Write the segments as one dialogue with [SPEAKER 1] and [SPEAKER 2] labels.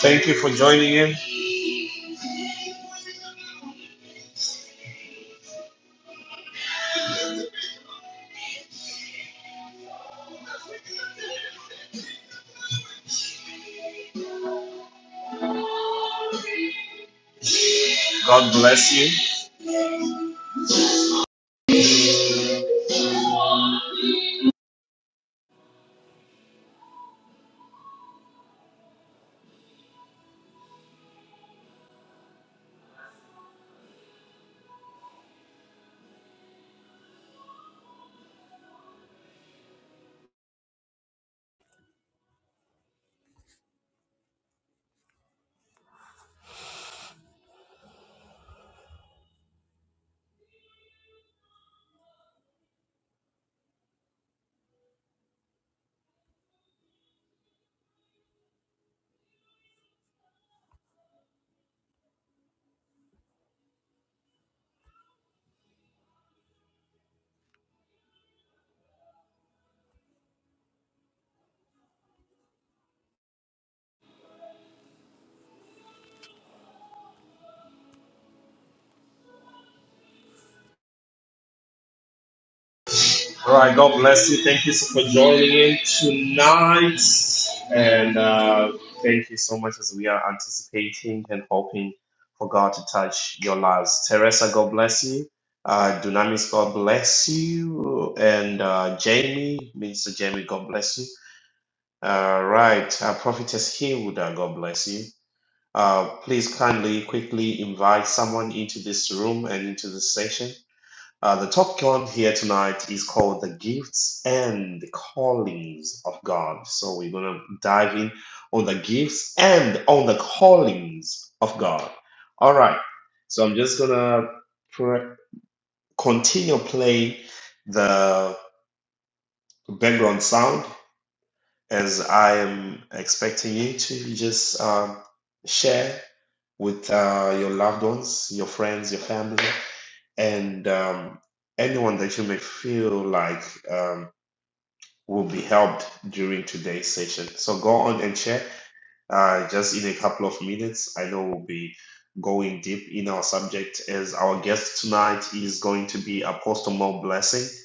[SPEAKER 1] Thank you for joining in. God bless you. All right, God bless you. Thank you so for joining in tonight. And uh, thank you so much as we are anticipating and hoping for God to touch your lives. Teresa, God bless you. Uh, Dunamis, God bless you. And uh, Jamie, Minister Jamie, God bless you. All right, uh, Prophetess Hilda, God bless you. Uh, please kindly, quickly invite someone into this room and into this session. Uh, the topic on here tonight is called the gifts and the callings of God. So we're gonna dive in on the gifts and on the callings of God. All right, so I'm just gonna pr- continue playing the background sound as I am expecting you to just um, share with uh, your loved ones, your friends, your family, and um, anyone that you may feel like um, will be helped during today's session. So go on and share. Uh, just in a couple of minutes, I know we'll be going deep in our subject as our guest tonight is going to be Apostle Mo Blessing.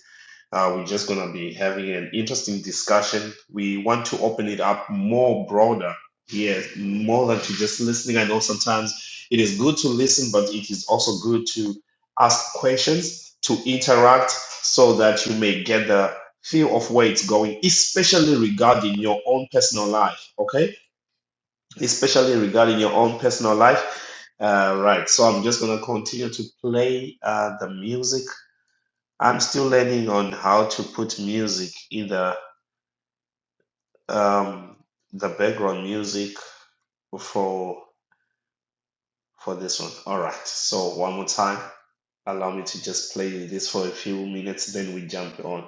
[SPEAKER 1] Uh, we're just going to be having an interesting discussion. We want to open it up more broader. Yes, more than to just listening. I know sometimes it is good to listen, but it is also good to ask questions, to interact, so that you may get the feel of where it's going, especially regarding your own personal life. Okay? Especially regarding your own personal life. Uh, right. So I'm just going to continue to play uh, the music. I'm still learning on how to put music, either um, the background music for for this one. All right. So one more time, allow me to just play this for a few minutes, then we jump on.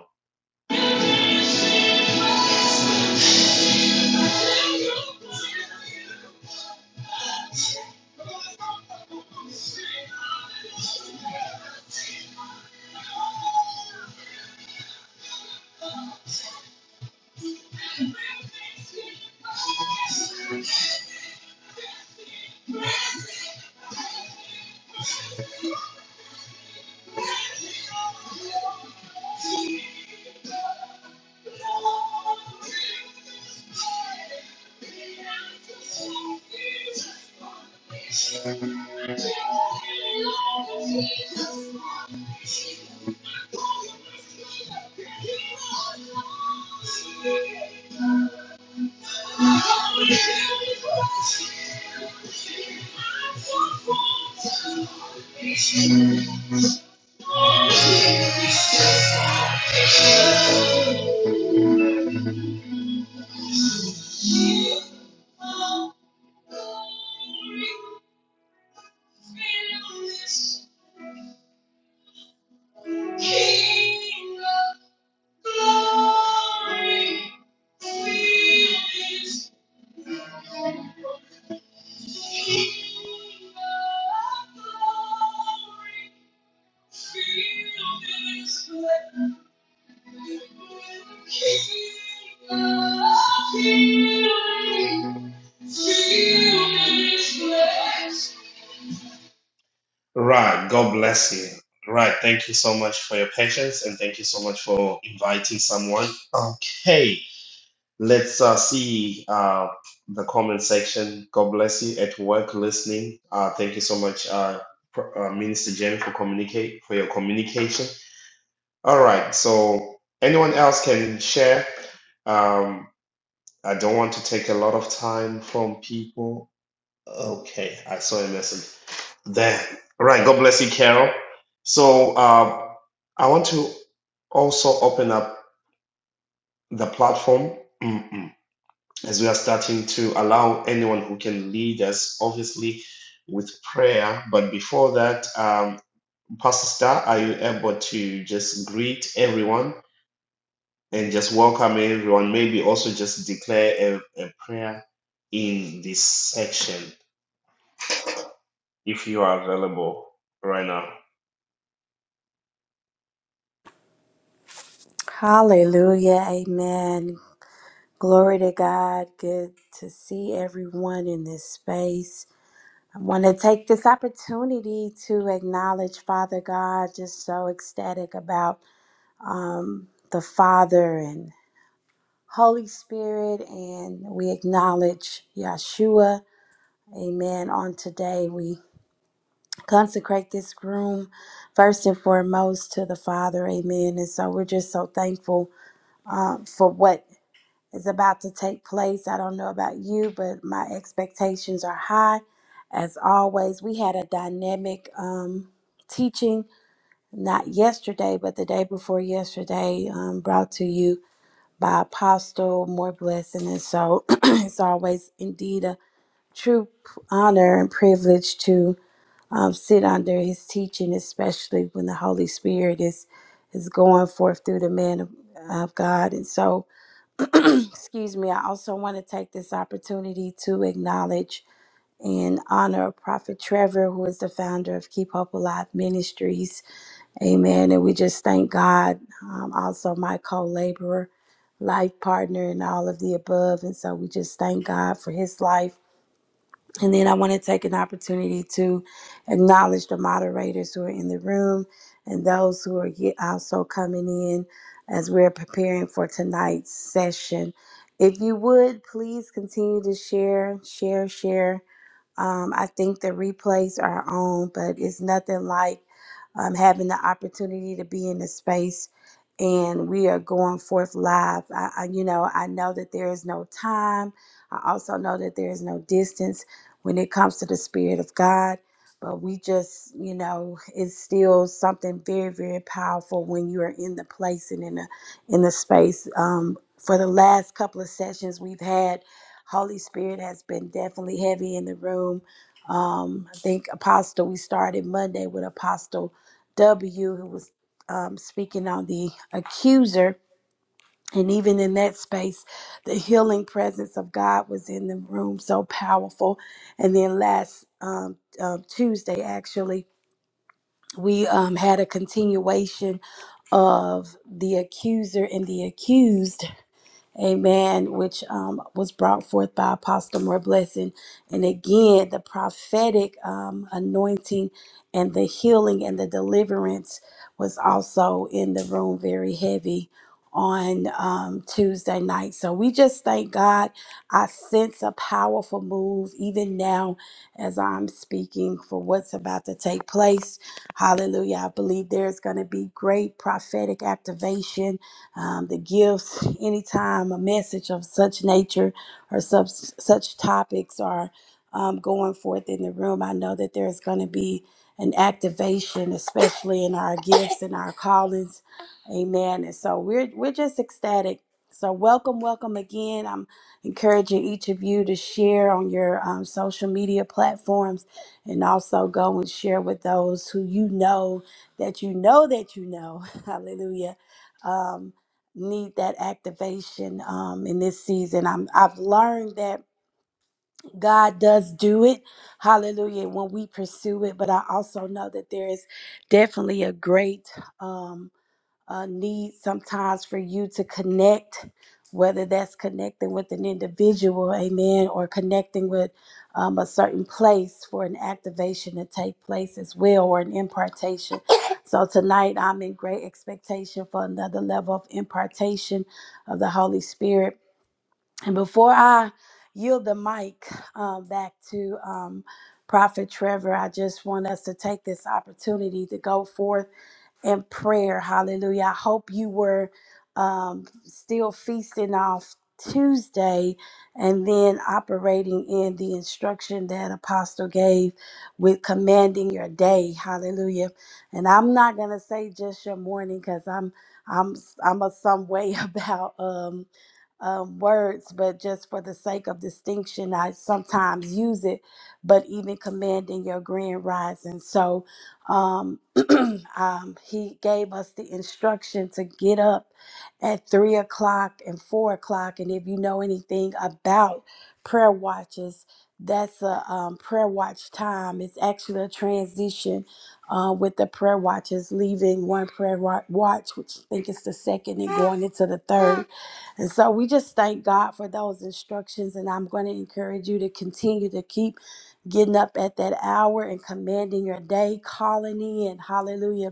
[SPEAKER 1] Right. God bless you. Right. Thank you so much for your patience, and thank you so much for inviting someone. Okay. Let's uh, see uh, the comment section. God bless you at work listening. Uh, thank you so much, uh, Pr- uh, Minister Jenny, for communicate for your communication. All right, so anyone else can share. Um, I don't want to take a lot of time from people. Okay, I saw a message there. All right, God bless you, Carol. So uh, I want to also open up the platform. as we are starting to allow anyone who can lead us, obviously with prayer. But before that, um, Pastor Star, are you able to just greet everyone and just welcome everyone? Maybe also just declare a, a prayer in this section if you are available right now.
[SPEAKER 2] Hallelujah. Amen. Glory to God. Good to see everyone in this space. I want to take this opportunity to acknowledge Father God, just so ecstatic about um, the Father and Holy Spirit. And we acknowledge Yeshua. Amen. On today, we consecrate this room first and foremost to the Father. Amen. And so we're just so thankful um, for what is about to take place. I don't know about you, but my expectations are high. As always, we had a dynamic um, teaching, not yesterday, but the day before yesterday, um, brought to you by Apostle More Blessing. And so it's always indeed a true p- honor and privilege to um, sit under his teaching, especially when the Holy Spirit is, is going forth through the man of, of God. And so, Excuse me, I also want to take this opportunity to acknowledge and honor Prophet Trevor, who is the founder of Keep Hope Alive Ministries. Amen. And we just thank God, um, also my co laborer, life partner, and all of the above. And so we just thank God for his life and then I want to take an opportunity to acknowledge the moderators who are in the room and those who are yet also coming in as we're preparing for tonight's session. If you would, please continue to share, share, share. Um, I think the replays are on, but it's nothing like um, having the opportunity to be in the space and we are going forth live. I, I, you know, I know that there is no time. I also know that there is no distance when it comes to the Spirit of God. But we just, you know, it's still something very, very powerful when you are in the place and in the in the space. Um, for the last couple of sessions we've had, Holy Spirit has been definitely heavy in the room. Um, I think Apostle, we started Monday with Apostle W, who was um, speaking on the accuser. And even in that space, the healing presence of God was in the room, so powerful. And then last um, um, Tuesday, actually, we um, had a continuation of the accuser and the accused Amen, which um, was brought forth by Apostle More Blessing. And again, the prophetic um, anointing and the healing and the deliverance was also in the room very heavy on um, Tuesday night. So we just thank God. I sense a powerful move even now as I'm speaking for what's about to take place. Hallelujah. I believe there's going to be great prophetic activation um, the gifts, anytime a message of such nature or such, such topics are um, going forth in the room, I know that there's going to be an activation, especially in our gifts and our callings. Amen. And so we're, we're just ecstatic. So, welcome, welcome again. I'm encouraging each of you to share on your um, social media platforms and also go and share with those who you know that you know that you know. Hallelujah Um, need that activation um, in this season. I'm, I've learned that God does do it, hallelujah, when we pursue it. But I also know that there is definitely a great um uh, need sometimes for you to connect, whether that's connecting with an individual, amen, or connecting with um, a certain place for an activation to take place as well, or an impartation. so tonight, I'm in great expectation for another level of impartation of the Holy Spirit. And before I yield the mic um, back to um, Prophet Trevor, I just want us to take this opportunity to go forth and prayer. Hallelujah. I hope you were um, still feasting off Tuesday and then operating in the instruction that Apostle gave with commanding your day. Hallelujah. And I'm not going to say just your morning because I'm. I'm I'm a some way about um, um, words, but just for the sake of distinction, I sometimes use it. But even commanding your grand rising, so um, um, he gave us the instruction to get up at three o'clock and four o'clock. And if you know anything about prayer watches, that's a um, prayer watch time. It's actually a transition uh, with the prayer watches, leaving one prayer wa- watch, which I think is the second, and going into the third. And so we just thank God for those instructions. And I'm going to encourage you to continue to keep getting up at that hour and commanding your day, calling in, hallelujah,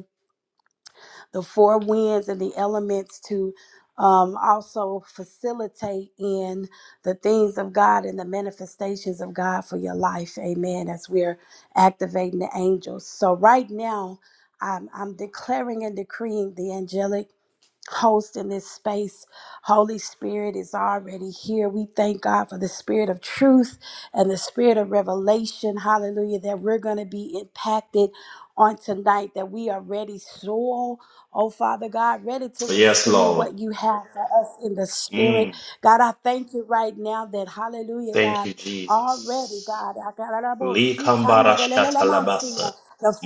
[SPEAKER 2] the four winds and the elements to um, also facilitate in the things of God and the manifestations of God for your life. Amen. As we're activating the angels. So, right now, I'm, I'm declaring and decreeing the angelic host in this space. Holy Spirit is already here. We thank God for the spirit of truth and the spirit of revelation. Hallelujah. That we're going to be impacted on tonight, that we are ready, soul. Oh, Father God, ready to
[SPEAKER 1] So Yes,
[SPEAKER 2] receive
[SPEAKER 1] Lord.
[SPEAKER 2] what you have for us in the spirit.
[SPEAKER 1] Mm,
[SPEAKER 2] God, I thank you right now that, hallelujah, God.
[SPEAKER 1] thank you,
[SPEAKER 2] Already,
[SPEAKER 1] Jesus.
[SPEAKER 2] God, I got the
[SPEAKER 1] Likambarashkatalabasa.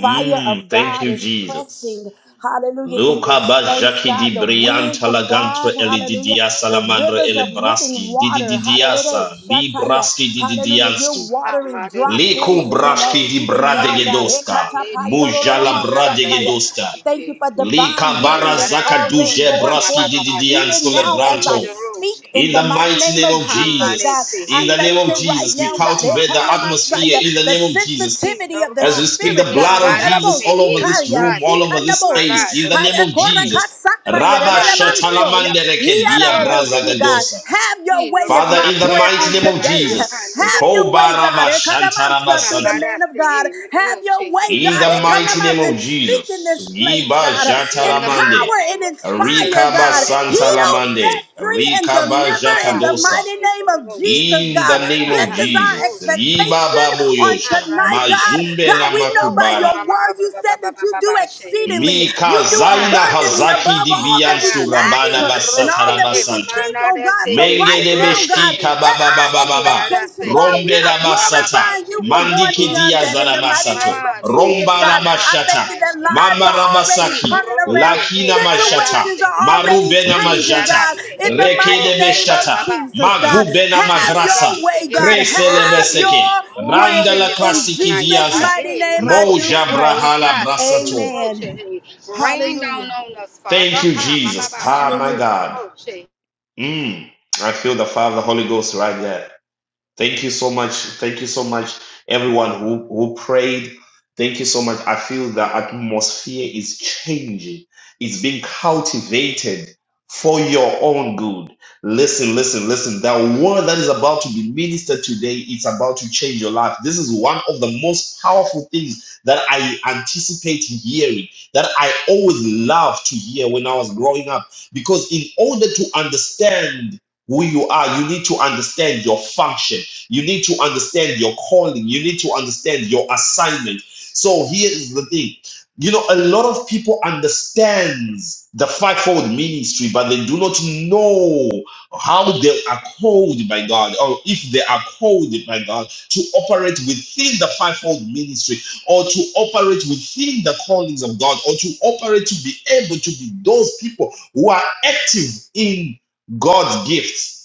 [SPEAKER 2] fire of
[SPEAKER 1] thank
[SPEAKER 2] God
[SPEAKER 1] you,
[SPEAKER 2] is
[SPEAKER 1] Jesus.
[SPEAKER 2] pressing, hallelujah, in
[SPEAKER 1] Luca
[SPEAKER 2] this space,
[SPEAKER 1] Bajaki di
[SPEAKER 2] God, the wind
[SPEAKER 1] Brianta
[SPEAKER 2] of
[SPEAKER 1] Lagantro
[SPEAKER 2] God, hallelujah,
[SPEAKER 1] Elididia
[SPEAKER 2] the
[SPEAKER 1] Salamandro
[SPEAKER 2] rivers of living
[SPEAKER 1] Elebraski
[SPEAKER 2] water, hallelujah,
[SPEAKER 1] Dididiasa
[SPEAKER 2] shataya,
[SPEAKER 1] Libraski
[SPEAKER 2] hallelujah,
[SPEAKER 1] Dididiansu
[SPEAKER 2] you're watering
[SPEAKER 3] Hamare
[SPEAKER 2] dry
[SPEAKER 1] Liku
[SPEAKER 2] places in us
[SPEAKER 1] Braski di
[SPEAKER 2] even now, God.
[SPEAKER 1] Bradegedoska
[SPEAKER 2] Hekatapaya,
[SPEAKER 1] Mujala Bradegedoska
[SPEAKER 2] Thank you for divine
[SPEAKER 1] Lika
[SPEAKER 2] healing that's
[SPEAKER 1] Barazaka
[SPEAKER 2] already already
[SPEAKER 1] Duje
[SPEAKER 2] going
[SPEAKER 1] Braski
[SPEAKER 2] forth,
[SPEAKER 1] Dididiansu
[SPEAKER 2] even now as I
[SPEAKER 1] Lebranto
[SPEAKER 2] speak in
[SPEAKER 1] in
[SPEAKER 2] the
[SPEAKER 1] the
[SPEAKER 2] mighty
[SPEAKER 1] mighty
[SPEAKER 2] name
[SPEAKER 1] name
[SPEAKER 2] of
[SPEAKER 1] of
[SPEAKER 2] Jesus, God.
[SPEAKER 1] Jesus,
[SPEAKER 2] I
[SPEAKER 1] in the name
[SPEAKER 2] thank
[SPEAKER 1] of
[SPEAKER 2] you right
[SPEAKER 1] Jesus, we
[SPEAKER 2] now, God.
[SPEAKER 1] cultivate the
[SPEAKER 2] Ekana
[SPEAKER 1] atmosphere
[SPEAKER 2] Masaya,
[SPEAKER 1] in the
[SPEAKER 2] The
[SPEAKER 1] name of Jesus.
[SPEAKER 2] sensitivity of the
[SPEAKER 1] As we speak the
[SPEAKER 2] spirit, God.
[SPEAKER 1] blood of Jesus
[SPEAKER 2] Ararabo,
[SPEAKER 1] all over this
[SPEAKER 2] shikaya,
[SPEAKER 1] room, all over this
[SPEAKER 2] sikanabosi,
[SPEAKER 1] space, in the name of Jesus.
[SPEAKER 2] harekorakasakaya,
[SPEAKER 1] Rabba
[SPEAKER 2] relelebansoya,
[SPEAKER 1] shatalamandereke dia braza
[SPEAKER 2] yararaboshi, God. Have your way is
[SPEAKER 1] Father,
[SPEAKER 2] my
[SPEAKER 1] in the
[SPEAKER 2] prayer on
[SPEAKER 1] mighty name of
[SPEAKER 2] today.
[SPEAKER 1] Jesus.
[SPEAKER 2] Have your
[SPEAKER 1] Koba
[SPEAKER 2] way, God.
[SPEAKER 1] rabba
[SPEAKER 2] Ekana
[SPEAKER 1] shantarabba
[SPEAKER 2] Mansa, Through the
[SPEAKER 1] santa.
[SPEAKER 2] man of God.
[SPEAKER 3] Hamarasehe,
[SPEAKER 2] Have your
[SPEAKER 3] Roshehe,
[SPEAKER 2] way,
[SPEAKER 1] In
[SPEAKER 2] God.
[SPEAKER 1] the mighty name
[SPEAKER 3] Roshehe.
[SPEAKER 2] Ekanama,
[SPEAKER 1] of
[SPEAKER 2] And speak in
[SPEAKER 1] Jesus.
[SPEAKER 2] this place,
[SPEAKER 1] Yiba
[SPEAKER 2] God.
[SPEAKER 3] In the mighty
[SPEAKER 1] jataramande.
[SPEAKER 2] Empower and
[SPEAKER 3] name of Jesus,
[SPEAKER 2] inspire,
[SPEAKER 1] Rikaba
[SPEAKER 2] God.
[SPEAKER 3] Hande
[SPEAKER 1] santa
[SPEAKER 2] Heal, set
[SPEAKER 1] lamande.
[SPEAKER 3] Roshehe,
[SPEAKER 2] free, and
[SPEAKER 1] Rikaba
[SPEAKER 2] deliver in the
[SPEAKER 1] jatadosa.
[SPEAKER 2] mighty
[SPEAKER 3] Hamarasehe,
[SPEAKER 2] name of Jesus,
[SPEAKER 1] In
[SPEAKER 3] Roshehe,
[SPEAKER 1] the
[SPEAKER 2] God.
[SPEAKER 1] name
[SPEAKER 2] This
[SPEAKER 1] of
[SPEAKER 2] is
[SPEAKER 3] Marakan
[SPEAKER 2] our
[SPEAKER 1] Jesus,
[SPEAKER 3] Roshehe,
[SPEAKER 2] expectation on
[SPEAKER 1] Ibababoyosha,
[SPEAKER 2] tonight, God.
[SPEAKER 3] Hamarasehe,
[SPEAKER 1] Majumbe
[SPEAKER 2] God,
[SPEAKER 1] na
[SPEAKER 2] we know by
[SPEAKER 3] Roshehe,
[SPEAKER 1] Makubara,
[SPEAKER 2] your word you said that you do
[SPEAKER 3] Hamarasehe,
[SPEAKER 2] exceedingly, you do
[SPEAKER 1] Mikazaina
[SPEAKER 3] Hande
[SPEAKER 2] abundantly
[SPEAKER 1] Hazaki
[SPEAKER 2] above
[SPEAKER 3] Roshehe,
[SPEAKER 2] all
[SPEAKER 1] Dibian
[SPEAKER 2] that we can
[SPEAKER 3] Marasehe,
[SPEAKER 2] ask
[SPEAKER 1] Surabana
[SPEAKER 2] and all that
[SPEAKER 3] Roshehe,
[SPEAKER 2] we can
[SPEAKER 1] Basatara
[SPEAKER 2] think, oh God. So
[SPEAKER 3] Manarasehe,
[SPEAKER 2] right now, God,
[SPEAKER 3] Roshehe.
[SPEAKER 1] Mengedebeshika
[SPEAKER 2] at
[SPEAKER 1] baba
[SPEAKER 2] our
[SPEAKER 1] baba
[SPEAKER 3] He
[SPEAKER 1] baba.
[SPEAKER 3] nada
[SPEAKER 2] expectation,
[SPEAKER 3] say
[SPEAKER 2] God,
[SPEAKER 3] he
[SPEAKER 2] we
[SPEAKER 1] Rombe
[SPEAKER 3] nana
[SPEAKER 2] are
[SPEAKER 1] la
[SPEAKER 3] ka
[SPEAKER 1] basata.
[SPEAKER 3] baba
[SPEAKER 2] glorifying
[SPEAKER 3] she
[SPEAKER 2] you for
[SPEAKER 3] he
[SPEAKER 2] going
[SPEAKER 1] Mandiki
[SPEAKER 3] noro
[SPEAKER 2] beyond
[SPEAKER 1] dia
[SPEAKER 3] she
[SPEAKER 2] that. In
[SPEAKER 3] he
[SPEAKER 2] the
[SPEAKER 3] mama
[SPEAKER 2] mighty
[SPEAKER 1] zarabasato.
[SPEAKER 2] name of
[SPEAKER 3] mama de de de
[SPEAKER 2] Jesus,
[SPEAKER 1] Romba
[SPEAKER 3] de
[SPEAKER 1] la
[SPEAKER 2] God,
[SPEAKER 3] no pa
[SPEAKER 2] I
[SPEAKER 3] ma
[SPEAKER 1] bashata.
[SPEAKER 2] thank
[SPEAKER 3] baba
[SPEAKER 2] you that
[SPEAKER 3] she
[SPEAKER 2] lives
[SPEAKER 1] Mama
[SPEAKER 2] are
[SPEAKER 3] he
[SPEAKER 2] already
[SPEAKER 3] he
[SPEAKER 1] rabasaki.
[SPEAKER 2] turning
[SPEAKER 3] noro
[SPEAKER 2] around.
[SPEAKER 3] she
[SPEAKER 1] Lakina
[SPEAKER 3] he nada ra
[SPEAKER 1] mashata.
[SPEAKER 2] Situations
[SPEAKER 3] say
[SPEAKER 2] are
[SPEAKER 3] he
[SPEAKER 2] already
[SPEAKER 1] Marubena
[SPEAKER 3] he
[SPEAKER 2] changing,
[SPEAKER 1] majata.
[SPEAKER 3] nada
[SPEAKER 2] God.
[SPEAKER 3] say
[SPEAKER 2] In
[SPEAKER 3] he
[SPEAKER 2] the mighty
[SPEAKER 3] noro she
[SPEAKER 2] name
[SPEAKER 3] he
[SPEAKER 2] of
[SPEAKER 1] Rekedebeshata.
[SPEAKER 3] mama
[SPEAKER 2] Jesus,
[SPEAKER 3] she
[SPEAKER 2] God,
[SPEAKER 3] he
[SPEAKER 1] Magubena
[SPEAKER 3] he
[SPEAKER 2] have
[SPEAKER 3] mara
[SPEAKER 1] magrasa.
[SPEAKER 2] your
[SPEAKER 3] say
[SPEAKER 2] way,
[SPEAKER 3] he
[SPEAKER 2] God.
[SPEAKER 1] Krese
[SPEAKER 3] noro she
[SPEAKER 2] Have
[SPEAKER 3] he
[SPEAKER 2] your
[SPEAKER 1] lebeseke.
[SPEAKER 3] move
[SPEAKER 1] Randa
[SPEAKER 2] way.
[SPEAKER 3] in
[SPEAKER 1] la
[SPEAKER 3] this
[SPEAKER 2] In
[SPEAKER 3] room
[SPEAKER 1] klasiki
[SPEAKER 3] tonight
[SPEAKER 2] Jesus'
[SPEAKER 1] diaza.
[SPEAKER 3] God
[SPEAKER 2] mighty
[SPEAKER 3] hey
[SPEAKER 2] name, I
[SPEAKER 3] noro
[SPEAKER 2] do
[SPEAKER 3] she
[SPEAKER 1] Moja
[SPEAKER 3] he ma
[SPEAKER 2] pray.
[SPEAKER 3] baba
[SPEAKER 1] brahala
[SPEAKER 3] ba say he
[SPEAKER 1] brasato.
[SPEAKER 3] noro she
[SPEAKER 2] Amen.
[SPEAKER 3] he rain down
[SPEAKER 2] Hallelujah.
[SPEAKER 3] on us Father
[SPEAKER 1] Thank you,
[SPEAKER 3] ha ma
[SPEAKER 1] Jesus.
[SPEAKER 3] baba she
[SPEAKER 1] Ah, my
[SPEAKER 2] Hallelujah.
[SPEAKER 1] God.
[SPEAKER 3] noro she
[SPEAKER 1] Mm. I feel the Father, the Holy Ghost right there. Thank you so much. Thank you so much, everyone who, who prayed. Thank you so much. I feel the atmosphere is changing, it's being cultivated for your own good. Listen, listen, listen. The word that is about to be ministered today is about to change your life. This is one of the most powerful things that I anticipate hearing, that I always loved to hear when I was growing up. Because in order to understand who you are, you need to understand your function. You need to understand your calling. You need to understand your assignment. So here is the thing. You know, a lot of people understands the fivefold ministry, but they do not know how they are called by God, or if they are called by God to operate within the fivefold ministry, or to operate within the callings of God, or to operate to be able to be those people who are active in God's gifts.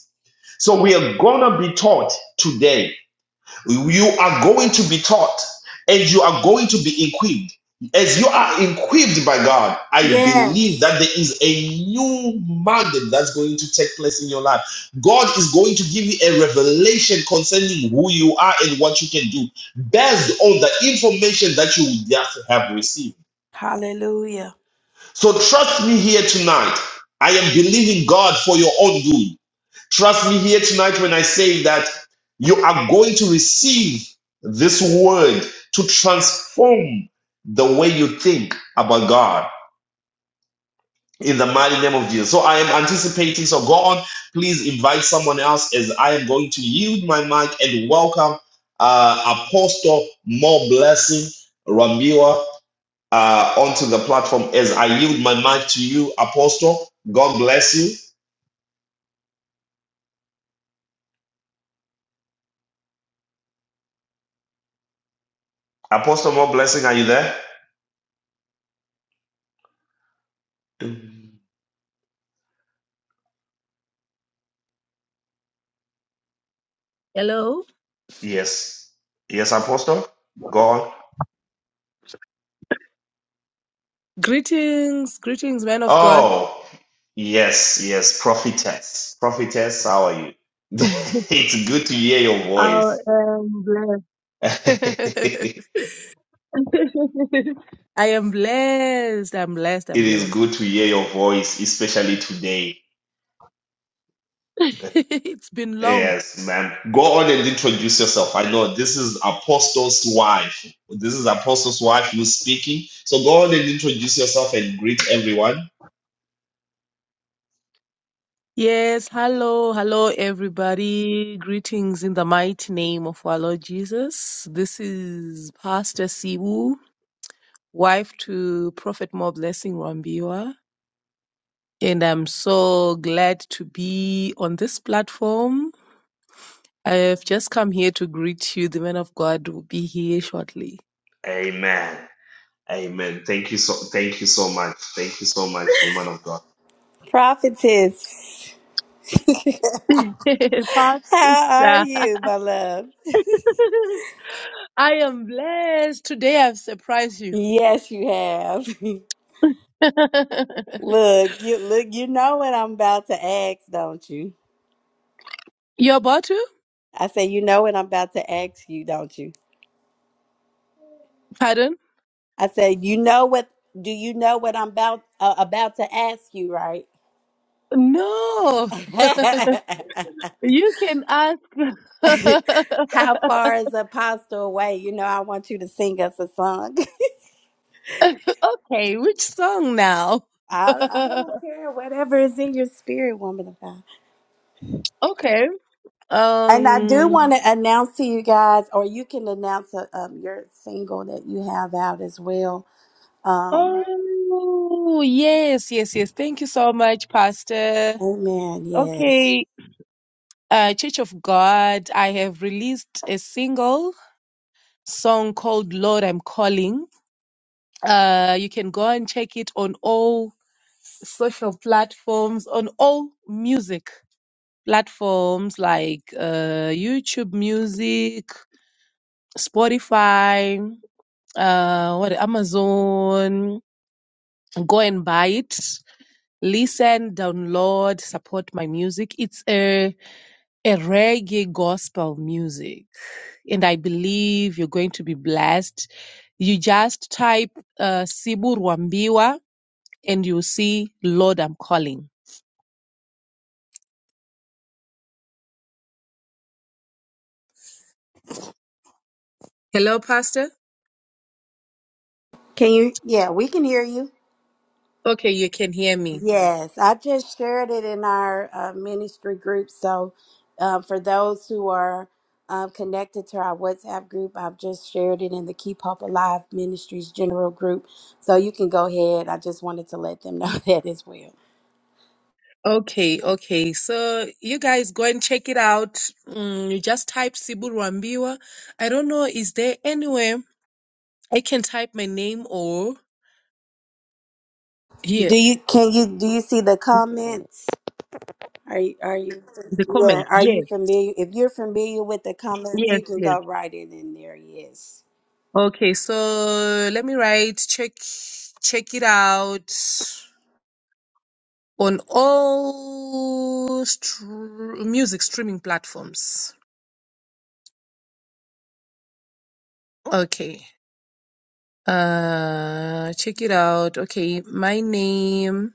[SPEAKER 1] So we are going to be taught today. You are going to be taught and you are going to be equipped. As you are equipped by God, I
[SPEAKER 2] Yes.
[SPEAKER 1] believe that there is a new mountain that's going to take place in your life. God is going to give you a revelation concerning who you are and what you can do based on the information that you just have received.
[SPEAKER 2] Hallelujah.
[SPEAKER 1] So trust me here tonight. I am believing God for your own good. Trust me here tonight when I say that you are going to receive this word to transform the way you think about God in the mighty name of Jesus. So I am anticipating. So go on, please invite someone else as I am going to yield my mic and welcome uh, Apostle More Blessing Ramira uh, onto the platform as I yield my mic to you, Apostle. God bless you. Apostle More Blessing, are you there?
[SPEAKER 4] Hello.
[SPEAKER 1] Yes. Yes, Apostle. Go on.
[SPEAKER 4] Greetings, greetings, man of God.
[SPEAKER 1] Oh, yes, yes, prophetess. Prophetess, how are you? It's good to hear your
[SPEAKER 4] I
[SPEAKER 1] voice.
[SPEAKER 4] am blessed. I am blessed. I'm blessed. I'm
[SPEAKER 1] It is
[SPEAKER 4] blessed.
[SPEAKER 1] good to hear your voice, especially today.
[SPEAKER 4] it's been long.
[SPEAKER 1] Yes, ma'am. Go on and introduce yourself. I know this is Apostle's wife. This is Apostle's wife who's speaking. So go on and introduce yourself and greet everyone.
[SPEAKER 4] Yes. Hello. Hello, everybody. Greetings in the mighty name of our Lord Jesus. This is Pastor Sibu, wife to Prophet More Blessing Rambiwa. And I'm so glad to be on this platform I have just come here to greet you. The man of God will be here shortly.
[SPEAKER 1] Amen. Amen. Thank you so thank you so much. Thank you so much, woman of God.
[SPEAKER 2] Prophetess,
[SPEAKER 4] Pastor,
[SPEAKER 2] how are you, my love?
[SPEAKER 4] I am blessed. Today I've surprised you.
[SPEAKER 2] Yes, you have. look, you look, you know what I'm about to ask, don't you?
[SPEAKER 4] You're about to?
[SPEAKER 2] I say, you know what I'm about to ask you, don't you?
[SPEAKER 4] Pardon?
[SPEAKER 2] I say, you know what? Do you know what I'm about uh, about to ask you, right?
[SPEAKER 4] No. you can ask.
[SPEAKER 2] how far is Apostle away? You know, I want you to sing us a song.
[SPEAKER 4] okay, which song now?
[SPEAKER 2] I, I don't care, whatever is in your spirit, woman of God.
[SPEAKER 4] okay.
[SPEAKER 2] And I do want
[SPEAKER 4] Um.
[SPEAKER 2] to announce to you guys, or you can announce uh, um, your single that you have out as well. Um,
[SPEAKER 4] Oh, yes, yes, yes. Thank you so much, Pastor.
[SPEAKER 2] amen. Yes.
[SPEAKER 4] Okay. uh, Church of God, I have released a single song called Lord I'm Calling. Uh, you can go and check it on all social platforms, on all music platforms like uh, YouTube Music, Spotify, uh, what Amazon. Go and buy it. Listen, download, support my music. It's a a reggae gospel music. And I believe you're going to be blessed. You just type uh, Sibur Wambiwa and you'll see, Lord, I'm calling. Hello, Pastor.
[SPEAKER 2] Can you? Yeah, we can hear you.
[SPEAKER 4] Okay, you can hear me.
[SPEAKER 2] Yes. I just shared it in our uh, ministry group. So uh, for those who are uh, connected to our WhatsApp group, I've just shared it in the Keep Hope Alive Ministries General group. So you can go ahead. I just wanted to let them know that as well.
[SPEAKER 4] Okay, okay. So you guys go and check it out. Mm, you just type Sibur Wambiwa. I don't know, is there anywhere I can type my name or here?
[SPEAKER 2] Do you? Can you? Do you see the comments? Are you, are you,
[SPEAKER 4] The
[SPEAKER 2] yeah,
[SPEAKER 4] comment.
[SPEAKER 2] are you
[SPEAKER 4] Yes,
[SPEAKER 2] familiar? If you're familiar with the comments,
[SPEAKER 4] yes,
[SPEAKER 2] you can
[SPEAKER 4] yes.
[SPEAKER 2] go write it in there. Yes.
[SPEAKER 4] Okay, so let me write check check it out on all str- music streaming platforms. Okay. Uh check it out. Okay, my name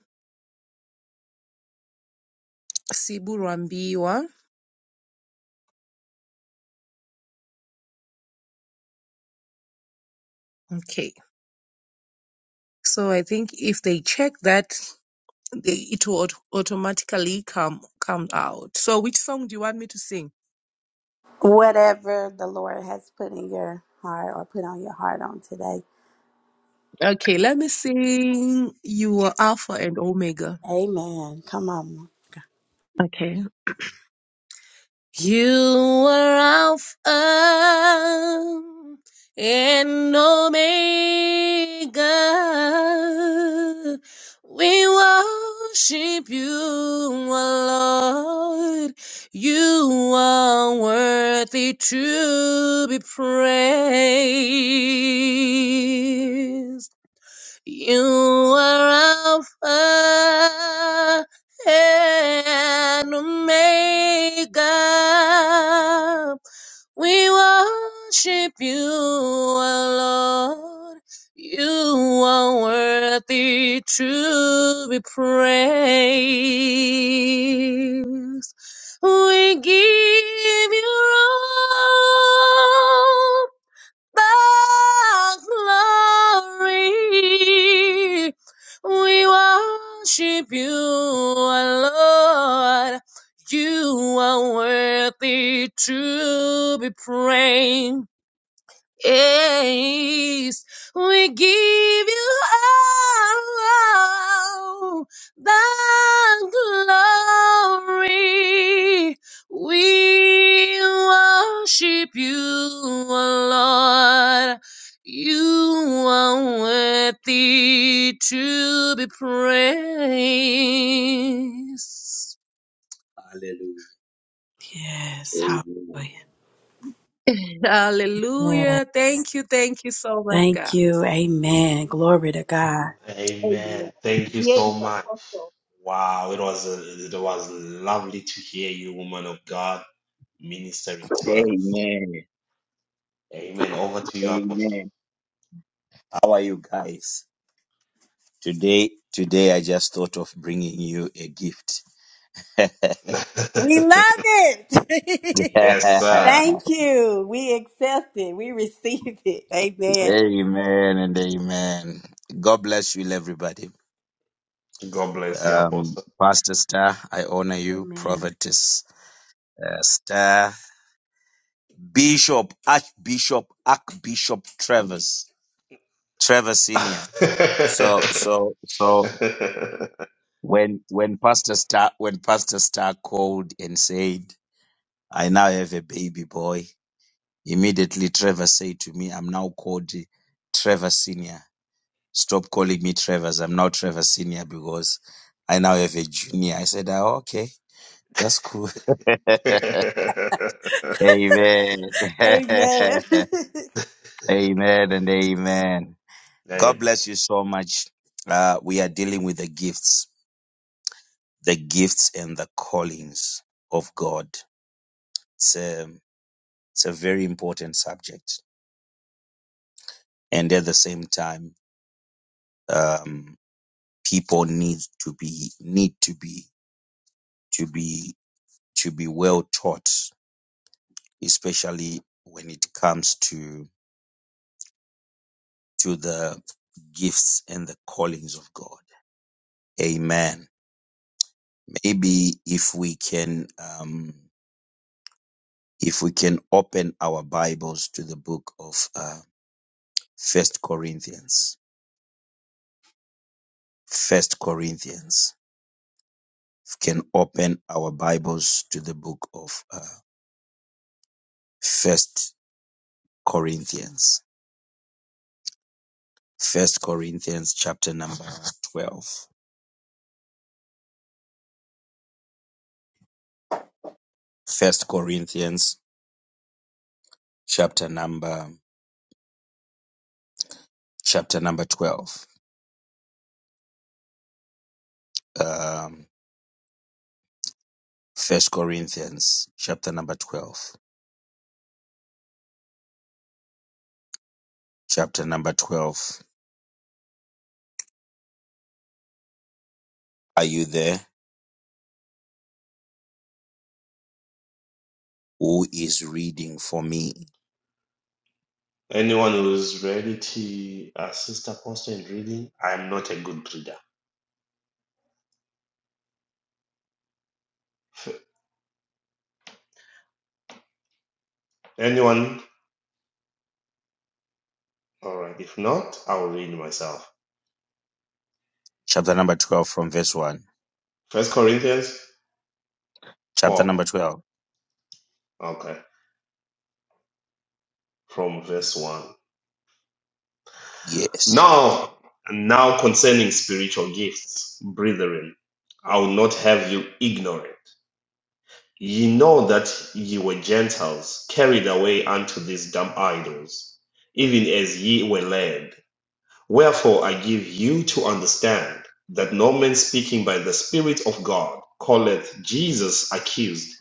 [SPEAKER 4] Sibu Rambiwa. Okay. So I think if they check that they, it will aut- automatically come come out. So which song do you want me to sing?
[SPEAKER 2] Whatever the Lord has put in your heart or put on your heart on today.
[SPEAKER 4] Okay, let me sing You Are Alpha and Omega.
[SPEAKER 2] Amen. Come on.
[SPEAKER 4] Okay. You are Alpha and Omega. We worship you, O Lord. You are worthy to be praised. You are Alpha and Omega. We worship you, our Lord. You are worthy to be praised. We give you all the glory. We worship you, our Lord. You are worthy to be praised praise. We give you all the glory. We worship you, O Lord. You are worthy to be praised. Hallelujah.
[SPEAKER 2] Yes. Hallelujah. Yeah.
[SPEAKER 4] Hallelujah. Thank you. Thank you so much,
[SPEAKER 2] Thank
[SPEAKER 4] God.
[SPEAKER 2] you. Amen. Glory to God.
[SPEAKER 4] Amen.
[SPEAKER 1] Amen. Thank you
[SPEAKER 4] Here
[SPEAKER 1] so
[SPEAKER 4] is
[SPEAKER 1] much.
[SPEAKER 4] Apostle.
[SPEAKER 1] Wow, it was a, it was lovely to hear you, woman of God, ministering to us.
[SPEAKER 4] Amen.
[SPEAKER 1] Amen. Over to you, Apostle.
[SPEAKER 4] Amen. How are you guys? Today, today I just thought of bringing you a gift. amen
[SPEAKER 2] We love it.
[SPEAKER 1] yes, sir.
[SPEAKER 2] Thank you. We accept it. We receive it. Amen.
[SPEAKER 4] and amen. God bless you, everybody.
[SPEAKER 1] God bless you,
[SPEAKER 4] Um,
[SPEAKER 1] Apostle.
[SPEAKER 4] Pastor Star, I honor you.
[SPEAKER 2] Amen.
[SPEAKER 4] Prophetess uh, Star, Bishop, Archbishop, Archbishop Travers, Travers Senior. So, so, so. when when Pastor Star when Pastor Star called and said, "I now have a baby boy," immediately Trevor said to me, "I'm now called Trevor Senior. Stop calling me Trevor's. I'm now Trevor Senior because I now have a junior." I said, "Ah, "Okay, that's cool." amen,
[SPEAKER 2] Amen.
[SPEAKER 4] amen, and amen. God
[SPEAKER 1] Amen.
[SPEAKER 4] bless you so much. Uh, we are dealing with the gifts, the gifts and the callings of God It's a, it's a very important subject, and at the same time, um, people need to be need to be to be to be well taught, especially when it comes to to the gifts and the callings of God. Amen. Maybe if we can um, if we can open our Bibles to the book of uh, First Corinthians. First Corinthians. can open our Bibles to the book of uh, First Corinthians. First Corinthians chapter number 12. First Corinthians chapter number chapter number 12. Um First Corinthians chapter number 12. Chapter number 12. Are you there? Who is reading for me?
[SPEAKER 1] Anyone who's ready to assist Apostle in reading, I'm not a good reader. Anyone? All right. If not, I will read myself.
[SPEAKER 4] Chapter number 12 from verse 1.
[SPEAKER 1] First Corinthians
[SPEAKER 4] Chapter
[SPEAKER 1] Paul.
[SPEAKER 4] number 12.
[SPEAKER 1] Okay. From verse 1.
[SPEAKER 4] Yes.
[SPEAKER 1] Now, now concerning spiritual gifts, brethren, I will not have you ignorant. Ye know that ye were Gentiles, carried away unto these dumb idols, even as ye were led. Wherefore I give you to understand that no man speaking by the Spirit of God calleth Jesus accused,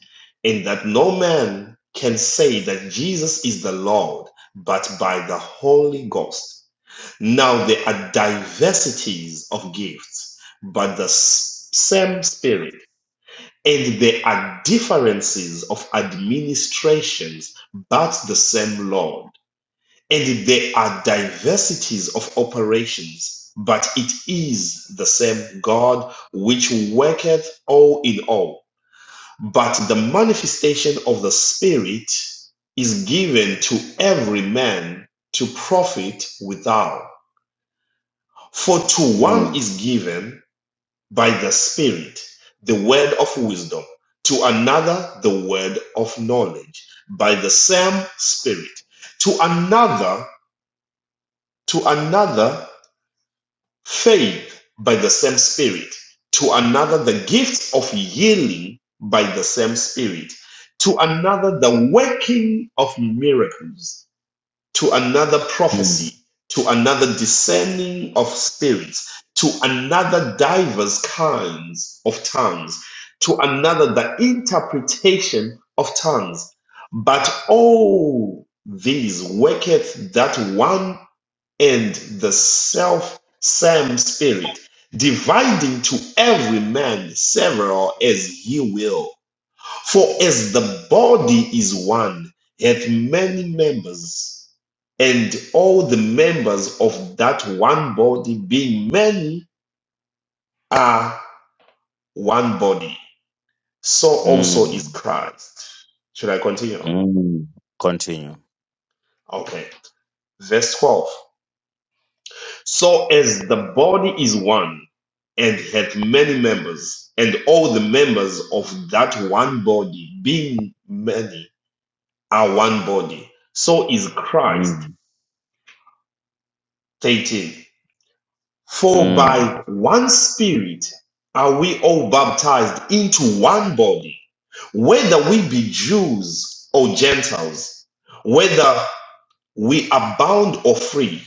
[SPEAKER 1] and that no man can say that Jesus is the Lord but by the Holy Ghost. Now there are diversities of gifts, but the same Spirit. And there are differences of administrations, but the same Lord and there are diversities of operations, but it is the same God which worketh all in all. But the manifestation of the Spirit is given to every man to profit withal. For to one
[SPEAKER 4] Mm.
[SPEAKER 1] is given by the Spirit the word of wisdom, to another the word of knowledge by the same Spirit, to another to another faith by the same Spirit, to another the gift of healing by the same Spirit, to another the working of miracles, to another
[SPEAKER 4] Mm.
[SPEAKER 1] prophecy, to another discerning of spirits, to another divers kinds of tongues, to another the interpretation of tongues. But all these worketh that one and the self same spirit, dividing to every man several as he will. For as the body is one, hath many members, and all the members of that one body, being many, are one body, so also
[SPEAKER 4] Mm.
[SPEAKER 1] is Christ. Should I continue?
[SPEAKER 4] Mm. Continue.
[SPEAKER 1] Okay. Verse 12. So as the body is one and hath many members, and all the members of that one body, being many, are one body, so is Christ.
[SPEAKER 4] Mm,
[SPEAKER 1] 13. For
[SPEAKER 4] mm,
[SPEAKER 1] by one Spirit are we all baptized into one body, whether we be Jews or Gentiles, whether We are bound or free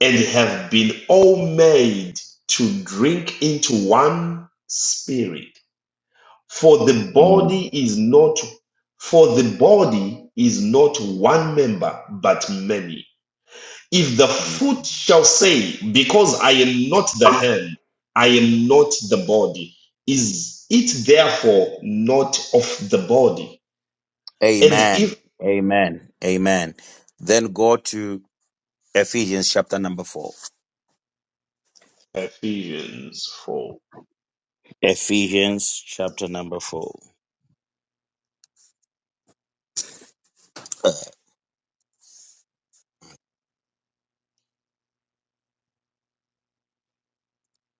[SPEAKER 1] and have been all made to drink into one spirit. For the
[SPEAKER 4] mm,
[SPEAKER 1] body is not for the body is not one member but many. If the
[SPEAKER 4] mm.
[SPEAKER 1] foot shall say, Because I am not the hand, I am not the body, is it therefore not of the body? And
[SPEAKER 4] Amen.
[SPEAKER 1] if
[SPEAKER 4] Amen. Amen. Then go to Ephesians chapter number 4.
[SPEAKER 1] Ephesians 4
[SPEAKER 4] Ephesians chapter number 4.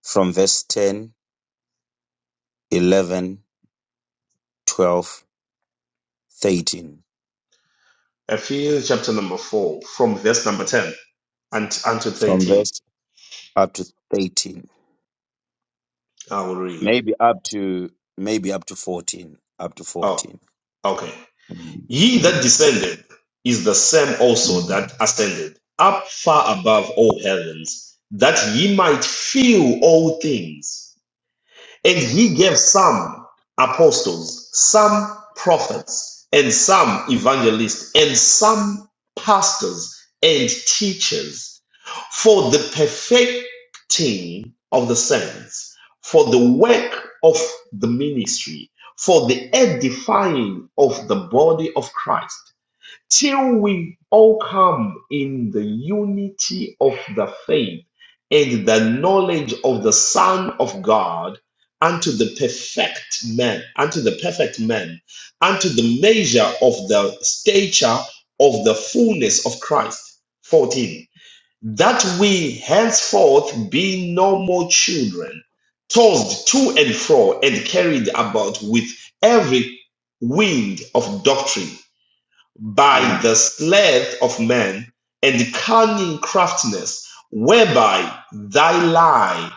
[SPEAKER 4] From verse ten, eleven, twelve, thirteen.
[SPEAKER 1] Ephesians chapter number 4, from verse number 10 and unto
[SPEAKER 4] From
[SPEAKER 1] 13.
[SPEAKER 4] verse up to 13.
[SPEAKER 1] I will read.
[SPEAKER 4] Maybe up to maybe up to 14. Up to
[SPEAKER 1] Oh,
[SPEAKER 4] 14.
[SPEAKER 1] okay.
[SPEAKER 4] Mm,
[SPEAKER 1] He that
[SPEAKER 4] mm,
[SPEAKER 1] descended is the same also
[SPEAKER 4] mm.
[SPEAKER 1] that ascended up far above all heavens, that ye might fill all things. And he gave some apostles, some prophets, and some evangelists, and some pastors and teachers for the perfecting of the saints, for the work of the ministry, for the edifying of the body of Christ till we all come in the unity of the faith and the knowledge of the Son of God unto the perfect man, unto the perfect man, unto the measure of the stature of the fullness of Christ. 14. That we henceforth be no more children, tossed to and fro and carried about with every wind of doctrine by
[SPEAKER 4] Mm.
[SPEAKER 1] the sleight of men and cunning craftiness, whereby thy lie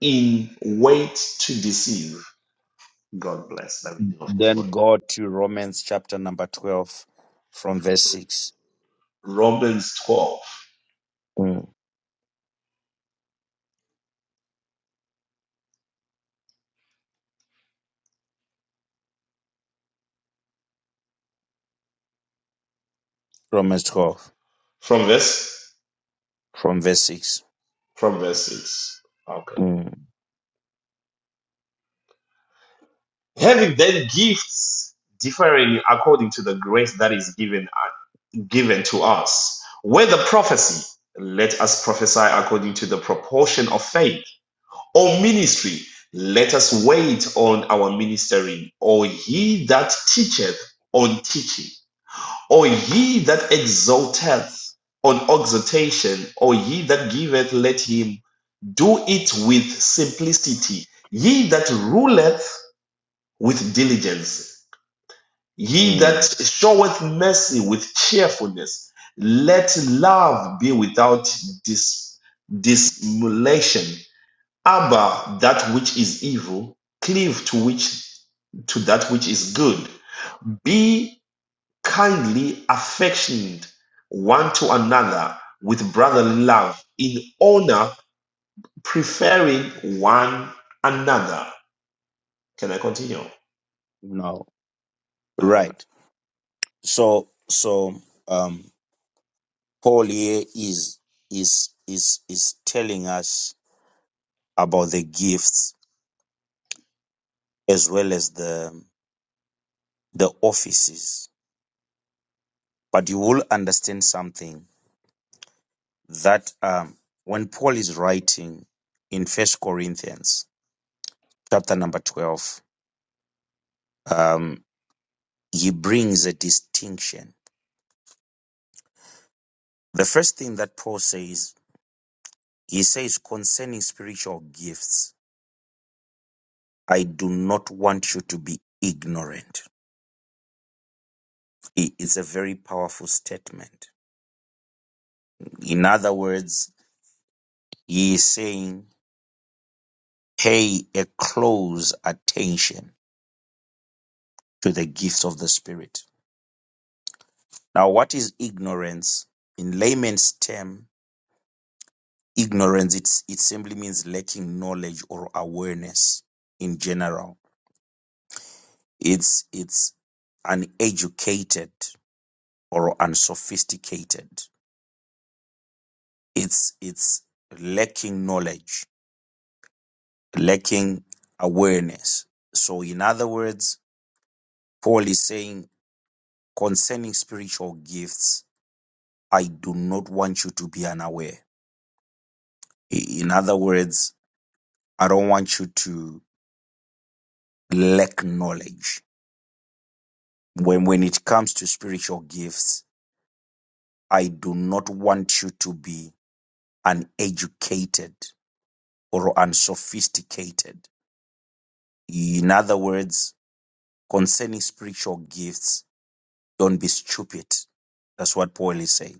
[SPEAKER 1] in wait to deceive. God bless the reading of his word.
[SPEAKER 4] Then go to Romans chapter number 12 from verse 6.
[SPEAKER 1] Romans 12,
[SPEAKER 4] from verse 12,
[SPEAKER 1] from verse,
[SPEAKER 4] from verse 6.
[SPEAKER 1] from verse 6. Okay.
[SPEAKER 4] Mm.
[SPEAKER 1] Having then gifts differing according to the grace that is given, given to us, whether prophecy, let us prophesy according to the proportion of faith on ministry. Let us wait on our ministering, or he that teacheth on teaching, or he that exalteth on exhortation, or he that giveth, let him do it with simplicity. He that ruleth with diligence, He that
[SPEAKER 4] Mm,
[SPEAKER 1] showeth mercy with cheerfulness, let love be without dis- dissimulation. Abhor that which is evil, cleave to which to that which is good. Be kindly affectioned one to another with brotherly love, in honor, preferring one another. Can I continue?
[SPEAKER 4] no.
[SPEAKER 1] All right.
[SPEAKER 4] Right. So, so, um, Paul here is, is, is, is telling us about the gifts as well as the, the offices. But you will understand something that, um, when Paul is writing in First Corinthians chapter number 12, um, he brings a distinction. The first thing that Paul says He says concerning spiritual gifts, I do not want you to be ignorant. It's a very powerful statement. In other words, he is saying, pay a close attention to the gifts of the Spirit. Now, what is ignorance? In layman's term, ignorance, it's, it simply means lacking knowledge or awareness in general. It's, it's uneducated or unsophisticated it's it's lacking knowledge, lacking awareness. So, in other words, Paul is saying concerning spiritual gifts, I do not want you to be unaware. I- In other words, I don't want you to lack knowledge. When when it comes to spiritual gifts, I do not want you to be uneducated or unsophisticated. In other words, concerning spiritual gifts, Don't be stupid. That's what Paul is saying.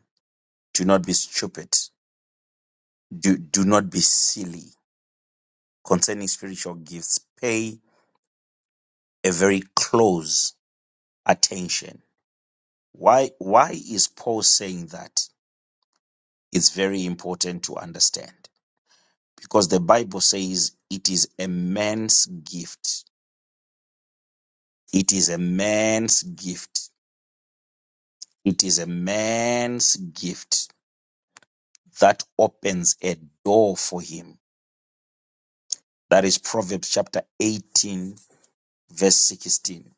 [SPEAKER 4] Do not be stupid. Do, do not be silly. Concerning spiritual gifts, pay a very close attention. Why, why is Paul saying that? It's very important to understand because the Bible says it is a man's gift. It is a man's gift. It is a man's gift that opens a door for him. That is Proverbs chapter 18 verse 16.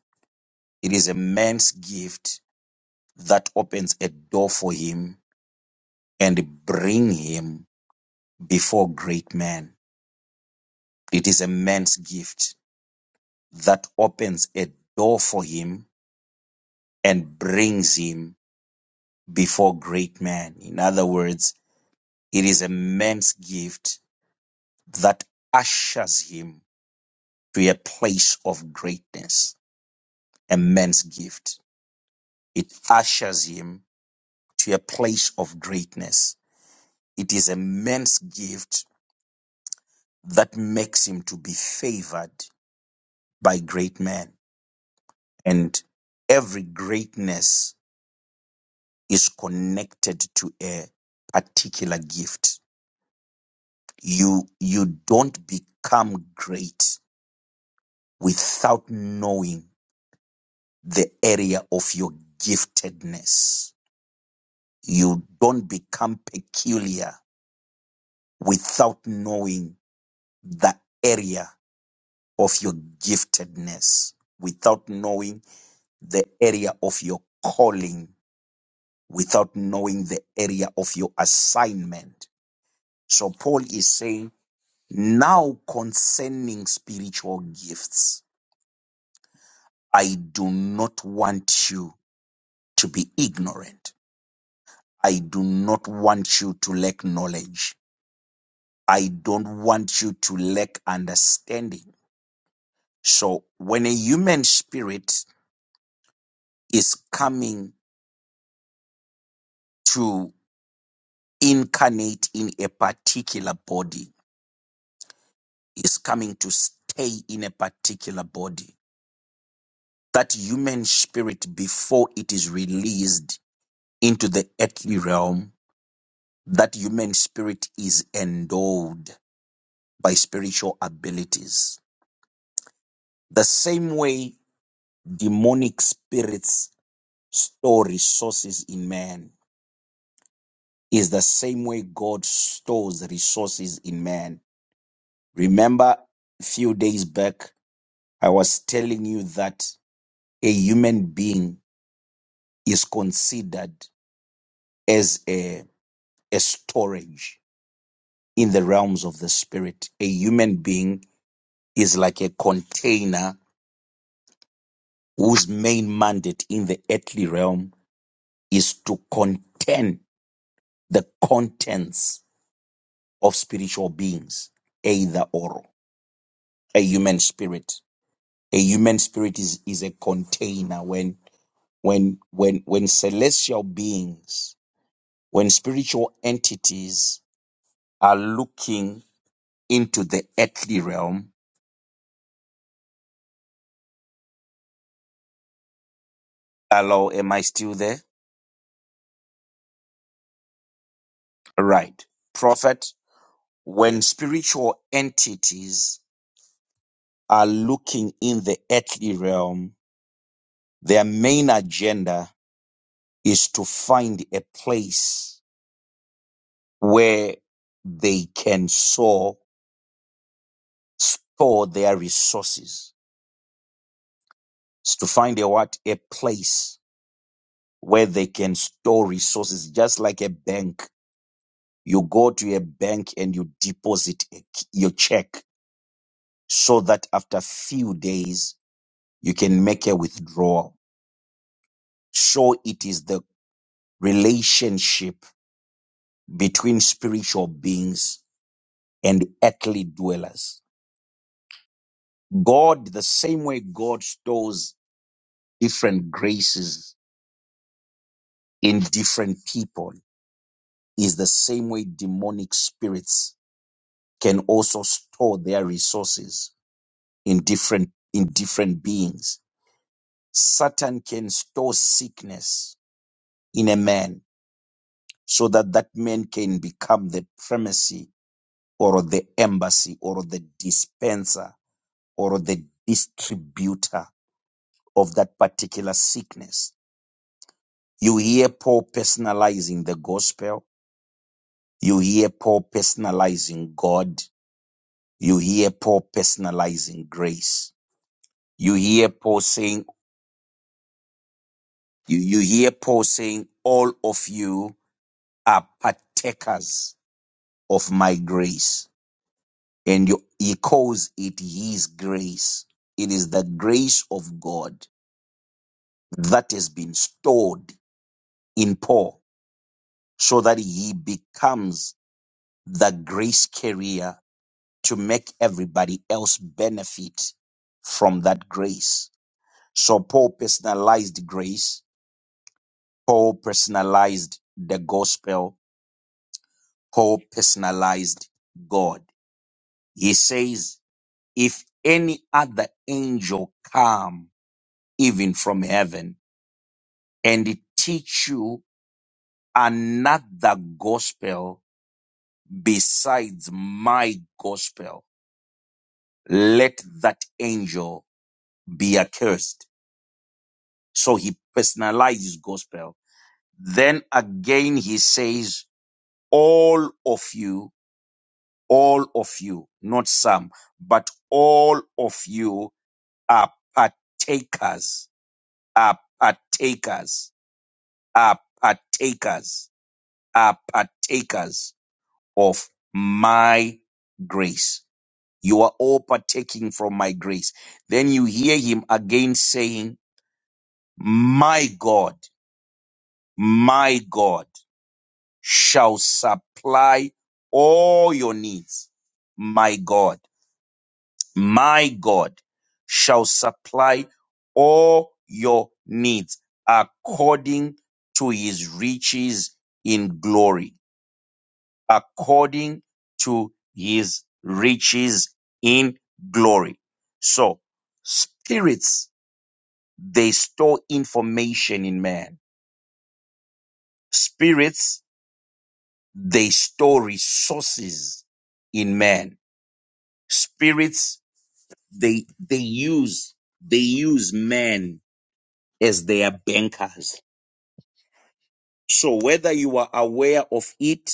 [SPEAKER 4] It is a man's gift that opens a door for him and bring him before great men. It is a man's gift that opens a door for him and brings him before great men. In other words, it is a man's gift that ushers him to a place of greatness. A man's gift. It ushers him to a place of greatness It is a man's gift that makes him to be favored by great men. And every greatness is connected to a particular gift. You, you don't become great without knowing the area of your giftedness. You don't become peculiar without knowing the area of your giftedness, without knowing the area of your calling without knowing the area of your assignment. So Paul is saying, now concerning spiritual gifts, I do not want you to be ignorant. I do not want you to lack knowledge. I don't want you to lack understanding. So when a human spirit is coming to incarnate in a particular body, is coming to stay in a particular body. That human spirit, before it is released into the earthly realm, that human spirit is endowed by spiritual abilities. The same way demonic spirits store resources in man is the same way God stores resources in man. Remember, a few days back, I was telling you that a human being is considered as a, a storage in the realms of the spirit. A human being is like a container whose main mandate in the earthly realm is to contain the contents of spiritual beings, either or a human spirit. A human spirit is, is a container when when when when celestial beings, when spiritual entities are looking into the earthly realm. Hello, am I still there? Right. Prophet, when
[SPEAKER 5] Yeah.
[SPEAKER 4] spiritual entities are looking in the earthly realm, their main agenda is to find a place where they can sow, store their resources. It's to find a what? A place where they can store resources, just like a bank. You go to a bank and you deposit a- your check so that after few days you can make a withdrawal. So it is the relationship between spiritual beings and earthly dwellers. God, the same way God stores different graces in different people, is the same way demonic spirits can also store their resources in different, in different beings. Satan can store sickness in a man so that that man can become the primacy or the embassy or the dispenser or the distributor of that particular sickness. You hear Paul personalizing the gospel. You hear Paul personalizing God. You hear Paul personalizing grace. You hear Paul saying, you, you hear Paul saying, all of you are partakers of my grace and you- he calls it his grace. It is the grace of God that has been stored in Paul so that he becomes the grace carrier to make everybody else benefit from that grace. So Paul personalized grace, Paul personalized the gospel, Paul personalized God. He says, if any other angel come even from heaven and it teach you another gospel besides my gospel. Let that angel be accursed. So he personalizes gospel. Then again, he says, all of you, all of you, not some, but all of you are partakers, are partakers, are partakers, are partakers. of my grace. You are all partaking from my grace. Then you hear him again saying, My God, my God shall supply all your needs. My God, my God shall supply all your needs according to his riches in glory. according to his riches in glory. So spirits, they store information in man. Spirits, they store resources in man. Spirits, they, they use, they use man as their bankers. So whether you are aware of it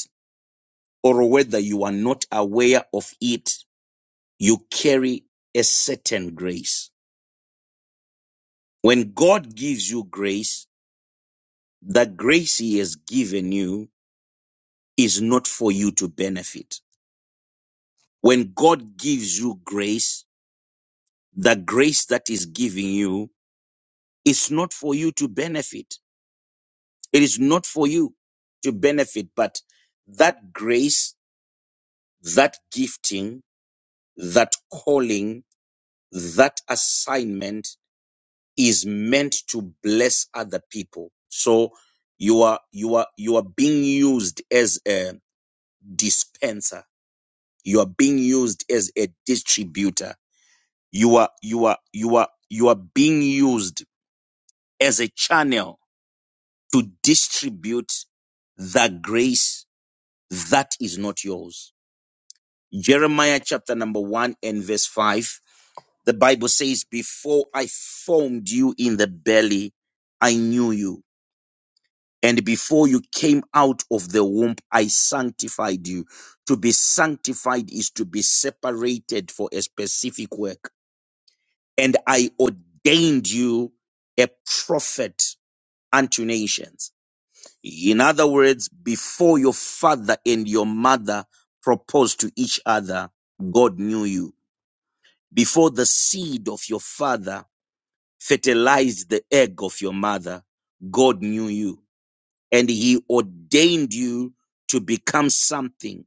[SPEAKER 4] or whether you are not aware of it, you carry a certain grace When God gives you grace, the grace He has given you is not for you to benefit. When God gives you grace, the grace that is giving you is not for you to benefit. It is not for you to benefit, but that grace, that gifting, that calling, that assignment is meant to bless other people. So you are, you are, you are being used as a, dispenser. You are being used as a distributor. You are, you are, you are, you are being used as a channel to distribute the grace that is not yours. Jeremiah chapter number one and verse five. The Bible says, before I formed you in the belly, I knew you And before you came out of the womb, I sanctified you. To be sanctified is to be separated for a specific work. And I ordained you a prophet unto nations. In other words, before your father and your mother proposed to each other, God knew you. Before the seed of your father fertilized the egg of your mother, God knew you and he ordained you to become something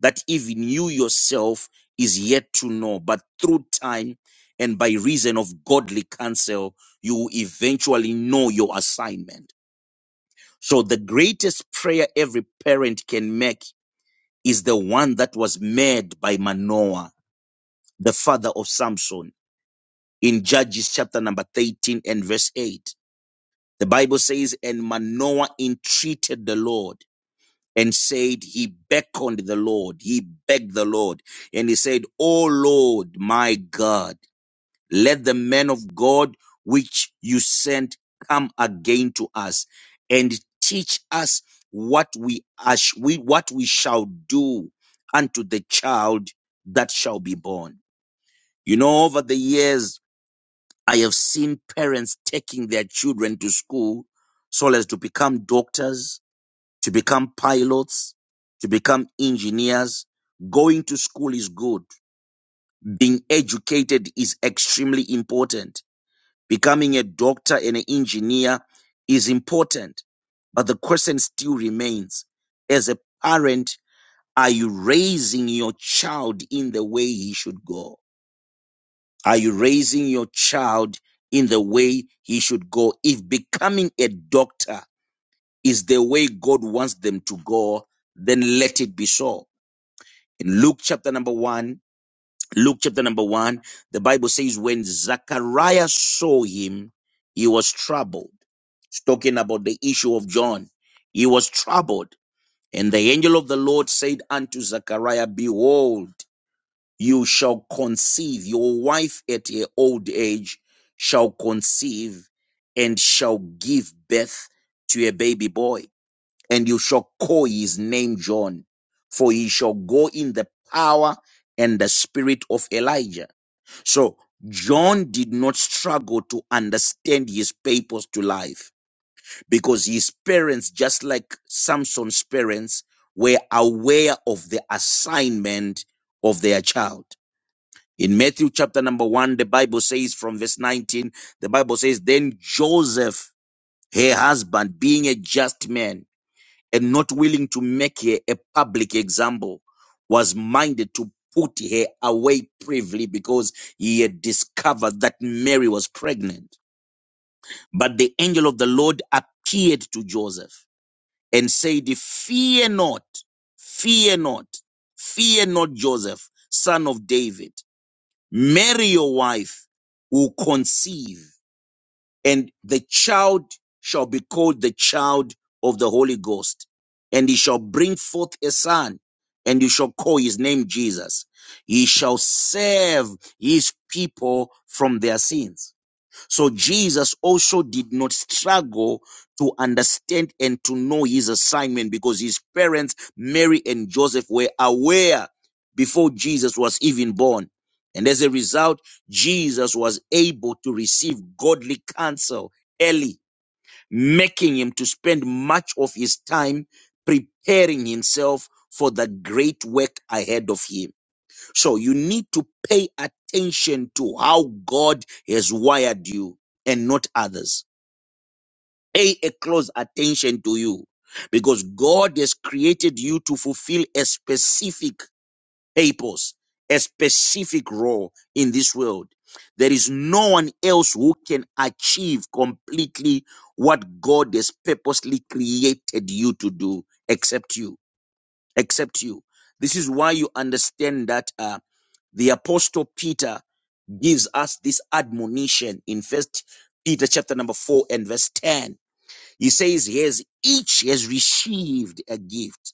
[SPEAKER 4] that even you yourself is yet to know. But through time and by reason of godly counsel, you will eventually know your assignment. So the greatest prayer every parent can make is the one that was made by Manoah, the father of Samson, in Judges chapter number 13 and verse 8. The Bible says, and Manoah entreated the Lord and said he beckoned the Lord, he begged the Lord, and he said, O Lord, my God, let the men of God which you sent come again to us and teach us what we, ash- we what we shall do unto the child that shall be born. You know, over the years, I have seen parents taking their children to school so as to become doctors, to become pilots, to become engineers. Going to school is good. Being educated is extremely important. Becoming a doctor and an engineer is important. But the question still remains as a parent, are you raising your child in the way he should go? Are you raising your child in the way he should go? If becoming a doctor is the way God wants them to go, then let it be so in Luke chapter number one, Luke chapter number one, the Bible says, when Zachariah saw him, he was troubled. It's talking about the issue of John. He was troubled. And the angel of the Lord said unto Zachariah, behold, you shall conceive, your wife at her old age shall conceive and shall give birth to a baby boy and you shall call his name John, for he shall go in the power and the spirit of Elijah. So John did not struggle to understand his purpose to life because his parents, just like Samson's parents, were aware of the assignment of their child. In Matthew chapter number one, the Bible says from verse 19, the Bible says, Then Joseph, her husband, being a just man, and not willing to make her a public example, was minded to put her away privily because he had discovered that Mary was pregnant. But the angel of the Lord appeared to Joseph and said, Fear not, fear not, fear not, Joseph, son of David. Mary, your wife will conceive and the child shall be called the child of the Holy Ghost, and he shall bring forth a son, and you shall call his name Jesus. He shall save his people from their sins. So Jesus also did not struggle to understand and to know his assignment because his parents, Mary and Joseph, were aware before Jesus was even born. And as a result, Jesus was able to receive godly counsel early, making him to spend much of his time preparing himself for the great work ahead of him. So you need to pay attention to how God has wired you and not others. Pay a close attention to you because God has created you to fulfill a specific purpose, a specific role in this world. There is no one else who can achieve completely what God has purposely created you to do except you except you. This is why you understand that uh, the apostle Peter gives us this admonition in First Peter chapter number four and verse ten. He says, "He has each has received a gift.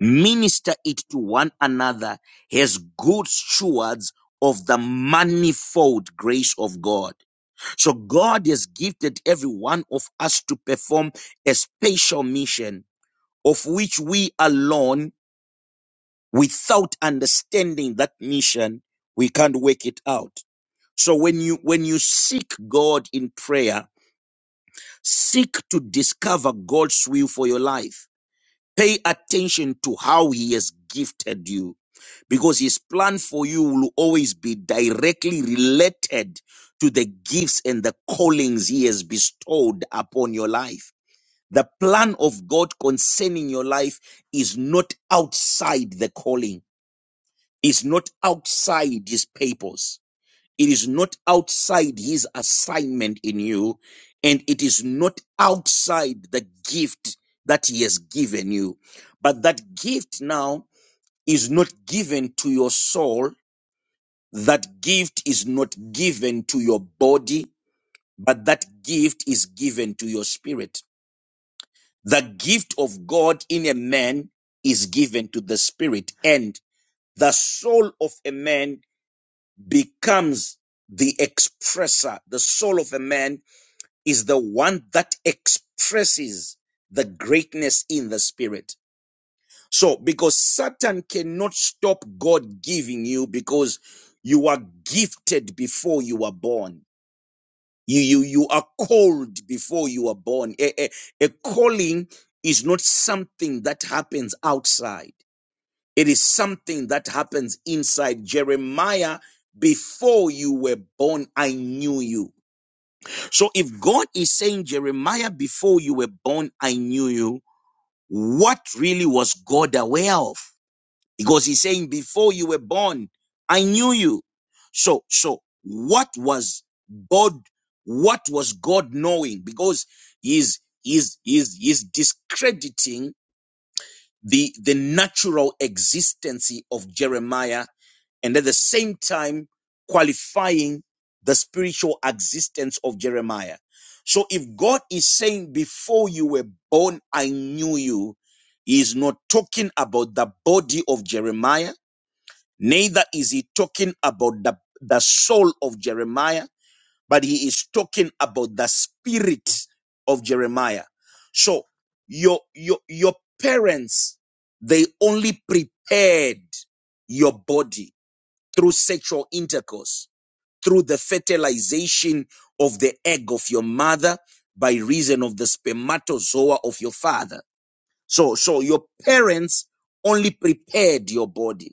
[SPEAKER 4] Minister it to one another as good stewards." Of the manifold grace of God. So God has gifted every one of us to perform a special mission of which we alone without understanding that mission we can't work it out so when you when you seek god in prayer seek to discover god's will for your life pay attention to how he has gifted you because his plan for you will always be directly related to the gifts and the callings he has bestowed upon your life the plan of god concerning your life is not outside the calling is not outside his purpose. It is not outside his assignment in you. And it is not outside the gift that he has given you. But that gift now is not given to your soul. That gift is not given to your body, but that gift is given to your spirit. The gift of God in a man is given to the spirit and the soul of a man becomes the expresser. The soul of a man is the one that expresses the greatness in the spirit. So, because Satan cannot stop God giving you because you are gifted before you were born. You, you, you are called before you were born. A, a, a calling is not something that happens outside. It is something that happens inside Jeremiah. Before you were born, I knew you. So if God is saying, Jeremiah, before you were born, I knew you, what really was God aware of? Because he's saying, before you were born, I knew you. So, so what was God, what was God knowing? Because he's, he's, he's, he's discrediting the, the natural existence of Jeremiah and at the same time qualifying the spiritual existence of Jeremiah. So if God is saying, Before you were born, I knew you, he is not talking about the body of Jeremiah, neither is he talking about the, the soul of Jeremiah, but he is talking about the spirit of Jeremiah. So your your your parents they only prepared your body through sexual intercourse, through the fertilization of the egg of your mother by reason of the spermatozoa of your father. So, so your parents only prepared your body,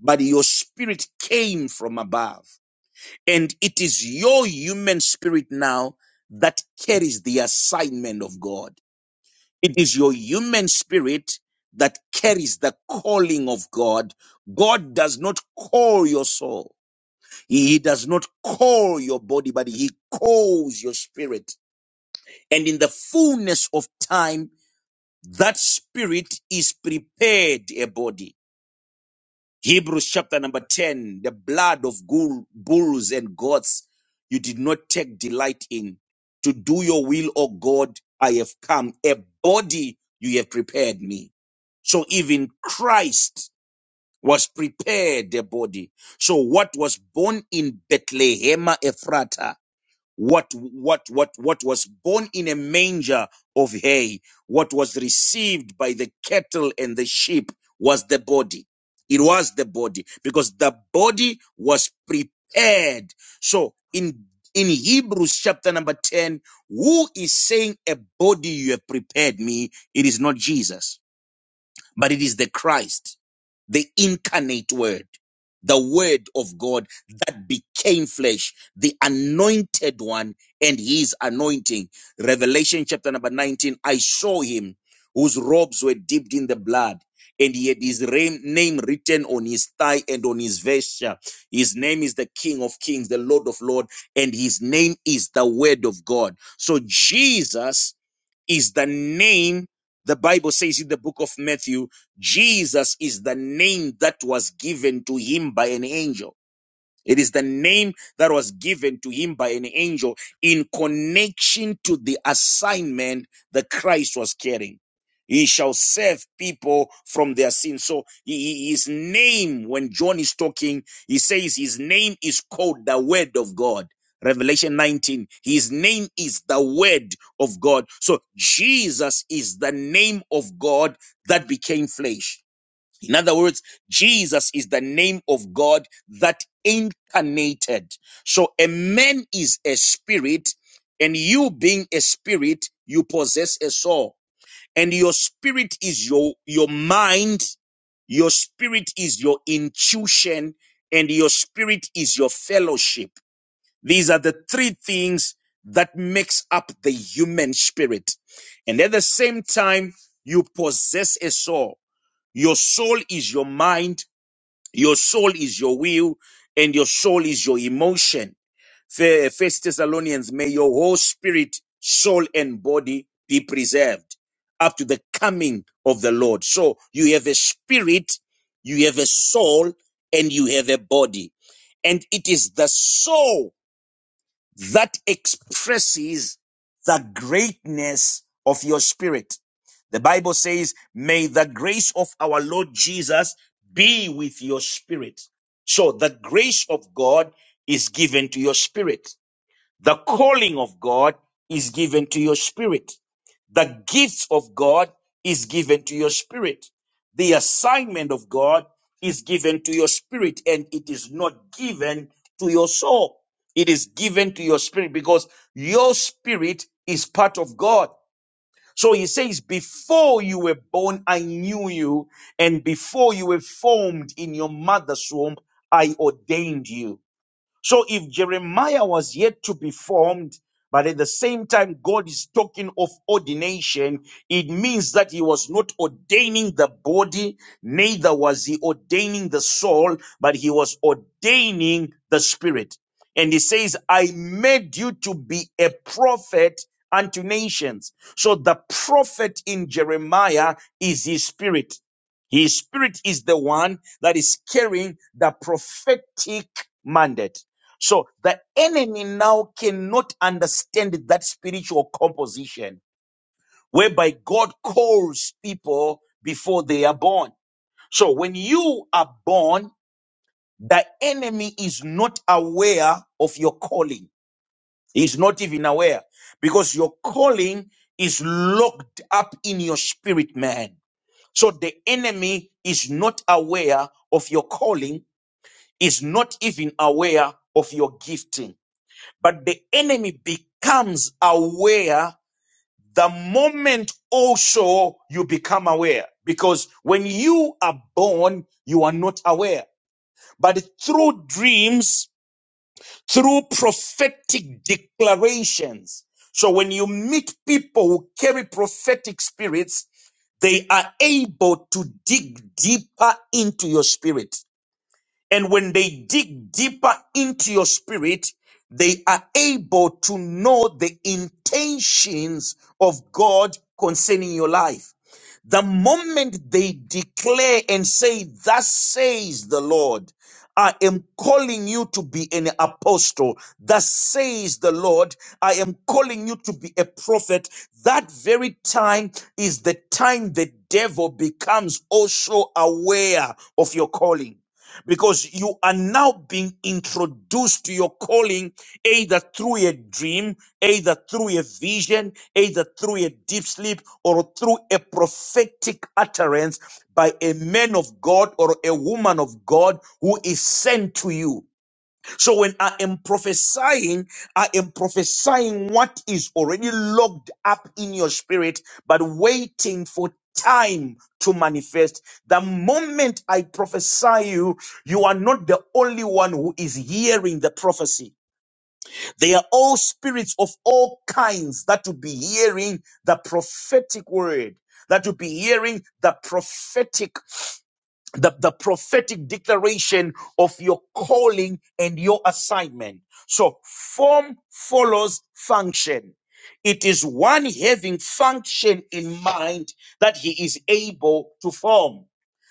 [SPEAKER 4] but your spirit came from above. And it is your human spirit now that carries the assignment of God. It is your human spirit that carries the calling of God. God does not call your soul. He does not call your body, but He calls your spirit. And in the fullness of time, that spirit is prepared a body. Hebrews chapter number 10 the blood of bull- bulls and goats you did not take delight in. To do your will, O God, I have come. A body you have prepared me. So even Christ was prepared a body. So what was born in Bethlehem, Ephrata? what what what what was born in a manger of hay what was received by the cattle and the sheep was the body it was the body because the body was prepared so in in hebrews chapter number 10 who is saying a body you have prepared me it is not jesus but it is the Christ, the incarnate word, the word of God that became flesh, the anointed one and his anointing. Revelation chapter number 19, I saw him whose robes were dipped in the blood. And he had his ra- name written on his thigh and on his vesture. His name is the King of Kings, the Lord of Lords, and his name is the Word of God. So Jesus is the name the Bible says in the book of Matthew, Jesus is the name that was given to him by an angel. It is the name that was given to him by an angel in connection to the assignment that Christ was carrying. He shall save people from their sins. So he- his name, when John is talking, he says his name is called the Word of God. Revelation 19, his name is the Word of God. So Jesus is the name of God that became flesh. In other words, Jesus is the name of God that incarnated. So a man is a spirit, and you being a spirit, you possess a soul. And your spirit is your, your mind, your spirit is your intuition, and your spirit is your fellowship. These are the three things that makes up the human spirit. And at the same time, you possess a soul your soul is your mind, your soul is your will, and your soul is your emotion. Fe- First Thessalonians, may your whole spirit, soul, and body be preserved up to the coming of the Lord. So you have a spirit, you have a soul, and you have a body. And it is the soul that expresses the greatness of your spirit. The Bible says, may the grace of our Lord Jesus be with your spirit. So the grace of God is given to your spirit. The calling of God is given to your spirit. The gifts of God is given to your spirit. The assignment of God is given to your spirit and it is not given to your soul. It is given to your spirit because your spirit is part of God. So he says, before you were born, I knew you. And before you were formed in your mother's womb, I ordained you. So if Jeremiah was yet to be formed, but at the same time God is talking of ordination, it means that he was not ordaining the body, neither was he ordaining the soul, but he was ordaining the spirit. And he says, I made you to be a prophet unto nations. So the prophet in Jeremiah is his spirit. His spirit is the one that is carrying the prophetic mandate. So the enemy now cannot understand that spiritual composition whereby God calls people before they are born. So when you are born, the enemy is not aware of your calling. He's not even aware because your calling is locked up in your spirit man. So the enemy is not aware of your calling, is not even aware of your gifting. But the enemy becomes aware the moment also you become aware. Because when you are born, you are not aware. But through dreams, through prophetic declarations. So when you meet people who carry prophetic spirits, they are able to dig deeper into your spirit. And when they dig deeper into your spirit, they are able to know the intentions of God concerning your life. The moment they declare and say, Thus says the Lord, I am calling you to be an apostle. Thus says the Lord, I am calling you to be a prophet. That very time is the time the devil becomes also aware of your calling because you are now being introduced to your calling either through a dream, either through a vision, either through a deep sleep, or through a prophetic utterance by a man of God or a woman of God who is sent to you. So when I am prophesying, I am prophesying what is already locked up in your spirit, but waiting for time to manifest. The moment I prophesy you, you are not the only one who is hearing the prophecy. They are all spirits of all kinds that will be hearing the prophetic word, that will be hearing the prophetic the, the prophetic declaration of your calling and your assignment. So form follows function. It is one having function in mind that he is able to form.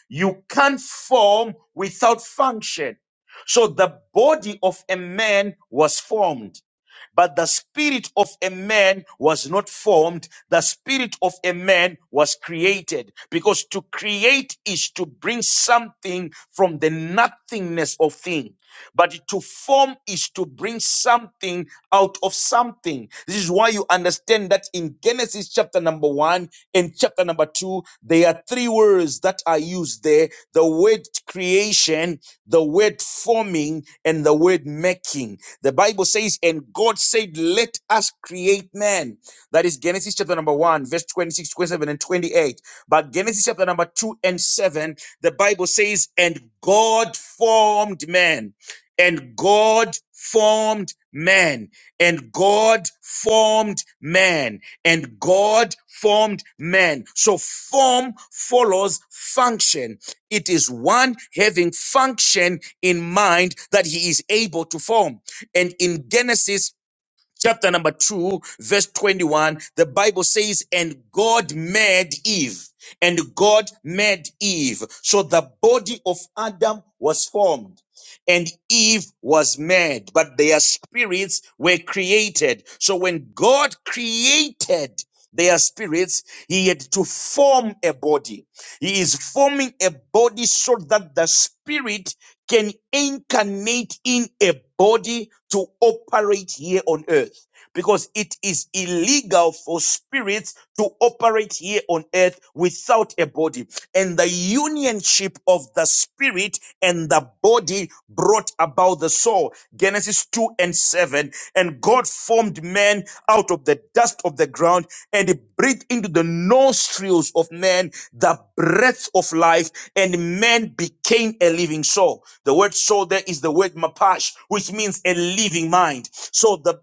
[SPEAKER 4] You can't form without function. So the body of a man was formed. But the spirit of a man was not formed, the spirit of a man was created. Because to create is to bring something from the nothingness of thing. But to form is to bring something out of something. This is why you understand that in Genesis chapter number one and chapter number two, there are three words that are used there the word creation, the word forming, and the word making. The Bible says, and God said, let us create man. That is Genesis chapter number 1, verse 26, 27, and 28. But Genesis chapter number 2 and 7, the Bible says, and God formed man. And God formed man. And God formed man. And God formed man. So form follows function. It is one having function in mind that he is able to form. And in Genesis chapter number 2, verse 21, the Bible says, And God made Eve, and God made Eve. So the body of Adam was formed. And Eve was made, but their spirits were created. So when God created their spirits, he had to form a body. He is forming a body so that the spirit can incarnate in a body to operate here on earth because it is illegal for spirits to operate here on earth without a body and the unionship of the spirit and the body brought about the soul genesis 2 and 7 and god formed man out of the dust of the ground and he breathed into the nostrils of man the breath of life and man became a living soul. The word soul there is the word mapash, which means a living mind. So the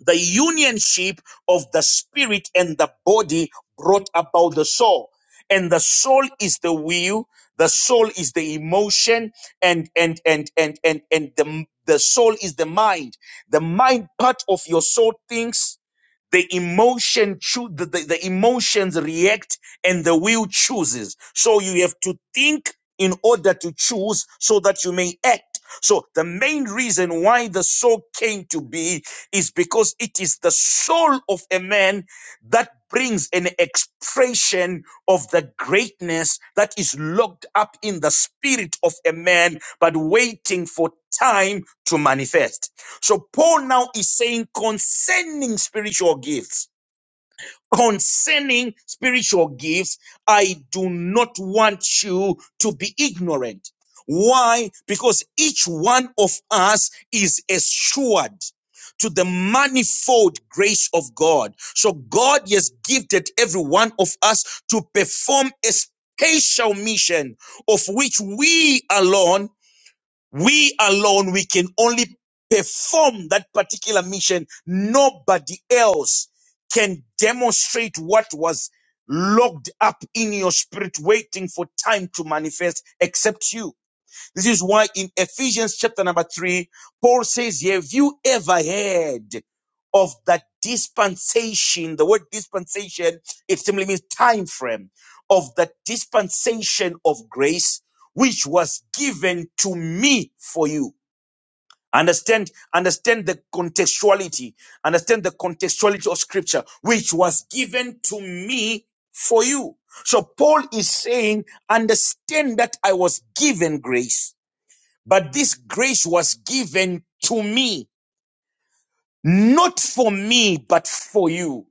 [SPEAKER 4] the unionship of the spirit and the body brought about the soul and the soul is the will the soul is the emotion and and and and and, and the, the soul is the mind the mind part of your soul thinks the emotion choo- the, the, the emotions react and the will chooses so you have to think in order to choose so that you may act so the main reason why the soul came to be is because it is the soul of a man that brings an expression of the greatness that is locked up in the spirit of a man, but waiting for time to manifest. So Paul now is saying concerning spiritual gifts concerning spiritual gifts, I do not want you to be ignorant. Why? Because each one of us is assured to the manifold grace of God. So God has gifted every one of us to perform a special mission of which we alone we alone, we can only perform that particular mission. Nobody else can demonstrate what was locked up in your spirit, waiting for time to manifest except you. This is why in Ephesians chapter number three, Paul says, Have you ever heard of that dispensation? The word dispensation, it simply means time frame of the dispensation of grace, which was given to me for you. Understand, understand the contextuality, understand the contextuality of scripture, which was given to me for you. So Paul is saying, understand that I was given grace but this grace was given to me, not for me, but for you.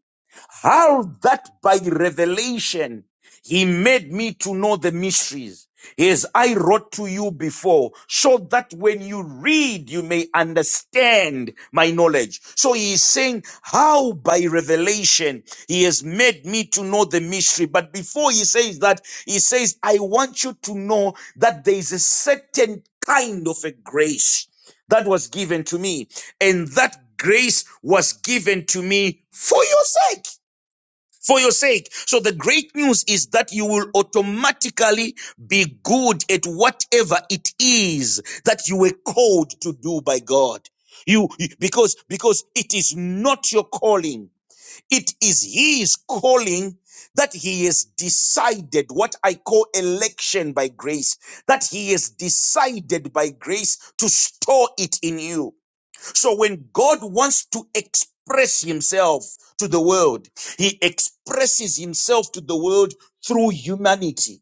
[SPEAKER 4] How that by revelation he made me to know the mysteries as I wrote to you before, so that when you read, you may understand my knowledge. So he is saying how by revelation he has made me to know the mystery. But before he says that, he says, I want you to know that there is a certain kind of a grace that was given to me, and that grace was given to me for your sake for your sake. So the great news is that you will automatically be good at whatever it is that you were called to do by God. You because because it is not your calling. It is his calling that he has decided what I call election by grace, that he has decided by grace to store it in you. So when God wants to express himself to the world, he expresses himself to the world through humanity.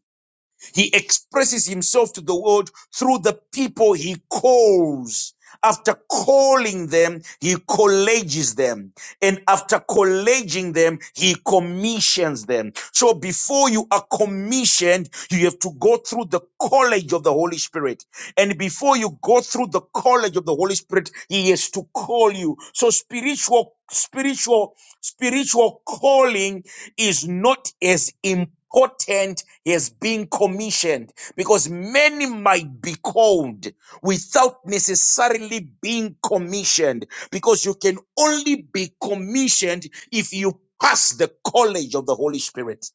[SPEAKER 4] He expresses himself to the world through the people he calls. After calling them, he collages them. And after collaging them, he commissions them. So before you are commissioned, you have to go through the college of the Holy Spirit. And before you go through the college of the Holy Spirit, he has to call you. So spiritual, spiritual, spiritual calling is not as important as being commissioned because many might be called without necessarily being commissioned because you can only be commissioned if you pass the college of the Holy Spirit.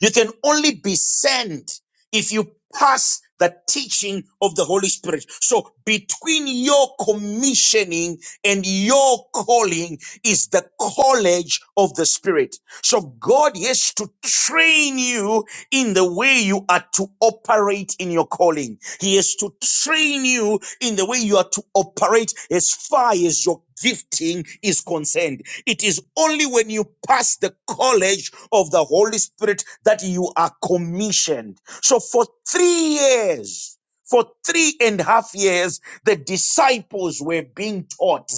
[SPEAKER 4] You can only be sent if you pass the teaching of the Holy Spirit. So between your commissioning and your calling is the college of the Spirit. So God has to train you in the way you are to operate in your calling. He is to train you in the way you are to operate as far as your gifting is concerned. It is only when you pass the college of the Holy Spirit that you are commissioned. So for three years, for three and a half years, the disciples were being taught.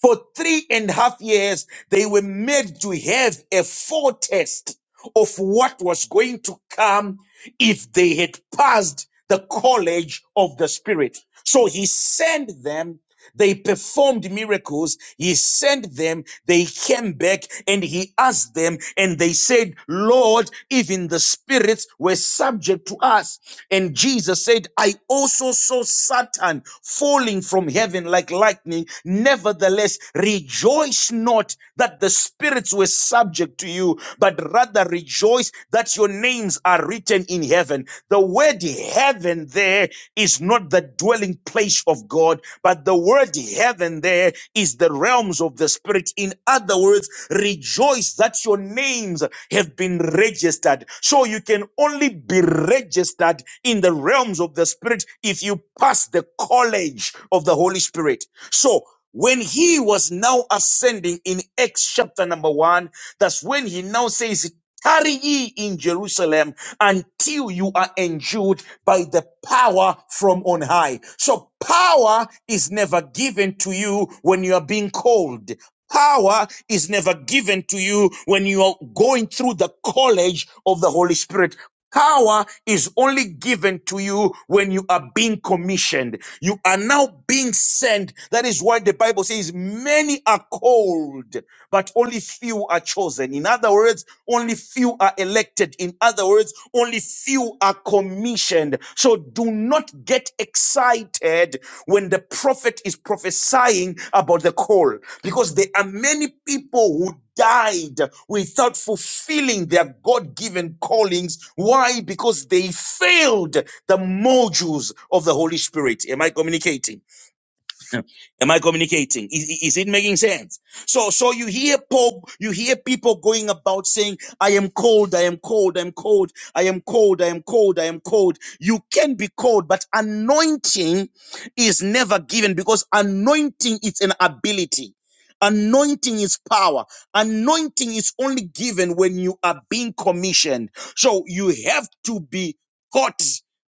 [SPEAKER 4] For three and a half years, they were made to have a foretaste of what was going to come if they had passed the college of the Spirit. So he sent them. They performed miracles. He sent them. They came back and he asked them and they said, Lord, even the spirits were subject to us. And Jesus said, I also saw Satan falling from heaven like lightning. Nevertheless, rejoice not that the spirits were subject to you, but rather rejoice that your names are written in heaven. The word heaven there is not the dwelling place of God, but the word heaven there is the realms of the spirit. In other words, rejoice that your names have been registered. So you can only be registered in the realms of the spirit if you pass the college of the Holy Spirit. So when he was now ascending in Acts chapter number one, that's when he now says, tarry ye in Jerusalem until you are endued by the power from on high. So power is never given to you when you are being called. Power is never given to you when you are going through the college of the Holy Spirit. Power is only given to you when you are being commissioned. You are now being sent. That is why the Bible says many are called, but only few are chosen. In other words, only few are elected. In other words, only few are commissioned. So do not get excited when the prophet is prophesying about the call, because there are many people who died without fulfilling their God given callings. Why? Because they failed the modules of the Holy Spirit. Am I communicating? Am I communicating? Is, is it making sense? So, so you hear Pope, you hear people going about saying, I am cold, I am cold, I am cold, I am cold, I am cold, I am cold. You can be cold, but anointing is never given because anointing is an ability. Anointing is power. Anointing is only given when you are being commissioned. So you have to be taught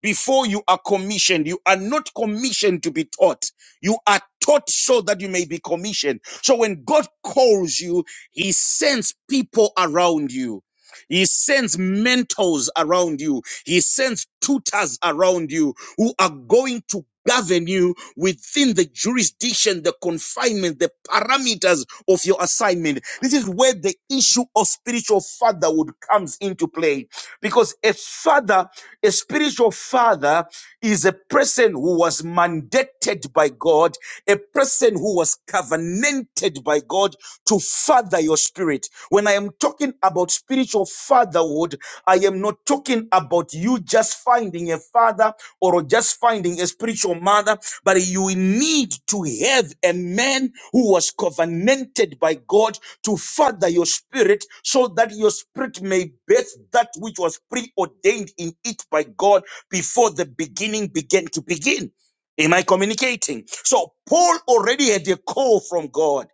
[SPEAKER 4] before you are commissioned. You are not commissioned to be taught. You are taught so that you may be commissioned. So when God calls you, He sends people around you. He sends mentors around you. He sends tutors around you who are going to govern you within the jurisdiction, the confinement, the parameters of your assignment. This is where the issue of spiritual fatherhood comes into play because a father, a spiritual father is a person who was mandated by God, a person who was covenanted by God to father your spirit. When I am talking about spiritual fatherhood, I am not talking about you just finding a father or just finding a spiritual mother, but you need to have a man who was covenanted by God to father your spirit so that your spirit may birth that which was preordained in it by God before the beginning began to begin. Am I communicating? So Paul already had a call from God.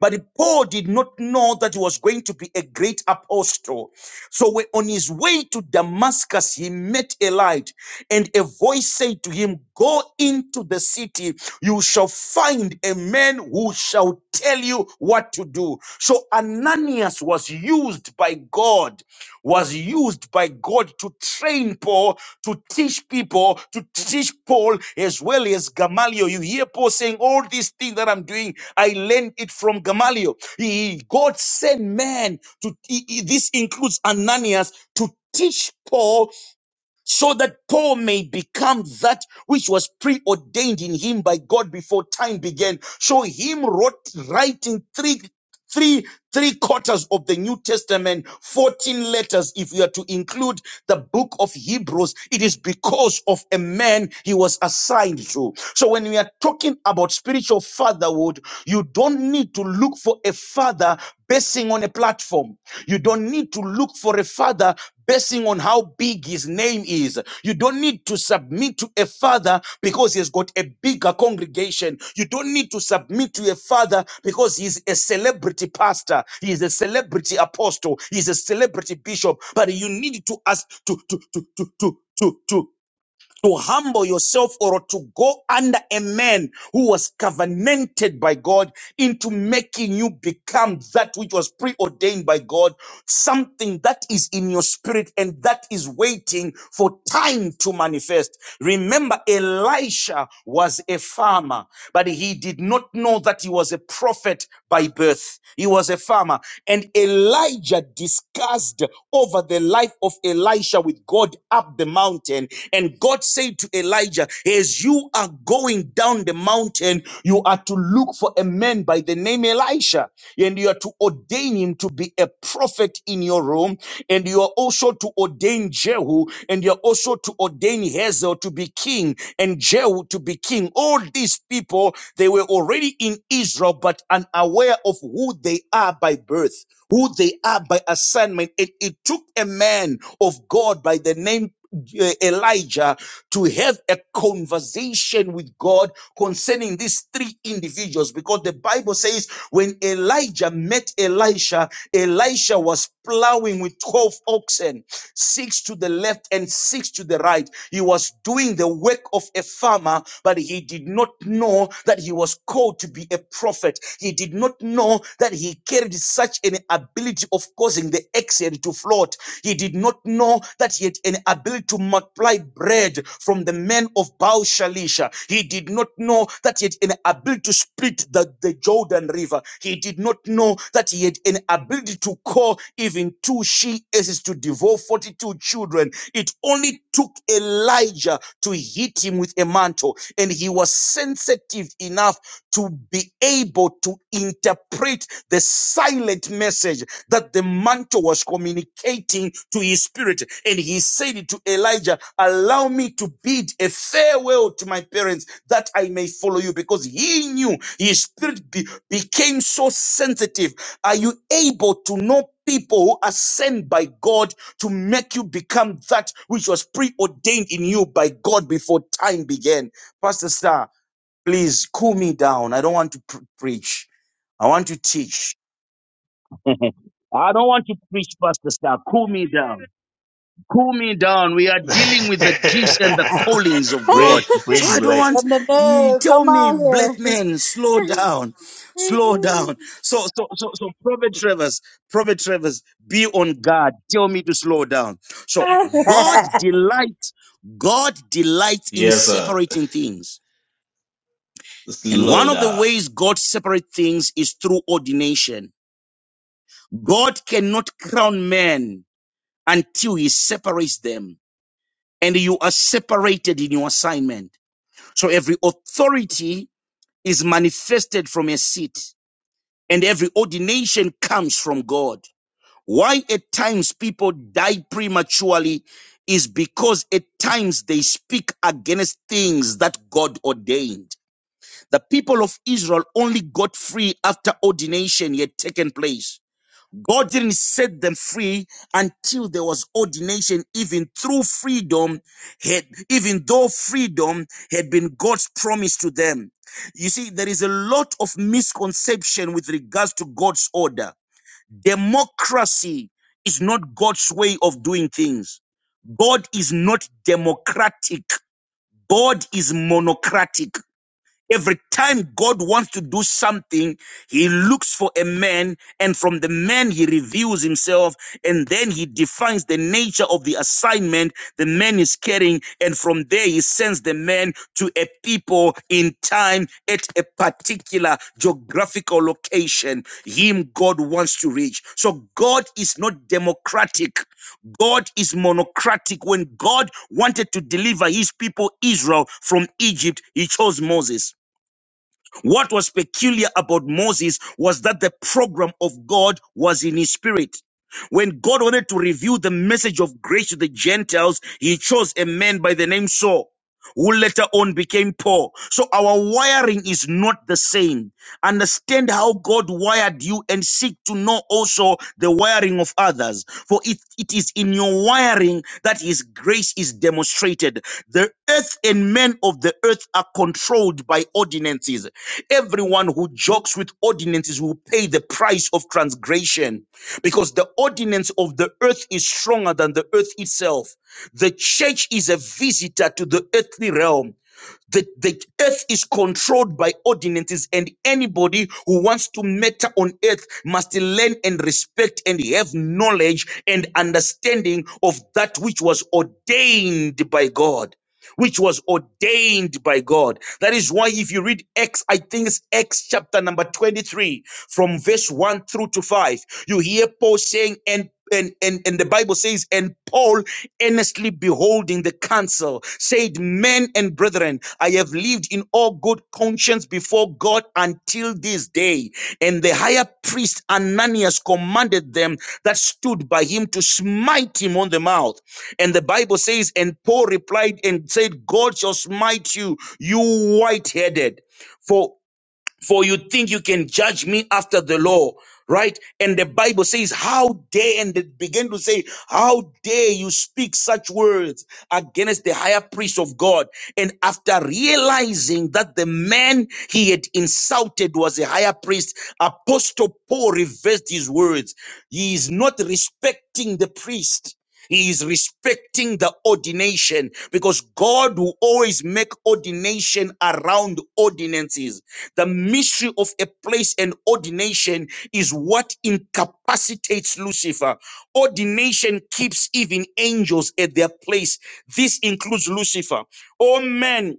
[SPEAKER 4] But Paul did not know that he was going to be a great apostle. So when- on his way to Damascus, he met a light, and a voice said to him, Go into the city, you shall find a man who shall tell you what to do. So Ananias was used by God, was used by God to train Paul to teach people, to teach Paul as well as Gamaliel. You hear Paul saying, All these things that I'm doing, I learned it from Gamaliel. He, God sent man to, he- he- this includes Ananias, to teach Paul so that Paul may become that which was preordained in him by God before time began. So him wrote writing three three three quarters of the new testament 14 letters if we are to include the book of hebrews it is because of a man he was assigned to so when we are talking about spiritual fatherhood you don't need to look for a father basing on a platform you don't need to look for a father basing on how big his name is. You don't need to submit to a father because he has got a bigger congregation. You don't need to submit to a father because he's a celebrity pastor, he is a celebrity apostle, he's a celebrity bishop. But you need to ask to to to to to to to to humble yourself or to go under a man who was covenanted by God into making you become that which was preordained by God something that is in your spirit and that is waiting for time to manifest. Remember, Elisha was a farmer, but he did not know that he was a prophet by birth. He was a farmer. And Elijah discussed over the life of Elisha with God up the mountain. And God said to Elijah, "As as you are going down the mountain, you are to look for a man by the name Elisha, and you are to ordain him to be a prophet in your room, and you are also to ordain Jehu, and you are also to ordain Hazel to be king, and Jehu to be king. All these people, they were already in Israel, but unaware of who they are by birth, who they are by assignment. It, it took a man of God by the name uh, Elijah to have a conversation with God concerning these three individuals because the Bible says when Elijah met Elisha, Elisha was plowing with 12 oxen, six to the left and six to the right. He was doing the work of a farmer, but he did not know that he was called to be a prophet. He did not know that he carried such an ability of causing the oxen to float. He did not know that he had an ability to multiply bread from the men of Baal Shalisha. He did not know that he had an ability to split the, the Jordan River. He did not know that he had an ability to call even two she asses to devour 42 children. It only took Elijah to hit him with a mantle, and he was sensitive enough to be able to interpret the silent message that the mantle was communicating to his spirit. And he said to Elijah, allow me to bid a farewell to my parents that I may follow you because he knew his spirit be- became so sensitive. Are you able to know people who are sent by God to make you become that which was preordained in you by God before time began? Pastor Star, please cool me down. I don't want to pr- preach. I want to teach. I don't want to preach, Pastor Star. Cool me down. Cool me down. We are dealing with the gifts and the callings of God.
[SPEAKER 1] Bridge,
[SPEAKER 4] So
[SPEAKER 1] bridge,
[SPEAKER 4] I don't
[SPEAKER 1] Blake.
[SPEAKER 2] No,
[SPEAKER 4] want
[SPEAKER 2] no,
[SPEAKER 4] you
[SPEAKER 2] no.
[SPEAKER 4] tell
[SPEAKER 2] Come
[SPEAKER 4] me,
[SPEAKER 2] on
[SPEAKER 4] black
[SPEAKER 2] here.
[SPEAKER 4] men, slow down, slow down. So, so, so, so, Prophet Travers, Prophet Travers, be on guard. Tell me to slow down. So God delights, God delights in
[SPEAKER 1] Yes, sir.
[SPEAKER 4] separating things. And one
[SPEAKER 1] Slow
[SPEAKER 4] of the
[SPEAKER 1] down.
[SPEAKER 4] ways God separates things is through ordination. God cannot crown man until he separates them. And you are separated in your assignment. So every authority is manifested from a seat and every ordination comes from God. Why at times people die prematurely is because at times they speak against things that God ordained. The people of Israel only got free after ordination had taken place. God didn't set them free until there was ordination, even through freedom, had, even though freedom had been God's promise to them. You see, there is a lot of misconception with regards to God's order. Democracy is not God's way of doing things. God is not democratic. God is monocratic. Every time God wants to do something, He looks for a man, and from the man He reveals Himself, and then He defines the nature of the assignment the man is carrying, and from there He sends the man to a people in time at a particular geographical location. Him God wants to reach. So God is not democratic. God is monocratic. When God wanted to deliver his people Israel from Egypt, he chose Moses. What was peculiar about Moses was that the program of God was in his spirit. When God wanted to reveal the message of grace to the Gentiles, he chose a man by the name Saul, who later on became Paul. So our wiring is not the same. Understand how God wired you and seek to know also the wiring of others. For it, it is in your wiring that His grace is demonstrated. The earth and men of the earth are controlled by ordinances. Everyone who jokes with ordinances will pay the price of transgression because the ordinance of the earth is stronger than the earth itself. The church is a visitor to the earthly realm the, the earth is controlled by ordinances, and anybody who wants to matter on earth must learn and respect and have knowledge and understanding of that which was ordained by God which was ordained by God. That is why if you read Acts, I think it's Acts chapter number 23 from verse 1 through to 5, you hear Paul saying, and and, and and the Bible says, and Paul earnestly beholding the council said, Men and brethren, I have lived in all good conscience before God until this day. And the higher priest Ananias commanded them that stood by him to smite him on the mouth. And the Bible says, and Paul replied and said, God shall smite you, you white headed. For, for you think you can judge me after the law, right? And the Bible says, how dare, and it began to say, how dare you speak such words against the higher priest of God. And after realizing that the man he had insulted was a higher priest, Apostle Paul reversed his words. He is not respecting the priest he is respecting the ordination because God will always make ordination around ordinances. The mystery of a place and ordination is what incapacitates Lucifer. Ordination keeps even angels at their place. This includes Lucifer. Oh man,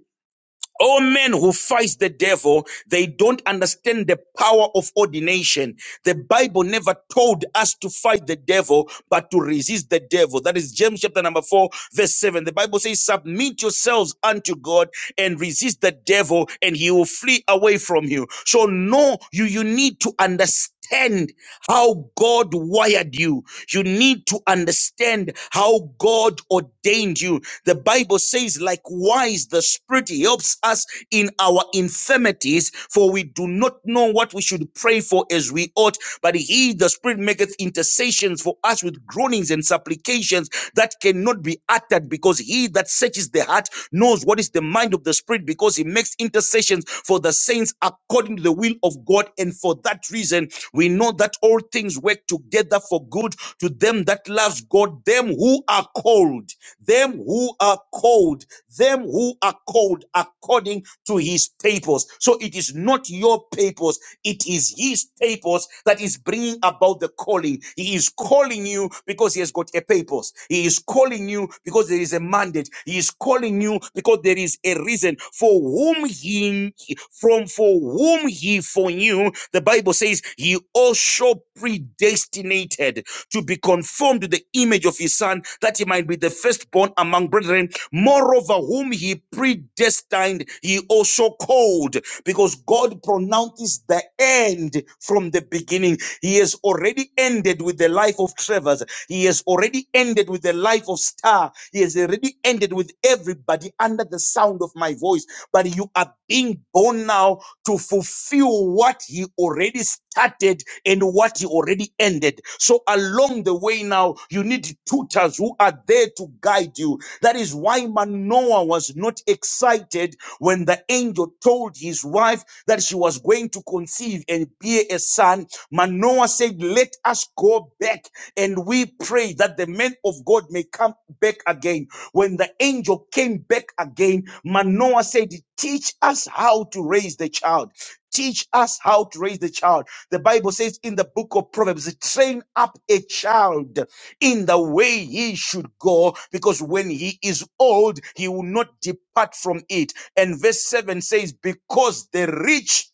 [SPEAKER 4] all men who fight the devil, they don't understand the power of ordination. The Bible never told us to fight the devil, but to resist the devil. That is James chapter number 4, verse 7. The Bible says, Submit yourselves unto God and resist the devil, and he will flee away from you. So, no, you, you need to understand understand how God wired you. You need to understand how God ordained you. The Bible says, likewise, the Spirit helps us in our infirmities, for we do not know what we should pray for as we ought. But He, the Spirit, maketh intercessions for us with groanings and supplications that cannot be uttered, because He that searches the heart knows what is the is the mind of the Spirit because he makes intercessions for the saints according to the will of God. And for that reason, we know that all things work together for good to them that loves God, them who are called, them who are called, them who are called according to his purpose. So it is not your purpose, it is his purpose that is bringing about the calling. He is calling you because he has got a purpose. He is calling you because there is a mandate. He is calling you because there is a reason for whom he from for whom he foreknew. The Bible says he also predestinated to be conformed to the image of his son that he might be the firstborn among brethren. Moreover, whom he predestined, he also called because God pronounces the end from the beginning he has already ended with the life of Travers. He has already ended with the life of Star. He has already ended with everybody under the sound of my voice. But you are being born now to fulfill what He already started and what He already ended. So along the way now, you need tutors who are there to guide you. That is why Manoah was not excited when the angel told his wife that she was going to conceive and bear a son Manoah said, Let us go back and we pray that the men of God may come back again. When the angel came back again, Manoah said, Teach us how to raise the child. Teach us how to raise the child. The Bible says in the book of Proverbs, train up a child in the way he should go, because when he is old, he will not depart from it. And verse 7 says, Because the rich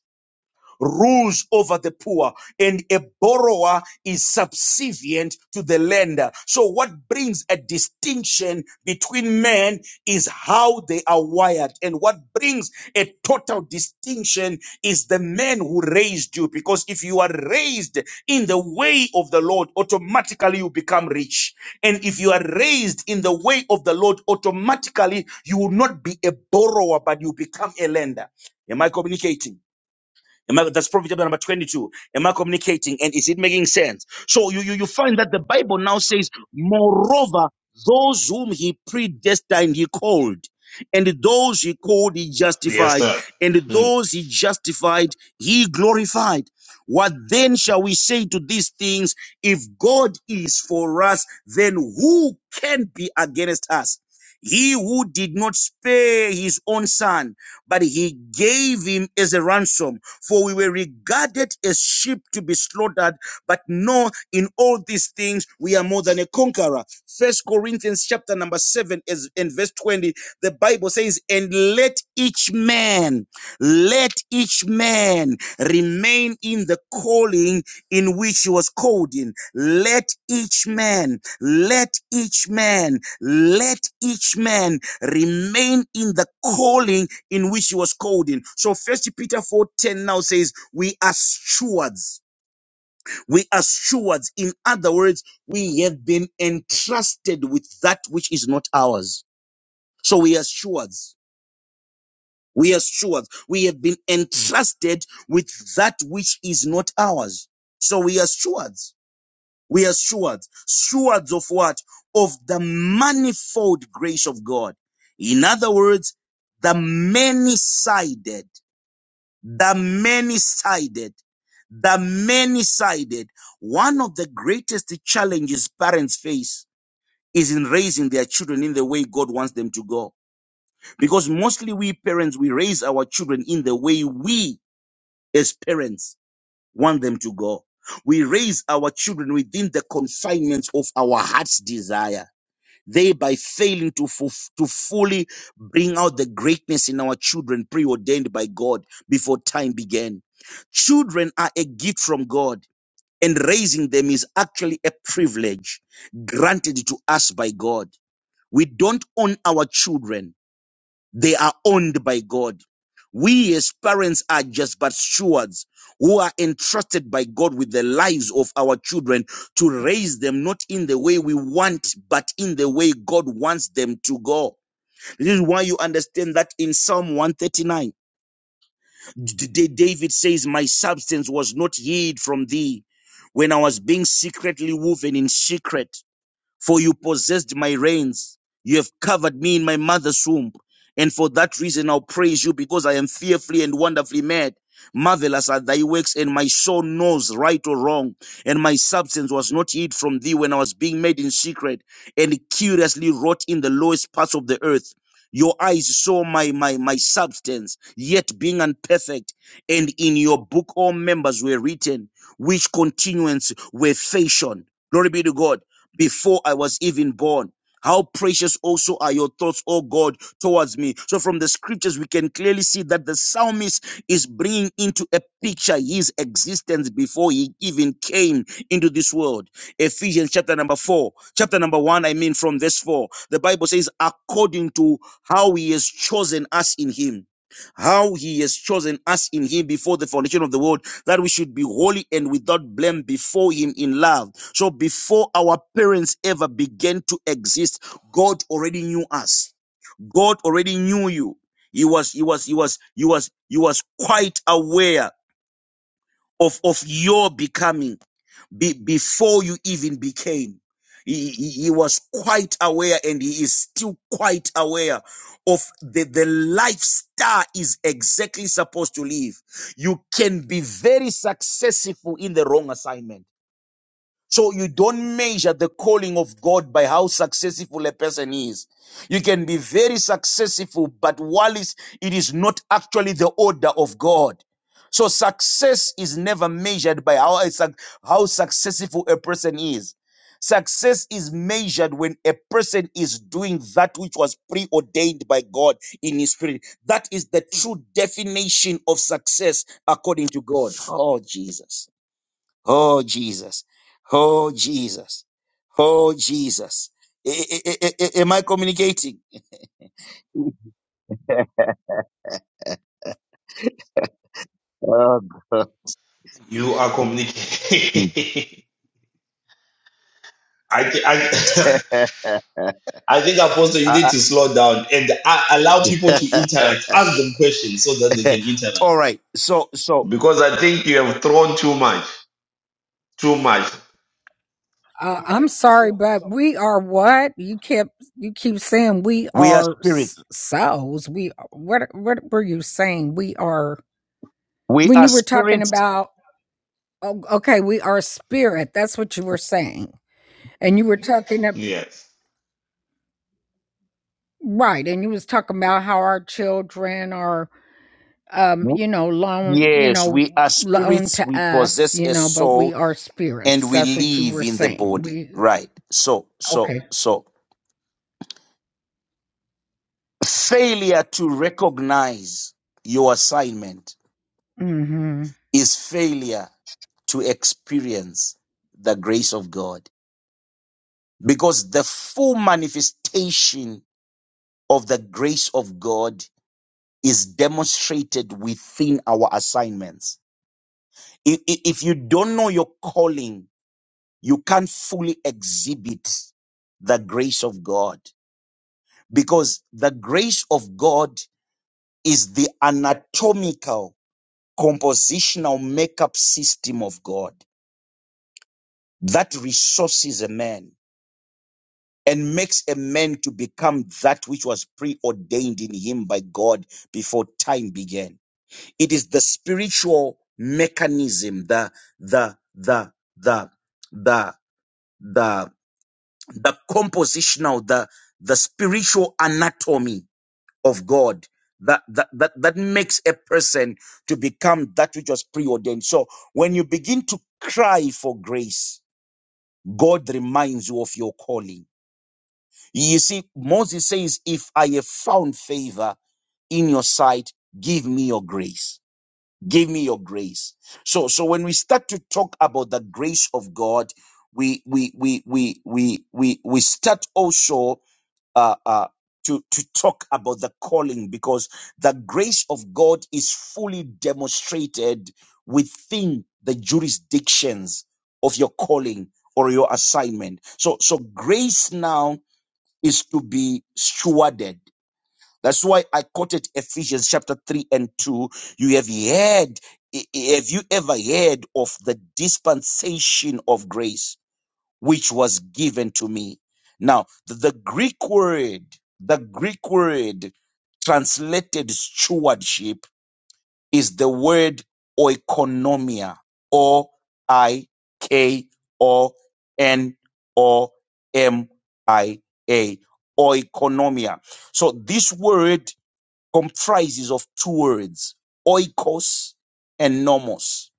[SPEAKER 4] rules over the poor and a borrower is subservient to the lender. So what brings a distinction between men is how they are wired. And what brings a total distinction is the man who raised you. Because if you are raised in the way of the Lord, automatically you become rich. And if you are raised in the way of the Lord, automatically you will not be a borrower, but you become a lender. Am I communicating? Am I, that's Proverbs chapter number 22. Am I communicating? And is it making sense? So you, you, you find that the Bible now says, moreover, those whom he predestined, he called. And those he called, he
[SPEAKER 1] Yes,
[SPEAKER 4] justified.
[SPEAKER 1] sir.
[SPEAKER 4] And
[SPEAKER 1] Mm.
[SPEAKER 4] those he justified, he glorified. What then shall we say to these things? If God is for us, then who can be against us? He who did not spare his own son but he gave him as a ransom. For we were regarded as sheep to be slaughtered, but no, in all these things we are more than a conqueror. First Corinthians chapter number seven is in verse 20. The Bible says, And let each man, let each man remain in the calling in which he was called in. Let each man, let each man, let each man remain in the calling in which he was called in. So first Peter 4 10 now says, We are stewards. We are stewards. In other words, we have been entrusted with that which is not ours. So we are stewards. We are stewards. We have been entrusted with that which is not ours. So we are stewards We are stewards. Stewards of what? Of the manifold grace of God. In other words, the many-sided, the many-sided, the many-sided. One of the greatest challenges parents face is in raising their children in the way God wants them to go. Because mostly we parents, we raise our children in the way we as parents want them to go. We raise our children within the confinements of our heart's desire, thereby failing to, fulf- to fully bring out the greatness in our children preordained by God before time began. Children are a gift from God, and raising them is actually a privilege granted to us by God. We don't own our children they are owned by God. We as parents are just but stewards who are entrusted by God with the lives of our children to raise them not in the way we want, but in the way God wants them to go. This is why you understand that in Psalm 139, D- D- David says, My substance was not hid from thee when I was being secretly woven in secret. For you possessed my reins. You have covered me in my mother's womb. And for that reason, I'll praise you because I am fearfully and wonderfully made. Marvelous are thy works, and my soul knows right or wrong. And my substance was not hid from thee when I was being made in secret and curiously wrought in the lowest parts of the earth. Your eyes saw my, my, my substance, yet being unperfect. And in your book, all members were written, which continuance were fashioned. Glory be to God before I was even born. How precious also are your thoughts, O God, towards me. So, from the scriptures, we can clearly see that the psalmist is bringing into a picture his existence before he even came into this world. Ephesians chapter number four, chapter number one, I mean, from verse four, the Bible says, according to how he has chosen us in him. How he has chosen us in him before the foundation of the world that we should be holy and without blame before Him in love. So before our parents ever began to exist, God already knew us. God already knew you. He was, he was, he was, he was, he was quite aware of of your becoming be, before you even became. He, he he was quite aware and he is still quite aware of the, the lifestyle is exactly supposed to live. You can be very successful in the wrong assignment. So you don't measure the calling of God by how successful a person is. You can be very successful, but while it's- it is not actually the order of God. So success is never measured by how, a suc- how successful a person is. Success is measured when a person is doing that which was preordained by God in his spirit. That is the true definition of success according to God. Oh, Jesus. Oh, Jesus. Oh, Jesus. Oh, Jesus. I- I- I- I- am I communicating? Oh, God.
[SPEAKER 1] You are communicating. I, I I think Apostle, you need
[SPEAKER 4] I- I-
[SPEAKER 1] to slow down and a- allow people to interact. Ask them questions so that they can interact.
[SPEAKER 4] All right. So, so
[SPEAKER 1] Because I think you have thrown too much. Too much.
[SPEAKER 6] Uh, I'm sorry, but we are what you kept you keep saying we
[SPEAKER 4] we are
[SPEAKER 6] are s-
[SPEAKER 4] spirits.
[SPEAKER 6] souls. We what what were you saying? We are
[SPEAKER 4] We
[SPEAKER 6] when
[SPEAKER 4] are
[SPEAKER 6] you were talking
[SPEAKER 4] spirits.
[SPEAKER 6] about oh, okay, we are spirit. That's what you were saying, and you were talking ab-
[SPEAKER 1] Yes.
[SPEAKER 6] right, and you was talking about how our children are um
[SPEAKER 4] W-
[SPEAKER 6] you know loan you
[SPEAKER 4] Yes,
[SPEAKER 6] know
[SPEAKER 4] we are
[SPEAKER 6] loan
[SPEAKER 4] spirits.
[SPEAKER 6] to
[SPEAKER 4] We
[SPEAKER 6] us
[SPEAKER 4] possess
[SPEAKER 6] you
[SPEAKER 4] a
[SPEAKER 6] know, but we
[SPEAKER 4] soul
[SPEAKER 6] are
[SPEAKER 4] and
[SPEAKER 6] spirits.
[SPEAKER 4] we
[SPEAKER 6] That's what you
[SPEAKER 4] live
[SPEAKER 6] were
[SPEAKER 4] in the
[SPEAKER 6] saying.
[SPEAKER 4] body.
[SPEAKER 6] We
[SPEAKER 4] Right. So, so,
[SPEAKER 6] okay.
[SPEAKER 4] so failure to recognize your assignment is failure to experience the grace of God. Because the full manifestation of the grace of God is demonstrated within our assignments. I- i- If you don't know your calling, you can't fully exhibit the grace of God because the grace of God is the anatomical, compositional makeup system of God that resources a man and makes a man to become that which was preordained in him by God before time began. It is the spiritual mechanism, the the the the the the the compositional, the the spiritual anatomy of God that that that, that makes a person to become that which was preordained. So when you begin to cry for grace, God reminds you of your calling You see, Moses says, If I have found favor in your sight, give me your grace. Give me your grace. So, so when we start to talk about the grace of God, we we we we we we we start also uh, uh, to to talk about the calling because the grace of God is fully demonstrated within the jurisdictions of your calling or your assignment. So so grace now is to be stewarded. That's why I quoted Ephesians chapter 3 and 2. You have heard, have you ever heard of the dispensation of grace which was given to me? Now, the, the Greek word, the Greek word translated stewardship is the word oikonomia. O I K O N O M I A. Oikonomia. So this word comprises of two words, oikos and nomos.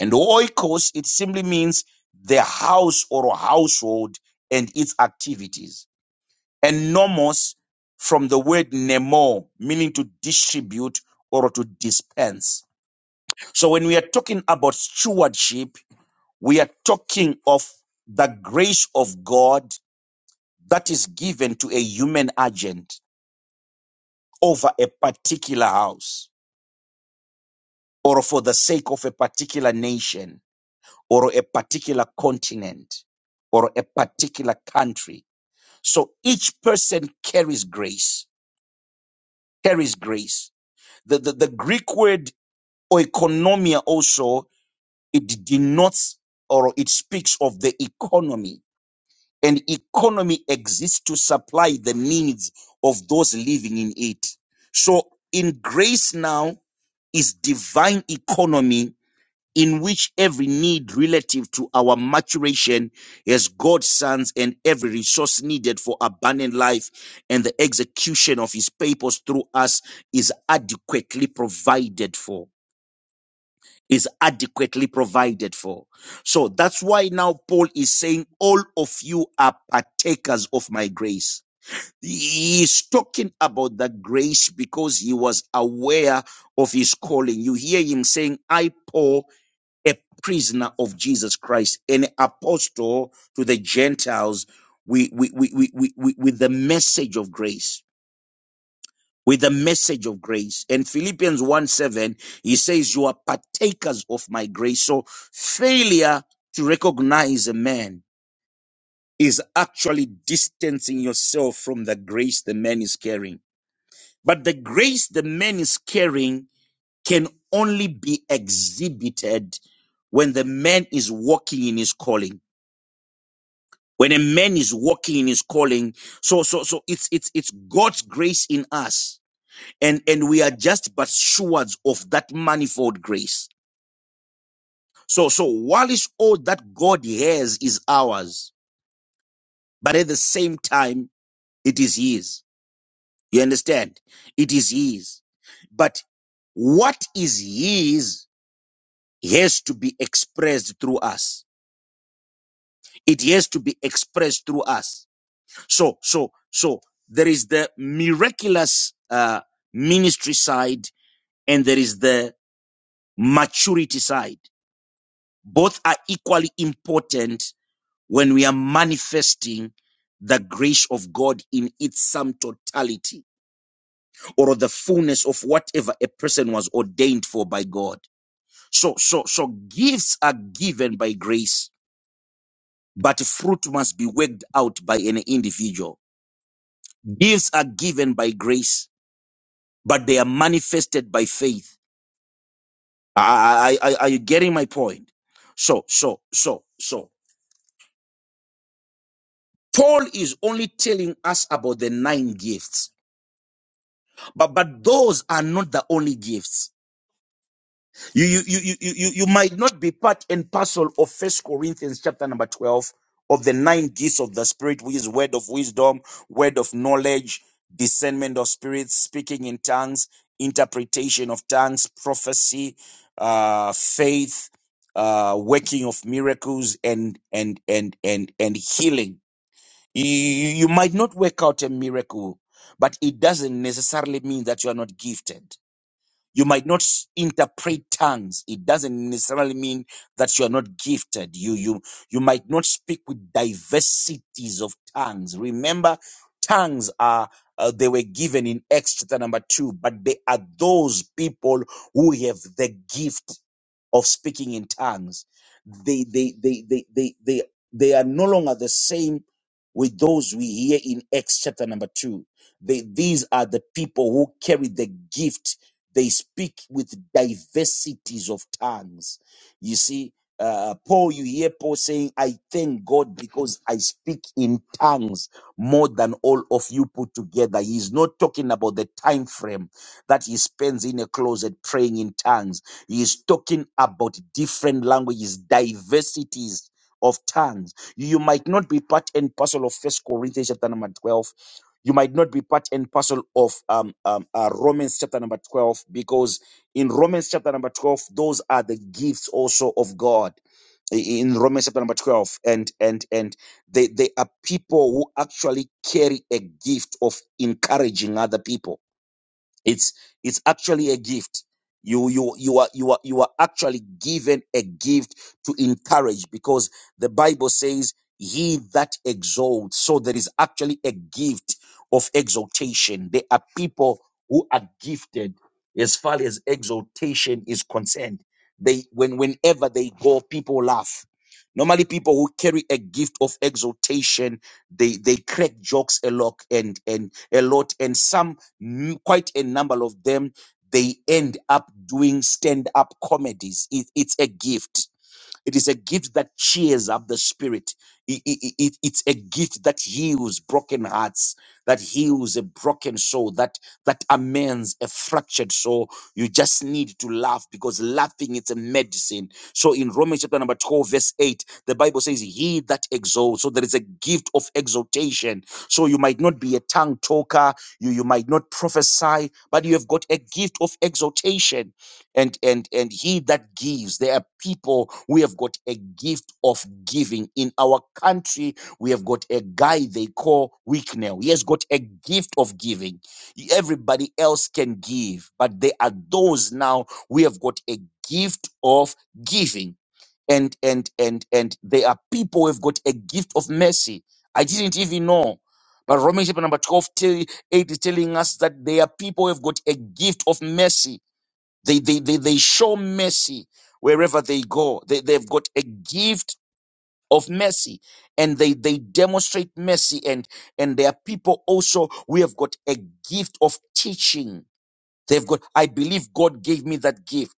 [SPEAKER 4] And oikos, it simply means the house or household and its activities. And nomos from the word nemo, meaning to distribute or to dispense so when we are talking about stewardship, we are talking of the grace of God that is given to a human agent over a particular house or for the sake of a particular nation or a particular continent or a particular country. So each person carries grace, carries grace. The, the, the Greek word oikonomia also, it denotes or it speaks of the economy and economy exists to supply the needs of those living in it. So in grace now is divine economy in which every need relative to our maturation as God's sons and every resource needed for abundant life and the execution of his purpose through us is adequately provided for is adequately provided for. So that's why now Paul is saying, All of you are partakers of my grace. He is talking about the grace because he was aware of his calling. You hear him saying, I, Paul, a prisoner of Jesus Christ, an apostle to the Gentiles with, with, with, with, with, with the message of grace with the message of grace. And Philippians 1 7, he says, You are partakers of my grace. So failure to recognize a man is actually distancing yourself from the grace the man is carrying. But the grace the man is carrying can only be exhibited when the man is walking in his calling. When a man is walking in his calling, so so so it's it's it's God's grace in us and and we are just but stewards of that manifold grace so so whilst all that god has is ours but at the same time it is his you understand it is his but what is his has to be expressed through us it has to be expressed through us so so so there is the miraculous uh ministry side and there is the maturity side Both are equally important when we are manifesting the grace of God in its sum totality or the fullness of whatever a person was ordained for by God. So, so, so gifts are given by grace, but fruit must be worked out by an individual. Gifts are given by grace, but they are manifested by faith. I, I, I, are you getting my point? So, so, so, so. Paul is only telling us about the nine gifts, but but those are not the only gifts. You you you you you, you might not be part and parcel of First Corinthians chapter number twelve of the nine gifts of the Spirit, which is word of wisdom, word of knowledge, discernment of spirits, speaking in tongues, interpretation of tongues, prophecy, uh, faith, uh, working of miracles, and and and and and healing You, you you might not work out a miracle, but it doesn't necessarily mean that you are not gifted. You might not s- interpret tongues. It doesn't necessarily mean that you are not gifted. You, you, you might not speak with diversities of tongues. Remember, tongues are, uh, they were given in Acts chapter number two, but they are those people who have the gift of speaking in tongues they they they they they they, they are no longer the same with those we hear in acts chapter number 2 they, these are the people who carry the gift they speak with diversities of tongues you see uh, paul you hear paul saying i thank god because i speak in tongues more than all of you put together he's not talking about the time frame that he spends in a closet praying in tongues he is talking about different languages, diversities of tongues. You might not be part and parcel of First Corinthians chapter number 12. You might not be part and parcel of um, um, uh, Romans chapter number 12 because in Romans chapter number 12, those are the gifts also of God i- in Romans chapter number 12 and and and they they are people who actually carry a gift of encouraging other people it's it's actually a gift you you you are you are you are actually given a gift to encourage because the bible says he that exalts so there is actually a gift of exaltation there are people who are gifted as far as exaltation is concerned they when whenever they go people laugh normally people who carry a gift of exaltation they they crack jokes a lot and and a lot and some m- quite a number of them they end up doing stand up comedies. It, it's a gift it is a gift that cheers up the spirit. I- I- I- it- it's a gift that heals broken hearts, that heals a broken soul, that that amends a fractured soul. You just need to laugh because laughing is a medicine. So in Romans chapter number 12, verse 8, the Bible says, He that exalts. So there is a gift of exaltation. So you might not be a tongue talker, you, you might not prophesy, but you have got a gift of exaltation and and and he that gives there are people we have got a gift of giving in our country we have got a guy they call Wicknell. he has got a gift of giving everybody else can give but there are those now we have got a gift of giving and and and and there are people who have got a gift of mercy i didn't even know but Romans chapter number 12 tell, 8 is telling us that there are people who have got a gift of mercy they, they, they, they show mercy wherever they go. They, they've got a gift of mercy and they, they demonstrate mercy. And, and there are people also, we have got a gift of teaching. They've got, I believe God gave me that gift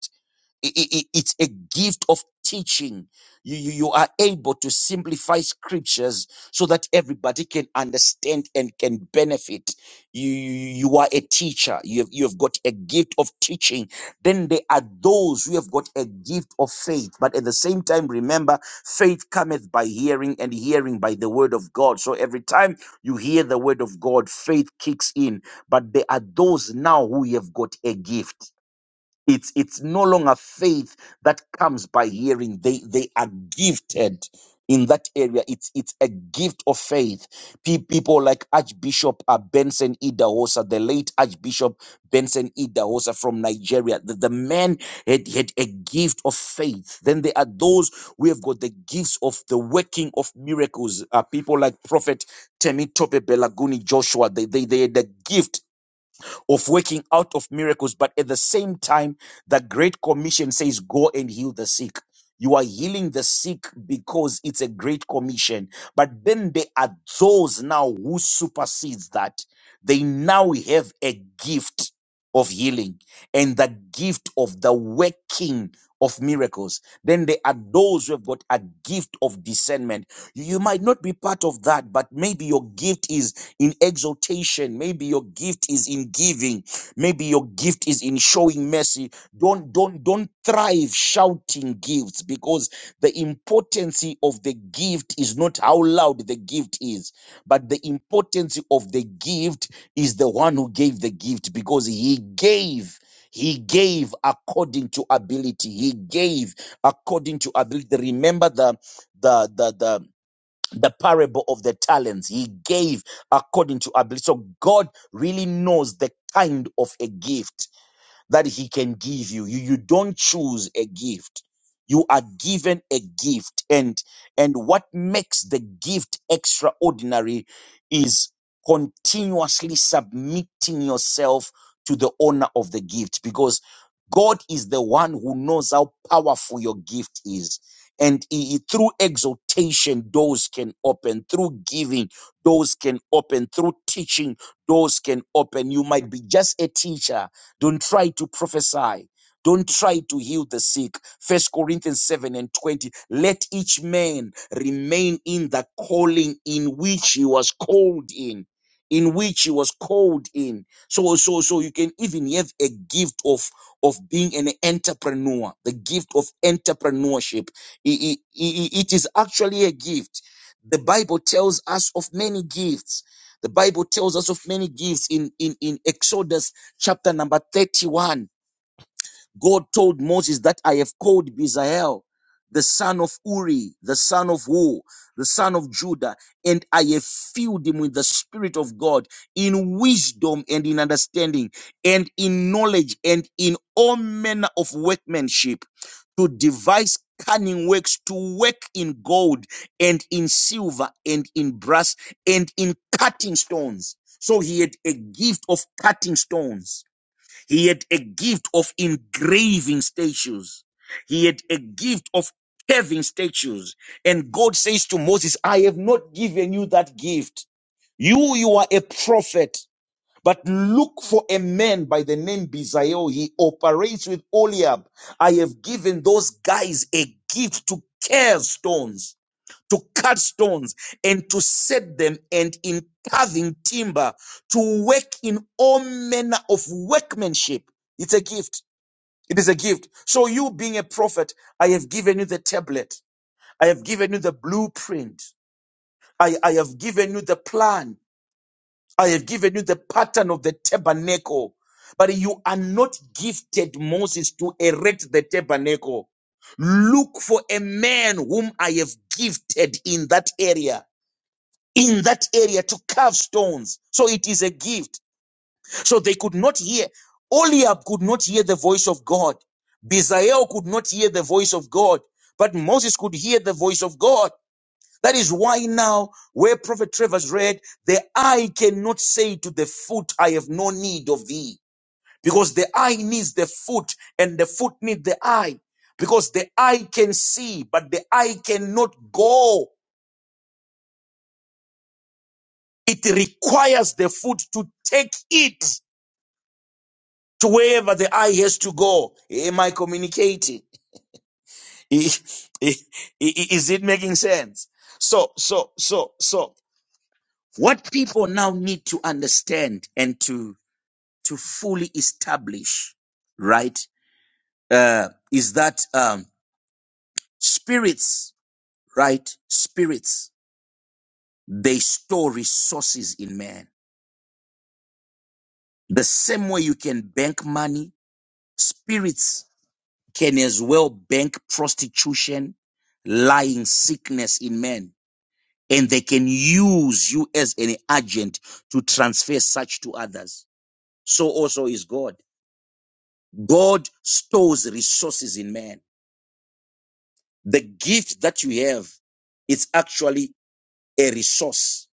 [SPEAKER 4] I- I- I- it's a gift of teaching. You, you, you are able to simplify scriptures so that everybody can understand and can benefit. You, you you are a teacher. You have, you have got a gift of teaching. Then there are those who have got a gift of faith. But at the same time, remember, faith cometh by hearing and hearing by the word of God. So every time you hear the word of God, faith kicks in. But there are those now who have got a gift. It's it's no longer faith that comes by hearing. They they are gifted in that area. It's it's a gift of faith. Pe- People like Archbishop uh, Benson Idahosa, the late Archbishop Benson Idahosa from Nigeria. The, the man had, had a gift of faith. Then there are those who have got the gifts of the working of miracles. Uh, people like Prophet Temi Tope Belaguni Joshua. They, they, they had the gift of working out of miracles. But at the same time, the Great Commission says, Go and heal the sick. You are healing the sick because it's a great commission. But then there are those now who supersedes that. They now have a gift of healing and the gift of the working of miracles. Then there are those who have got a gift of discernment. You you might not be part of that, but maybe your gift is in exaltation. Maybe your gift is in giving. Maybe your gift is in showing mercy. Don't don't don't thrive shouting gifts because the importance of the gift is not how loud the gift is, but the importance of the gift is the one who gave the gift because he gave. He gave according to ability. He gave according to ability. Remember the the the the the parable of the talents he gave according to ability so god really knows the kind of a gift that he can give you. You, you don't choose a gift. You are given a gift and, and what makes the gift extraordinary is continuously submitting yourself to the owner of the gift because God is the one who knows how powerful your gift is. And he- he- through exaltation, doors can open. Through giving, doors can open. Through teaching, doors can open. You might be just a teacher, don't try to prophesy. Don't try to heal the sick. First Corinthians 7 and 20. Let each man remain in the calling in which he was called in. In which he was called in. So, so, so you can even have a gift of, of being an entrepreneur, the gift of entrepreneurship. I- I- I- it is actually a gift. The Bible tells us of many gifts. The Bible tells us of many gifts in, in, in Exodus chapter number 31, God told Moses that I have called Bezalel, the son of Uri, the son of Hu, the son of Judah, and I have filled him with the Spirit of God in wisdom and in understanding and in knowledge and in all manner of workmanship to devise cunning works to work in gold and in silver and in brass and in cutting stones. So he had a gift of cutting stones he had a gift of engraving statues. He had a gift of carving statues. And God says to Moses, I have not given you that gift. You, you are a prophet, but look for a man by the name Bezalel. He operates with Oliab. I have given those guys a gift to carve stones to cut stones and to set them and in carving timber to work in all manner of workmanship. It's a gift. It is a gift. So you being a prophet, I have given you the tablet. I have given you the blueprint. I, I have given you the plan. I have given you the pattern of the tabernacle. But you are not gifted Moses to erect the tabernacle. Look for a man whom I have gifted in that area in that area to carve stones. So it is a gift. So they could not hear. Oliab could not hear the voice of God. Bezalel could not hear the voice of God. But Moses could hear the voice of God. That is why now, where Prophet Travers read, the eye cannot say to the foot, I have no need of thee. Because the eye needs the foot and the foot needs the eye. Because the eye can see, but the eye cannot go. It requires the foot to take it. to wherever the eye has to go. Am I communicating? Is it making sense? So, so, so, so, what people now need to understand and to to fully establish, right, uh, is that um, spirits, right, spirits, they store resources in man. The same way you can bank money, spirits can as well bank prostitution, lying, sickness in men. And they can use you as an agent to transfer such to others. So also is God. God stores resources in man. The gift that you have is actually a resource.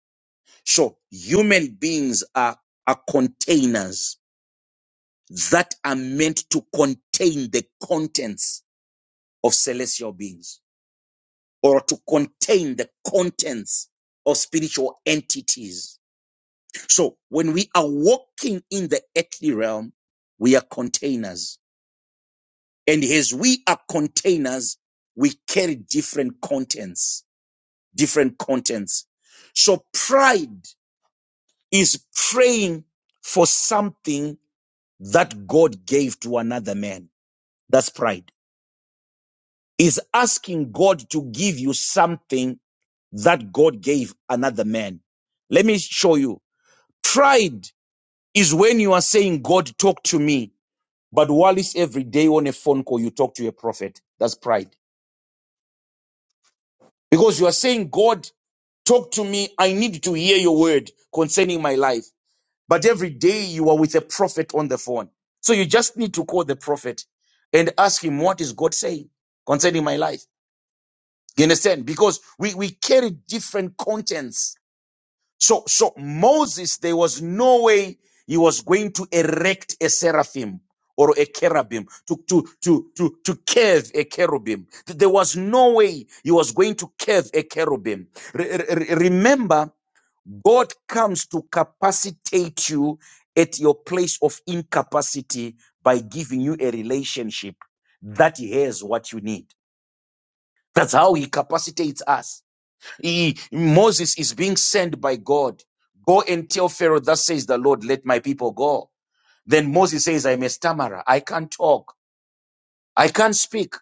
[SPEAKER 4] So human beings are, are containers that are meant to contain the contents of celestial beings. or to contain the contents of spiritual entities. So when we are walking in the earthly realm, we are containers. And as we are containers, we carry different contents, different contents. So pride is praying for something that God gave to another man. That's pride. Is asking God to give you something that God gave another man. Let me show you. Pride is when you are saying, God, talk to me. But Wallace, every day on a phone call, you talk to a prophet. That's pride. Because you are saying, God, talk to me. I need to hear your word concerning my life. But every day you are with a prophet on the phone. So you just need to call the prophet and ask him, what is God saying concerning my life? You understand? Because we, we carry different contents So, so Moses, there was no way he was going to erect a seraphim or a cherubim to, to, to, to, to curve a cherubim. Th- There was no way he was going to curve a cherubim. Re- re- re- remember, God comes to capacitate you at your place of incapacity by giving you a relationship that he has what you need. That's how he capacitates us. He- Moses is being sent by God. Go and tell Pharaoh, thus says the Lord, let my people go. Then Moses says, I'm a stammerer. I can't talk. I can't speak.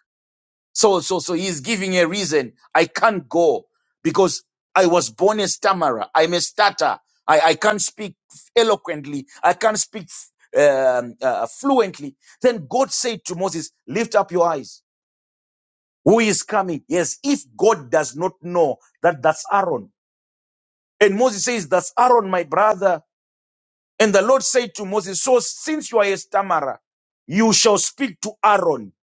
[SPEAKER 4] So, so, so he's giving a reason. I can't go because I was born a stammerer. I'm a stutter. I, I can't speak eloquently. I can't speak um, uh, fluently. Then God said to Moses, lift up your eyes. Who is coming? Yes, if God does not know that that's Aaron, And Moses says, That's Aaron, my brother. And the Lord said to Moses, So since you are a stammerer, you shall speak to Aaron.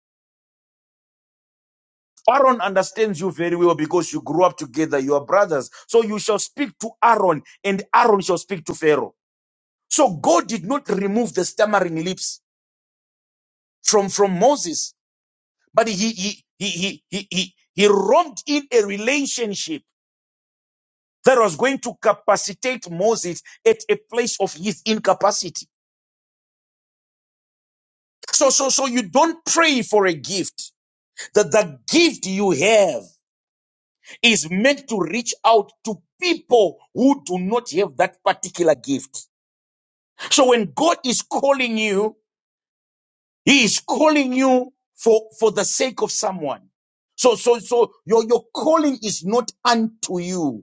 [SPEAKER 4] Aaron understands you very well because you grew up together, you are brothers. So you shall speak to Aaron, and Aaron shall speak to Pharaoh. So God did not remove the stammering lips from, from Moses, but he he he he he he, he romped in a relationship that was going to capacitate Moses at a place of his incapacity. So, so, so you don't pray for a gift. That the gift you have is meant to reach out to people who do not have that particular gift. So when God is calling you, He is calling you for, for the sake of someone. So, so, so your, your calling is not unto you.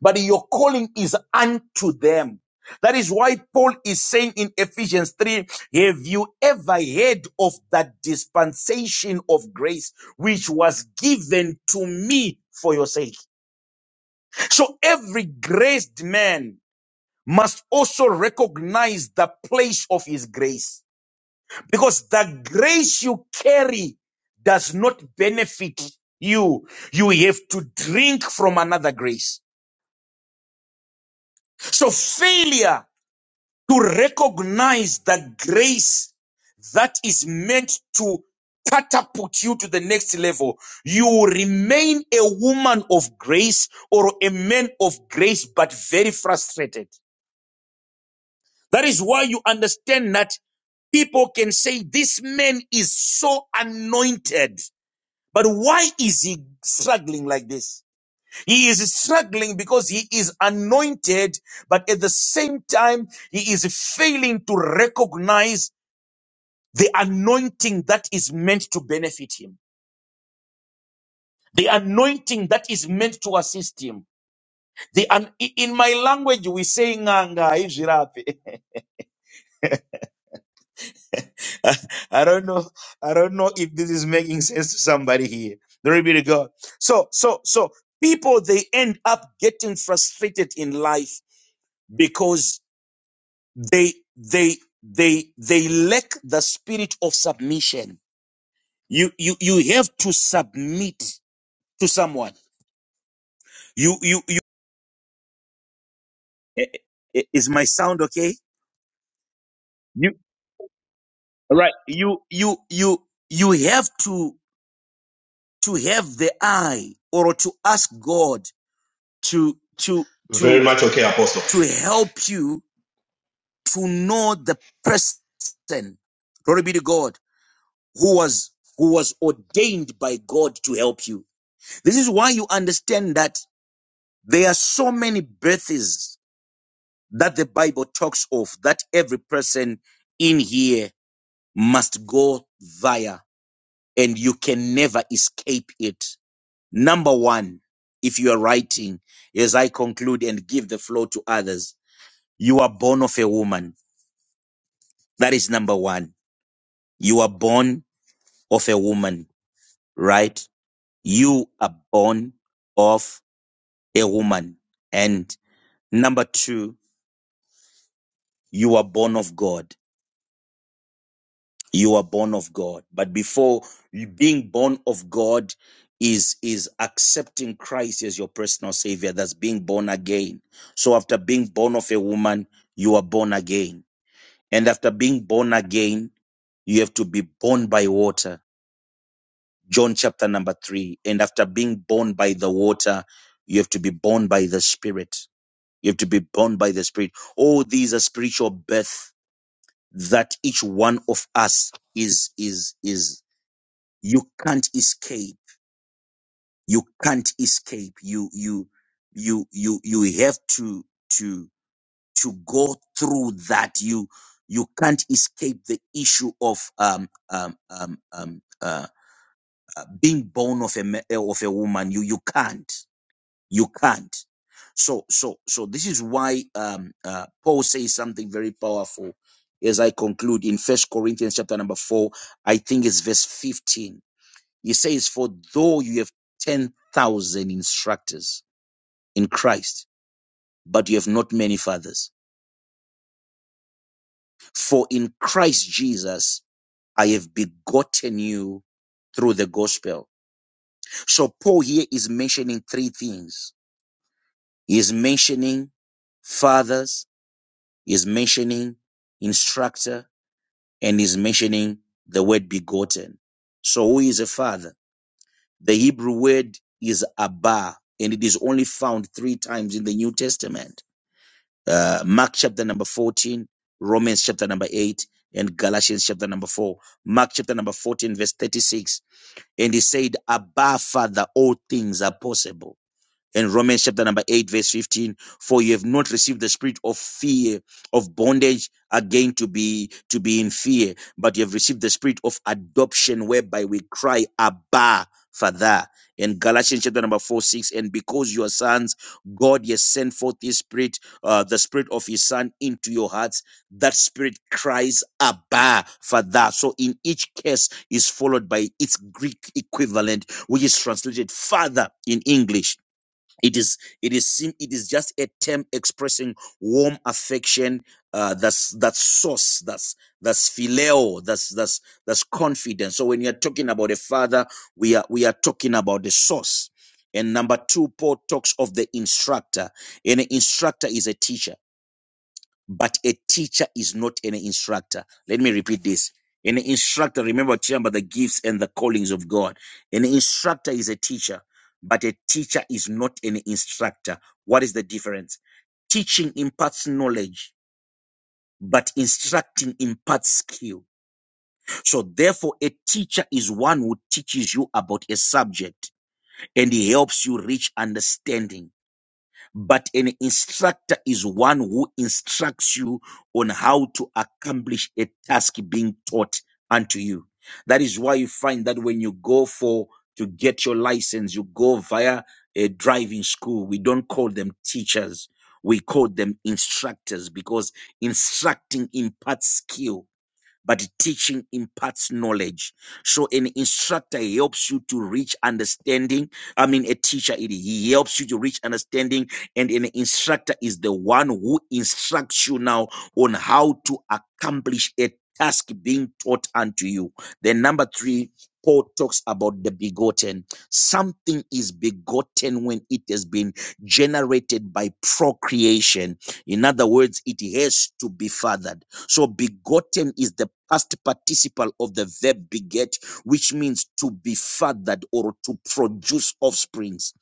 [SPEAKER 4] but your calling is unto them. That is why Paul is saying in Ephesians 3 Have you ever heard of that dispensation of grace which was given to me for your sake? So every graced man must also recognize the place of his grace because the grace you carry does not benefit you. You have to drink from another grace. So failure to recognize the grace that is meant to catapult you to the next level. You remain a woman of grace or a man of grace, but very frustrated. That is why you understand that people can say this man is so anointed. But why is he struggling like this? He is struggling because he is anointed, but at the same time, he is failing to recognize the anointing that is meant to benefit him, the anointing that is meant to assist him. The an, i- in my language we say nganga haizvirapi." I don't know, I don't know if this is making sense to somebody here. Glory be to God. So, so, so people they end up getting frustrated in life because they they they they lack the spirit of submission. You you you have to submit to someone You, you, I- I- Is my sound okay? You right. You you you you have to to have the eye or to ask God to to
[SPEAKER 1] Very
[SPEAKER 4] to
[SPEAKER 1] much okay, Apostle.
[SPEAKER 4] to help you to know the person. Glory be to God who was who was ordained by God to help you. This is why you understand that there are so many births that the Bible talks of that every person in here must go via. and you can never escape it. Number one, if you are writing, as I conclude and give the floor to others, you are born of a woman. That is number one. You are born of a woman, right? You are born of a woman. And number two, you are born of God. you are born of God. But before you being born of God is is accepting Christ as your personal savior. That's being born again. So after being born of a woman, you are born again. And after being born again, you have to be born by water. John chapter number three. And after being born by the water, you have to be born by the spirit. You have to be born by the spirit. All these are spiritual birth that each one of us is is is you can't escape you can't escape you you you you you have to to to go through that you you can't escape the issue of um um um, um uh, uh, being born of a ma- of a woman you you can't you can't so so so this is why um uh, paul says something very powerful as i conclude in first corinthians chapter number 4 i think it's verse 15 he says, For though you have 10,000 instructors in Christ, but you have not many fathers. For in Christ Jesus, I have begotten you through the gospel. So Paul here is mentioning three things. He is mentioning fathers, he is mentioning instructor, and he's mentioning the word begotten. So who is a father? The Hebrew word is Abba, and it is only found three times in the New Testament. uh, Mark chapter number 14, Romans chapter number 8, and Galatians chapter number 4. Mark chapter number 14, verse 36. And he said, Abba, Father, all things are possible in Romans chapter number 8, verse 15, for you have not received the spirit of fear, of bondage again to be to be in fear, but you have received the spirit of adoption, whereby we cry, Abba, Father. In Galatians chapter number 4, 6, and because you are sons, God has sent forth his spirit, uh, the spirit of his son into your hearts. That spirit cries, Abba, Father. So in each case is followed by its Greek equivalent, which is translated Father in English it is it is sim- it is just a term expressing warm affection uh that's that's source that's that's phileo that's that's that's confidence so when you're talking about a father we are we are talking about the source and number two paul talks of the instructor and an instructor is a teacher but a teacher is not an instructor. Let me repeat this. An instructor, remember, we're talking about the gifts and the callings of God. An instructor is a teacher, but a teacher is not an instructor. What is the difference? Teaching imparts knowledge, but instructing imparts skill. So, therefore, a teacher is one who teaches you about a subject and he helps you reach understanding but an instructor is one who instructs you on how to accomplish a task being taught unto you. That is why you find that when you go for to get your license, you go via a driving school. We don't call them teachers. We call them instructors because instructing imparts skill but teaching imparts knowledge. So an instructor helps you to reach understanding. I mean, a teacher, it, he helps you to reach understanding. And an instructor is the one who instructs you now on how to accomplish a task being taught unto you. Then number three, Paul talks about the begotten. Something is begotten when it has been generated by procreation. In other words, it has to be fathered so begotten is the past participle of the verb beget, which means to be fathered or to produce offsprings.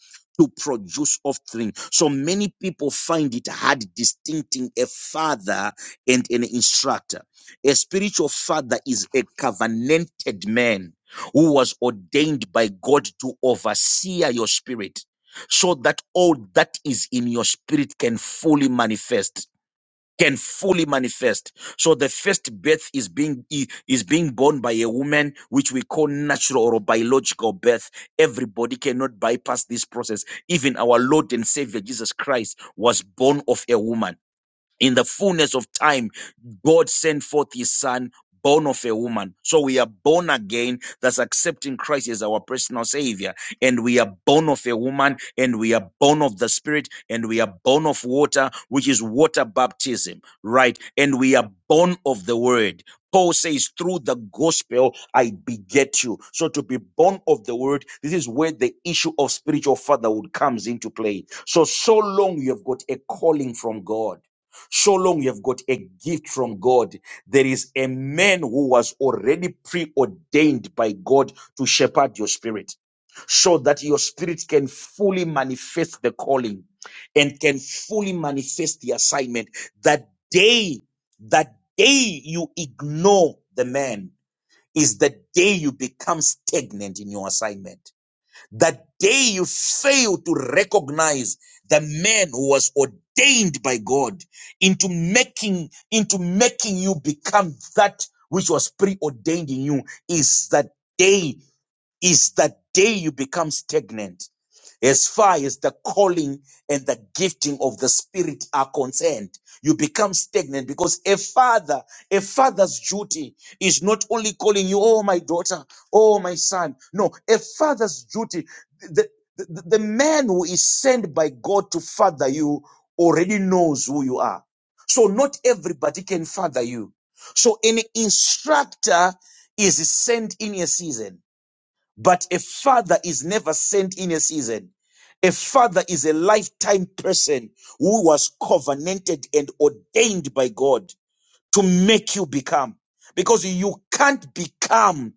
[SPEAKER 4] To produce offspring. So many people find it hard distincting a father and an instructor. A spiritual father is a covenanted man who was ordained by God to oversee your spirit so that all that is in your spirit can fully manifest can fully manifest. So the first birth is being i- is being born by a woman, which we call natural or biological birth. Everybody cannot bypass this process. Even our Lord and Savior Jesus Christ was born of a woman in the fullness of time, God sent forth his son, born of a woman. So we are born again, thats accepting Christ as our personal savior. And we are born of a woman, and we are born of the spirit, and we are born of water, which is water baptism, right? And we are born of the word. Paul says, through the gospel, I beget you. So to be born of the word, this is where the issue of spiritual fatherhood comes into play. So, so long you have got a calling from God. So long you have got a gift from God. There is a man who was already preordained by God to shepherd your spirit so that your spirit can fully manifest the calling and can fully manifest the assignment. That day, that day you ignore the man is the day you become stagnant in your assignment. That day you fail to recognize the man who was ordained by God into making, into making you become that which was preordained in you is that day is the day you become stagnant as far as the calling and the gifting of the spirit are concerned you become stagnant because a father a father's duty is not only calling you oh my daughter oh my son no a father's duty the, the, the man who is sent by god to father you already knows who you are so not everybody can father you so an instructor is sent in a season but a father is never sent in a season. A father is a lifetime person who was covenanted and ordained by God to make you become. Because you can't become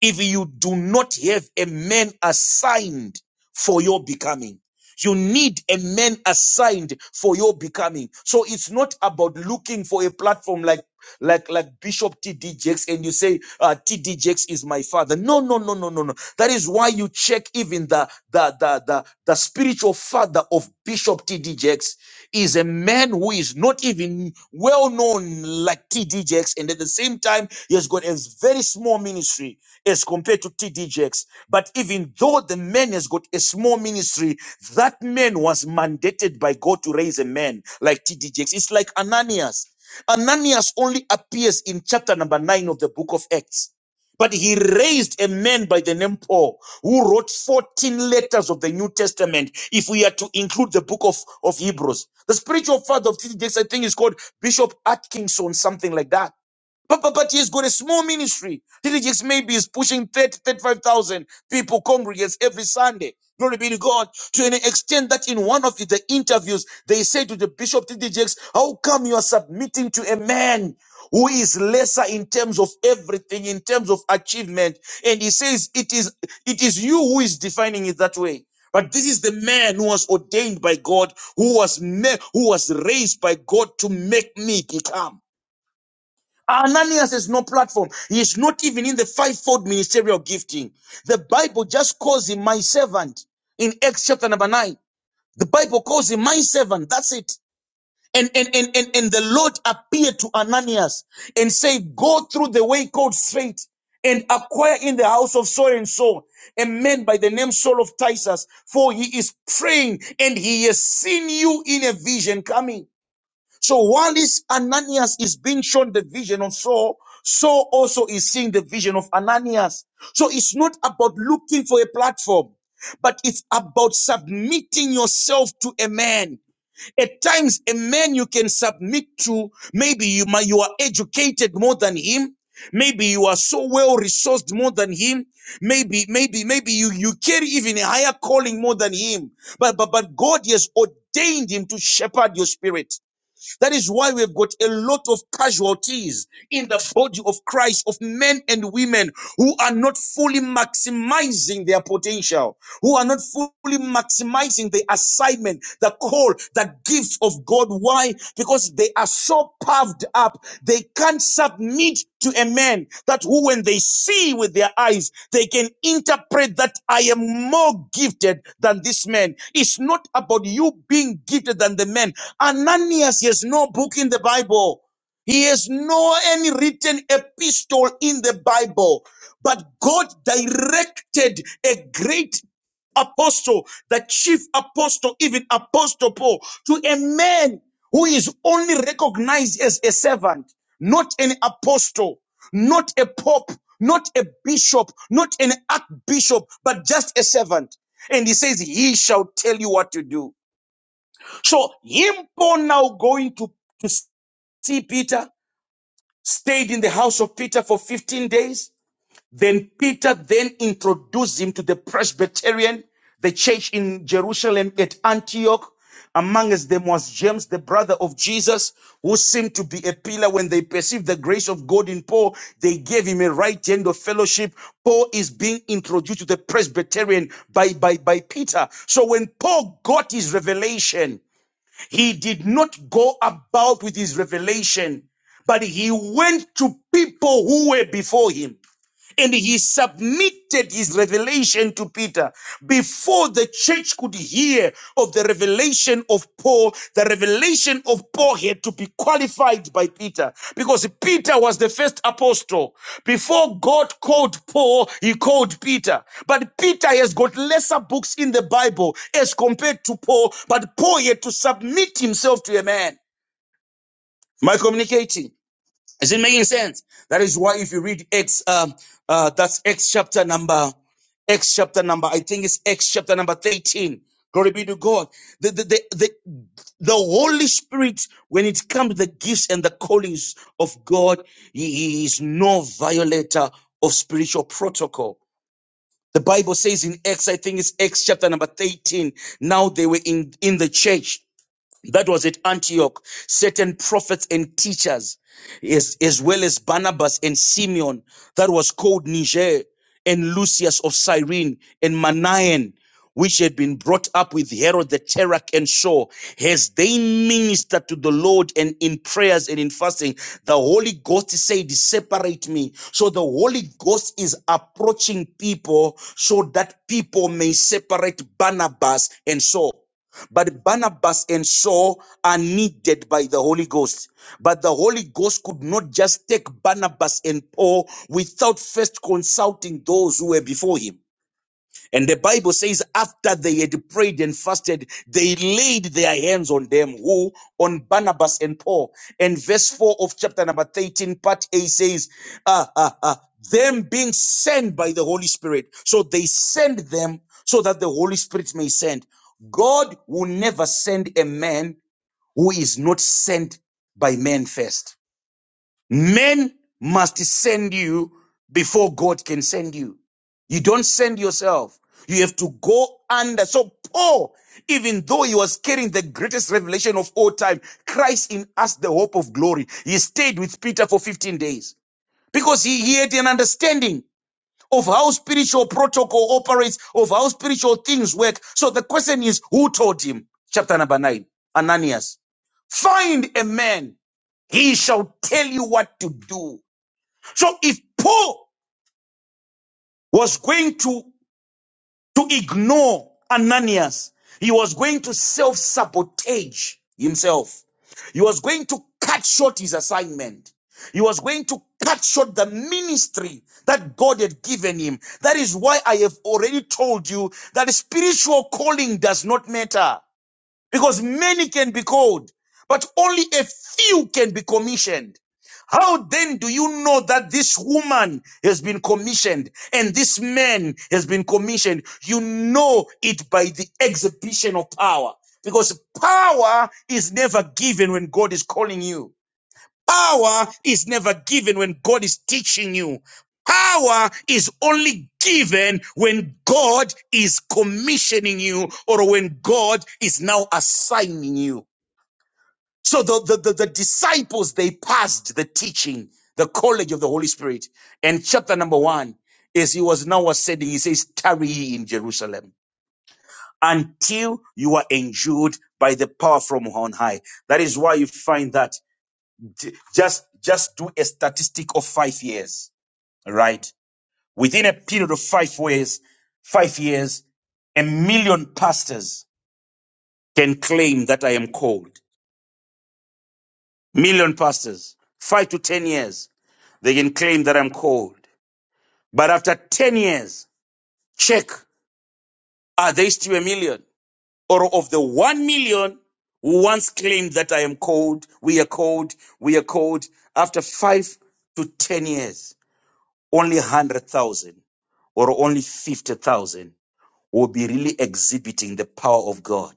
[SPEAKER 4] if you do not have a man assigned for your becoming. You need a man assigned for your becoming. So it's not about looking for a platform like like like Bishop T.D. Jakes and you say uh, T.D. Jakes is my father. No, no, no, no, no, no. That is why you check even the the the the, the spiritual father of Bishop T.D. Jakes is a man who is not even well known like T.D. Jakes, and at the same time he has got a very small ministry as compared to T.D. Jakes. But even though the man has got a small ministry, that man was mandated by God to raise a man like T.D. Jakes. It's like Ananias. Ananias only appears in chapter number nine of the book of Acts. But he raised a man by the name Paul who wrote 14 letters of the New Testament, if we are to include the book of, of Hebrews. The spiritual father of TTJs, I think, is called Bishop Atkinson, something like that. But, but, but he's got a small ministry. TTJs maybe is pushing 30 35,000. People congregates every Sunday. Glory be to God. To an extent that in one of the interviews, they say to the bishop T.D. Jakes, how come you are submitting to a man who is lesser in terms of everything, in terms of achievement? And he says, it is, it is you who is defining it that way. But this is the man who was ordained by God, who was, ma- who was raised by God to make me become. Ananias has no platform. He is not even in the fivefold ministerial gifting. The Bible just calls him my servant in Acts chapter number nine. The Bible calls him my servant. That's it. And, and, and, and, and the Lord appeared to Ananias and said, go through the way called straight and acquire in the house of so and so a man by the name Saul of Tarsus, for he is praying and he has seen you in a vision coming. So while this Ananias is being shown the vision of Saul, Saul also is seeing the vision of Ananias. So it's not about looking for a platform, but it's about submitting yourself to a man. At times, a man you can submit to, maybe you, might- you are educated more than him. Maybe you are so well resourced more than him. Maybe, maybe, maybe you, you carry even a higher calling more than him. But, but, but God has ordained him to shepherd your spirit. That is why we've got a lot of casualties in the body of Christ of men and women who are not fully maximizing their potential who are not fully maximizing the assignment, the call, the gifts of God. Why? Because they are so puffed up, they can't submit to a man that who, when they see with their eyes, they can interpret that I am more gifted than this man. It's not about you being gifted than the man. Ananias he has no book in the Bible. He has no any written epistle in the Bible. But God directed a great apostle, the chief apostle, even apostle Paul, to a man who is only recognized as a servant, not an apostle, not a pope, not a bishop, not an archbishop, but just a servant. And he says, he shall tell you what to do. So him Paul now going to, to see Peter, stayed in the house of Peter for 15 days then Peter then introduced him to the Presbyterian, the church in Jerusalem at Antioch. Amongst them was James, the brother of Jesus, who seemed to be a pillar when they perceived the grace of God in Paul. They gave him a right hand of fellowship. Paul is being introduced to the Presbyterian by, by, by Peter. So when Paul got his revelation, he did not go about with his revelation, but he went to people who were before him and he submitted his revelation to Peter before the church could hear of the revelation of Paul. The revelation of Paul had to be qualified by Peter because Peter was the first apostle. Before God called Paul, he called Peter. But Peter has got lesser books in the Bible as compared to Paul, but Paul had to submit himself to a man. Am I communicating? Is it making sense? That is why if you read X, um, uh, that's X chapter number, X chapter number, I think it's X chapter number 13. Glory be to God. The, the, the, the, the Holy Spirit, when it comes to the gifts and the callings of God, he he is no violator of spiritual protocol. The Bible says in Acts, I think it's Acts chapter number 13. Now they were in, in the church that was at Antioch, certain prophets and teachers, as, as well as Barnabas and Simeon, that was called Niger, and Lucius of Cyrene, and Manaen, which had been brought up with Herod the Tetrarch and Saul, as they ministered to the Lord and in prayers and in fasting, the Holy Ghost said, Separate me. So the Holy Ghost is approaching people so that people may separate Barnabas and Saul. But Barnabas and Saul are needed by the Holy Ghost. But the Holy Ghost could not just take Barnabas and Paul without first consulting those who were before him. And the Bible says, after they had prayed and fasted, they laid their hands on them, who on Barnabas and Paul. And verse 4 of chapter number 13, part A says, ah, ah, ah, them being sent by the Holy Spirit. So they send them so that the Holy Spirit may send. God will never send a man who is not sent by man first. Men must send you before God can send you. You don't send yourself. You have to go under. So Paul, even though he was carrying the greatest revelation of all time, Christ in us, the hope of glory, he stayed with Peter for 15 days because he, he had an understanding of how spiritual protocol operates, of how spiritual things work. So the question is, who told him? Chapter number nine, Ananias. Find a man. He shall tell you what to do. So if Paul was going to, to ignore Ananias, he was going to self sabotage himself. He was going to cut short his assignment. He was going to cut short the ministry that God had given him. That is why I have already told you that spiritual calling does not matter because many can be called, but only a few can be commissioned. How then do you know that this woman has been commissioned and this man has been commissioned? You know it by the exhibition of power because power is never given when God is calling you. Power is never given when God is teaching you. Power is only given when God is commissioning you or when God is now assigning you. So the, the, the, the disciples, they passed the teaching, the college of the Holy Spirit. And chapter number one as he was now ascending. He says, tarry ye in Jerusalem until you are endued by the power from on high. That is why you find that J- Just, just do a statistic of five years, right? Within a period of five years, five years, a million pastors can claim that I am called. Million pastors, five to 10 years, they can claim that I'm called. But after 10 years, check, are they still a million? Or of the 1 million who once claimed that I am called, we are called, we are called, after five to 10 years only 100,000 or only 50,000 will be really exhibiting the power of God,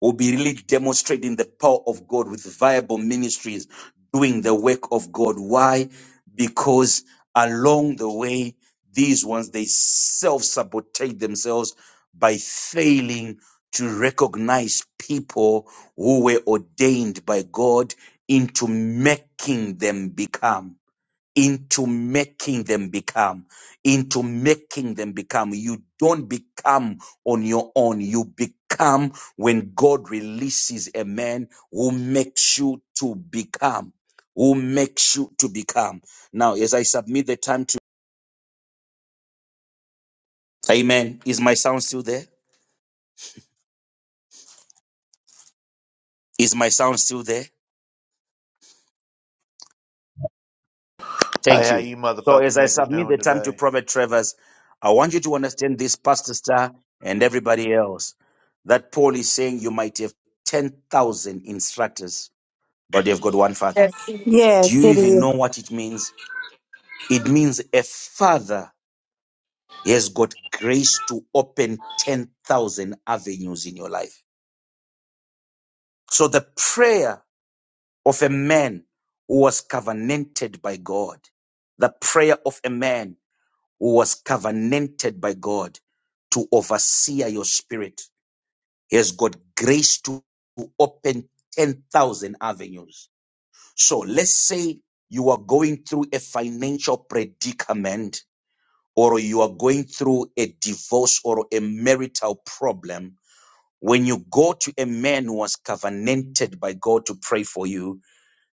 [SPEAKER 4] will be really demonstrating the power of God with viable ministries doing the work of God. Why? Because along the way, these ones, they self sabotage themselves by failing to recognize people who were ordained by God into making them become into making them become, into making them become. You don't become on your own. You become when God releases a man who makes you to become, who makes you to become. Now, as I submit the time to Amen. Is my sound still there? Is my sound still there?
[SPEAKER 7] Hey,
[SPEAKER 4] Thank
[SPEAKER 7] how
[SPEAKER 4] you.
[SPEAKER 7] you
[SPEAKER 4] So,
[SPEAKER 7] motherfucking
[SPEAKER 4] as I
[SPEAKER 7] niggers
[SPEAKER 4] submit the
[SPEAKER 7] doing
[SPEAKER 4] time
[SPEAKER 7] today?
[SPEAKER 4] to Prophet Travers, I want you to understand this, Pastor Star, and everybody else, that Paul is saying you might have 10,000 instructors, but you've got one father. Do
[SPEAKER 2] yes,
[SPEAKER 4] you
[SPEAKER 2] it
[SPEAKER 4] even
[SPEAKER 2] is.
[SPEAKER 4] know what it means? It means a father has got grace to open 10,000 avenues in your life. So, the prayer of a man who was covenanted by God, the prayer of a man Who was covenanted by God to overseer your spirit. He has got grace to, to open 10,000 avenues. So let's say you are going through a financial predicament or you are going through a divorce or a marital problem. When you go to a man who was covenanted by God to pray for you,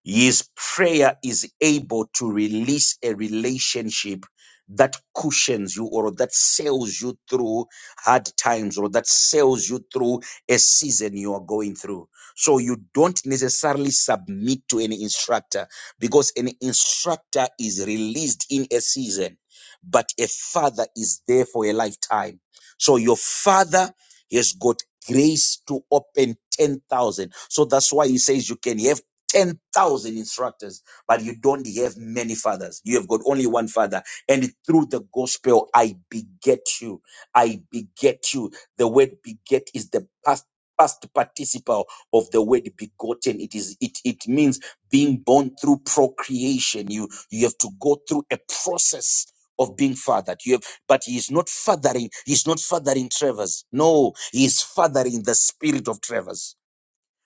[SPEAKER 4] his prayer is able to release a relationship that cushions you or that sails you through hard times or that sails you through a season you are going through. So you don't necessarily submit to any instructor because an instructor is released in a season, but a father is there for a lifetime. So your father has got grace to open 10,000. So that's why he says you can have 10,000 instructors, but you don't have many fathers. You have got only one father. And through the gospel, I beget you. I beget you. The word beget is the past past participle of the word begotten it is it it means being born through procreation you you have to go through a process of being fathered you have but he is not fathering he's not fathering travers no he is fathering the spirit of travers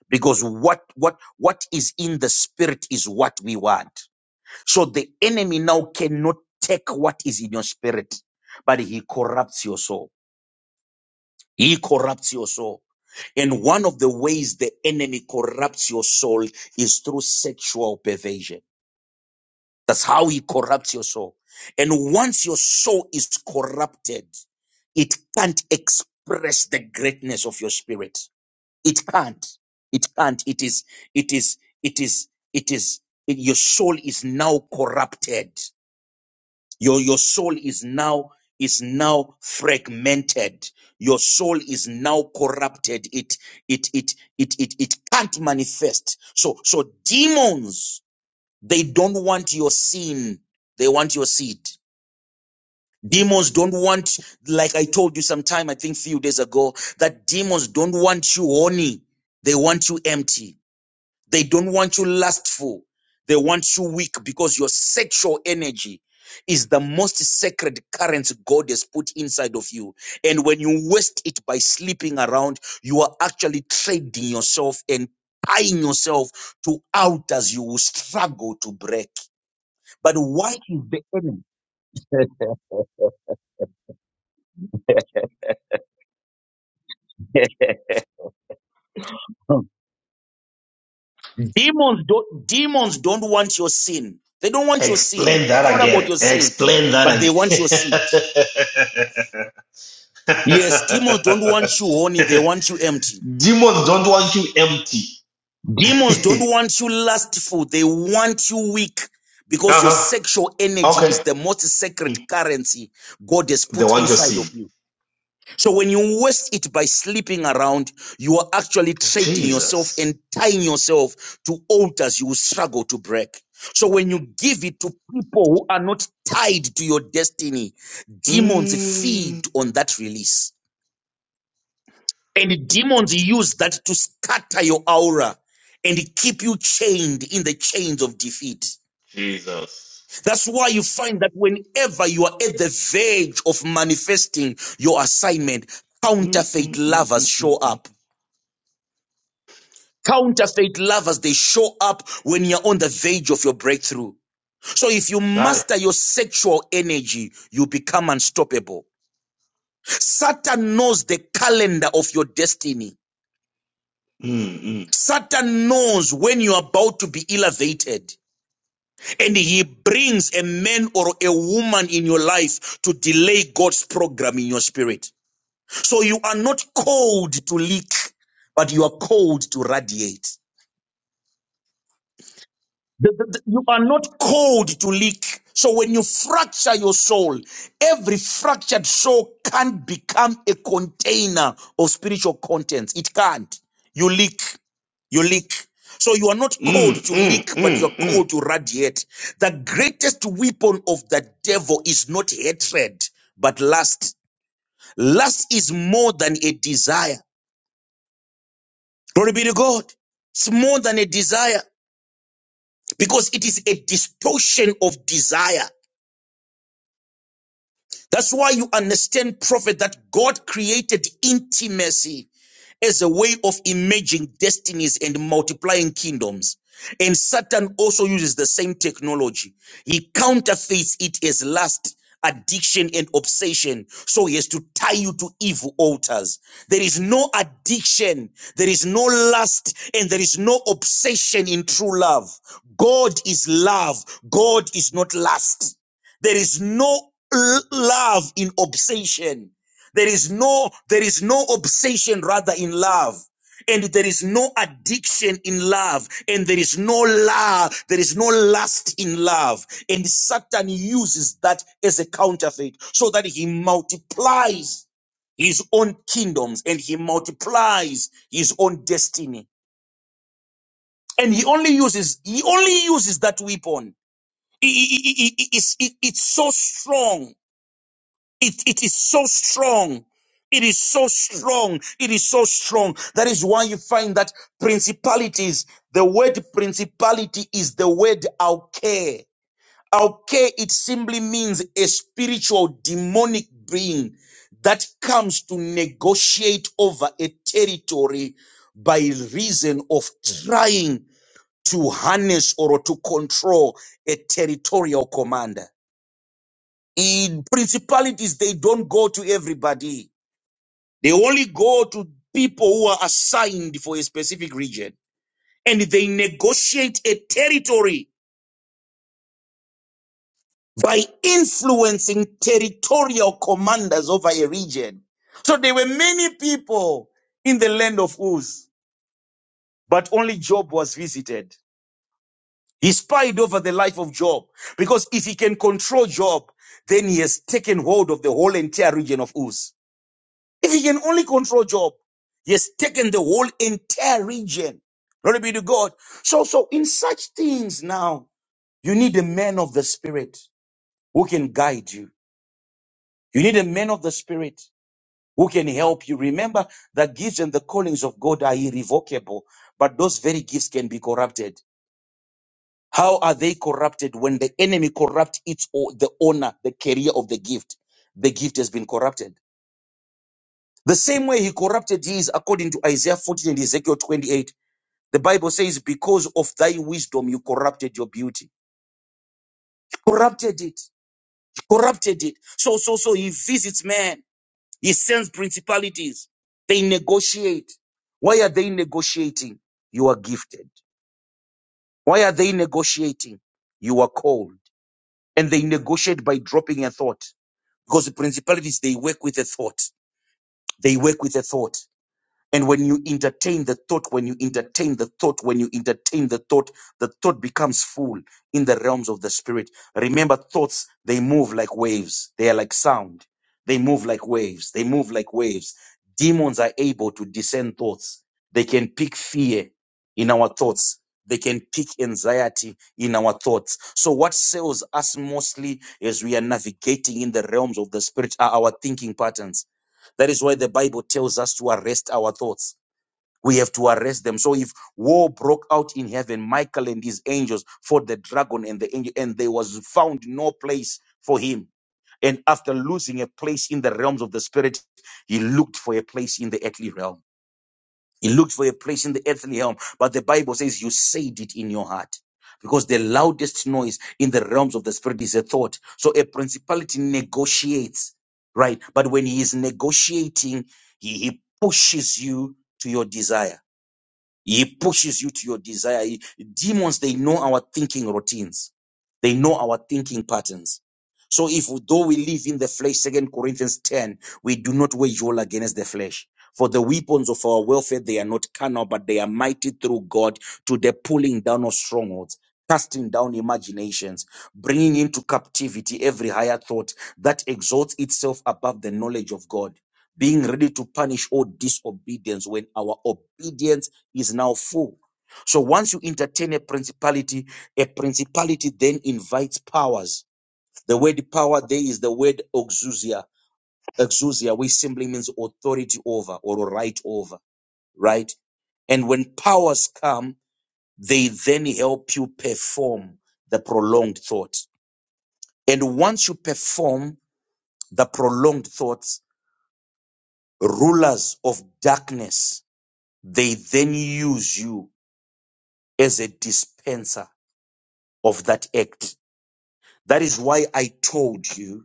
[SPEAKER 4] because what what what is in the spirit is what we want so the enemy now cannot take what is in your spirit but he corrupts your soul he corrupts your soul and one of the ways the enemy corrupts your soul is through sexual perversion that's how he corrupts your soul and once your soul is corrupted it can't express the greatness of your spirit it can't. It can't. It is, it is, it is, it is, it- your soul is now corrupted. Your, your soul is now, is now fragmented. Your soul is now corrupted. It, it, it, it, it, it can't manifest. So, so demons, they don't want your sin. They want your seed. Demons don't want, like I told you sometime, I think few days ago, that demons don't want you horny. They want you empty they don't want you lustful. They want you weak because your sexual energy is the most sacred current God has put inside of you. And when you waste it by sleeping around, you are actually trading yourself and tying yourself to altars you will struggle to break. But why is the enemy? demons don't demons don't want your sin. They don't want your sin.
[SPEAKER 1] Explain
[SPEAKER 4] It's
[SPEAKER 1] that
[SPEAKER 4] not about
[SPEAKER 1] again.
[SPEAKER 4] your sin,
[SPEAKER 1] Explain that
[SPEAKER 4] but they want your seed.
[SPEAKER 1] again.
[SPEAKER 4] Yes, demons don't want you horny, they want you empty.
[SPEAKER 1] Demons don't want you empty.
[SPEAKER 4] Demons don't want you lustful, they want you weak because your
[SPEAKER 1] uh-huh.
[SPEAKER 4] sexual energy is
[SPEAKER 1] Okay.
[SPEAKER 4] the most
[SPEAKER 1] Mm.
[SPEAKER 4] sacred currency God has
[SPEAKER 1] They
[SPEAKER 4] put
[SPEAKER 1] want your
[SPEAKER 4] inside of
[SPEAKER 1] seed.
[SPEAKER 4] you. So when you waste it by sleeping around, you are actually trading yourself and
[SPEAKER 1] Jesus.
[SPEAKER 4] tying yourself to altars you will struggle to break. So when you give it to people who are not tied to your destiny, demons feed
[SPEAKER 1] Mm.
[SPEAKER 4] on that release. And demons use that to scatter your aura and keep you chained in the chains of defeat.
[SPEAKER 1] Jesus.
[SPEAKER 4] That's why you find that whenever you are at the verge of manifesting your assignment, counterfeit lovers show
[SPEAKER 1] Mm-mm-mm-mm-mm.
[SPEAKER 4] up. Counterfeit lovers, they show up when you're on the verge of your breakthrough. So if you master your sexual energy, you become unstoppable. Satan knows the calendar of your destiny.
[SPEAKER 1] Mm, mm,
[SPEAKER 4] Satan knows when you're about to be elevated and he brings a man or a woman in your life to delay God's program in your spirit. So you are not called to leak, but you are called to radiate. The- the- the- you are not called to leak. So when you fracture your soul, every fractured soul can become a container of spiritual contents. It can't. You leak. You leak. So you are not called
[SPEAKER 1] mm,
[SPEAKER 4] to
[SPEAKER 1] mm,
[SPEAKER 4] leak, but you're
[SPEAKER 1] mm,
[SPEAKER 4] called
[SPEAKER 1] mm.
[SPEAKER 4] to radiate. The greatest weapon of the devil is not hatred, but lust. Lust is more than a desire. Glory be to God. It's more than a desire because it is a distortion of desire. That's why you understand, prophet, that God created intimacy as a way of imaging destinies and multiplying kingdoms. And Satan also uses the same technology. He counterfeits it as lust, addiction, and obsession. So he has to tie you to evil altars. There is no addiction, there is no lust, and there is no obsession in true love. God is love, God is not lust. There is no l- love in obsession. There is no, there is no obsession rather in love. And there is no addiction in love. And there is no love. There is no lust in love. And Satan uses that as a counterfeit so that he multiplies his own kingdoms and he multiplies his own destiny. And he only uses, he only uses that weapon. I- I- I- I- I- it's it- it's so strong it, it is so strong. It is so strong. It is so strong. That is why you find that principalities, the word principality is the word alke. Alke, it simply means a spiritual demonic being that comes to negotiate over a territory by reason of trying to harness or to control a territorial commander in principalities they don't go to everybody they only go to people who are assigned for a specific region and they negotiate a territory by influencing territorial commanders over a region so there were many people in the land of uz but only job was visited he spied over the life of job because if he can control job then he has taken hold of the whole entire region of uz If he can only control Job, he has taken the whole entire region. Glory be to God. So, so in such things now, you need a man of the spirit who can guide you. You need a man of the spirit who can help you. Remember that gifts and the callings of God are irrevocable, but those very gifts can be corrupted. How are they corrupted when the enemy corrupts its o- the owner, the carrier of the gift? The gift has been corrupted. The same way he corrupted his, according to Isaiah 14 and Ezekiel 28. The Bible says, because of thy wisdom, you corrupted your beauty. You corrupted it. You corrupted it. So, so, so he visits man. He sends principalities. They negotiate. Why are they negotiating? You are gifted. Why are they negotiating? You are called. And they negotiate by dropping a thought because the principalities, they work with a thought. They work with a thought. And when you entertain the thought, when you entertain the thought, when you entertain the thought, the thought becomes full in the realms of the spirit. Remember, thoughts, they move like waves. They are like sound. They move like waves. They move like waves. Demons are able to discern thoughts. They can pick fear in our thoughts. They can pick anxiety in our thoughts. So, what sails us mostly as we are navigating in the realms of the spirit are our thinking patterns that is why the Bible tells us to arrest our thoughts. We have to arrest them. So if war broke out in heaven, Michael and his angels fought the dragon and the angel, and there was found no place for him. And after losing a place in the realms of the spirit, he looked for a place in the earthly realm. He looked for a place in the earthly realm, but the Bible says you said it in your heart. Because the loudest noise in the realms of the spirit is a thought. So a principality negotiates, right? But when he is negotiating, he, he pushes you to your desire. He pushes you to your desire. He- demons, they know our thinking routines. They know our thinking patterns. So if though we live in the flesh, second Corinthians 10, we do not wage war against the flesh. For the weapons of our warfare, they are not carnal, but they are mighty through God to the pulling down of strongholds, casting down imaginations, bringing into captivity every higher thought that exalts itself above the knowledge of God being ready to punish all disobedience when our obedience is now full. So once you entertain a principality, a principality then invites powers. The word power there is the word exousia, exousia, which simply means authority over or right over, right? And when powers come, they then help you perform the prolonged thought. And once you perform the prolonged thoughts, rulers of darkness, they then use you as a dispenser of that act That is why I told you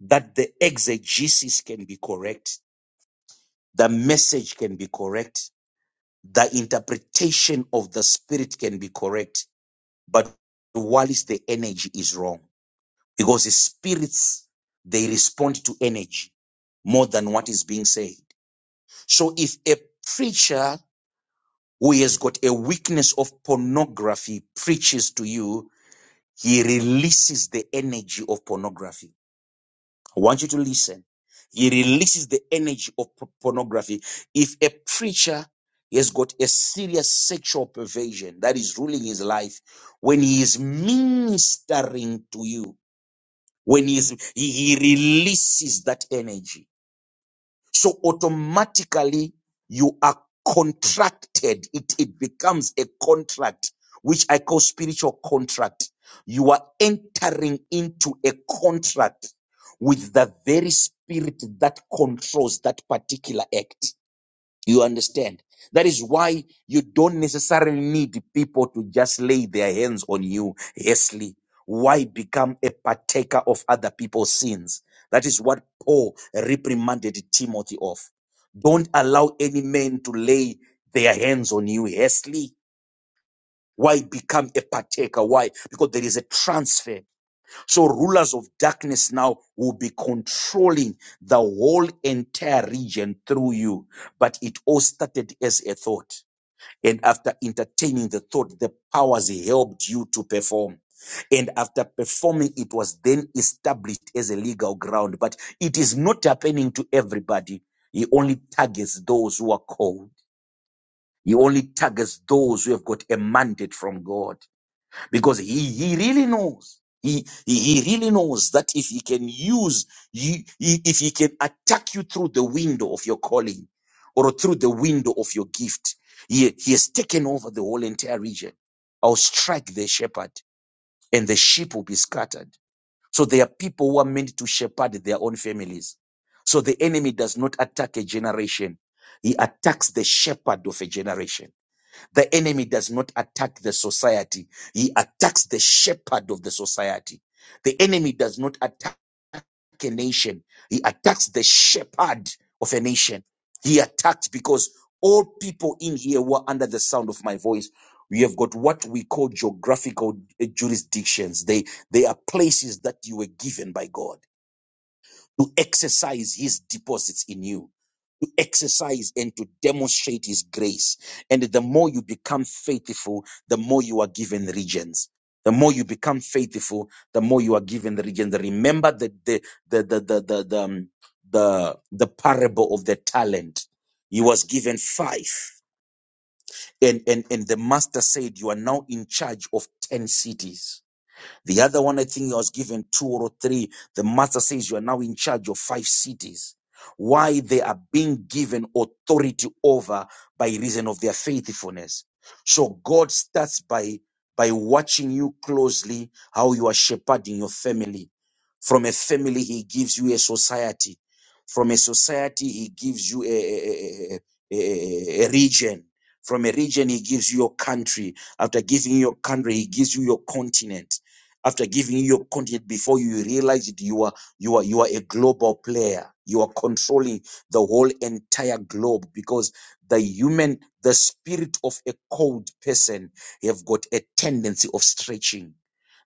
[SPEAKER 4] that the exegesis can be correct, the message can be correct, the interpretation of the spirit can be correct, but while the energy is wrong because the spirits they respond to energy more than what is being said. So if a preacher who has got a weakness of pornography preaches to you, he releases the energy of pornography I want you to listen. He releases the energy of p- pornography. If a preacher has got a serious sexual perversion that is ruling his life, when he is ministering to you, when he is, he, he releases that energy. So automatically you are contracted. It, it becomes a contract, which I call spiritual contract. You are entering into a contract with the very spirit that controls that particular act. You understand? That is why you don't necessarily need people to just lay their hands on you hastily. Why become a partaker of other people's sins? That is what Paul reprimanded Timothy of. Don't allow any man to lay their hands on you hastily. Why become a partaker? Why? Because there is a transfer so rulers of darkness now will be controlling the whole entire region through you. But it all started as a thought. And after entertaining the thought, the powers helped you to perform. And after performing, it was then established as a legal ground. But it is not happening to everybody. He only targets those who are called. He only targets those who have got a mandate from God because he, he really knows he, he he really knows that if he can use you if he can attack you through the window of your calling or through the window of your gift he, he has taken over the whole entire region i'll strike the shepherd and the sheep will be scattered so there are people who are meant to shepherd their own families so the enemy does not attack a generation he attacks the shepherd of a generation the enemy does not attack the society. He attacks the shepherd of the society. The enemy does not attack a nation. He attacks the shepherd of a nation. He attacks because all people in here were under the sound of my voice. We have got what we call geographical eh, jurisdictions. They, they are places that you were given by God to exercise his deposits in you, to exercise and to demonstrate his grace. And the more you become faithful, the more you are given regions. The more you become faithful, the more you are given the regions. Remember the the the the the the the, um, the, the parable of the talent. He was given five. And, and and the master said, You are now in charge of ten cities the other one, I think he was given two or three. The master says you are now in charge of five cities. Why they are being given authority over by reason of their faithfulness. So God starts by, by watching you closely, how you are shepherding your family. From a family, he gives you a society. From a society, he gives you a, a, a, a a- region. From a region, he gives you your country. After giving you your country, he gives you your continent. After giving you your content before you realize it, you are you are you are a global player. You are controlling the whole entire globe because the human, the spirit of a cold person have got a tendency of stretching.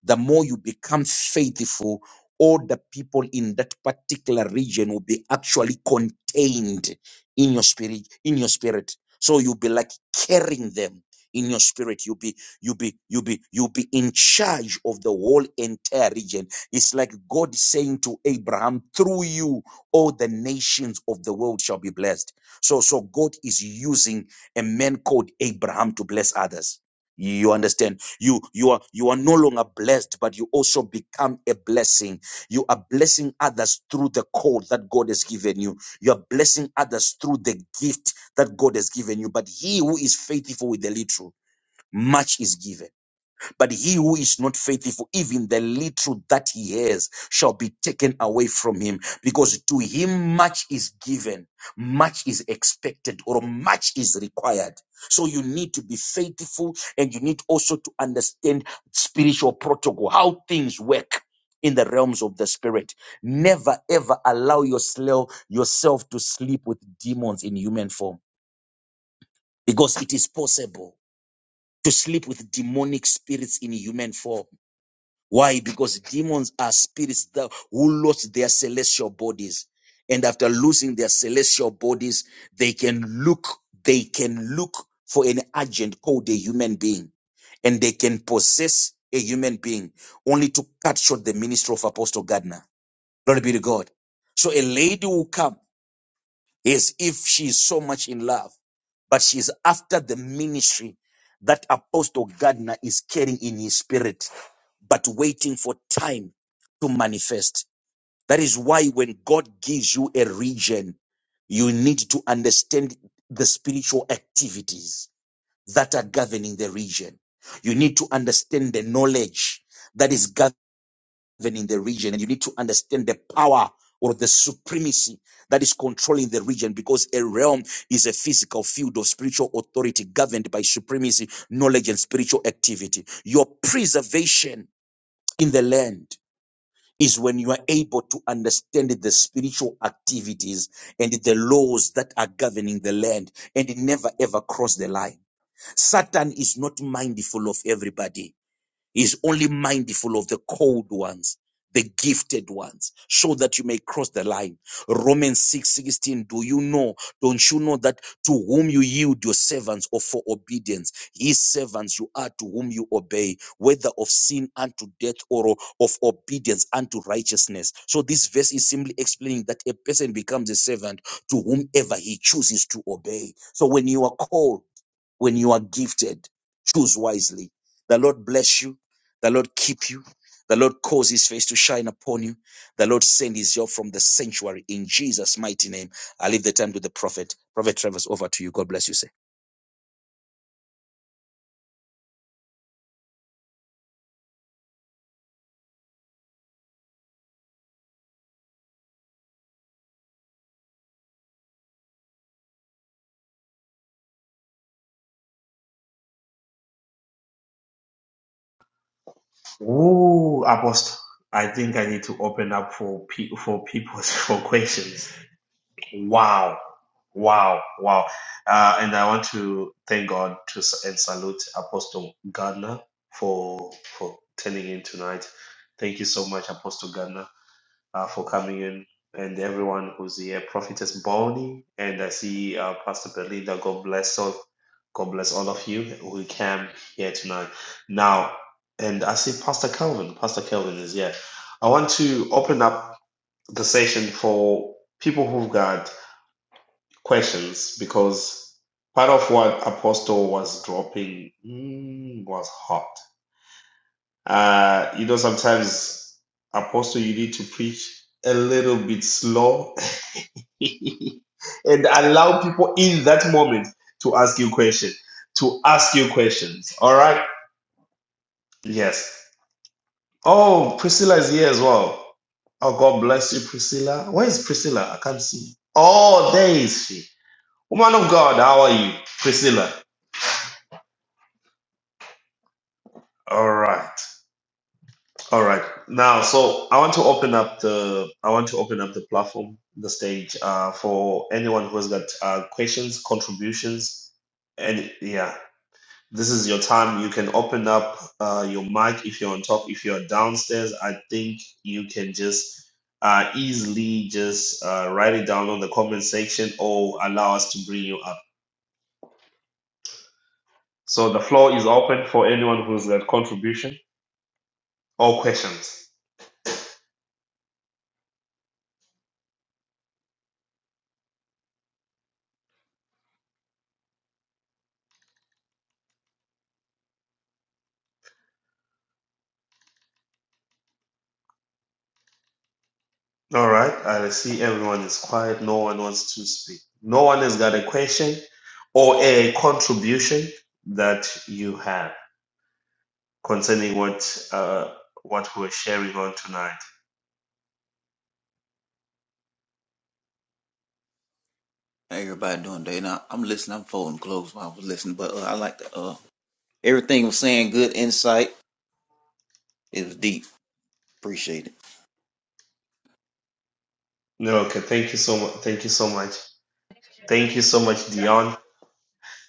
[SPEAKER 4] The more you become faithful, all the people in that particular region will be actually contained in your spirit, in your spirit. So you'll be like carrying them in your spirit. You'll be you be you be you be in charge of the whole entire region it's like god saying to abraham through you all the nations of the world shall be blessed so so god is using a man called abraham to bless others you understand you you are you are no longer blessed but you also become a blessing you are blessing others through the call that god has given you you are blessing others through the gift that god has given you but he who is faithful with the little much is given. But he who is not faithful, even the little that he has, shall be taken away from him, because to him much is given, much is expected, or much is required. So you need to be faithful and you need also to understand spiritual protocol, how things work. In the realms of the spirit, never ever allow yourself yourself to sleep with demons in human form because it is possible to sleep with demonic spirits in human form. Why? Because demons are spirits that who lost their celestial bodies. And after losing their celestial bodies, they can look, they can look for an agent called a human being. And they can possess a human being only to cut short the ministry of Apostle Gardner. Glory be to God. So a lady will come as if she is so much in love, but she's after the ministry that Apostle Gardner is carrying in his spirit, but waiting for time to manifest. That is why when God gives you a region, you need to understand the spiritual activities that are governing the region. You need to understand the knowledge that is governing even in the region. And you need to understand the power or the supremacy that is controlling the region because a realm is a physical field of spiritual authority governed by supremacy, knowledge, and spiritual activity. Your preservation in the land is when you are able to understand the spiritual activities and the laws that are governing the land and never ever cross the line. Satan is not mindful of everybody is only mindful of the cold ones, the gifted ones, so that you may cross the line. Romans six sixteen. do you know, don't you know that to whom you yield your servants or for obedience, his servants you are to whom you obey, whether of sin unto death or of obedience unto righteousness. So this verse is simply explaining that a person becomes a servant to whomever he chooses to obey. So when you are called, when you are gifted, choose wisely. The Lord bless you. The Lord keep you. The Lord cause his face to shine upon you. The Lord send his help from the sanctuary in Jesus' mighty name. I leave the time to the prophet. Prophet Travers, over to you. God bless you, sir.
[SPEAKER 1] Ooh, Apostle. I think I need to open up for pe- for people for questions. Wow. Wow. Wow. Uh, and I want to thank God to s- and salute Apostle Gardner for for turning in tonight. Thank you so much, Apostle Gardner. uh, for coming in and everyone who's here. Prophetess Bonnie, and I see uh, Pastor Belinda. God bless all. God bless all of you who came here tonight. Now, and I see Pastor Calvin. Pastor Calvin is here. I want to open up the session for people who've got questions because part of what Apostle was dropping mm, was hot. Uh, you know, sometimes Apostle, you need to preach a little bit slow and allow people in that moment to ask you questions. To ask you questions. All right. Yes. Oh, Priscilla is here as well. Oh, God bless you, Priscilla. Where is Priscilla? I can't see. Oh, there is she. Woman of God, how are you? Priscilla. All right. All right. Now, so I want to open up the I want to open up the platform, the stage, uh, for anyone who has got uh, questions, contributions, and yeah, This is your time. You can open up uh, your mic if you're on top. If you're downstairs, I think you can just uh, easily just uh, write it down on the comment section or allow us to bring you up. So the floor is open for anyone who's got contribution or questions. All right, I see everyone is quiet. No one wants to speak. No one has got a question or a contribution that you have concerning what uh, what we're sharing on tonight.
[SPEAKER 5] how Everybody doing today? now. I'm listening. I'm folding clothes while I was listening, but uh, I like the uh everything was saying. Good insight. It was deep. Appreciate it.
[SPEAKER 1] No, okay. Thank you so much. Thank you so much. Thank you so much, Dion.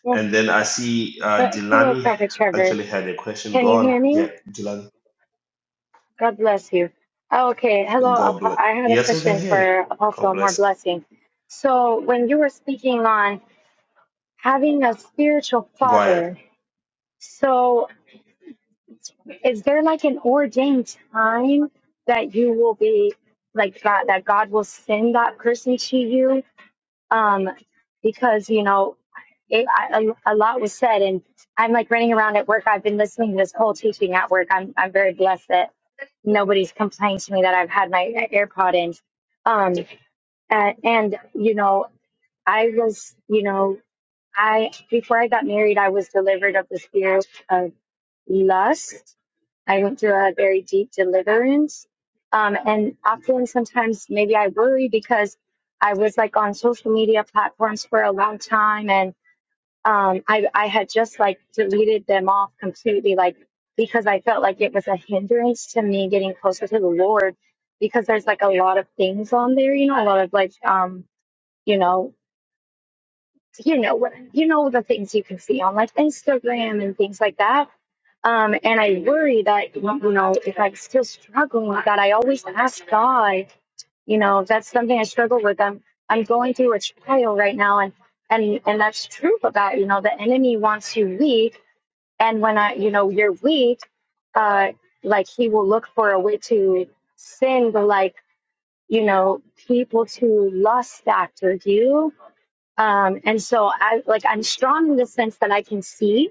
[SPEAKER 8] Well,
[SPEAKER 1] And then I see
[SPEAKER 8] uh,
[SPEAKER 1] uh,
[SPEAKER 8] hello,
[SPEAKER 1] Delani
[SPEAKER 8] Prophet Trevor.
[SPEAKER 1] actually had a question.
[SPEAKER 8] Can
[SPEAKER 1] Go
[SPEAKER 8] you
[SPEAKER 1] on.
[SPEAKER 8] hear me?
[SPEAKER 1] Yeah, Delani.
[SPEAKER 8] God bless you. Oh, okay. Hello.
[SPEAKER 1] God
[SPEAKER 8] Apo-
[SPEAKER 1] bless.
[SPEAKER 8] I had a
[SPEAKER 1] Yes, we can
[SPEAKER 8] question
[SPEAKER 1] hear you.
[SPEAKER 8] for
[SPEAKER 1] God
[SPEAKER 8] Apostle. More
[SPEAKER 1] bless you.
[SPEAKER 8] blessing. So, when you were speaking on having a spiritual
[SPEAKER 1] Go ahead.
[SPEAKER 8] father, so is there like an ordained time that you will be like God, that God will send that person to you? Um, because you know it, I, a, a lot was said and i'm like running around at work i've been listening to this whole teaching at work i'm, I'm very blessed that nobody's complained to me that i've had my airpod in um and, and you know i was you know i before i got married i was delivered of the spirit of lust i went through a very deep deliverance um and often sometimes maybe i worry because i was like on social media platforms for a long time and um, I, I had just like deleted them off completely, like because I felt like it was a hindrance to me getting closer to the Lord because there's like a lot of things on there, you know, a lot of like, um, you know, you know what, you know, the things you can see on like Instagram and things like that. Um, and I worry that, you know, if I'm still struggling with that, I always ask God you know that's something i struggle with i'm i'm going through a trial right now and and and that's true about you know the enemy wants you weak and when i you know you're weak uh like he will look for a way to send like you know people to lust after you um and so i like i'm strong in the sense that i can see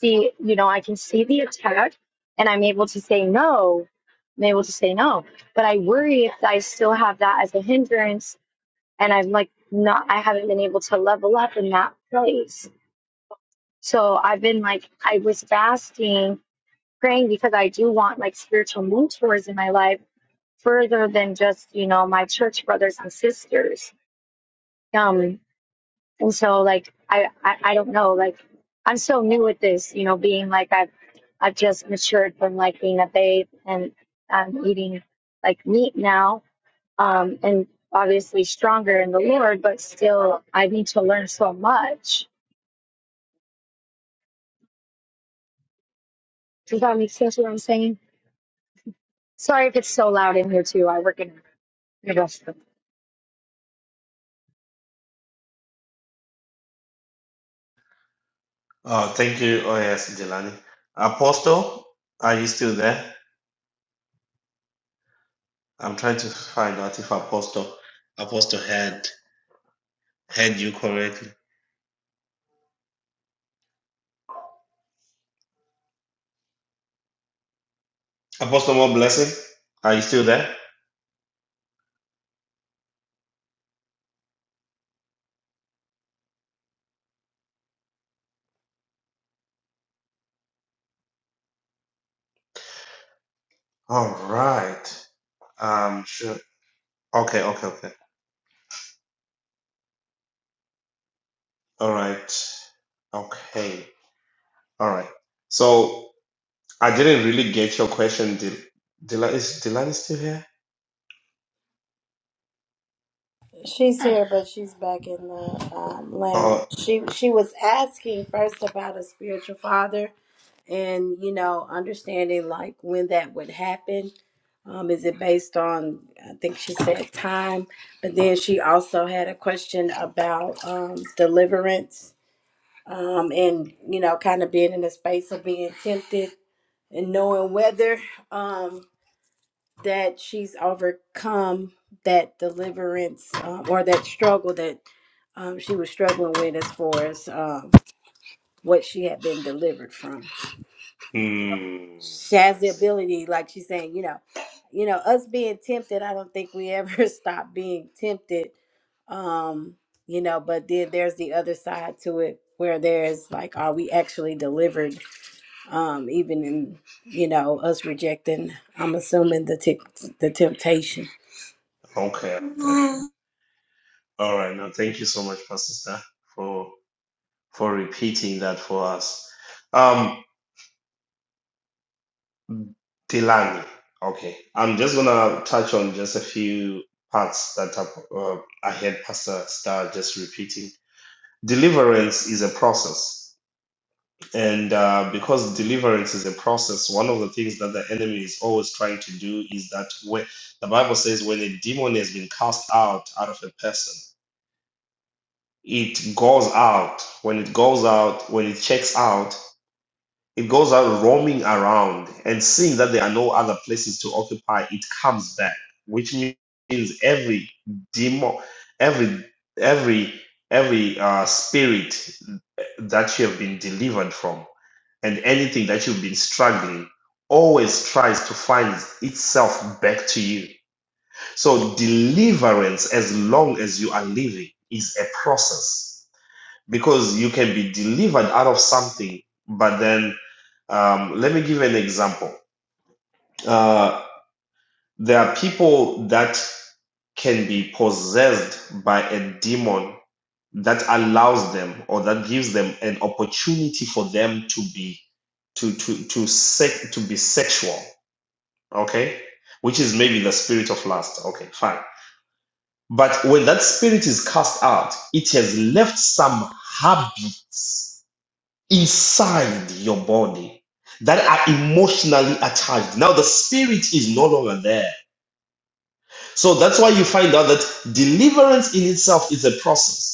[SPEAKER 8] the you know i can see the attack and i'm able to say no i'm able to say no but i worry if i still have that as a hindrance and I'm like not I haven't been able to level up in that place. So I've been like I was fasting, praying because I do want like spiritual mentors in my life further than just, you know, my church brothers and sisters. Um and so like I I, I don't know, like I'm so new at this, you know, being like I've I've just matured from like being a babe and I'm eating like meat now um, and obviously stronger in the Lord, but still I need to learn so much. Does that make sense what I'm saying? Sorry if it's so loud in here too. I work in the
[SPEAKER 1] Oh, thank you. Oh, yes, Delani. Apostle, are you still there? I'm trying to find out if Apostle Apostle had had you correctly. Apostle, more blessing. Are you still there? All right. Um, sure. Okay, okay, okay. All right. Okay. All right. So I didn't really get your question. Dil Dila is Dylan still here?
[SPEAKER 2] She's here, but she's back in the um, lounge.
[SPEAKER 1] Oh,
[SPEAKER 2] She she was asking first about a spiritual father, and you know, understanding like when that would happen. Um, is it based on? I think she said time, but then she also had a question about um, deliverance. Um, and you know, kind of being in a space of being tempted and knowing whether um that she's overcome that deliverance um, or that struggle that um, she was struggling with as far as um, what she had been delivered from
[SPEAKER 1] hmm.
[SPEAKER 2] she has
[SPEAKER 1] I
[SPEAKER 2] the
[SPEAKER 1] see.
[SPEAKER 2] ability like she's saying you know you know us being tempted i don't think we ever stop being tempted um you know but then there's the other side to it where there's like are we actually delivered um, even in you know us rejecting. I'm assuming the t- the temptation.
[SPEAKER 1] Okay. Okay. All right. Now, thank you so much, Pastor Star, for for repeating that for us. Um, Dylan. Okay. I'm just gonna touch on just a few parts that I, uh, I heard Pastor Star just repeating. Deliverance is a process. And uh, because deliverance is a process, one of the things that the enemy is always trying to do is that when the Bible says when a demon has been cast out out of a person, it goes out. When it goes out, when it checks out, it goes out roaming around and seeing that there are no other places to occupy, it comes back, which means every demon, every every every uh, spirit that you have been delivered from and anything that you've been struggling always tries to find itself back to you. So, deliverance, as long as you are living, is a process because you can be delivered out of something, but then um, let me give an example. Uh, there are people that can be possessed by a demon that allows them or that gives them an opportunity for them to be to to to sex to be sexual okay which is maybe the spirit of lust okay fine but when that spirit is cast out it has left some habits inside your body that are emotionally attached now the spirit is no longer there So that's why you find out that deliverance in itself is a process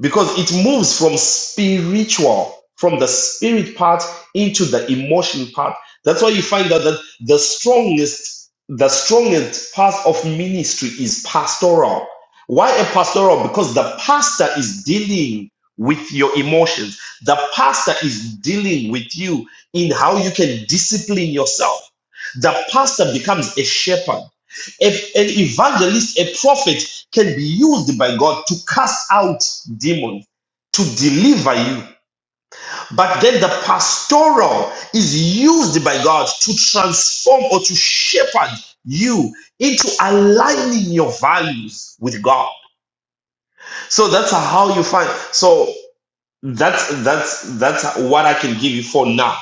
[SPEAKER 1] because it moves from spiritual from the spirit part into the emotion part that's why you find out that the strongest the strongest part of ministry is pastoral why a pastoral because the pastor is dealing with your emotions the pastor is dealing with you in how you can discipline yourself the pastor becomes a shepherd a- an evangelist, a prophet can be used by God to cast out demons, to deliver you. But then the pastoral is used by God to transform or to shepherd you into aligning your values with God. So that's how you find. So that's that's that's what I can give you for now.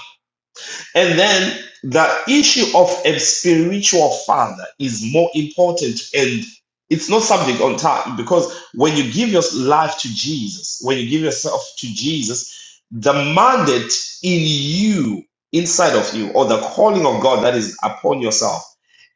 [SPEAKER 1] And then the issue of a spiritual father is more important and it's not something on time because when you give your life to Jesus, when you give yourself to Jesus, the mandate in you, inside of you, or the calling of God that is upon yourself,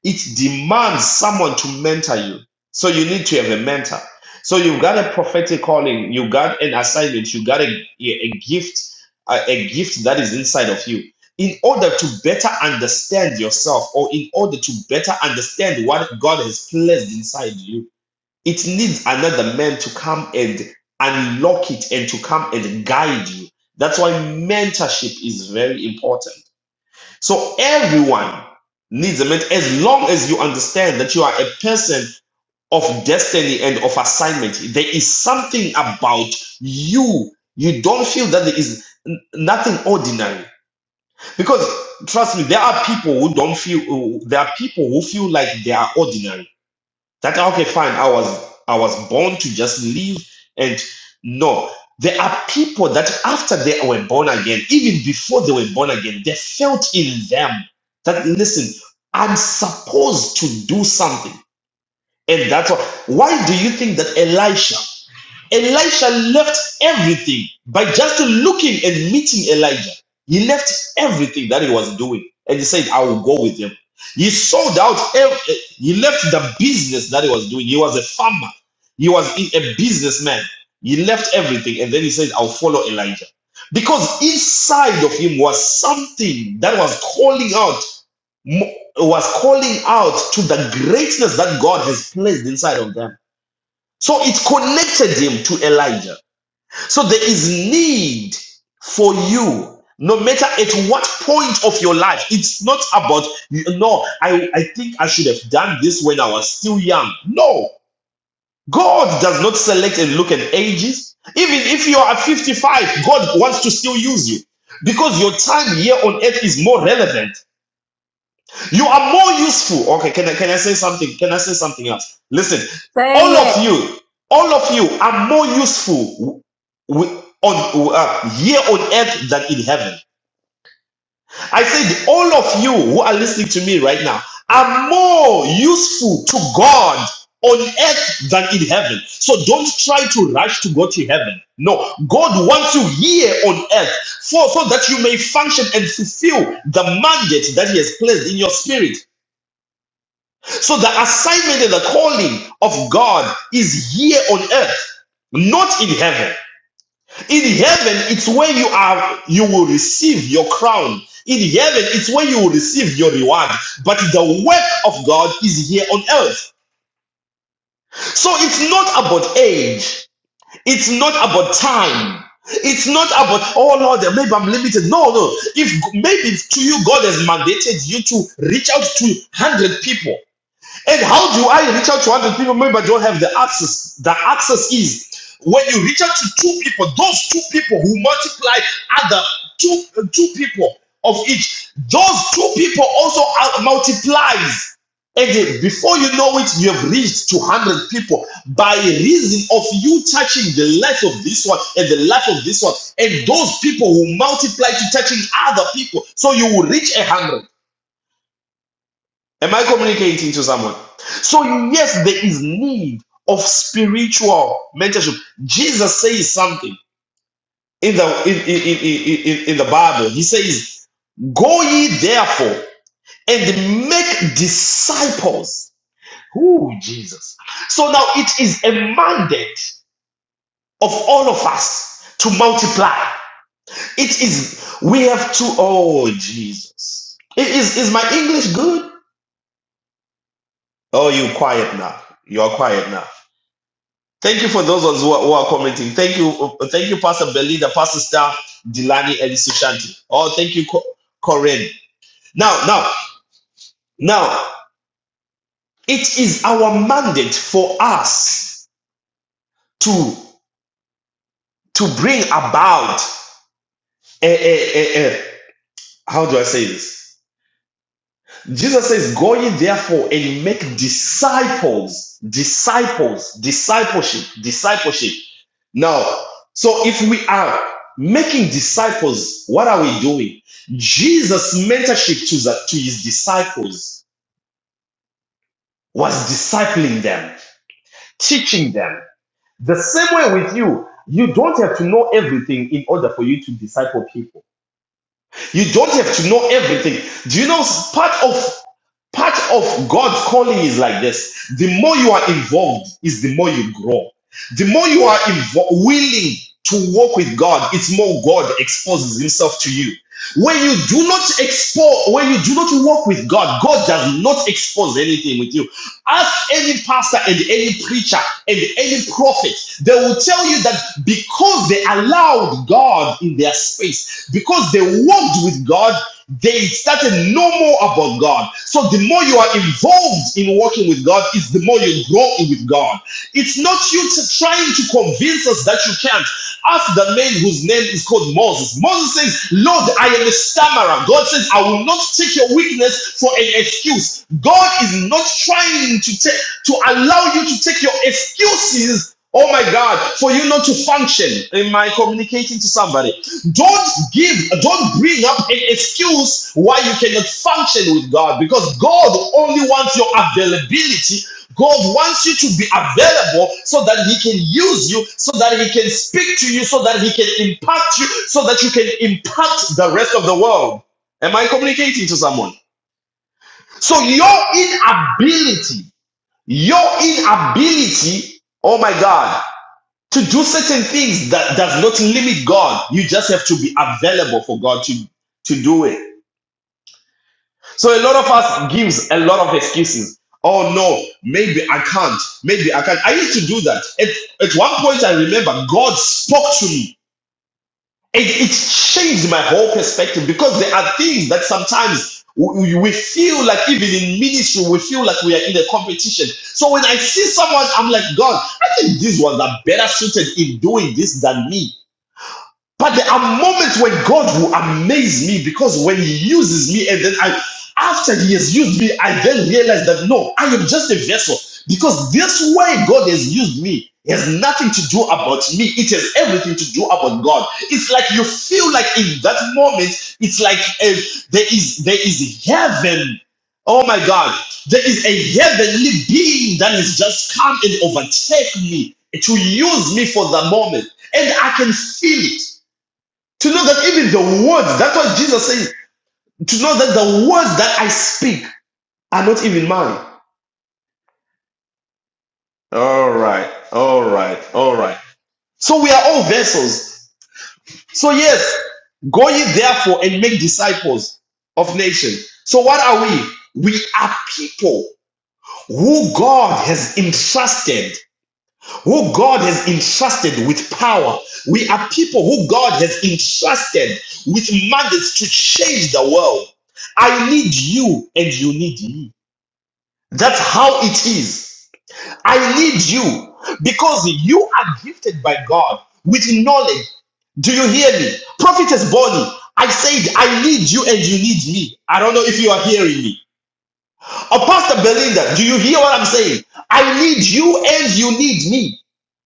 [SPEAKER 1] it demands someone to mentor you. So you need to have a mentor. So you've got a prophetic calling, you got an assignment, you got a, a gift, a a gift that is inside of you in order to better understand yourself or in order to better understand what God has placed inside you, it needs another man to come and unlock it and to come and guide you. That's why mentorship is very important. So everyone needs a mentor as long as you understand that you are a person of destiny and of assignment. There is something about you. You don't feel that there is nothing ordinary because trust me, there are people who don't feel. There are people who feel like they are ordinary. That okay, fine. I was I was born to just live, and no, there are people that after they were born again, even before they were born again, they felt in them that listen, I'm supposed to do something, and that's why. Why do you think that Elisha? Elisha left everything by just looking and meeting Elijah. He left everything that he was doing and he said, I will go with him. He sold out, ev- he left the business that he was doing. He was a farmer, he was a businessman. He left everything and then he said, I'll follow Elijah. Because inside of him was something that was calling out, was calling out to the greatness that God has placed inside of them so it connected him to Elijah. So there is need for you, no matter at what point of your life. It's not about, no, I, I think I should have done this when I was still young. No, God does not select and look at ages. Even if you are 55, God wants to still use you because your time here on earth is more relevant you are more useful. Okay, can I can I say something? Can I say something else? Listen, all
[SPEAKER 2] Say
[SPEAKER 1] of
[SPEAKER 2] it.
[SPEAKER 1] you, all of you are more useful w- on uh, here on earth than in heaven. I said, all of you who are listening to me right now are more useful to God on earth than in heaven. So don't try to rush to go to heaven. No, God wants you here on earth for so that you may function and fulfill the mandate that He has placed in your spirit. So the assignment and the calling of God is here on earth, not in heaven. In heaven, it's where you are, you will receive your crown. In heaven, it's where you will receive your reward. But the work of God is here on earth. So it's not about age. It's not about time. It's not about, oh Lord, maybe I'm limited. No, no. If maybe to you, God has mandated you to reach out to 100 people. And how do I reach out to 100 people? Maybe I don't have the access. The access is when you reach out to two people, those two people who multiply other two, uh, two people of each, those two people also are, multiplies. again. before you know it, you have reached 200 people by reason of you touching the life of this one and the life of this one, and those people who multiply to touching other people. So you will reach a 100. Am I communicating to someone? So, yes, there is need of spiritual mentorship. Jesus says something in the in, in, in, in, in- the Bible. He says, Go ye therefore and make disciples. Who Jesus? So now it is a mandate of all of us to multiply. It is we have to oh Jesus. I- Is is my English good? Oh you quiet now. You are quiet now. Thank you for those of us who are, who are commenting. Thank you, uh, thank you, Pastor Belinda, Pastor Star, Delani, and Sushanti. Oh, thank you, Co- Corinne. Now, now, now, it is our mandate for us to to bring about a, a, a, a how do I say this? Jesus says, Go ye therefore and make disciples, disciples, discipleship, discipleship. Now, so if we are making disciples, what are we doing? Jesus' mentorship to, the, to his disciples was discipling them, teaching them. The same way with you, you don't have to know everything in order for you to disciple people. You don't have to know everything. Do you know part of Part of God's calling is like this. The more you are involved is the more you grow. The more you are invo- willing to walk with God, it's more God exposes himself to you. When you do not expose, when you do not walk with God, God does not expose anything with you. Ask any pastor and any preacher and any prophet, they will tell you that because they allowed God in their space, because they walked with God, they started no more about God. So the more you are involved in working with God, is the more you grow with God. It's not you trying to convince us that you can't. Ask the man whose name is called Moses. Moses says, Lord, I am a stammerer. God says, I will not take your weakness for an excuse. God is not trying to take to allow you to take your excuses Oh my God, for you not to function in my communicating to somebody. Don't give, don't bring up an excuse why you cannot function with God because God only wants your availability. God wants you to be available so that He can use you, so that He can speak to you, so that He can impact you, so that you can impact the rest of the world. Am I communicating to someone? So your inability, your inability, oh my God, to do certain things that does not limit God. You just have to be available for God to, to do it. So a lot of us gives a lot of excuses. Oh no, maybe I can't. Maybe I can't. I used to do that. At, at one point I remember God spoke to me. It, it changed my whole perspective because there are things that sometimes we, we feel like even in ministry, we feel like we are in a competition. So when I see someone, I'm like, God, I think these ones are better suited in doing this than me. But there are moments when God will amaze me because when He uses me, and then I, after He has used me, I then realize that no, I am just a vessel because this way God has used me has nothing to do about me. It has everything to do about God. It's like you feel like in that moment, it's like eh, there is there is heaven. Oh my God, there is a heavenly being that has just come and overtake me to use me for the moment, and I can feel it. To know that even the words, that's what Jesus says, to know that the words that I speak are not even mine. All right, all right, all right. So we are all vessels. So, yes, go ye therefore and make disciples of nations. So, what are we? We are people who God has entrusted. who God has entrusted with power. We are people who God has entrusted with mandates to change the world. I need you and you need me. That's how it is. I need you because you are gifted by God with knowledge. Do you hear me? Prophetess Bonnie, I said, I need you and you need me. I don't know if you are hearing me. or Pastor Belinda, do you hear what I'm saying? I need you and you need me.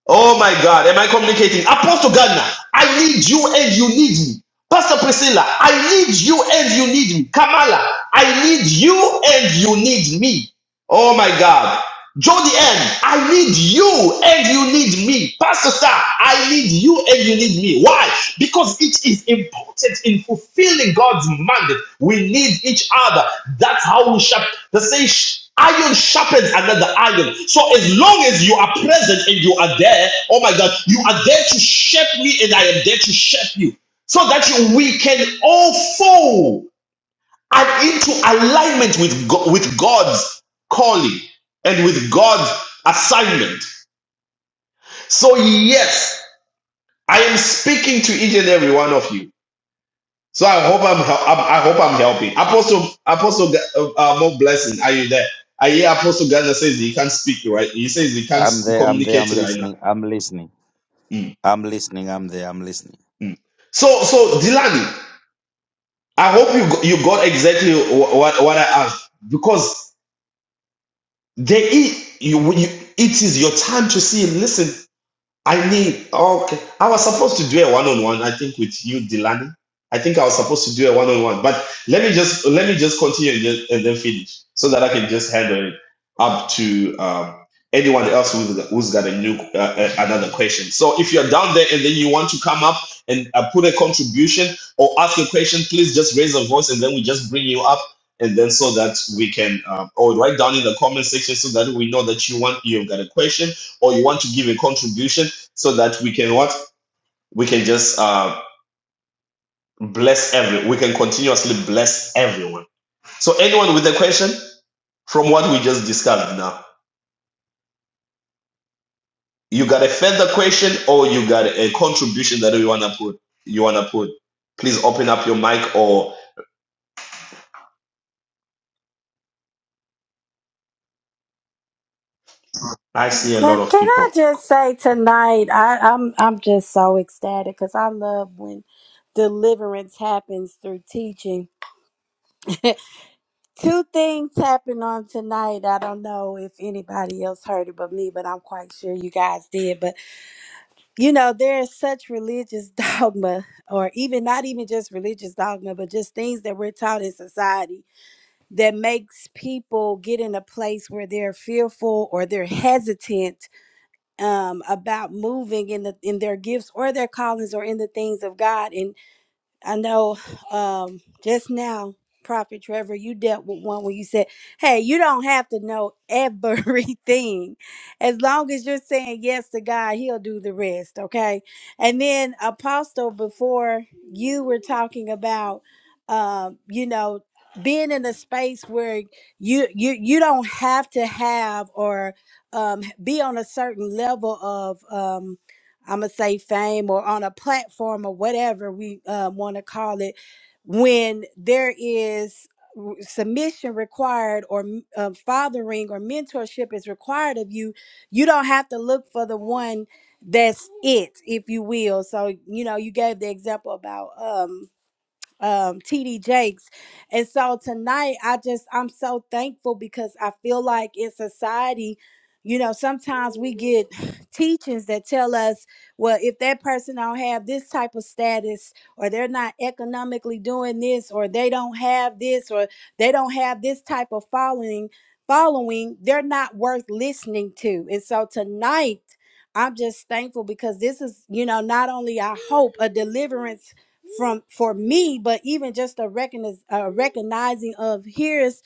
[SPEAKER 1] Oh my God, am I communicating? Apostle Gardner, I need you and you need me. Pastor Priscilla, I need you and you need me. Kamala, I need you and you need me. Oh my God. Joe the end. I need you and you need me. Pastor Star, I need you and you need me. Why? Because it is important in fulfilling God's mandate. We need each other. That's how we sharp. The say iron sharpens another iron. So as long as you are present and you are there, oh my God, you are there to shape me and I am there to shape you. So that you, we can all fall and into alignment with, Go- with God's calling and with God's assignment. So, yes, I am speaking to each and every one of you. So I hope I'm, hel- I'm I hope I'm helping. Apostle Apostle Ga- uh, uh, more blessing. Are you there? I hear Apostle Ghana says he can't speak right. He says he can't
[SPEAKER 4] I'm
[SPEAKER 1] s-
[SPEAKER 4] there, I'm there,
[SPEAKER 1] communicate
[SPEAKER 4] I'm
[SPEAKER 1] right now.
[SPEAKER 4] listening. I'm
[SPEAKER 1] Mm, mm. So so Dilani, I hope you go- you got exactly wh- what what I asked because There is you, you it is your time to see Listen, I need okay. I was supposed to do a one-on-one, I think, with you, Delany. I think I was supposed to do a one-on-one, but let me just let me just continue and, just, and then finish so that I can just handle it up to um, anyone else who's, who's got a new uh, uh, another question. So if you're down there and then you want to come up and uh, put a contribution or ask a question, please just raise a voice and then we just bring you up and then so that we can um, or write down in the comment section so that we know that you want you've got a question or you want to give a contribution so that we can what we can just uh, bless every we can continuously bless everyone so anyone with a question from what we just discussed now you got a further question or you got a contribution that you want to put you want to put please open up your mic or i see a lot
[SPEAKER 2] Can
[SPEAKER 1] of
[SPEAKER 2] can I
[SPEAKER 1] people
[SPEAKER 2] just say tonight? I, I'm I'm just so ecstatic because I love when deliverance happens through teaching. Two things happened on tonight. I don't know if anybody else heard it but me, but I'm quite sure you guys did. But you know, there's such religious dogma, or even not even just religious dogma, but just things that we're taught in society that makes people get in a place where they're fearful or they're hesitant um, about moving in the in their gifts or their callings or in the things of God. and. I know um, just now, Prophet Trevor, you dealt with one where you said, Hey, you don't have to know everything. As long as you're saying yes to God, He'll do the rest. Okay. And then, Apostle, before you were talking about, um, you know, being in a space where you you you don't have to have or um, be on a certain level of um, I'm gonna say fame or on a platform or whatever we uh, want to call it, when there is w- submission required or m- uh, fathering or mentorship is required of you, you don't have to look for the one that's it, if you will. So you know, you gave the example about um um, TD Jakes. And so tonight, I just, I'm so thankful because I feel like in society, you know, sometimes we get teachings that tell us, well, if that person don't have this type of status, or they're not economically doing this, or they don't have this, or they don't have this type of following, following, they're not worth listening to. And so tonight, I'm just thankful because this is, you know, not only I hope a deliverance from for me, but even just a recogniz- uh, recognizing of here's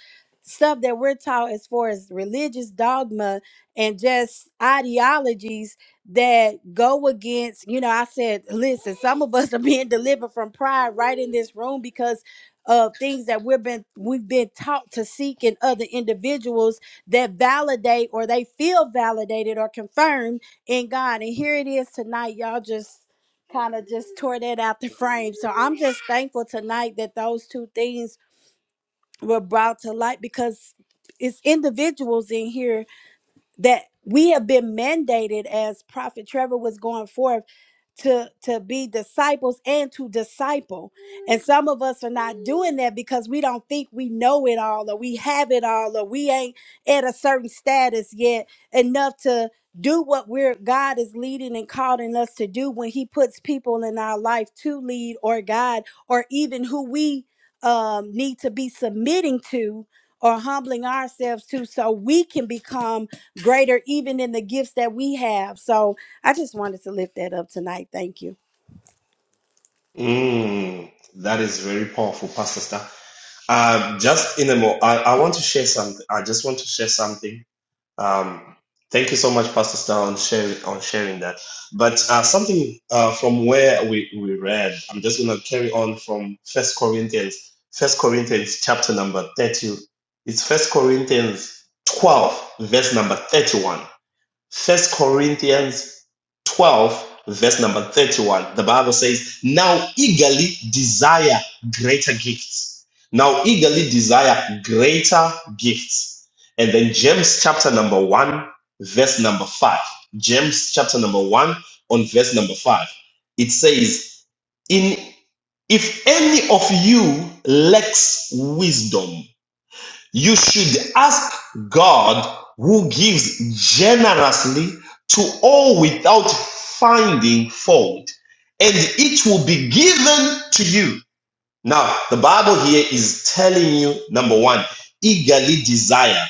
[SPEAKER 2] stuff that we're taught as far as religious dogma and just ideologies that go against, you know, I said, listen, some of us are being delivered from pride right in this room because of things that we've been we've been taught to seek in other individuals that validate or they feel validated or confirmed in God. And here it is tonight, y'all just kind of just tore that out the frame. So I'm just thankful tonight that those two things were brought to light because it's individuals in here that we have been mandated as Prophet Trevor was going forth to to be disciples and to disciple and some of us are not doing that because we don't think we know it all or we have it all or we ain't at a certain status yet enough to do what we're god is leading and calling us to do when he puts people in our life to lead or guide or even who we um, need to be submitting to or humbling ourselves to so we can become greater even in the gifts that we have so I just wanted to lift that up tonight. Thank you.
[SPEAKER 1] mm, that is very powerful pastor star uh, just in a moment I, I want to share something i just want to share something Um, thank you so much, Pastor Star, on sharing on sharing that. But uh, something uh, from where we, we read, I'm just gonna carry on from First Corinthians, First Corinthians chapter number thirty. It's First Corinthians twelve, verse number thirty-one. First Corinthians 12, verse number 31. The Bible says, Now eagerly desire greater gifts. Now eagerly desire greater gifts. And then James chapter number 1, verse number 5. James chapter number 1 on verse number 5. It says, In if any of you lacks wisdom, you should ask God who gives generously to all without finding fault, and it will be given to you. Now, the Bible here is telling you number one, eagerly desire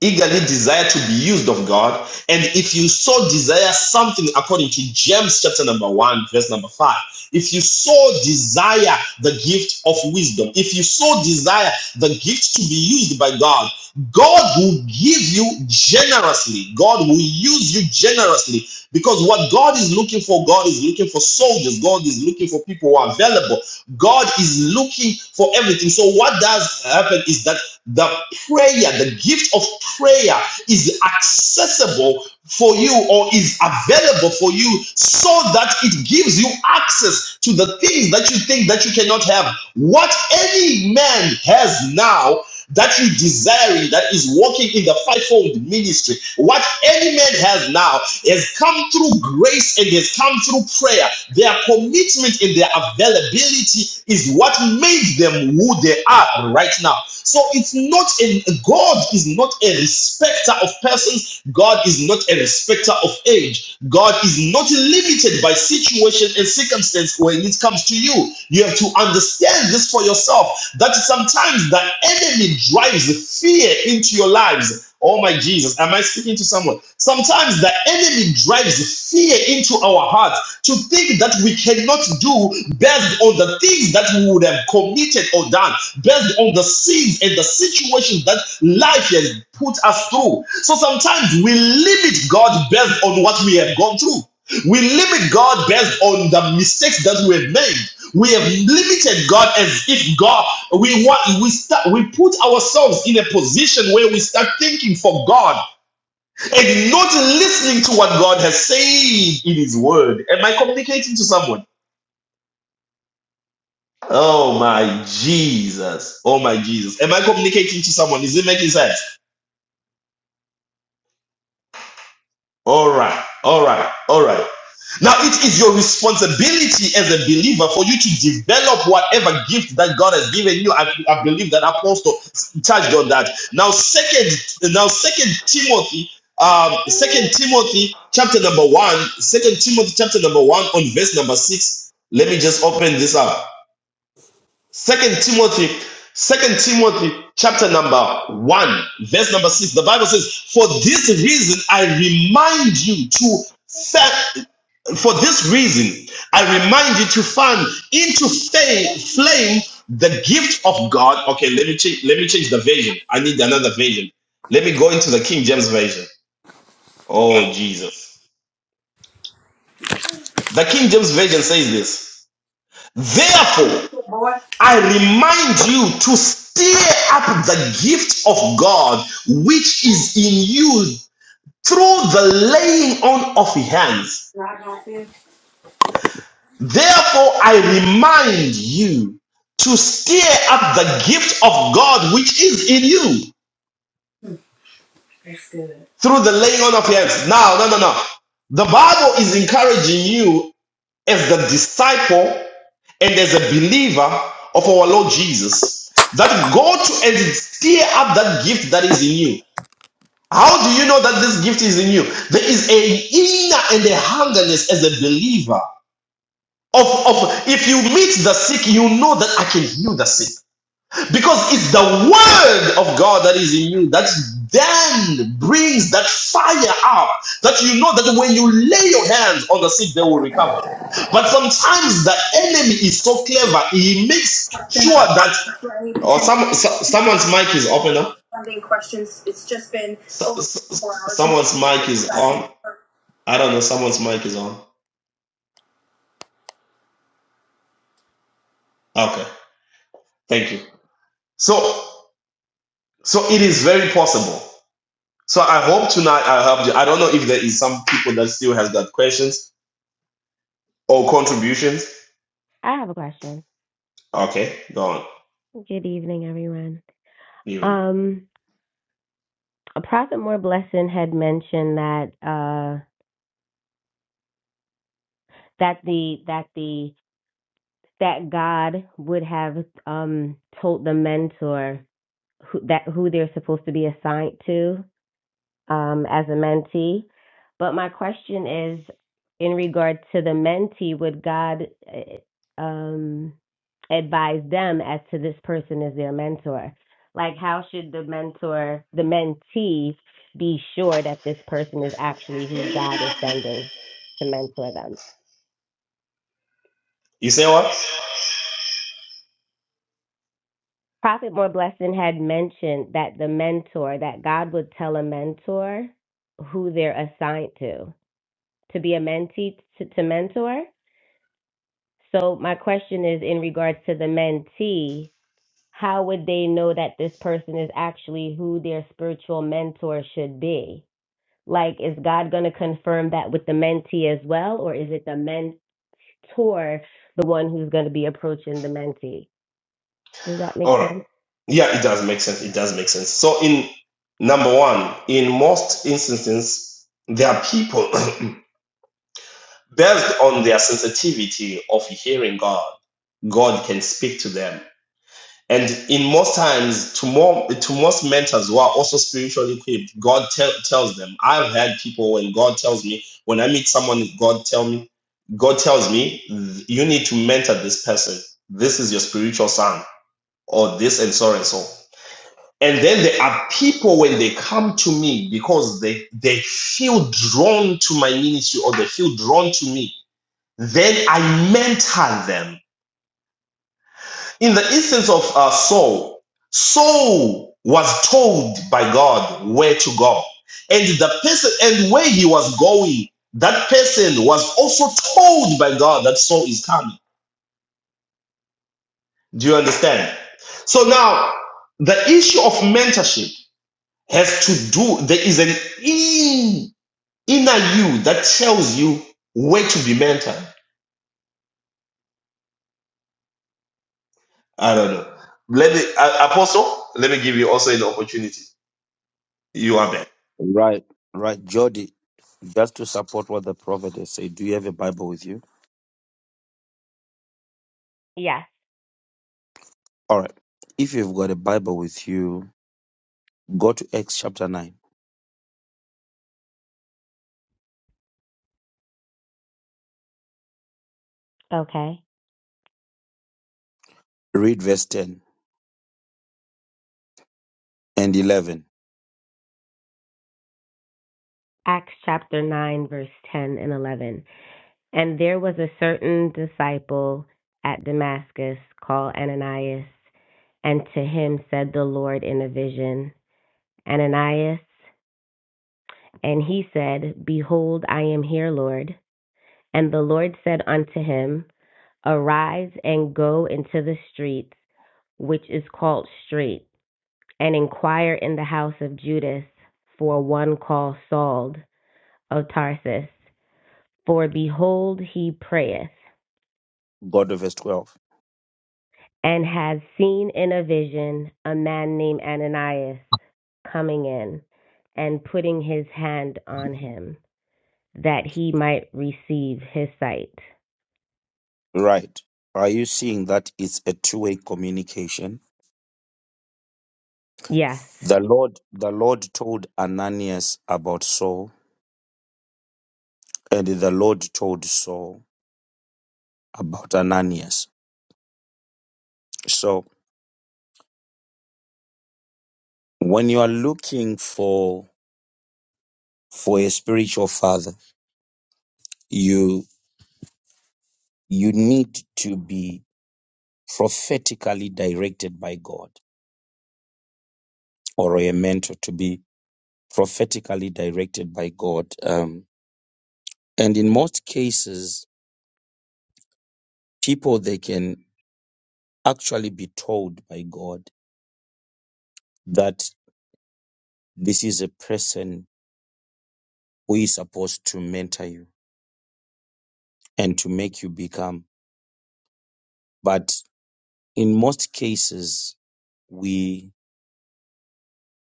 [SPEAKER 1] eagerly desire to be used of God. And if you so desire something according to James chapter number one, verse number five, if you so desire the gift of wisdom, if you so desire the gift to be used by God, God will give you generously. God will use you generously because what God is looking for, God is looking for soldiers. God is looking for people who are available. God is looking for everything. So what does happen is that the prayer, the gift of prayer is accessible for you or is available for you so that it gives you access to the things that you think that you cannot have. What any man has now that you desiring, that is walking in the fivefold ministry. What any man has now has come through grace and has come through prayer. Their commitment and their availability is what made them who they are right now. So it's not a God is not a respecter of persons. God is not a respecter of age. God is not limited by situation and circumstance when it comes to you. You have to understand this for yourself that sometimes the enemy drives fear into your lives. Oh my Jesus, am I speaking to someone? Sometimes the enemy drives fear into our hearts to think that we cannot do based on the things that we would have committed or done, based on the sins and the situations that life has put us through. So sometimes we limit God based on what we have gone through. We limit God based on the mistakes that we have made we have limited God as if God we want we start we put ourselves in a position where we start thinking for God and not listening to what God has said in His Word. Am I communicating to someone? Oh my Jesus! Oh my Jesus! Am I communicating to someone? Is it making sense? All right, all right, all right. Now it is your responsibility as a believer for you to develop whatever gift that God has given you. I, I believe that Apostle touched on that. Now, second, now second Timothy, um, second Timothy chapter number one, second Timothy chapter number one on verse number six. Let me just open this up. Second Timothy, Second Timothy, chapter number one, verse number six. The Bible says, "For this reason I remind you to set. For this reason I remind you to fan into fa- flame the gift of God." Okay, let me change. Let me change the version. I need another version. Let me go into the King James version. Oh Jesus! The King James version says this. Therefore.
[SPEAKER 2] Board,
[SPEAKER 1] I remind you to stir up the gift of God which is in you through the laying on of hands. Therefore, I remind you to stir up the gift of God which is in you through the laying on of hands. Now, no, no, no. The Bible is encouraging you as the disciple and as a believer of our Lord Jesus that go to and stir up that gift that is in you. How do you know that this gift is in you? There is a inner and a hungerness as a believer. Of, of if you meet the sick, you know that I can heal the sick because it's the word of God that is in you that then brings that fire up. That you know that when you lay your hands on the sick, they will recover. But sometimes the enemy is so clever; he makes
[SPEAKER 2] and
[SPEAKER 1] sure that
[SPEAKER 2] I for any
[SPEAKER 1] or
[SPEAKER 2] potential
[SPEAKER 1] some so- someone's mic is open up.
[SPEAKER 2] funding questions. It's just been
[SPEAKER 1] So-
[SPEAKER 2] over
[SPEAKER 1] so-
[SPEAKER 2] four hours since
[SPEAKER 1] someone's mic
[SPEAKER 2] since
[SPEAKER 1] is
[SPEAKER 2] I've been
[SPEAKER 1] on.
[SPEAKER 2] here.
[SPEAKER 1] I don't know. Someone's mic is on. Okay. Thank you. So, so it is very possible. So I hope tonight I helped you. I don't know if there is some people that still has got questions or contributions.
[SPEAKER 9] I have a question.
[SPEAKER 1] Okay, go on.
[SPEAKER 9] Good evening, everyone.
[SPEAKER 1] You,
[SPEAKER 9] Um, Prophet More Blessing had mentioned that uh, that the that the that God would have um, told the mentor who, that who they're supposed to be assigned to um, as a mentee. But my question is in regard to the mentee, would God uh, um, advise them as to this person as their mentor? Like, how should the mentor, the mentee, be sure that this person is actually who God is sending to mentor them?
[SPEAKER 1] you say what?
[SPEAKER 9] Prophet More Blessing had mentioned that the mentor, that God would tell a mentor who they're assigned to, to be a mentee, to, to mentor. So my question is in regards to the mentee, how would they know that this person is actually who their spiritual mentor should be? Like, is God going to confirm that with the mentee as well, or is it the mentor, the one who's going to be approaching the mentee? Does that make
[SPEAKER 1] All right.
[SPEAKER 9] sense?
[SPEAKER 1] Yeah, it does make sense. It does make sense. So in number one, in most instances, there are people based on their sensitivity of hearing God. God can speak to them And in most times, to more to most mentors who are also spiritually equipped, God tell tells them. I've had people when God tells me, when I meet someone, God tell me, God tells me, you need to mentor this person. This is your spiritual son, or this, and so and so. And then there are people when they come to me because they they feel drawn to my ministry or they feel drawn to me, then I mentor them in the instance of uh, Saul, Saul was told by God where to go, and the person and where he was going, that person was also told by God that Saul is coming. Do you understand? So now, the issue of mentorship has to do. There is an in, inner you that tells you where to be mentored. I don't know. Let me, uh, Apostle. Let me give you also an opportunity. You are back.
[SPEAKER 4] right, right. Jody, just to support what the prophet has said, do you have a Bible with you?
[SPEAKER 9] Yes.
[SPEAKER 4] All right. If you've got a Bible with you, go to Acts chapter 9,
[SPEAKER 9] Okay.
[SPEAKER 4] read verse 10 and 11,
[SPEAKER 9] Acts chapter 9, verse 10 and 11. And there was a certain disciple at Damascus called Ananias, and to him said the Lord in a vision, Ananias. And he said, Behold, I am here, Lord. And the Lord said unto him, Arise and go into the street, which is called Straight, and inquire in the house of Judas for one called Saul of Tarsus. For behold, he prayeth
[SPEAKER 4] go to verse 12.
[SPEAKER 9] and had seen in a vision a man named Ananias coming in and putting his hand on him that he might receive his sight.
[SPEAKER 4] Right. Are you seeing that it's a two-way communication?
[SPEAKER 9] Yes.
[SPEAKER 4] The Lord the Lord told Ananias about Saul and the Lord told Saul about Ananias. So when you are looking for for a spiritual father, you you need to be prophetically directed by God or a mentor to be prophetically directed by God. Um, and in most cases, people they can actually be told by God that this is a person who is supposed to mentor you and to make you become. But in most cases, we,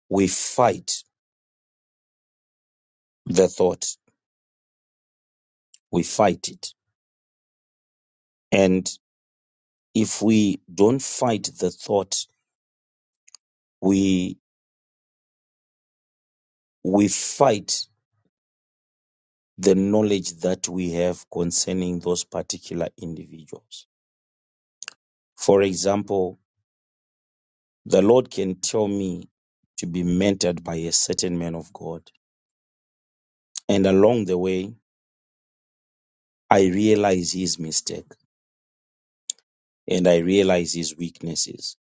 [SPEAKER 4] we fight the thought. We fight it. And if we don't fight the thought, we, we fight the knowledge that we have concerning those particular individuals. For example, The Lord can tell me to be mentored by a certain man of God. And along the way, I realize his mistake and I realize his weaknesses.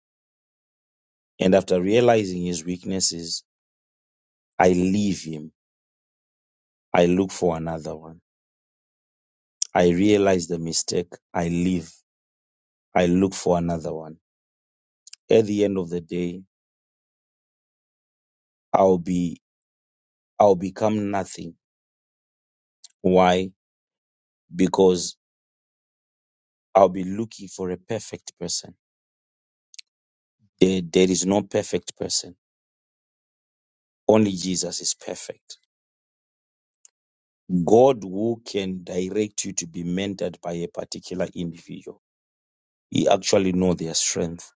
[SPEAKER 4] And after realizing his weaknesses, I leave him. I look for another one. I realize the mistake. I leave. I look for another one. At the end of the day, I'll be, I'll become nothing. Why? Because I'll be looking for a perfect person. There, there is no perfect person Only Jesus is perfect. God who can direct you to be mentored by a particular individual. He actually know their strength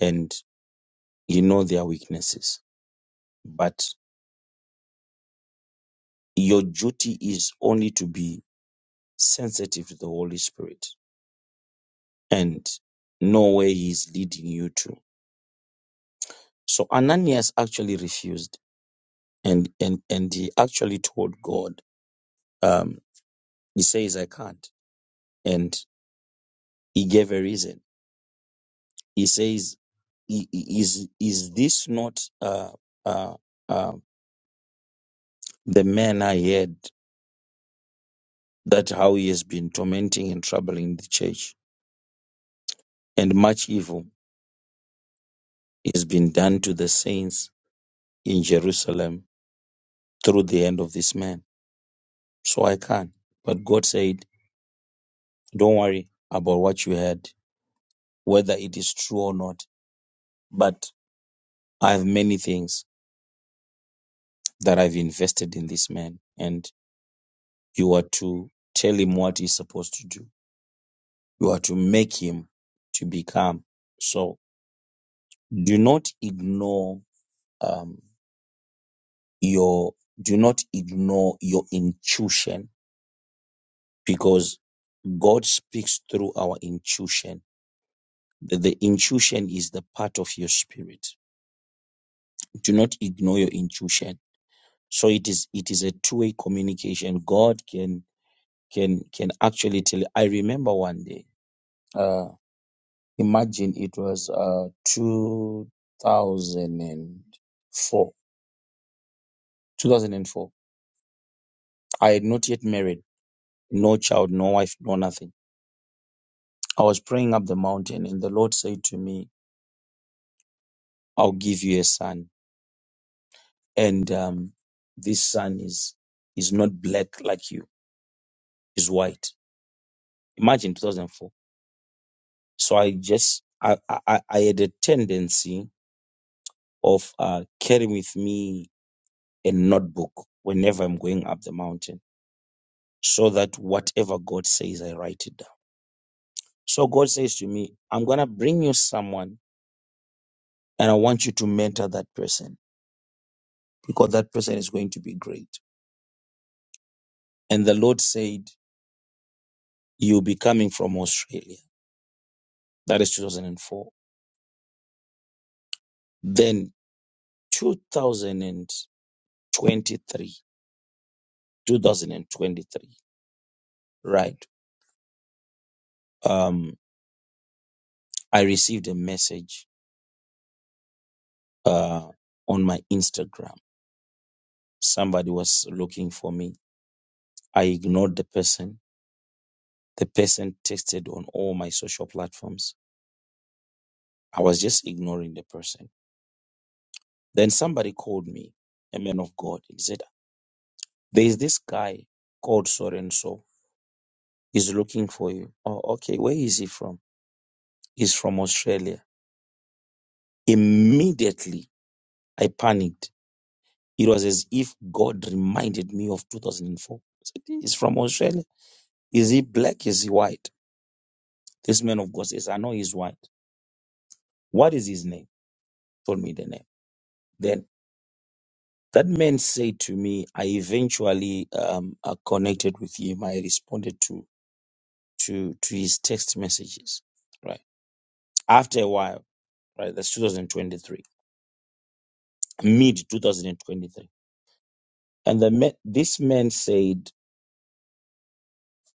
[SPEAKER 4] and he know their weaknesses. But your duty is only to be sensitive to the Holy Spirit and know where he is leading you to. So Ananias actually refused and, and, and he actually told God, um, he says, I can't. And he gave a reason he says, "I- i- "Is is this not uh, uh, uh, the man I heard that how he has been tormenting and troubling the church, and much evil is been done to the saints in Jerusalem through the hand of this man?" So I can't. But God said, "Don't worry about what you heard, whether it is true or not. But I have many things that I've invested in this man, and you are to tell him what he's supposed to do." You are to make him to become. So do not ignore um, your do not ignore your intuition because God speaks through our intuition. The, the intuition is the part of your spirit. Do not ignore your intuition. So it is it is a two-way communication. God can can can actually tell. I remember one day. Uh, imagine it was uh, 2004 2004. I had not yet married, no child, no wife, no nothing. I was praying up the mountain, and the Lord said to me, I'll give you a son. And um, this son is, is not black like you, he's white. Imagine 2004. So I just, I, I, I I had a tendency of uh, carrying with me a notebook whenever I'm going up the mountain so that whatever God says, I write it down. So God says to me, I'm going to bring you someone And I want you to mentor that person because that person is going to be great. And the Lord said, You'll be coming from Australia. That is 2004. Then 2023, 2023, right? Um, I received a message uh, on my Instagram. Somebody was looking for me. I ignored the person. The person texted on all my social platforms. I was just ignoring the person Then somebody called me, a man of God. He said, There's this guy called so and so. He's looking for you. Oh, okay. Where is he from? He's from Australia. Immediately, I panicked. It was as if God reminded me of 2004. He's from Australia. Is he black? Is he white? This man of God says, I know he's white. What is his name? Told me the name. Then that man said to me, I eventually um, uh, connected with him. I responded to to to his text messages, right? After a while, right? That's 2023, mid 2023, and the ma- this man said,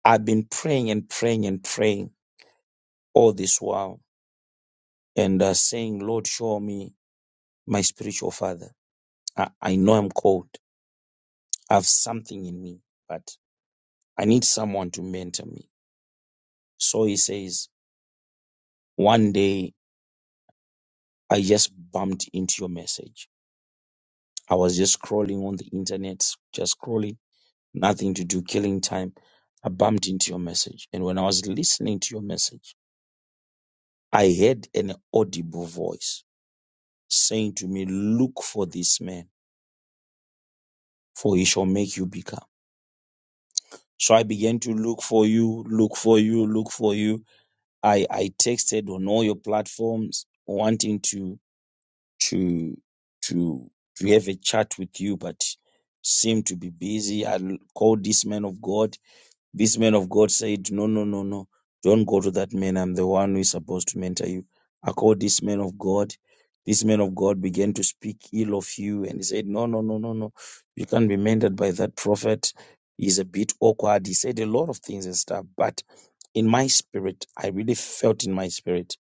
[SPEAKER 4] "I've been praying and praying and praying all this while, and uh, saying, Lord, show me my spiritual father. I, I know I'm called. I have something in me, but I need someone to mentor me." So he says, "One day, I just bumped into your message. I was just scrolling on the internet, just scrolling." nothing to do, killing time. I bumped into your message. And when I was listening to your message, I heard an audible voice saying to me, Look for this man, for he shall make you become. So I began to look for you, look for you, look for you. I, I texted on all your platforms wanting to to to to have a chat with you, but seemed to be busy. I l- called this man of God This man of God said, No, no, no, no. Don't go to that man. I'm the one who is supposed to mentor you. I called this man of God. This man of God began to speak ill of you and he said, No, no, no, no, no. You can't be mentored by that prophet. He's a bit awkward. He said a lot of things and stuff. But in my spirit, I really felt in my spirit,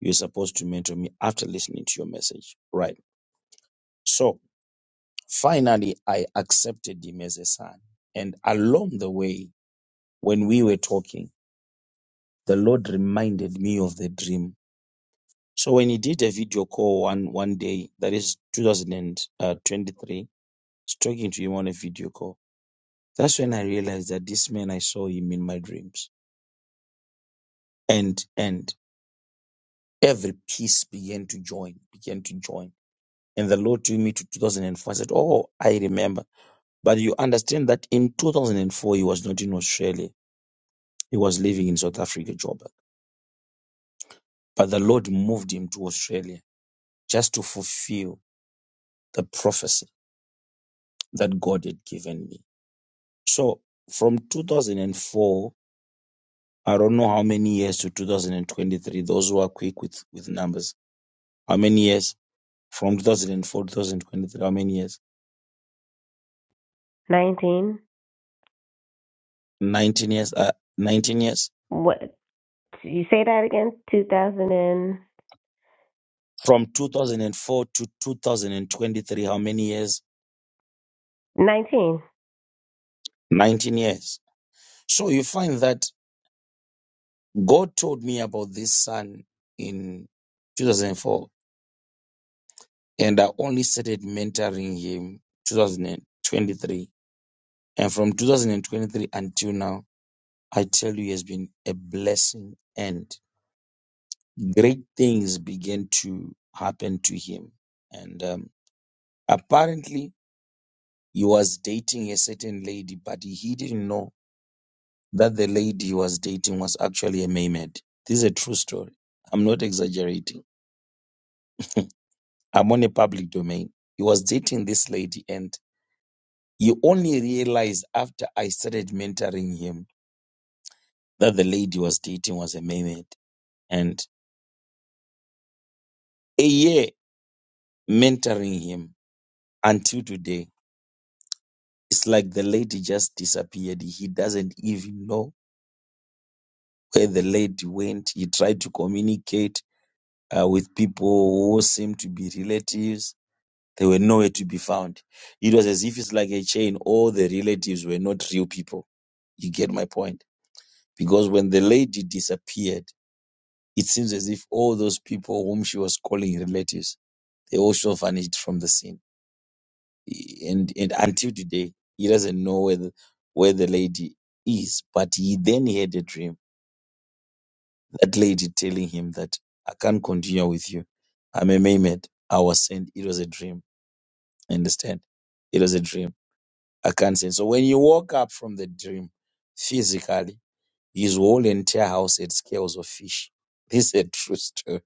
[SPEAKER 4] you're supposed to mentor me after listening to your message. Right. So finally, I accepted him as a son. And along the way, when we were talking, the Lord reminded me of the dream. So when he did a video call one one day, that is 2023, was talking to him on a video call. That's when I realized that this man I saw him in my dreams, and and every piece began to join, began to join. And the Lord took me to 2004. I said, "Oh, I remember." But you understand that in 2004 he was not in Australia; he was living in South Africa, Joburg. But the Lord moved him to Australia just to fulfill the prophecy that God had given me. So from 2004, I don't know how many years to 2023, those who are quick with, with numbers, how many years from 2004 to 2023, how many years?
[SPEAKER 9] 19.
[SPEAKER 4] 19 years, uh, 19 years.
[SPEAKER 9] What? You say that again? 2019.
[SPEAKER 4] From 2004 to 2023, how many years? 19 years. So you find that God told me about this son in 2004 and I only started mentoring him 2023 And from 2023 until now, I tell you, it has been a blessing, and great things began to happen to him. And um, apparently, he was dating a certain lady, but he didn't know that the lady he was dating was actually a mermaid. This is a true story. I'm not exaggerating. I'm on a public domain. He was dating this lady, and he only realized after I started mentoring him that the lady he was dating was a mermaid. And a year mentoring him until today. It's like the lady just disappeared. He doesn't even know where the lady went. He tried to communicate uh, with people who seemed to be relatives. They were nowhere to be found. It was as if it's like a chain. All the relatives were not real people. You get my point? Because when the lady disappeared, it seems as if all those people whom she was calling relatives, they also vanished from the scene and and until today he doesn't know where the, where the lady is but he then he had a dream that lady telling him that i can't continue with you i'm a mermaid i was sent it was a dream understand it was a dream i can't send so when you woke up from the dream physically his whole entire house had scales of fish this is a true story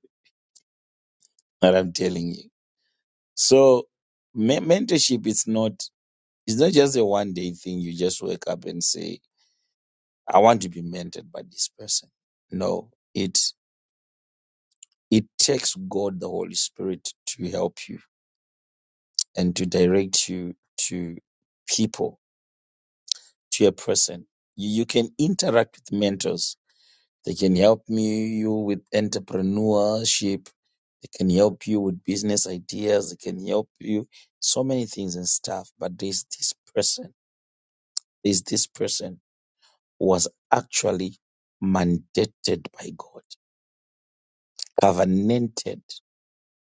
[SPEAKER 4] that i'm telling you so me- mentorship is not it's not just a one day thing you just wake up and say I want to be mentored by this person. No, it it takes God the Holy Spirit to help you and to direct you to people, to a person. You, you can interact with mentors. They can help me you with entrepreneurship. They can help you with business ideas. They can help you so many things and stuff. But there's this person. There's this person who was actually mandated by God, covenanted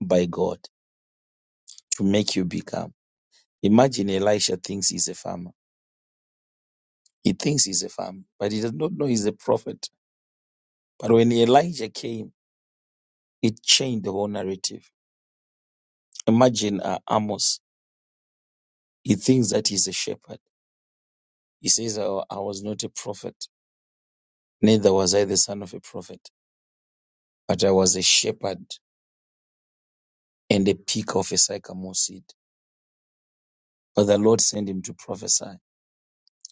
[SPEAKER 4] by God to make you become. Imagine Elisha thinks he's a farmer. He thinks he's a farmer, but he does not know he's a prophet. But when Elijah came, it changed the whole narrative. Imagine uh, Amos. He thinks that he's a shepherd. He says, I, I was not a prophet, neither was I the son of a prophet, but I was a shepherd and a pick of a sycamore seed. But the Lord sent him to prophesy.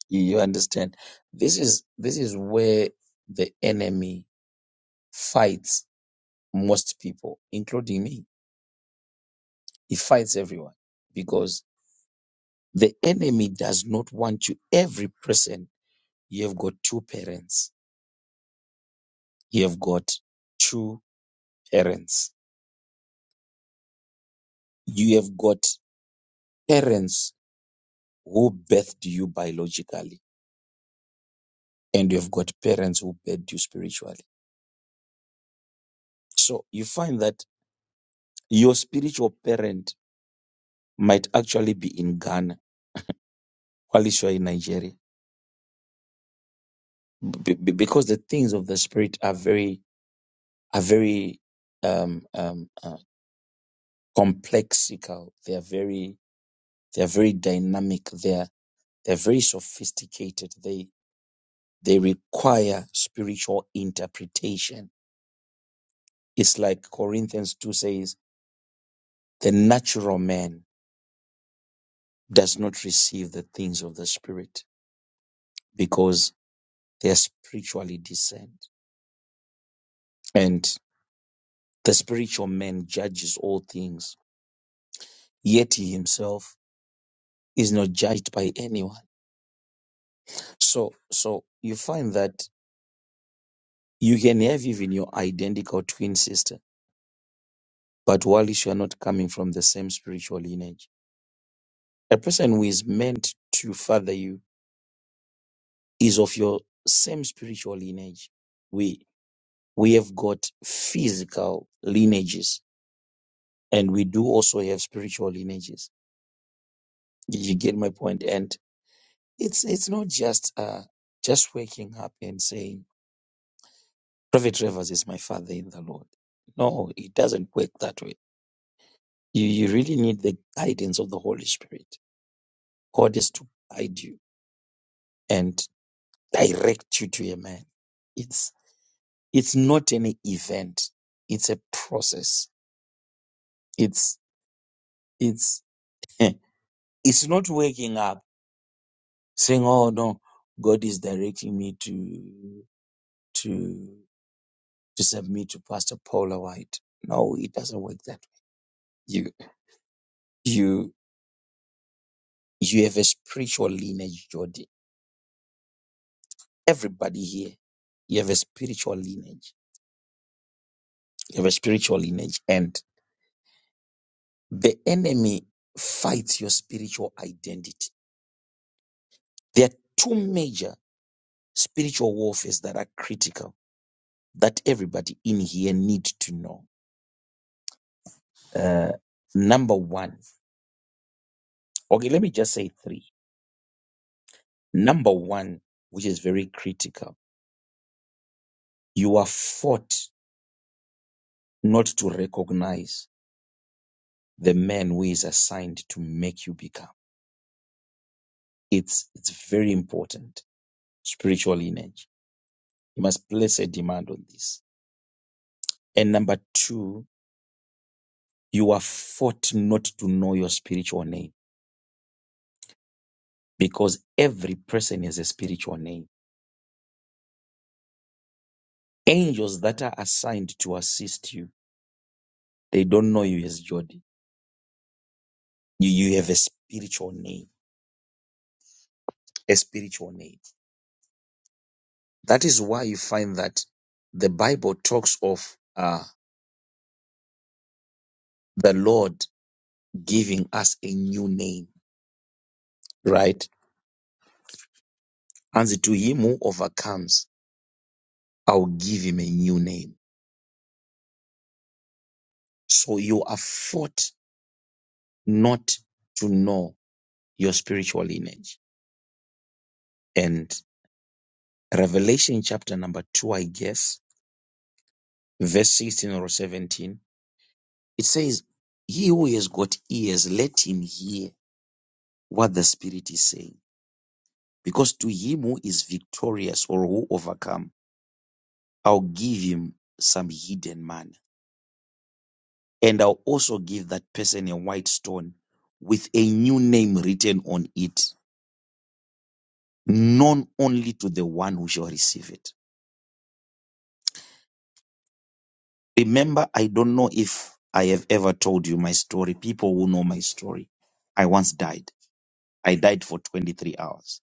[SPEAKER 4] You, you understand? This is this is where the enemy fights most people, including me. He fights everyone because the enemy does not want you. Every person, you have got two parents. You have got two parents. You have got parents who birthed you biologically, and you have got parents who birthed you spiritually. So you find that your spiritual parent might actually be in Ghana, while you are in Nigeria, b- b- because the things of the spirit are very are very um, um, uh, complexical. They are very they are very dynamic. They are they are very sophisticated. They they require spiritual interpretation. It's like Corinthians two says, the natural man does not receive the things of the spirit because they are spiritually discerned, and the spiritual man judges all things. Yet he himself is not judged by anyone. So so you find that You can have even your identical twin sister, but while you are not coming from the same spiritual lineage. A person who is meant to father you is of your same spiritual lineage. We we have got physical lineages and we do also have spiritual lineages. Did you get my point? And it's it's not just uh just waking up and saying, Prophet Rivers is my father in the Lord. No, it doesn't work that way. You you really need the guidance of the Holy Spirit God is to guide you and direct you to a man. It's it's not an event. It's a process. It's it's eh, it's not waking up saying, "Oh no, God is directing me to to to submit to Pastor Paula White." No, it doesn't work that way. You you you have a spiritual lineage, Jody. Everybody here, you have a spiritual lineage. You have a spiritual lineage, and. The enemy fights your spiritual identity. There are two major spiritual warfares that are critical that everybody in here need to know. Uh, number one, okay, let me just say three. Number one, which is very critical, you are fought not to recognize the man who is assigned to make you become. It's it's very important. Spiritual lineage. You must place a demand on this. And number two, You are fought not to know your spiritual name because every person has a spiritual name. Angels that are assigned to assist you, they don't know you as Jody. You, you have a spiritual name, a spiritual name. That is why you find that the Bible talks of uh, the Lord giving us a new name, right? And to him who overcomes, I'll give him a new name. So you are fought not to know your spiritual lineage. and Revelation chapter number two, I guess, verse 16 or 17, it says, He who has got ears, let him hear what the Spirit is saying. Because to him who is victorious or who overcome, I'll give him some hidden manna. And I'll also give that person a white stone with a new name written on it, known only to the one who shall receive it. Remember, I don't know if I have ever told you my story. People who know my story. I once died. I died for 23 hours.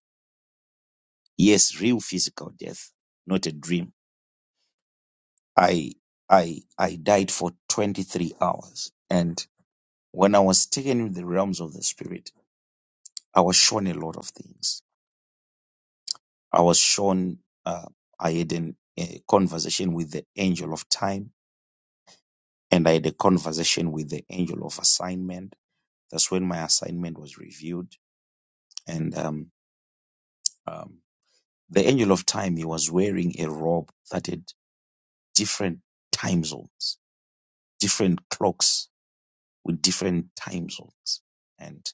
[SPEAKER 4] Yes, real physical death, not a dream. I, I, I died for 23 hours. And when I was taken in the realms of the spirit, I was shown a lot of things. I was shown, uh, I had an, a conversation with the angel of time and I had a conversation with the angel of assignment. That's when my assignment was reviewed and um, um, the angel of time he was wearing a robe that had different time zones different clocks with different time zones and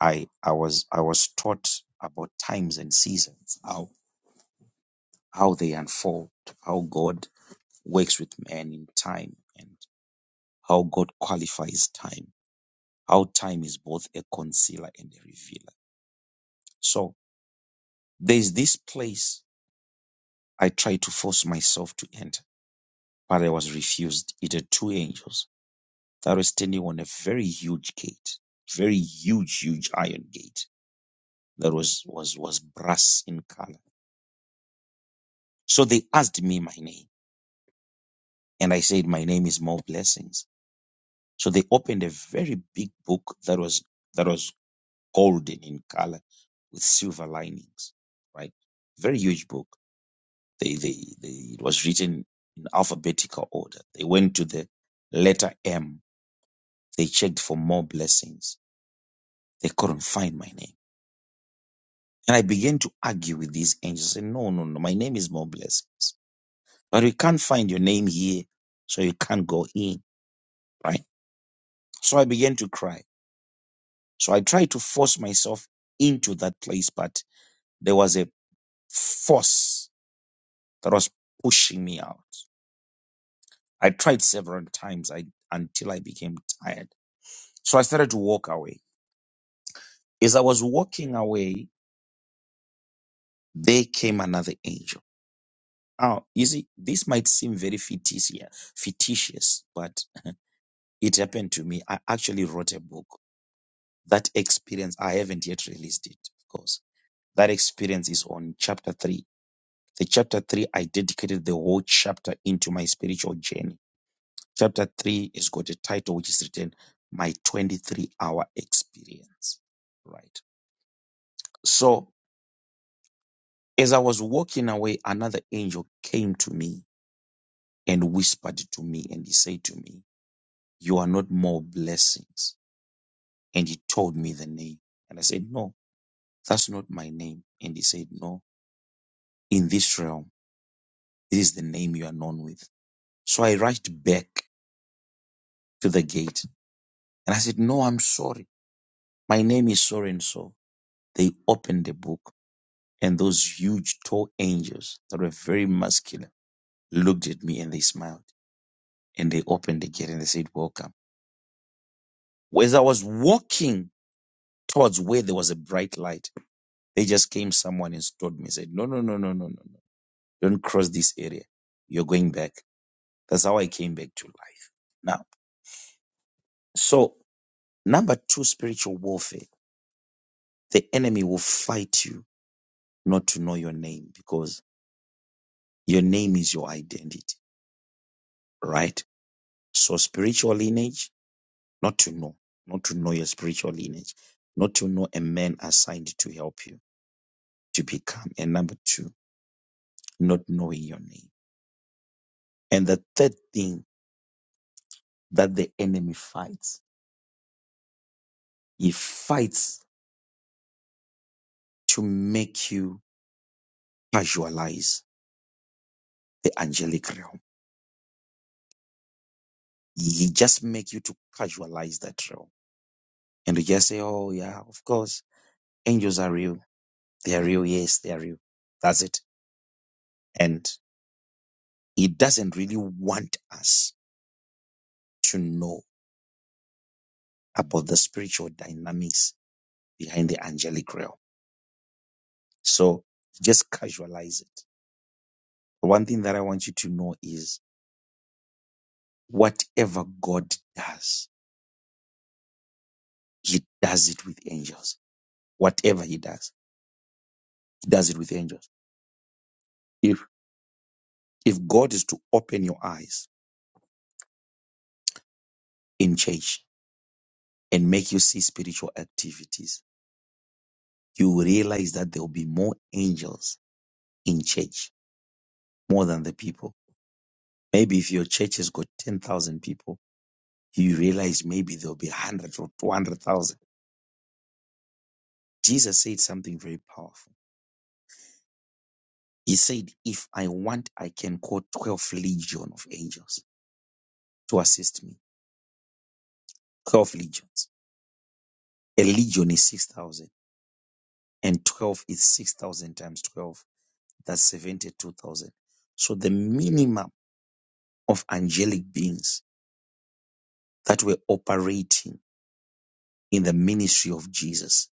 [SPEAKER 4] i i was i was taught about times and seasons how how they unfold how god works with man in time and how god qualifies time how time is both a concealer and a revealer so there's this place i try to force myself to enter Prayer was refused. It had two angels that were standing on a very huge gate, very huge, huge iron gate that was was was brass in color. So they asked me my name, and I said my name is More Blessings. So they opened a very big book that was that was golden in color with silver linings, right? Very huge book. They they, they it was written in alphabetical order. They went to the letter M. They checked for more blessings They couldn't find my name. And I began to argue with these angels. I said, no, no, no, my name is more blessings. But we can't find your name here, so you can't go in, right? So I began to cry. So I tried to force myself into that place, but there was a force that was pushing me out. I tried several times I, until I became tired. So I started to walk away. As I was walking away, there came another angel Oh, you see, this might seem very fictitious, fictitious, but it happened to me. I actually wrote a book. That experience, I haven't yet released it, of course. That experience is on chapter three. The chapter three, I dedicated the whole chapter into my spiritual journey. Chapter three has got a title which is written, My 23 Hour Experience. Right. So, as I was walking away, another angel came to me and whispered to me, and he said to me, You are not more blessings. And he told me the name. And I said, No, that's not my name. And he said, No, in this realm, this is the name you are known with. So I rushed back to the gate and I said, No, I'm sorry. My name is so and so. They opened the book and those huge tall angels that were very muscular looked at me and they smiled and they opened the gate and they said, Welcome. As I was walking towards where there was a bright light, They just came someone and stopped me, said, No, no, no, no, no, no, no. Don't cross this area. You're going back. That's how I came back to life. Now, so number two, spiritual warfare. The enemy will fight you not to know your name because your name is your identity, right? So spiritual lineage, not to know, not to know your spiritual lineage, not to know a man assigned to help you to become. And number two, not knowing your name. And the third thing that the enemy fights He fights to make you casualize the angelic realm. He just make you to casualize that realm. And you just say, oh, yeah, of course, angels are real. They are real. Yes, they are real. That's it. And he doesn't really want us to know about the spiritual dynamics behind the angelic realm. So just casualize it. The one thing that I want you to know is whatever God does, he does it with angels Whatever he does, he does it with angels. If if God is to open your eyes in church and make you see spiritual activities, you will realize that there will be more angels in church, more than the people. Maybe if your church has got 10,000 people, you realize maybe there'll be 100 or 200,000. Jesus said something very powerful. He said, If I want, I can call 12 legion of angels to assist me. 12 legions. A legion is 6,000 and 12 is 6,000 times 12. That's 72,000. So the minimum of angelic beings that were operating in the ministry of Jesus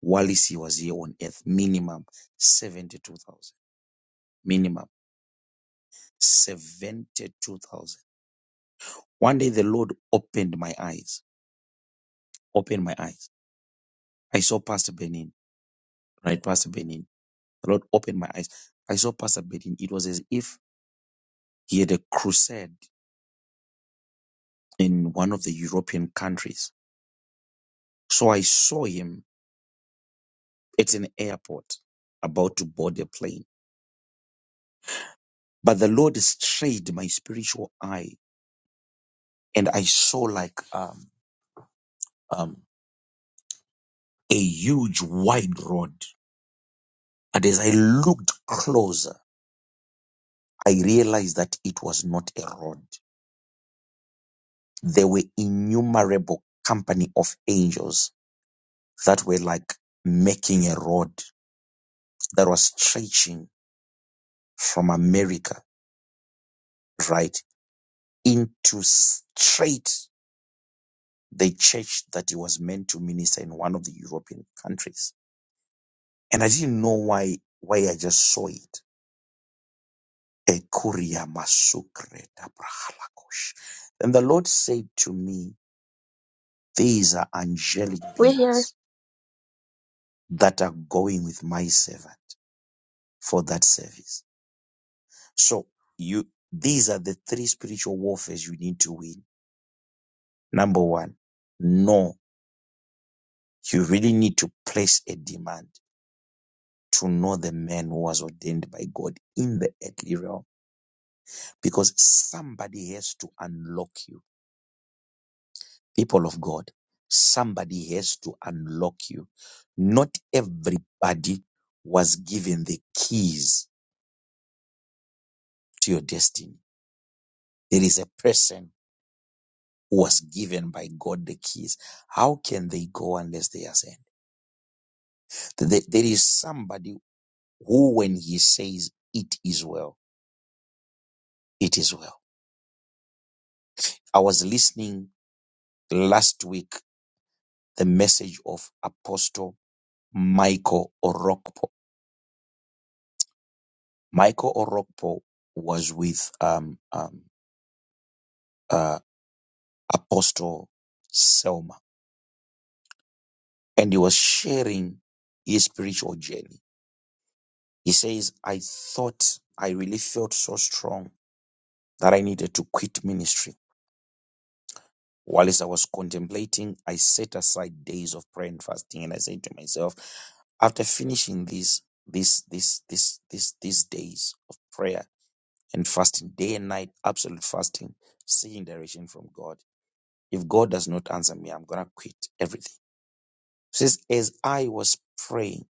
[SPEAKER 4] while he was here on earth, minimum 72,000. Minimum 72,000. One day the Lord opened my eyes, opened my eyes. I saw Pastor Benin, right? Pastor Benin. The Lord opened my eyes. I saw Pastor Benin. It was as if he had a crusade in one of the European countries So I saw him at an airport about to board a plane. But the Lord strayed my spiritual eye and I saw like um, um, a huge wide rod. And as I looked closer, I realized that it was not a rod. There were innumerable company of angels that were like making a rod that was stretching from America, right, into straight the church that he was meant to minister in one of the European countries. And I didn't know why why I just saw it. Ekuria masukre dabrahalakosh. And the Lord said to me, These are angelic
[SPEAKER 10] We're here.
[SPEAKER 4] beings that are going with my servant for that service. So you these are the three spiritual warfares you need to win. Number one, no, you really need to place a demand to know the man who was ordained by God in the earthly realm because somebody has to unlock you. People of God, somebody has to unlock you. Not everybody was given the keys to your destiny. There is a person who was given by God the keys. How can they go unless they are sent? Th- There is somebody who, when he says, It is well, it is well. I was listening last week the message of Apostle Michael Orokpo. Michael Orokpo was with um, um, uh, Apostle Selma and he was sharing his spiritual journey. He says, I thought I really felt so strong that I needed to quit ministry. While as I was contemplating, I set aside days of prayer and fasting and I said to myself, after finishing these, these, these, these, these, these days of prayer and fasting day and night, absolute fasting, seeking direction from God. If God does not answer me, I'm gonna quit everything. It says, as I was praying,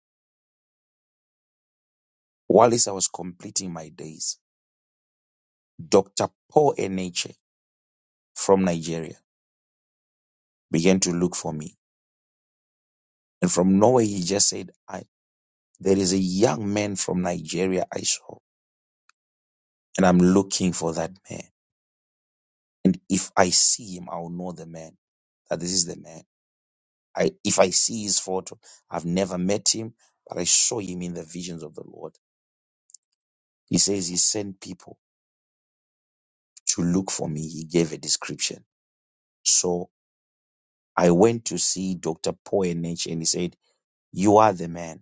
[SPEAKER 4] while I was completing my days, Dr. Paul Eneche from Nigeria began to look for me. And from nowhere, he just said, I, there is a young man from Nigeria I saw, and I'm looking for that man. And if I see him, I'll know the man, that this is the man. I, if I see his photo, I've never met him, but I saw him in the visions of the Lord. He says he sent people to look for me. He gave a description. So I went to see Dr. Poenich and he said, You are the man.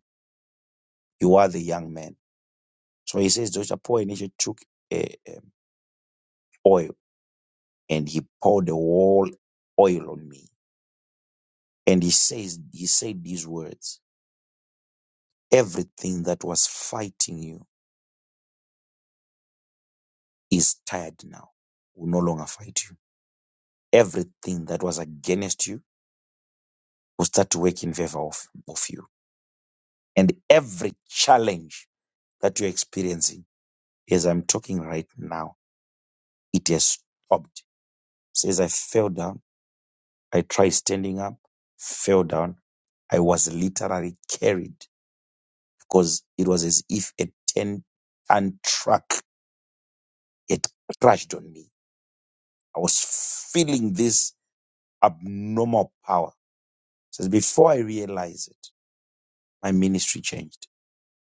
[SPEAKER 4] You are the young man. So he says Dr. Poenich took a, oil and he poured the whole oil on me. And he says, he said these words, everything that was fighting you is tired now, will no longer fight you everything that was against you will start to work in favor of, of you. And every challenge that you're experiencing, as I'm talking right now, it has stopped. Says, I fell down. I tried standing up, fell down. I was literally carried because it was as if a 10 ton truck had crashed on me. I was feeling this abnormal power. Says, before I realized it, my ministry changed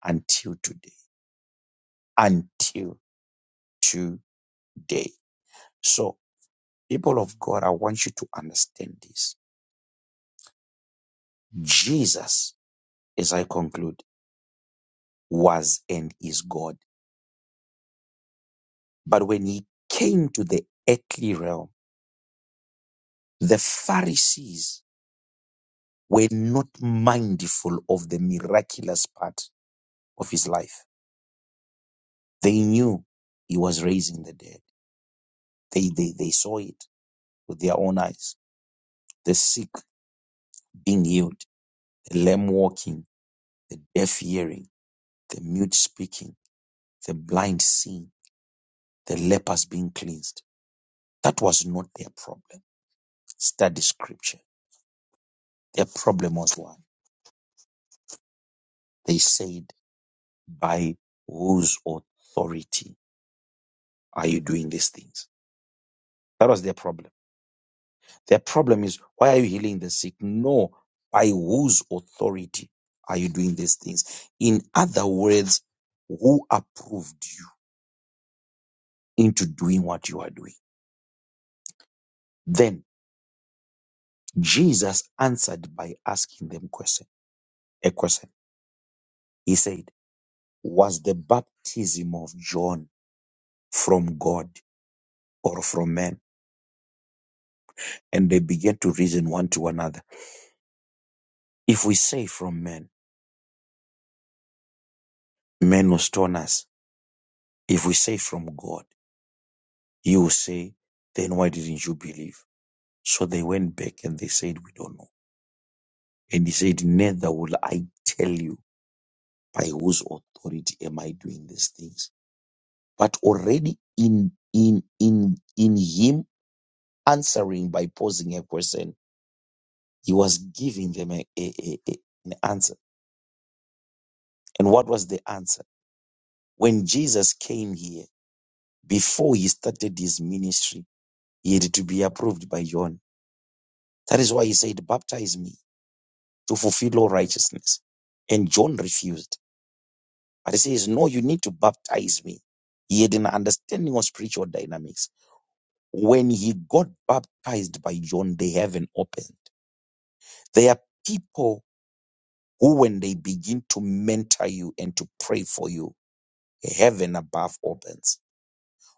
[SPEAKER 4] until today. until today. So, people of God, I want you to understand this. Jesus, as I conclude, was and is God. But when he came to the earthly realm, the Pharisees were not mindful of the miraculous part of his life. They knew he was raising the dead. They, they, they saw it with their own eyes. The sick being healed, the lame walking, the deaf hearing, the mute speaking the blind seeing, the lepers being cleansed. That was not their problem. Study scripture. Their problem was what? They said, by whose authority are you doing these things? That was their problem. Their problem is, why are you healing the sick? No, by whose authority are you doing these things? In other words, who approved you into doing what you are doing? Then Jesus answered by asking them question, a question. He said, was the baptism of John from God or from man? And they began to reason one to another. If we say from men, men will stone us. If we say from God, He will say, then why didn't you believe? So they went back and they said, we don't know. And he said, neither will I tell you by whose authority am I doing these things. But already in, in, in, in him answering by posing a question, He was giving them a, a, a, a- an answer. And what was the answer? When Jesus came here, before he started his ministry, he had to be approved by John. That is why he said, Baptize me to fulfill all righteousness. And John refused. But he says, No, you need to baptize me. He had an understanding of spiritual dynamics. When he got baptized by John, the heaven opened. There are people who, when they begin to mentor you and to pray for you, heaven above opens.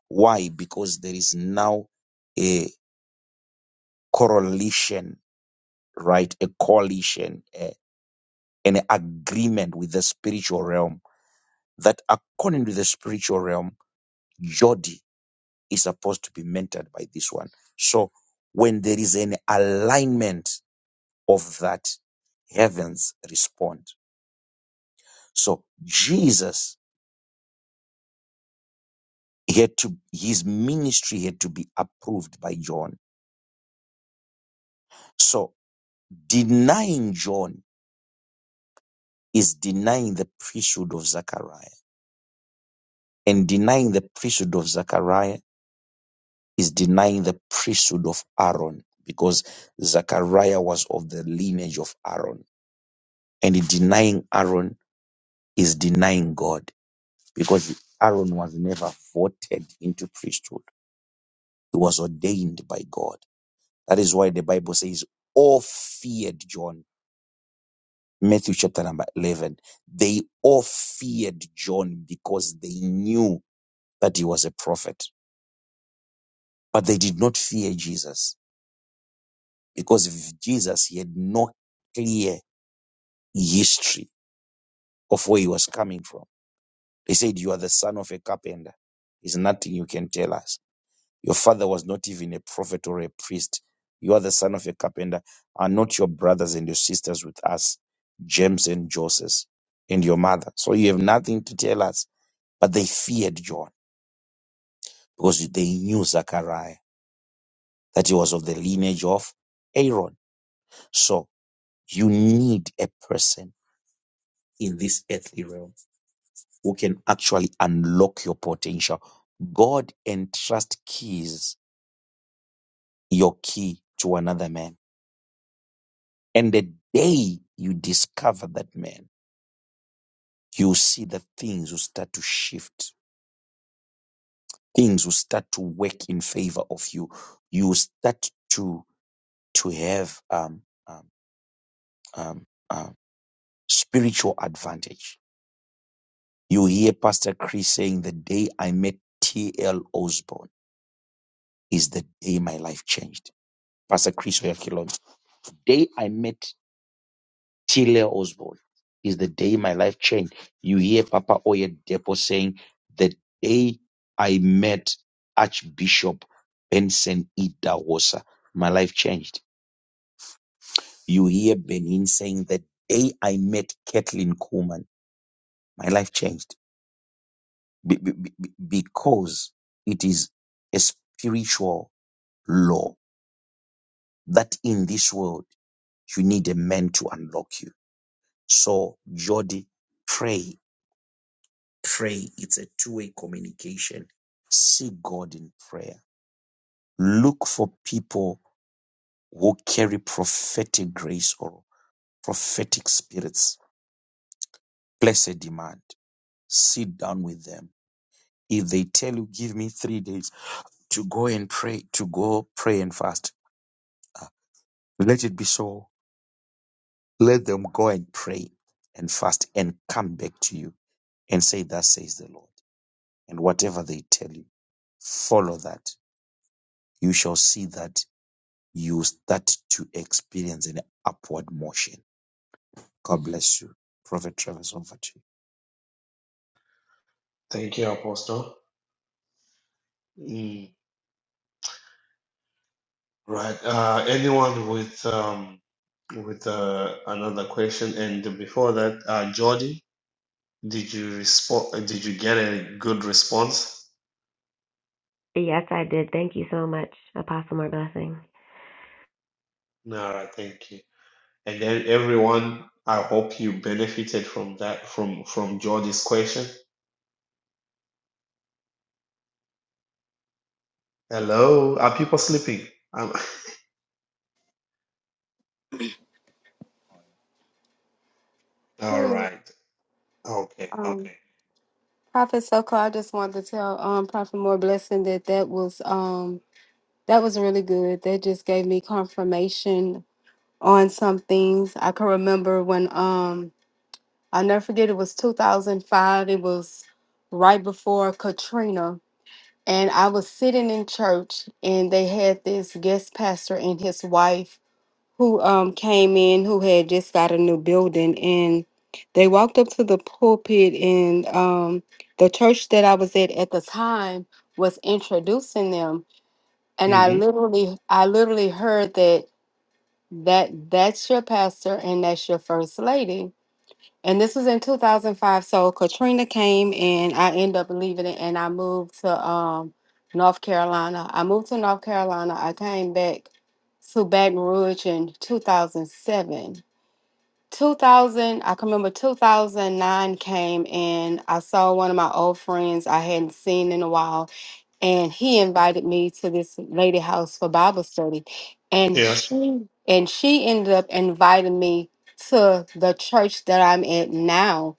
[SPEAKER 4] Why? Because there is now a correlation, right? A coalition, a, an agreement with the spiritual realm that according to the spiritual realm, Jodi is supposed to be mentored by this one. So when there is an alignment of that, heavens respond. So Jesus he had to his ministry had to be approved by John. So denying John is denying the priesthood of Zechariah. And denying the priesthood of Zechariah is denying the priesthood of Aaron because Zechariah was of the lineage of Aaron. And in denying Aaron is denying God because Aaron was never voted into priesthood, he was ordained by God. That is why the Bible says, all feared John. Matthew chapter number 11. They all feared John because they knew that he was a prophet. But they did not fear Jesus because v- Jesus, he had no clear history of where he was coming from. They said, You are the son of a carpenter. There's nothing you can tell us. Your father was not even a prophet or a priest. You are the son of a carpenter. Are not your brothers and your sisters with us, James and Joseph, and your mother? So you have nothing to tell us. But they feared John because they knew Zachariah, that he was of the lineage of Aaron. So You need a person in this earthly realm who can actually unlock your potential. God entrust keys, your key to another man. And the day you discover that man, you see that things will start to shift. Things will start to work in favor of you. You will start to to have um, um, um, um, spiritual advantage. You hear Pastor Chris saying, "The day I met T.L. Osborne." is the day my life changed. Pastor Chris Oyakilon, the day I met Tile Osborne is the day my life changed. You hear Papa Oyedepo saying, the day I met Archbishop Benson Idawosa, my life changed. You hear Benin saying, the day I met Kathleen Kuhlman, my life changed. be- be- be- because it is a spiritual law that in this world you need a man to unlock you. So, Jody, pray, pray. It's a two way communication. See God in prayer. Look for people who carry prophetic grace or prophetic spirits. Place a demand. Sit down with them. If they tell you, give me three days to go and pray, to go pray and fast, ah, let it be so Let them go and pray and fast and come back to you and say, Thus says the Lord. And whatever they tell you, follow that. You shall see that you start to experience an upward motion. God bless you. Prophet Travis, over to
[SPEAKER 1] Thank you, Apostle. Mm, Right. Uh, anyone with um, with uh, another question? And before that, uh, Jordi, did you respond? Did you get a good response?
[SPEAKER 9] Yes, I did. Thank you so much, Apostle More Blessing.
[SPEAKER 1] No, right, thank you. And then everyone, I hope you benefited from that from from Jordi's question. Hello, are people sleeping? Um, all
[SPEAKER 3] Good evening.
[SPEAKER 1] right. Okay. Okay.
[SPEAKER 3] Prophet Soko, I just wanted to tell um, Prophet More Blessing that that was um, that was really good. That just gave me confirmation on some things. I can remember when um, I'll never forget. It was 2005. It was right before Katrina, and I was sitting in church, and they had this guest pastor and his wife who um came in who had just got a new building and they walked up to the pulpit and um the church that I was at at the time was introducing them and I
[SPEAKER 1] Mm-hmm.
[SPEAKER 3] literally I literally heard that that that's your pastor and that's your first lady and this was in 2005. So Katrina came and I ended up leaving it and I moved to um, North Carolina. I moved to North Carolina. I came back to Baton Rouge in 2007. 2000, I can remember 2009 came and I saw one of my old friends I hadn't seen in a while. And he invited me to this lady house for Bible study. And
[SPEAKER 1] Yes.
[SPEAKER 3] she and she ended up inviting me to the church that I'm at now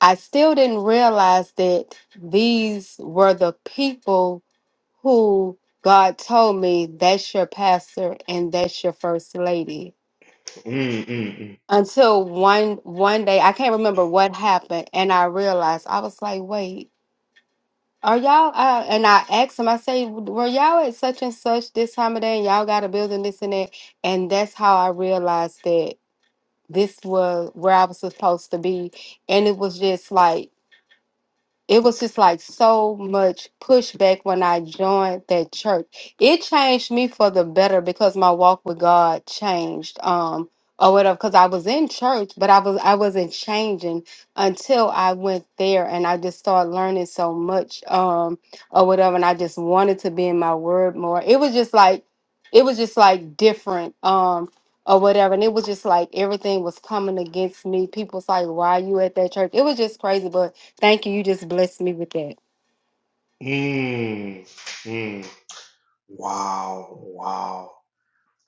[SPEAKER 3] I still didn't realize that these were the people who God told me that's your pastor and that's your first lady.
[SPEAKER 1] Mm, mm, mm.
[SPEAKER 3] Until one one day, I can't remember what happened, and I realized I was like, "Wait, are y'all?" Uh, and I asked him, I say, "Were y'all at such and such this time of day? And y'all got a building this and that?" And that's how I realized that this was where I was supposed to be, and it was just like. it was just like so much pushback when I joined that church. It changed me for the better because my walk with God changed. Um or whatever, because I was in church, but I was I wasn't changing until I went there and I just started learning so much um or whatever and I just wanted to be in my word more. It was just like it was just like different. Um or whatever. And it was just like everything was coming against me. People was like, Why you at that church? It was just crazy, but thank you. You just blessed me with that.
[SPEAKER 1] Mm, mm. Wow. Wow.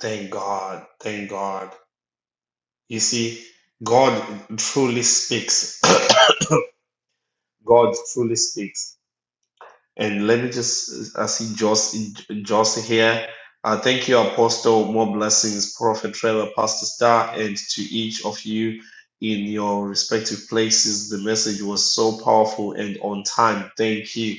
[SPEAKER 1] Thank God. Thank God. You see, God truly speaks. God truly speaks. And let me just, I see Joss, Joss here. Uh, thank you, Apostle. More blessings, Prophet Trevor, Pastor Star, and to each of you in your respective places. The message was so powerful and on time. Thank you.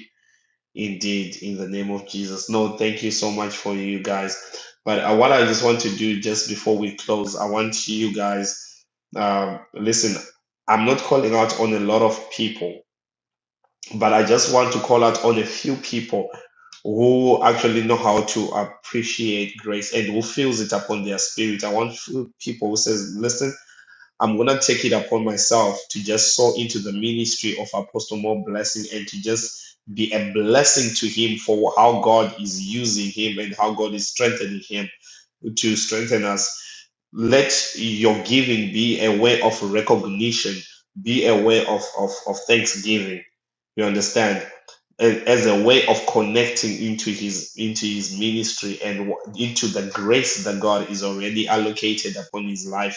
[SPEAKER 1] Indeed, in the name of Jesus. No, thank you so much for you guys. But uh, what I just want to do just before we close, I want you guys, um, listen, I'm not calling out on a lot of people, but I just want to call out on a few people who actually know how to appreciate grace and who feels it upon their spirit. I want few people who says, listen, I'm gonna take it upon myself to just sow into the ministry of Apostle More Blessing and to just be a blessing to him for how God is using him and how God is strengthening him to strengthen us. Let your giving be a way of recognition, be a way of, of, of thanksgiving. You understand? A- As a way of connecting into his into his ministry and into the grace that God is already allocated upon his life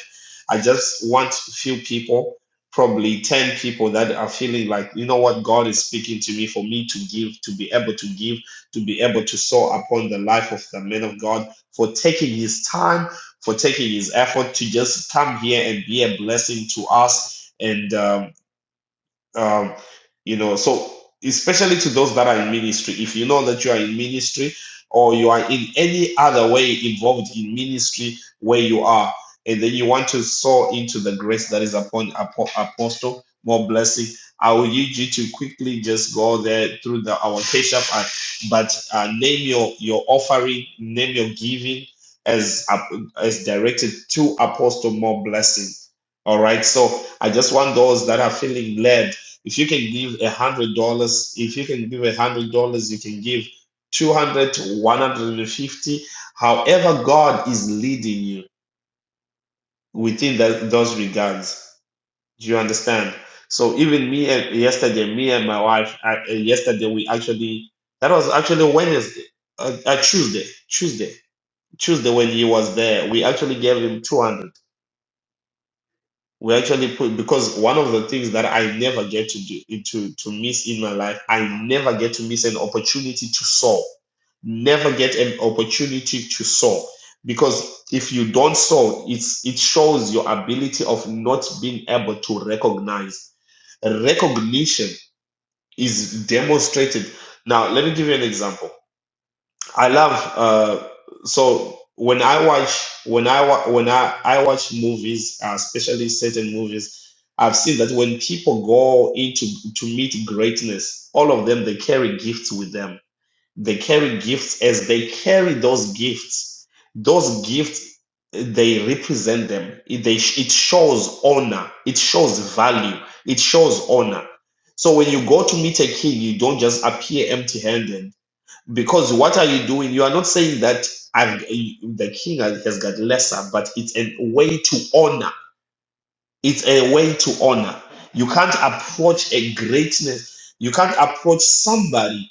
[SPEAKER 1] I just want a few people, probably 10 people that are feeling like, you know what, God is speaking to me for me to give, to be able to give, to be able to sow upon the life of the man of God for taking his time, for taking his effort to just come here and be a blessing to us. And um, um, you know so especially to those that are in ministry if you know that you are in ministry or you are in any other way involved in ministry where you are and then you want to sow into the grace that is upon apo- apostle more blessing i will need you to quickly just go there through the our cash app and, but uh, name your your offering name your giving as ap- as directed to apostle more blessing all right so I just want those that are feeling led if you can give a hundred dollars, if you can give a hundred dollars, you can give 200 to 150, however God is leading you within that, those regards. Do you understand? So even me and yesterday, me and my wife, I, uh, yesterday we actually, that was actually Wednesday, uh, uh, Tuesday, Tuesday, Tuesday when he was there, we actually gave him 200. we actually put because one of the things that I never get to do to to miss in my life, I never get to miss an opportunity to sow. Never get an opportunity to sow because if you don't sow, it's it shows your ability of not being able to recognize. Recognition is demonstrated. Now, let me give you an example. I love uh so when I watch when I wa- when I I watch movies, uh, especially certain movies, I've seen that when people go into to meet greatness, all of them they carry gifts with them. They carry gifts as they carry those gifts. Those gifts eh, they represent them. It, they, it shows honor. It shows value. It shows honor. So when you go to meet a king, you don't just appear empty-handed because what are you doing? You are not saying that I've, the king has has got lesser, but it's a way to honor. It's a way to honor. You can't approach a greatness. You can't approach somebody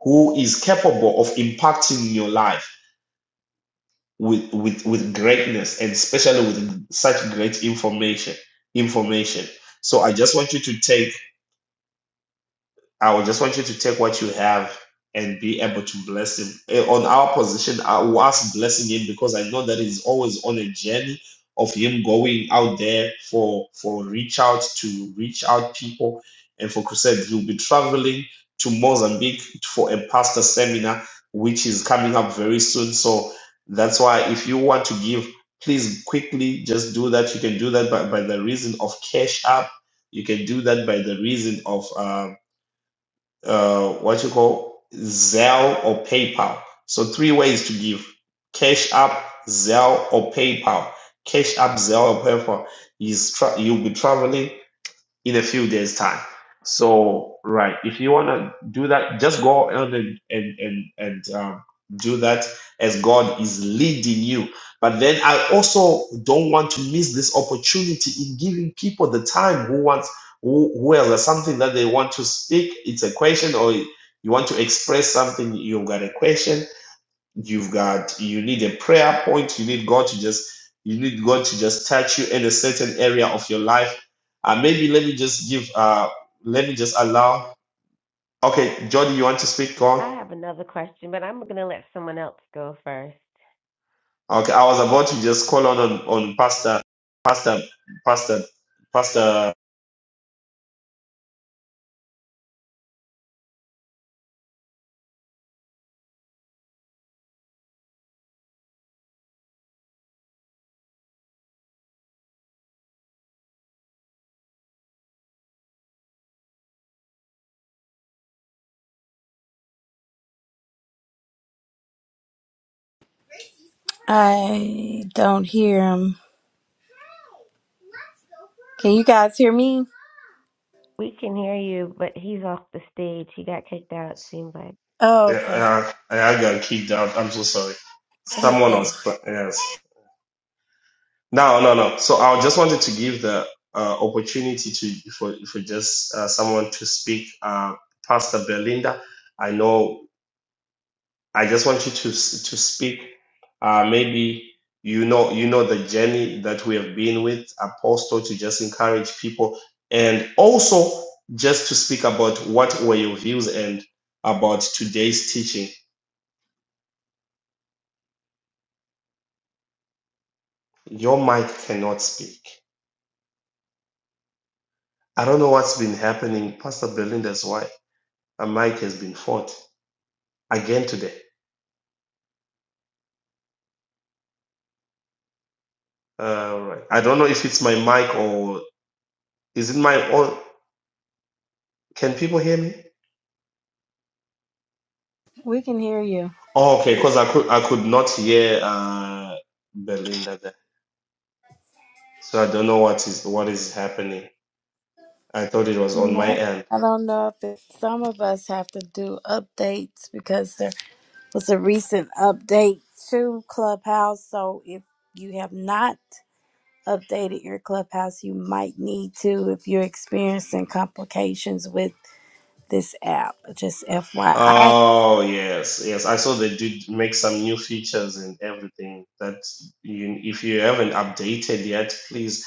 [SPEAKER 1] who is capable of impacting your life with with with greatness and especially with such great information. Information. So I just want you to take I would just want you to take what you have and be able to bless him. Eh, On our position, I will ask blessing him because I know that he's always on a journey of him going out there for for reach out to reach out people and for crusade. He'll be traveling to Mozambique for a pastor seminar, which is coming up very soon. So that's why if you want to give, please quickly just do that. You can do that by, by the reason of cash app. You can do that by the reason of um, uh, what you call Zelle or PayPal. So three ways to give: Cash App, Zelle, or PayPal. Cash App, Zelle, or PayPal. Is tra- you'll be traveling in a few days time so right if you want to do that just go on and and and, and um, do that as god is leading you but then i also don't want to miss this opportunity in giving people the time who wants who, who has a- something that they want to speak it's a question or you want to express something you've got a question You've got you need a prayer point. You need God to just you need God to just touch you in a certain area of your life. Uh, maybe let me just give uh let me just allow. Okay, Jordan, you want to speak? God.
[SPEAKER 9] I have another question, but I'm going to let someone else go first.
[SPEAKER 1] Okay, I was about to just call on on, on Pastor Pastor Pastor Pastor.
[SPEAKER 2] I don't hear him. Can you guys hear me?
[SPEAKER 9] We can hear you, but he's off the stage. He got kicked out, it seems like.
[SPEAKER 2] Oh,
[SPEAKER 1] Yeah,
[SPEAKER 2] okay.
[SPEAKER 1] uh, I got kicked out. I'm so sorry. Someone
[SPEAKER 2] Okay.
[SPEAKER 1] was pla- yes. No, no, no. So I just wanted to give the uh, opportunity to for for just uh, someone to speak. Uh, Pastor Belinda, I know. I just want you to s- to speak. Uh, maybe you know you know the journey that we have been with Apostle to just encourage people and also just to speak about what were your views and about today's teaching. Your mic cannot speak. I don't know what's been happening. Pastor Belinda's wife, her mic has been fought. Again today. All right. I don't know if it's my mic or is it my own. can people hear me?
[SPEAKER 2] We can hear you.
[SPEAKER 1] Oh, okay,
[SPEAKER 5] Yeah.
[SPEAKER 1] because I could I could not hear uh Belinda there. So I don't know what is what is happening. I thought it was
[SPEAKER 2] I'm
[SPEAKER 1] on my
[SPEAKER 2] not-
[SPEAKER 1] end.
[SPEAKER 2] I don't know if it, some of us have to do updates because there was a recent update to Clubhouse. So if you have not updated your clubhouse, you might need to if you're experiencing complications with this app. Just FYI.
[SPEAKER 1] Oh yes, yes. I saw they did make some new features and everything that you if you haven't updated yet, please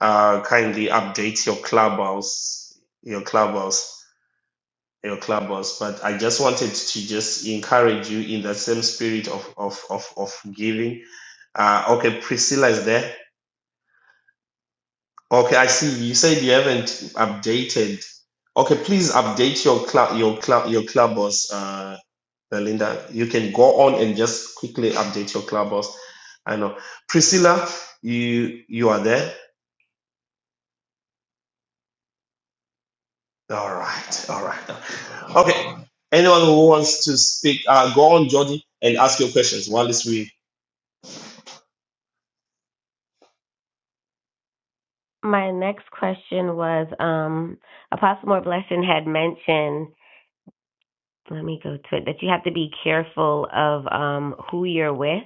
[SPEAKER 1] uh kindly update your clubhouse your clubhouse. your club boss, but i just wanted to just encourage you in that same spirit of of of, of giving uh okay priscilla is there okay i see you said you haven't updated okay please update your club your club your clubhouse uh belinda you can go on and just quickly update your club boss. i know priscilla you you are there all right all right okay anyone who wants to speak uh go on Jody, and ask your questions while it's we
[SPEAKER 9] My next question was um, Apostle More Blessing had mentioned, let me go to it, that you have to be careful of um, who you're with.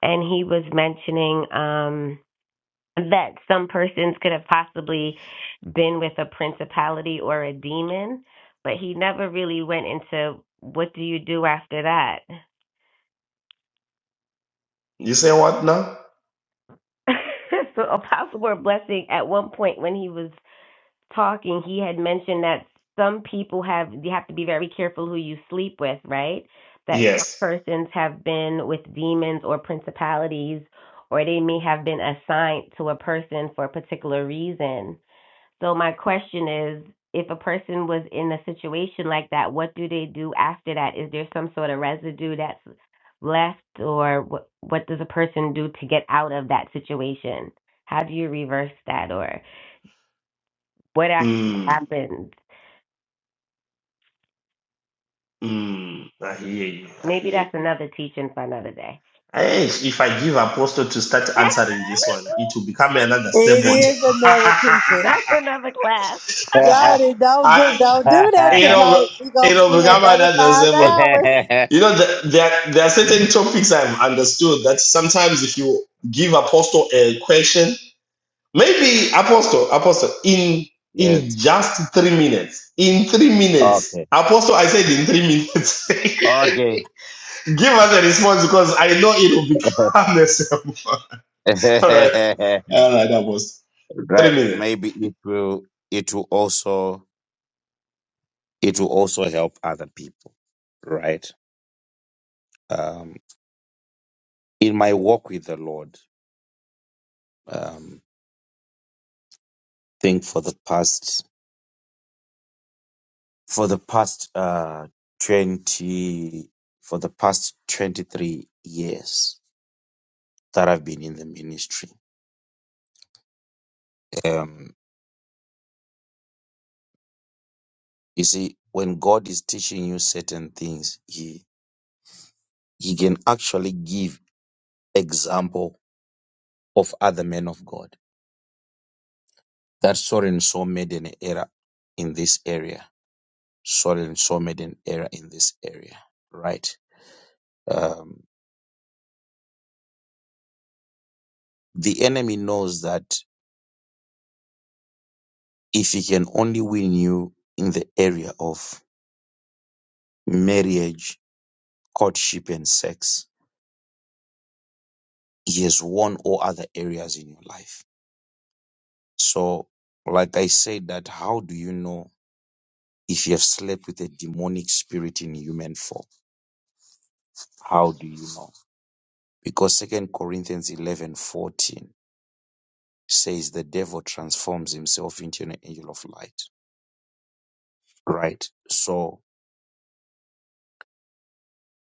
[SPEAKER 9] And he was mentioning um, that some persons could have possibly been with a principality or a demon, but he never really went into what do you do after that.
[SPEAKER 1] You say what now?
[SPEAKER 9] so Apostle More Blessing, at one point when he was talking, he had mentioned that some people have you have to be very careful who you sleep with, right? That some
[SPEAKER 1] Yes.
[SPEAKER 9] persons have been with demons or principalities, or they may have been assigned to a person for a particular reason. So my question is, if a person was in a situation like that, what do they do after that? Is there some sort of residue that's left, or what what does a person do to get out of that situation? How do you reverse that, or what actually
[SPEAKER 1] Mm,
[SPEAKER 9] happens?
[SPEAKER 1] mm, I hear you. I
[SPEAKER 9] Maybe
[SPEAKER 1] hear you.
[SPEAKER 9] that's another teaching for another day.
[SPEAKER 1] Hey, if if I give Apostle to start answering this one, it will become another
[SPEAKER 2] It
[SPEAKER 1] sermon.
[SPEAKER 2] is another preacher.
[SPEAKER 9] that's another class.
[SPEAKER 4] you.
[SPEAKER 2] Jody, don't do
[SPEAKER 1] I,
[SPEAKER 2] don't do that
[SPEAKER 1] it'll,
[SPEAKER 2] tonight. We gonna be
[SPEAKER 1] it'll
[SPEAKER 2] here
[SPEAKER 1] become
[SPEAKER 2] another
[SPEAKER 1] another
[SPEAKER 2] five
[SPEAKER 1] sermon.
[SPEAKER 2] hours.
[SPEAKER 1] You know, the, there, there are certain topics I've understood that sometimes if you give Apostle a question, Maybe Apostle, Apostle, in in
[SPEAKER 4] yes.
[SPEAKER 1] just three minutes. In three minutes.
[SPEAKER 4] Okay.
[SPEAKER 1] Apostle, I said in three minutes.
[SPEAKER 4] Okay.
[SPEAKER 1] Give us a response because I know it will become the same. All right. All right, Apostle.
[SPEAKER 4] right.
[SPEAKER 1] Three minutes.
[SPEAKER 4] Maybe it will it will also it will also help other people. Right. in my walk with the Lord, um, think for the past for the past uh, twenty for the past twenty three years that I've been in the ministry. Um, you see, when God is teaching you certain things, He He can actually give example of other men of God that so and so made an error in this area. So and so made an error in this area, right? Um, the enemy knows that if he can only win you in the area of marriage, courtship, and sex, he has won all other areas in your life. So, like I said, that how do you know if you have slept with a demonic spirit in human form? How do you know? Because Second Corinthians eleven fourteen says the devil transforms himself into an angel of light. Right. So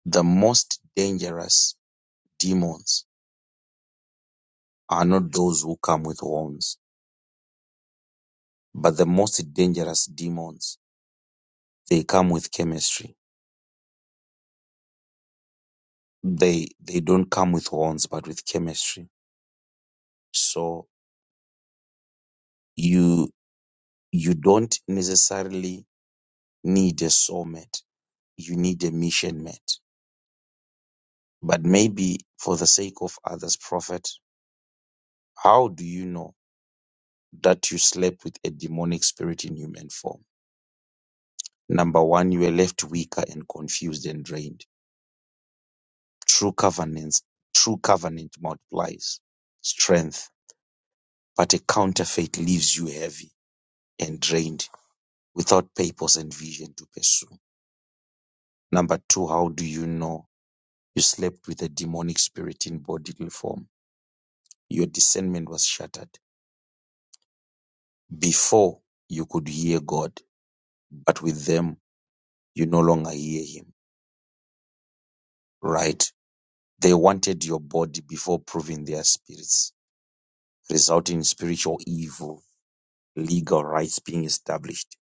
[SPEAKER 4] the most dangerous demons are not those who come with horns But the most dangerous demons, they come with chemistry. They they don't come with horns, but with chemistry. So you you don't necessarily need a soulmate. You need a mission mate. But maybe for the sake of others, prophet, how do you know that you slept with a demonic spirit in human form? Number one, you were left weaker and confused and drained. True covenants, true covenant multiplies strength But a counterfeit leaves you heavy and drained, without purpose and vision to pursue. Number two, how do you know you slept with a demonic spirit in bodily form? Your discernment was shattered. Before you could hear God, but with them, you no longer hear Him. Right? They wanted your body before proving their spirits, resulting in spiritual evil, legal rights being established.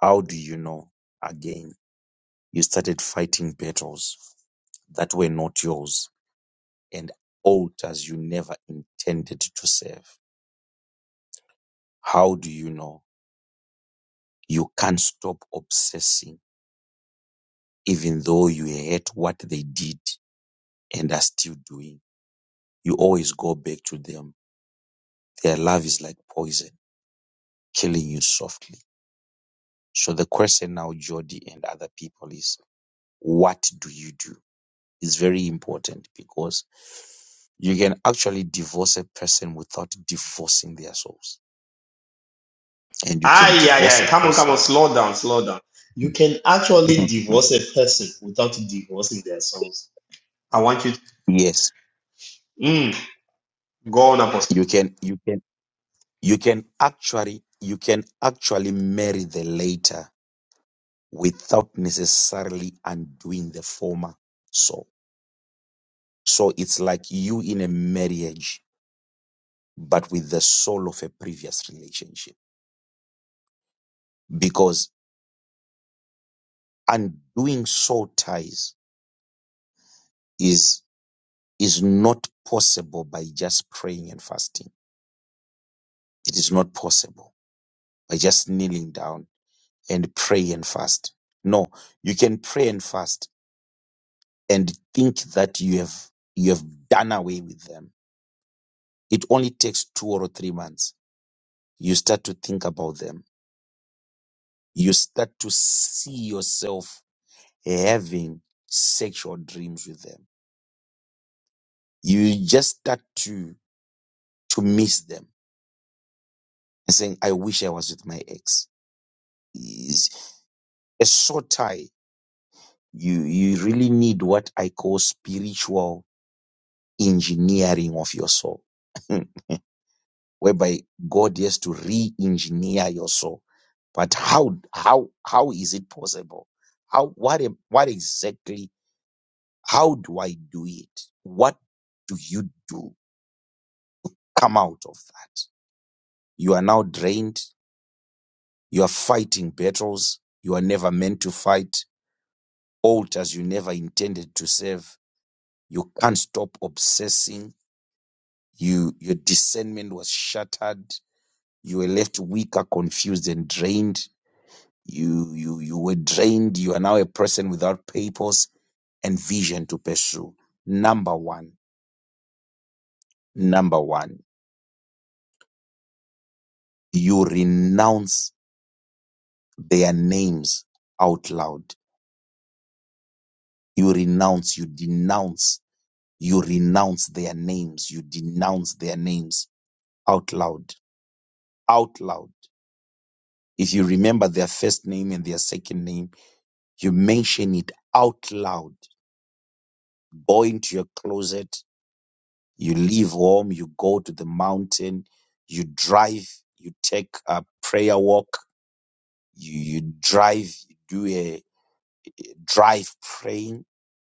[SPEAKER 4] How do you know? Again. You started fighting battles that were not yours and altars you never intended to serve. How do you know? You can't stop obsessing, even though you hate what they did and are still doing. You always go back to them. Their love is like poison, killing you softly. So the question now, Jody and other people, is what do you do? is very important because you can actually divorce a person without divorcing their souls and you
[SPEAKER 1] Ah,
[SPEAKER 4] can
[SPEAKER 1] yeah,
[SPEAKER 4] divorce
[SPEAKER 1] yeah.
[SPEAKER 4] a
[SPEAKER 1] Come on, come on.
[SPEAKER 4] person
[SPEAKER 1] Slow down, slow down. You can actually
[SPEAKER 4] Mhm.
[SPEAKER 1] divorce a person without divorcing their souls. I want you to
[SPEAKER 4] yes
[SPEAKER 1] mm, go on, Apostle.
[SPEAKER 4] you can you can you can actually you can actually marry the later without necessarily undoing the former soul so it's like you in a marriage but with the soul of a previous relationship because undoing soul ties is. is not possible by just praying and fasting. It is not possible by just kneeling down and pray and fast. No, you can pray and fast and think that you have you have done away with them. It only takes two or three months. You start to think about them. You start to see yourself having sexual dreams with them. You just start to to miss them and saying, "I wish I was with my ex." Is- A short tie You, you really need what I call spiritual engineering of your soul, whereby God has to re-engineer your soul. But how, how, how is it possible? How, what, am- what exactly, how do I do it? What do you do? Come out of that. You are now drained. You are fighting battles you are never meant to fight, altars you never intended to serve. You can't stop obsessing You, your discernment was shattered. You were left weaker, confused, and drained. You, you, you were drained. You are now a person without purpose and vision to pursue. Number one, number one, you renounce their names out loud. You renounce, you denounce, you renounce their names, you denounce their names out loud, out loud. If you remember their first name and their second name, You mention it out loud. Go into your closet. You leave home. You go to the mountain. You drive. You take a prayer walk. You, you drive. You do a drive praying.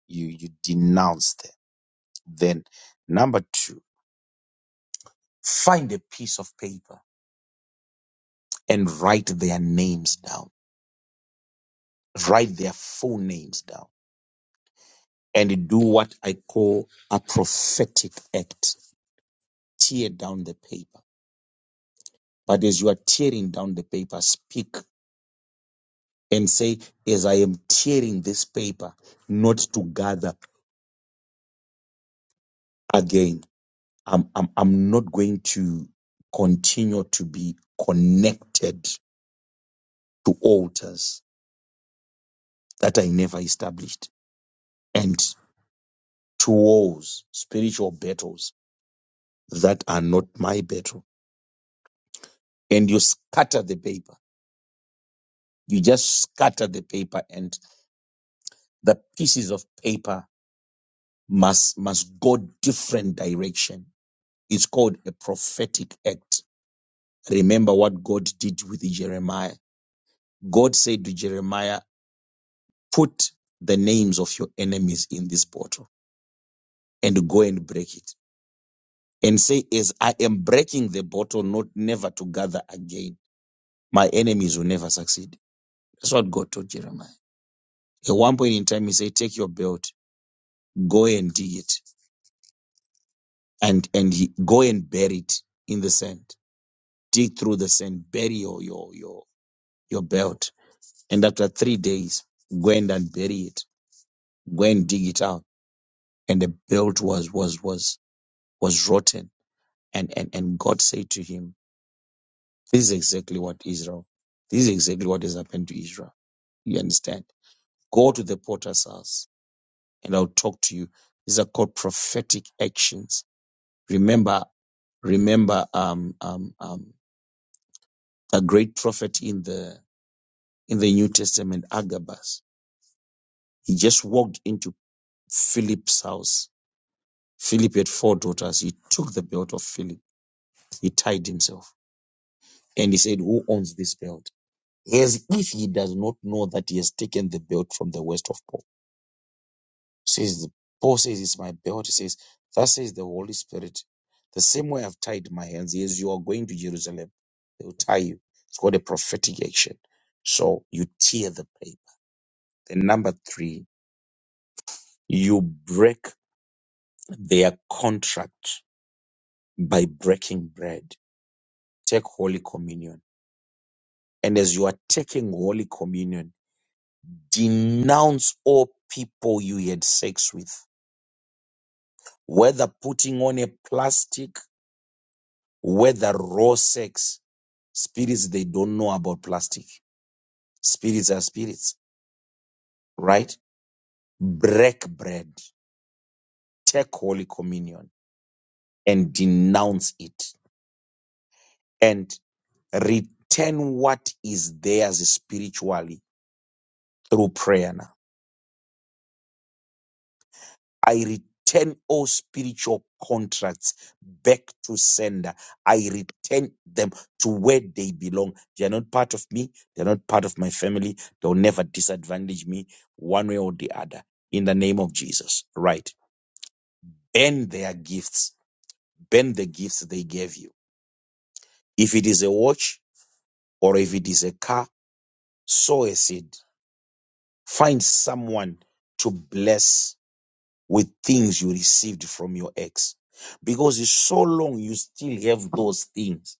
[SPEAKER 4] You, you denounce them. Then number two, find a piece of paper and write their names down. Write their full names down and do what I call a prophetic act. Tear down the paper But as you are tearing down the paper, speak and say, as I am tearing this paper, not to gather again. I'm, I'm, I'm not going to continue to be connected to altars that I never established and to wars, spiritual battles that are not my battle. And you scatter the paper. You just scatter the paper and the pieces of paper must, must go different direction It's called a prophetic act. Remember what God did with Jeremiah. God said to Jeremiah, put the names of your enemies in this bottle and go and break it. And say, as I am breaking the bottle, not never to gather again. My enemies will never succeed. That's what God told Jeremiah. At one point in time, he said, take your belt, go and dig it and, and he, go and bury it in the sand. Dig through the sand, bury your, your, your, your belt And after three days, went and bury it, went and dig it out. And the belt was, was, was, was rotten. And, and, and God said to him, this is exactly what Israel, this is exactly what has happened to Israel. You understand? Go to the potter's house and I'll talk to you. These are called prophetic actions. Remember, remember, um, um, um, a great prophet in the, in the New Testament, Agabus. He just walked into Philip's house Philip had four daughters. He took the belt of Philip. He tied himself. And he said, Who owns this belt? As if he does not know that he has taken the belt from the waist of Paul. Says Paul says, It's my belt. He says, Thus says the Holy Spirit. The same way I've tied my hands, as you are going to Jerusalem, they will tie you. It's called a prophetic action. So you tear the paper. Then number three, you break their contract by breaking bread. Take Holy Communion And as you are taking Holy Communion, denounce all people you had sex with, whether putting on a plastic, whether raw sex. Spirits, they don't know about plastic. Spirits are spirits, right? Break bread, take Holy Communion and denounce it and return what is theirs spiritually through prayer now. I return all spiritual contracts back to sender. I return them to where they belong. They are not part of me. They are not part of my family. They'll never disadvantage me one way or the other. In the name of Jesus. Right. Bend their gifts. Bend the gifts they gave you. If it is a watch or if it is a car, sow a seed. Find someone to bless with things you received from your ex. Because it's so long you still have those things.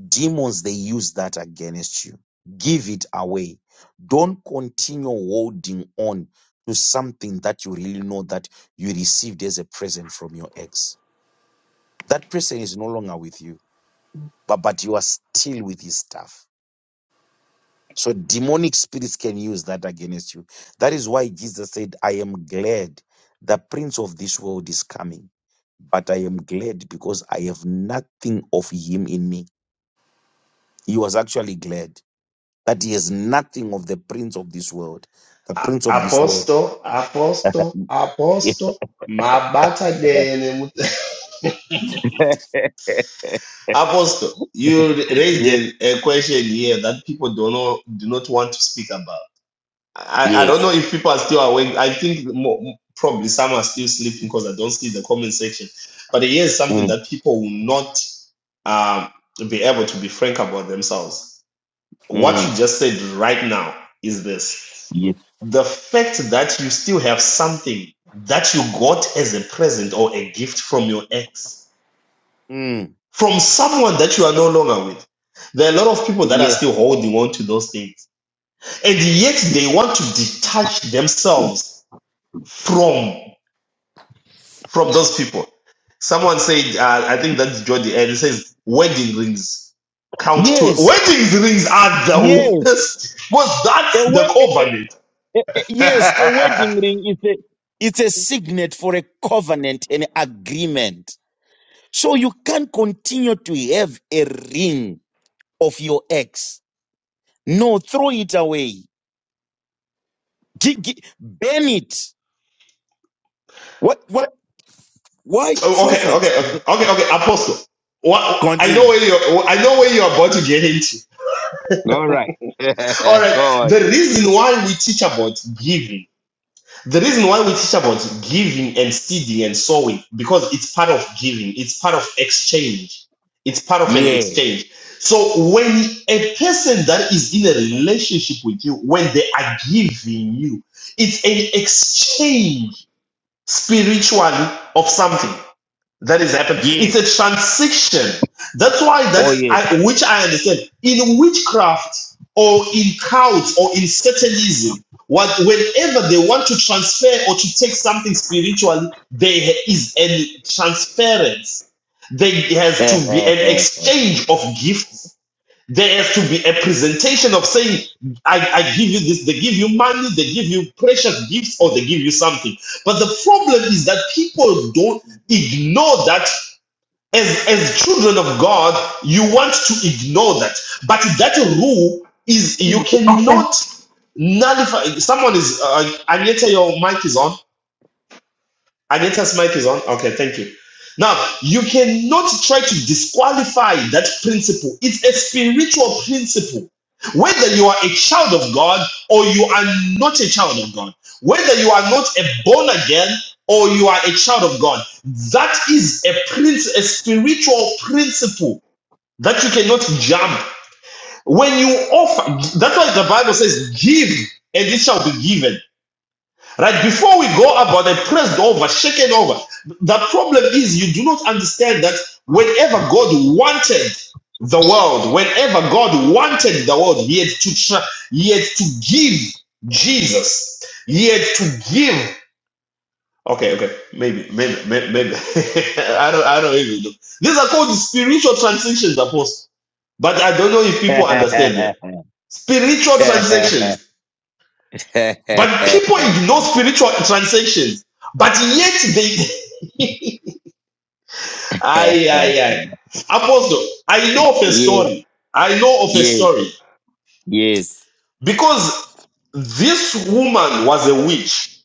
[SPEAKER 4] Demons, they use that against you. Give it away. Don't continue holding on to something that you really know that you received as a present from your ex. That person is no longer with you, but, but you are still with his stuff So demonic spirits can use that against you. That is why Jesus said, I am glad the prince of this world is coming, but I am glad because I have nothing of him in me. He was actually glad that he has nothing of the prince of this world. The
[SPEAKER 1] A-
[SPEAKER 4] prince of this world.
[SPEAKER 1] Apostle, Apostle,
[SPEAKER 4] yes.
[SPEAKER 1] Apostle. Mabata Apostle, you raised a, a question here that people do not do not want to speak about. I, I don't know
[SPEAKER 4] Yes.
[SPEAKER 1] if people are still awake. I think mo probably some are still sleeping because I don't see the comment section. But here's something
[SPEAKER 4] Mm,
[SPEAKER 1] that people will not um, be able to be frank about themselves. What
[SPEAKER 4] mm,
[SPEAKER 1] you just said right now is this:
[SPEAKER 4] yes.
[SPEAKER 1] the fact that you still have something that you got as a present or a gift from your ex
[SPEAKER 4] Mm,
[SPEAKER 1] from someone that you are no longer with. There are a lot of people that are
[SPEAKER 4] yes.
[SPEAKER 1] still holding on to those things, and yet they want to detach themselves from from those people. Someone said, uh, I think that's Jody, and it says wedding rings count too.
[SPEAKER 4] Yes.
[SPEAKER 1] Wedding rings are the worst. Was that the
[SPEAKER 4] Yes.
[SPEAKER 1] covenant?
[SPEAKER 4] Yes, a wedding ring is a it's a signet for a covenant and agreement. So you can't continue to have a ring of your ex. No, throw it away. Gi- gi- burn it. What what why
[SPEAKER 1] Oh, okay,
[SPEAKER 4] prophet?
[SPEAKER 1] okay, okay, okay, okay. Apostle, what I know
[SPEAKER 4] Continue.
[SPEAKER 1] where you I know where you are about to get into.
[SPEAKER 4] All right.
[SPEAKER 1] All right.
[SPEAKER 4] God.
[SPEAKER 1] The reason why we teach about giving, the reason why we teach about giving and seeding and sowing, because it's part of giving, it's part of exchange, it's part of an
[SPEAKER 4] Yeah.
[SPEAKER 1] exchange. So when a person that is in a relationship with you, when they are giving you, it's an exchange spiritually of something. That is happening.
[SPEAKER 4] Yeah.
[SPEAKER 1] It's a transition. That's why
[SPEAKER 4] Oh
[SPEAKER 1] that
[SPEAKER 4] yeah.
[SPEAKER 1] I, which I understand in witchcraft or in cults or in Satanism, what whenever they want to transfer or to take something spiritually, there is a transference. There has
[SPEAKER 4] yeah.
[SPEAKER 1] to be an exchange of gifts there has to be a presentation of saying, I, I give you this, they give you money, they give you precious gifts, or they give you something. But the problem is that people don't ignore that. As, as children of God, you want to ignore that. But that rule is you cannot nullify. Someone is, uh, Agneta, your mic is on. Anita's mic is on. Okay, thank you. Now, you cannot try to disqualify that principle. It's a spiritual principle. Whether you are a child of God or you are not a child of God, whether you are not a born again or you are a child of God, that is a prince, a spiritual principle that you cannot jump. When you offer, that's why the Bible says, "Give, and it shall be given." Right before we go about it, pressed over, shaken over, the problem is you do not understand that whenever God wanted the world, whenever God wanted the world, He had to try, He had to give Jesus, He had to give. Okay, okay, maybe, maybe, maybe, maybe. I don't, I don't even know. These are called spiritual transactions, apostle. But I don't know if people understand them. Spiritual transactions. But people ignore spiritual transactions, but yet they. Aye, aye, aye. Apostle, I know of a
[SPEAKER 4] Yes.
[SPEAKER 1] story. I know of a
[SPEAKER 4] Yes.
[SPEAKER 1] story.
[SPEAKER 4] Yes.
[SPEAKER 1] Because this woman was a witch.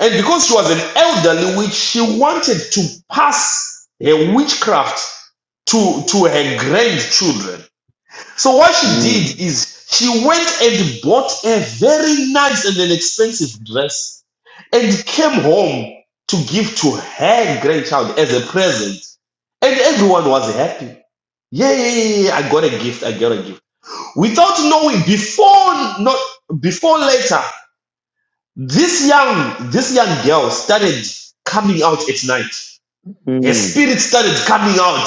[SPEAKER 1] And because she was an elderly witch, she wanted to pass her witchcraft to, to her grandchildren. So what she did
[SPEAKER 4] Mm.
[SPEAKER 1] is she went and bought a very nice and an expensive dress and came home to give to her grandchild as a present. And everyone was happy. Yeah, yeah, yeah, yeah, I got a gift. I got a gift. Without knowing, before not before later, this young this young girl started coming out at night. A spirit started coming out,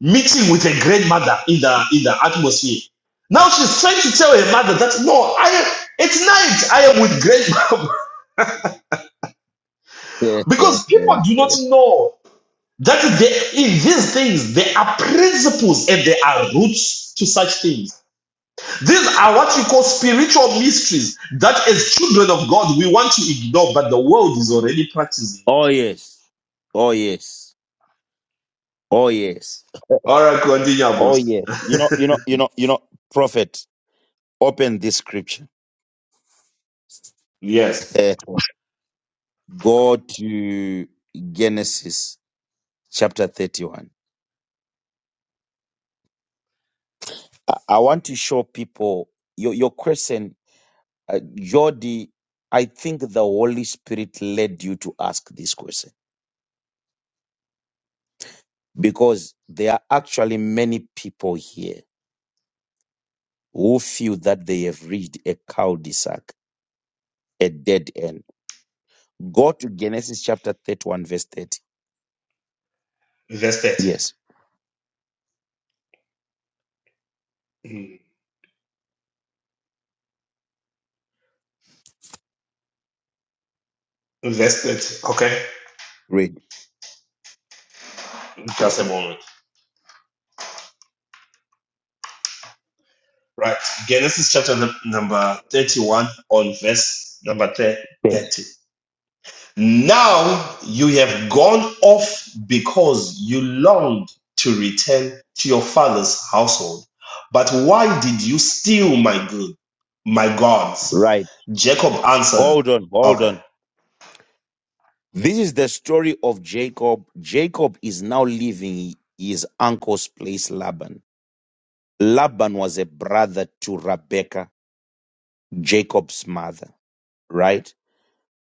[SPEAKER 1] meeting with a grandmother in the in the atmosphere. Now she's trying to tell her mother that no, I am at night I am with grandma because people do not know that they, in these things there are principles and there are roots to such things. These are what we call spiritual mysteries that as children of God we want to ignore, but the world is already practicing it.
[SPEAKER 4] oh yes. Oh yes. Oh yes.
[SPEAKER 1] All right, continue,
[SPEAKER 4] Oh
[SPEAKER 1] boss.
[SPEAKER 4] yes. You know, you know, you know, you know, prophet, open this scripture.
[SPEAKER 1] Yes,
[SPEAKER 4] Eh, Go to Genesis chapter 31. I, I want to show people your, your question, uh, Jody. I think the Holy Spirit led you to ask this question because there are actually many people here who feel that they have reached a cul-de-sac, a dead end Go to Genesis chapter 31, verse 30.
[SPEAKER 1] invested,
[SPEAKER 4] Yes.
[SPEAKER 1] Mm. invested. Okay.
[SPEAKER 4] Read.
[SPEAKER 1] Just a moment. Right. Genesis chapter num- number 31 on verse number
[SPEAKER 4] Good.
[SPEAKER 1] 30. Now you have gone off because you longed to return to your father's household. But why did you steal my good, my gods?
[SPEAKER 4] Right.
[SPEAKER 1] Jacob answered,
[SPEAKER 4] Hold on, hold
[SPEAKER 1] Okay.
[SPEAKER 4] on. This is the story of Jacob. Jacob is now leaving his uncle's place, Laban. Laban was a brother to Rebekah, Jacob's mother, right?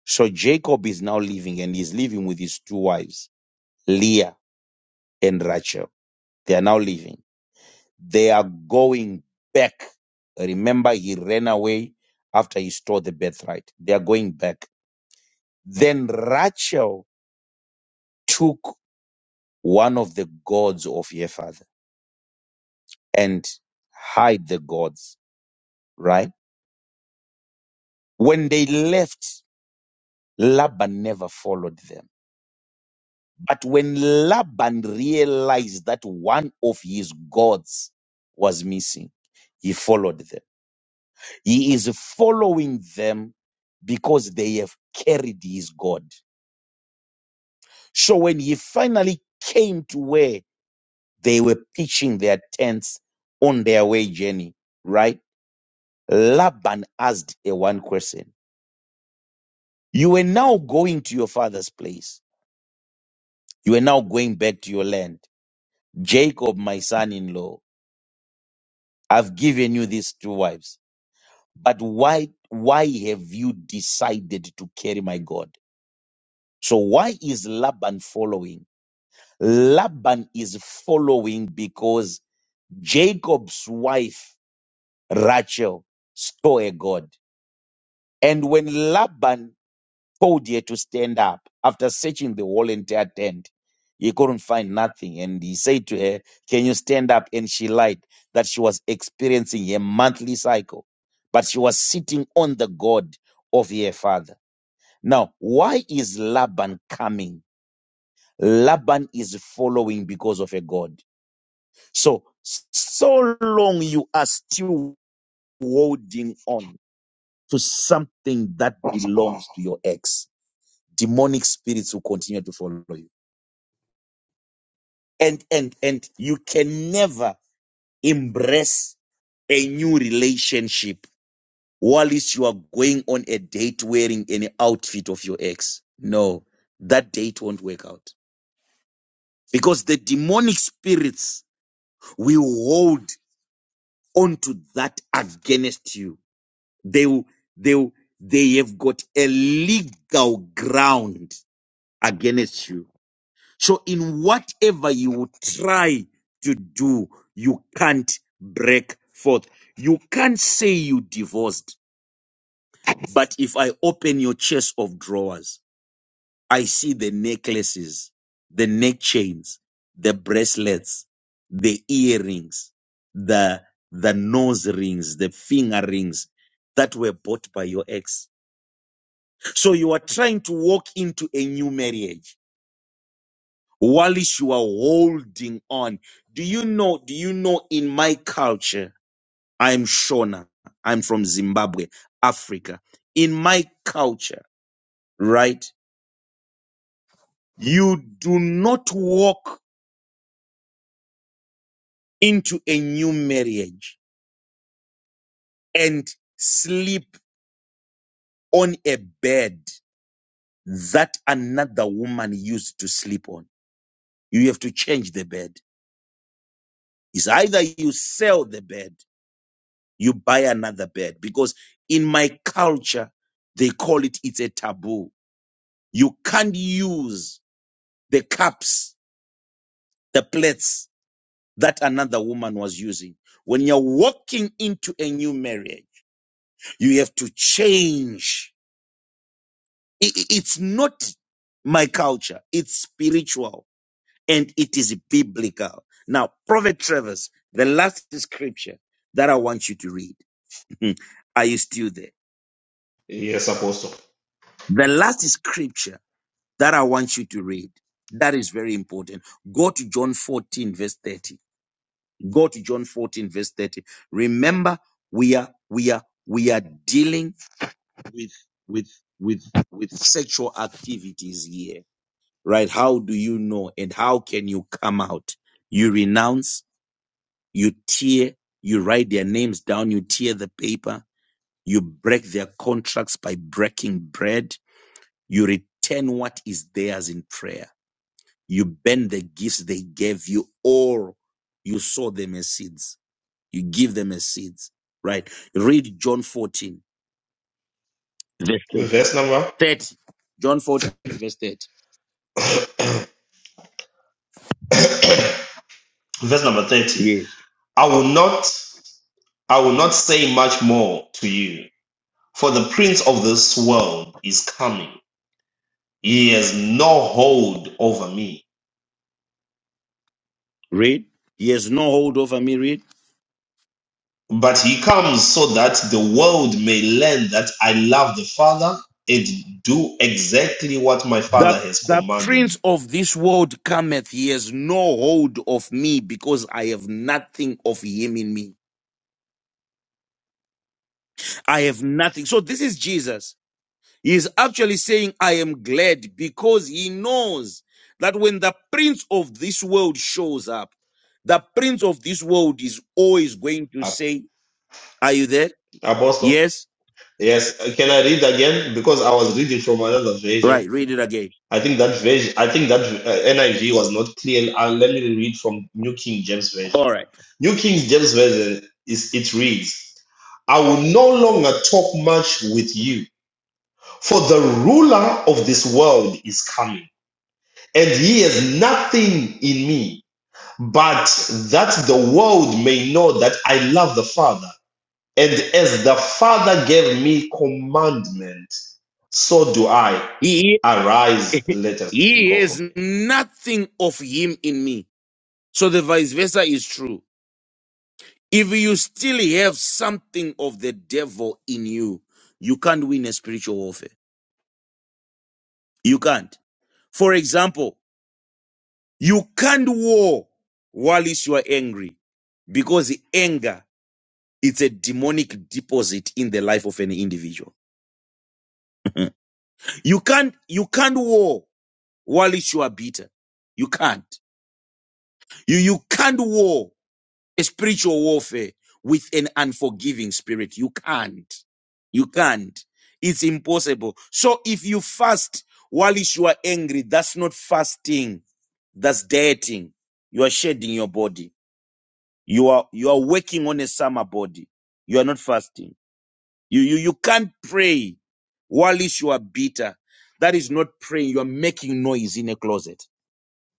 [SPEAKER 4] So Jacob is now leaving and he's living with his two wives, Leah and Rachel. They are now leaving. They are going back. Remember, he ran away after he stole the birthright. They are going back. Then Rachel took one of the gods of her father and hid the gods, right? When they left, Laban never followed them. But when Laban realized that one of his gods was missing, he followed them. He is following them because they have carried his God. So when he finally came to where they were pitching their tents on their way journey, right? Laban asked a one question. You were now going to your father's place. You are now going back to your land. Jacob, my son-in-law, I've given you these two wives. But why, why have you decided to carry my God? So why is Laban following? Laban is following because Jacob's wife Rachel saw a God. And when Laban told her to stand up after searching the whole entire tent, he couldn't find nothing. And he said to her, Can you stand up? And she lied that she was experiencing a monthly cycle, but she was sitting on the God of her father. Now, why is Laban coming? Laban is following because of a God. So, so long you are still holding on to something that belongs to your ex, demonic spirits will continue to follow you. And, and, and you can never embrace a new relationship while you are going on a date wearing any outfit of your ex. No, that date won't work out because the demonic spirits will hold onto that against you They, will- they, will- they have got a legal ground against you. So in whatever you try to do, you can't break forth. You can't say you divorced, but if I open your chest of drawers, I see the necklaces, the neck chains, the bracelets, the earrings, the the nose rings, the finger rings that were bought by your ex. So you are trying to walk into a new marriage whilst you are holding on. Do you know? Do you know in my culture? I'm Shona. I'm from Zimbabwe, Africa. In my culture, right? You do not walk into a new marriage and sleep on a bed that another woman used to sleep on. You have to change the bed. It's either you sell the bed you buy another bed because in my culture they call it it's a taboo you can't use the cups the plates that another woman was using when you're walking into a new marriage you have to change I- i- it's not my culture it's spiritual and it is biblical now prophet travers the last scripture that i want you to read are you still there
[SPEAKER 1] Yes, Apostle.
[SPEAKER 4] the last scripture that I want you to read. That is very important. Go to John 14, verse 30. Go to John 14, verse 30. Remember, we are we are we are dealing with with with with sexual activities here. Right? How do you know and how can you come out? You renounce, you tear, you write their names down, you tear the paper, you break their contracts by breaking bread, you return what is theirs in prayer You burn the gifts they gave you, or you sow them as seeds. You give them as seeds, right? Read John 14, verse
[SPEAKER 1] Verse number
[SPEAKER 4] 30. John 14, verse 30.
[SPEAKER 1] verse number 30.
[SPEAKER 4] Yes.
[SPEAKER 1] I will not I will not say much more to you For the prince of this world is coming. He has no hold over me.
[SPEAKER 4] Read. He has no hold over me. Read.
[SPEAKER 1] But he comes so that the world may learn that I love the Father and do exactly what my
[SPEAKER 4] The,
[SPEAKER 1] Father has
[SPEAKER 4] the
[SPEAKER 1] commanded
[SPEAKER 4] prince
[SPEAKER 1] me.
[SPEAKER 4] of this world cometh. He has no hold of me because I have nothing of him in me. I have nothing. So this is Jesus. He is actually saying, I am glad because he knows that when the prince of this world shows up, the prince of this world is always going to say, Are you there?
[SPEAKER 1] Apostle?
[SPEAKER 4] Yes?
[SPEAKER 1] Yes. Can I read again? Because I was reading from another version.
[SPEAKER 4] Right, read it again.
[SPEAKER 1] I think that version, I think that uh, NIV was not clear. Uh, let me read from New King James Version.
[SPEAKER 4] All right.
[SPEAKER 1] New King James Version is it reads, "I will no longer talk much with you, for the ruler of this world is coming, and he has nothing in me, but that the world may know that I love the Father, and as the Father gave me commandment, so do I.
[SPEAKER 4] He,
[SPEAKER 1] Arise, let us
[SPEAKER 4] he
[SPEAKER 1] go from
[SPEAKER 4] has
[SPEAKER 1] here."
[SPEAKER 4] nothing of him in me. So the vice versa is true. If you still have something of the devil in you, you can't win a spiritual warfare. You can't. For example, You can't war whilst you are angry because anger it's a demonic deposit in the life of an individual. you can't you can't war whilst you are bitter. You can't. You you can't war a spiritual warfare with an unforgiving spirit. You can't. You can't. It's impossible. So if you fast whilst you are angry, that's not fasting. That's dieting. You are shedding your body You are you are working on a summer body. You are not fasting. You you you can't pray whilst you are bitter. That is not praying. You are making noise in a closet.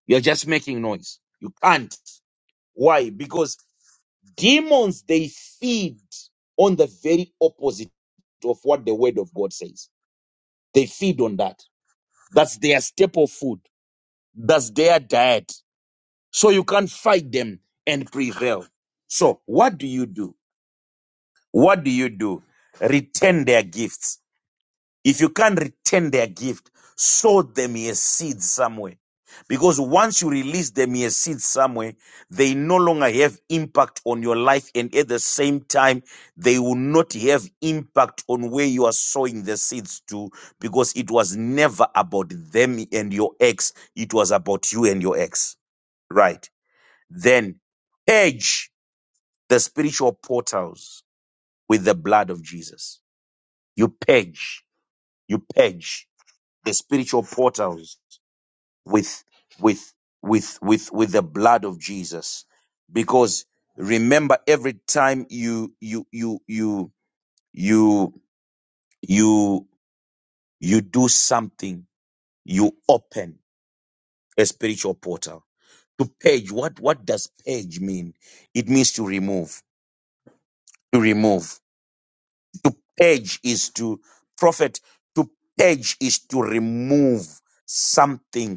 [SPEAKER 4] You are just making noise. You can't. Why? Because demons they feed on the very opposite of what the word of God says. They feed on that. That's their staple food. That's their diet. So you can't fight them and prevail. So what do you do? What do you do? Return their gifts. If you can't return their gift, sow them a seed somewhere. Because once you release them a seed somewhere, they no longer have impact on your life. And at the same time, they will not have impact on where you are sowing the seeds to because it was never about them and your ex. It was about you and your ex. Right. Then purge the spiritual portals with the blood of Jesus you page, you page the spiritual portals with with with with with the blood of Jesus. Because remember every time you you you you you you you do something, you open a spiritual portal. To page, what what does page mean? It means to remove, to remove. To page is to prophet, to page is to remove something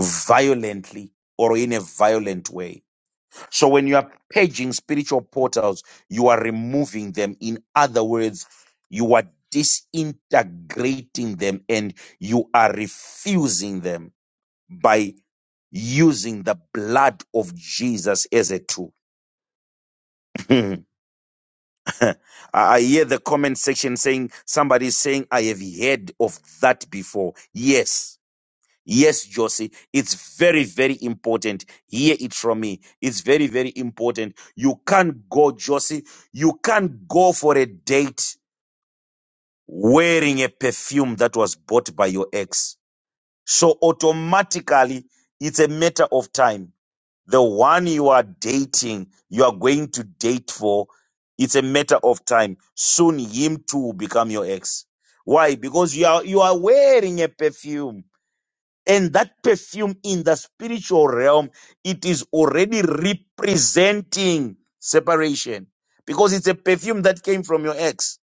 [SPEAKER 4] violently or in a violent way. So when you are paging spiritual portals, you are removing them. In other words, you are disintegrating them and you are refusing them by using the blood of Jesus as a tool. I I hear the comment section saying somebody is saying, I have heard of that before. Yes Yes, Josie, it's very, very important. Hear it from me. It's very, very important. You can't go, Josie, you can't go for a date wearing a perfume that was bought by your ex. So automatically, it's a matter of time. The one you are dating, you are going to date for, it's a matter of time. Soon him too will become your ex. Why? Because you are you are wearing a perfume and that perfume in the spiritual realm, it is already representing separation because it's a perfume that came from your ex.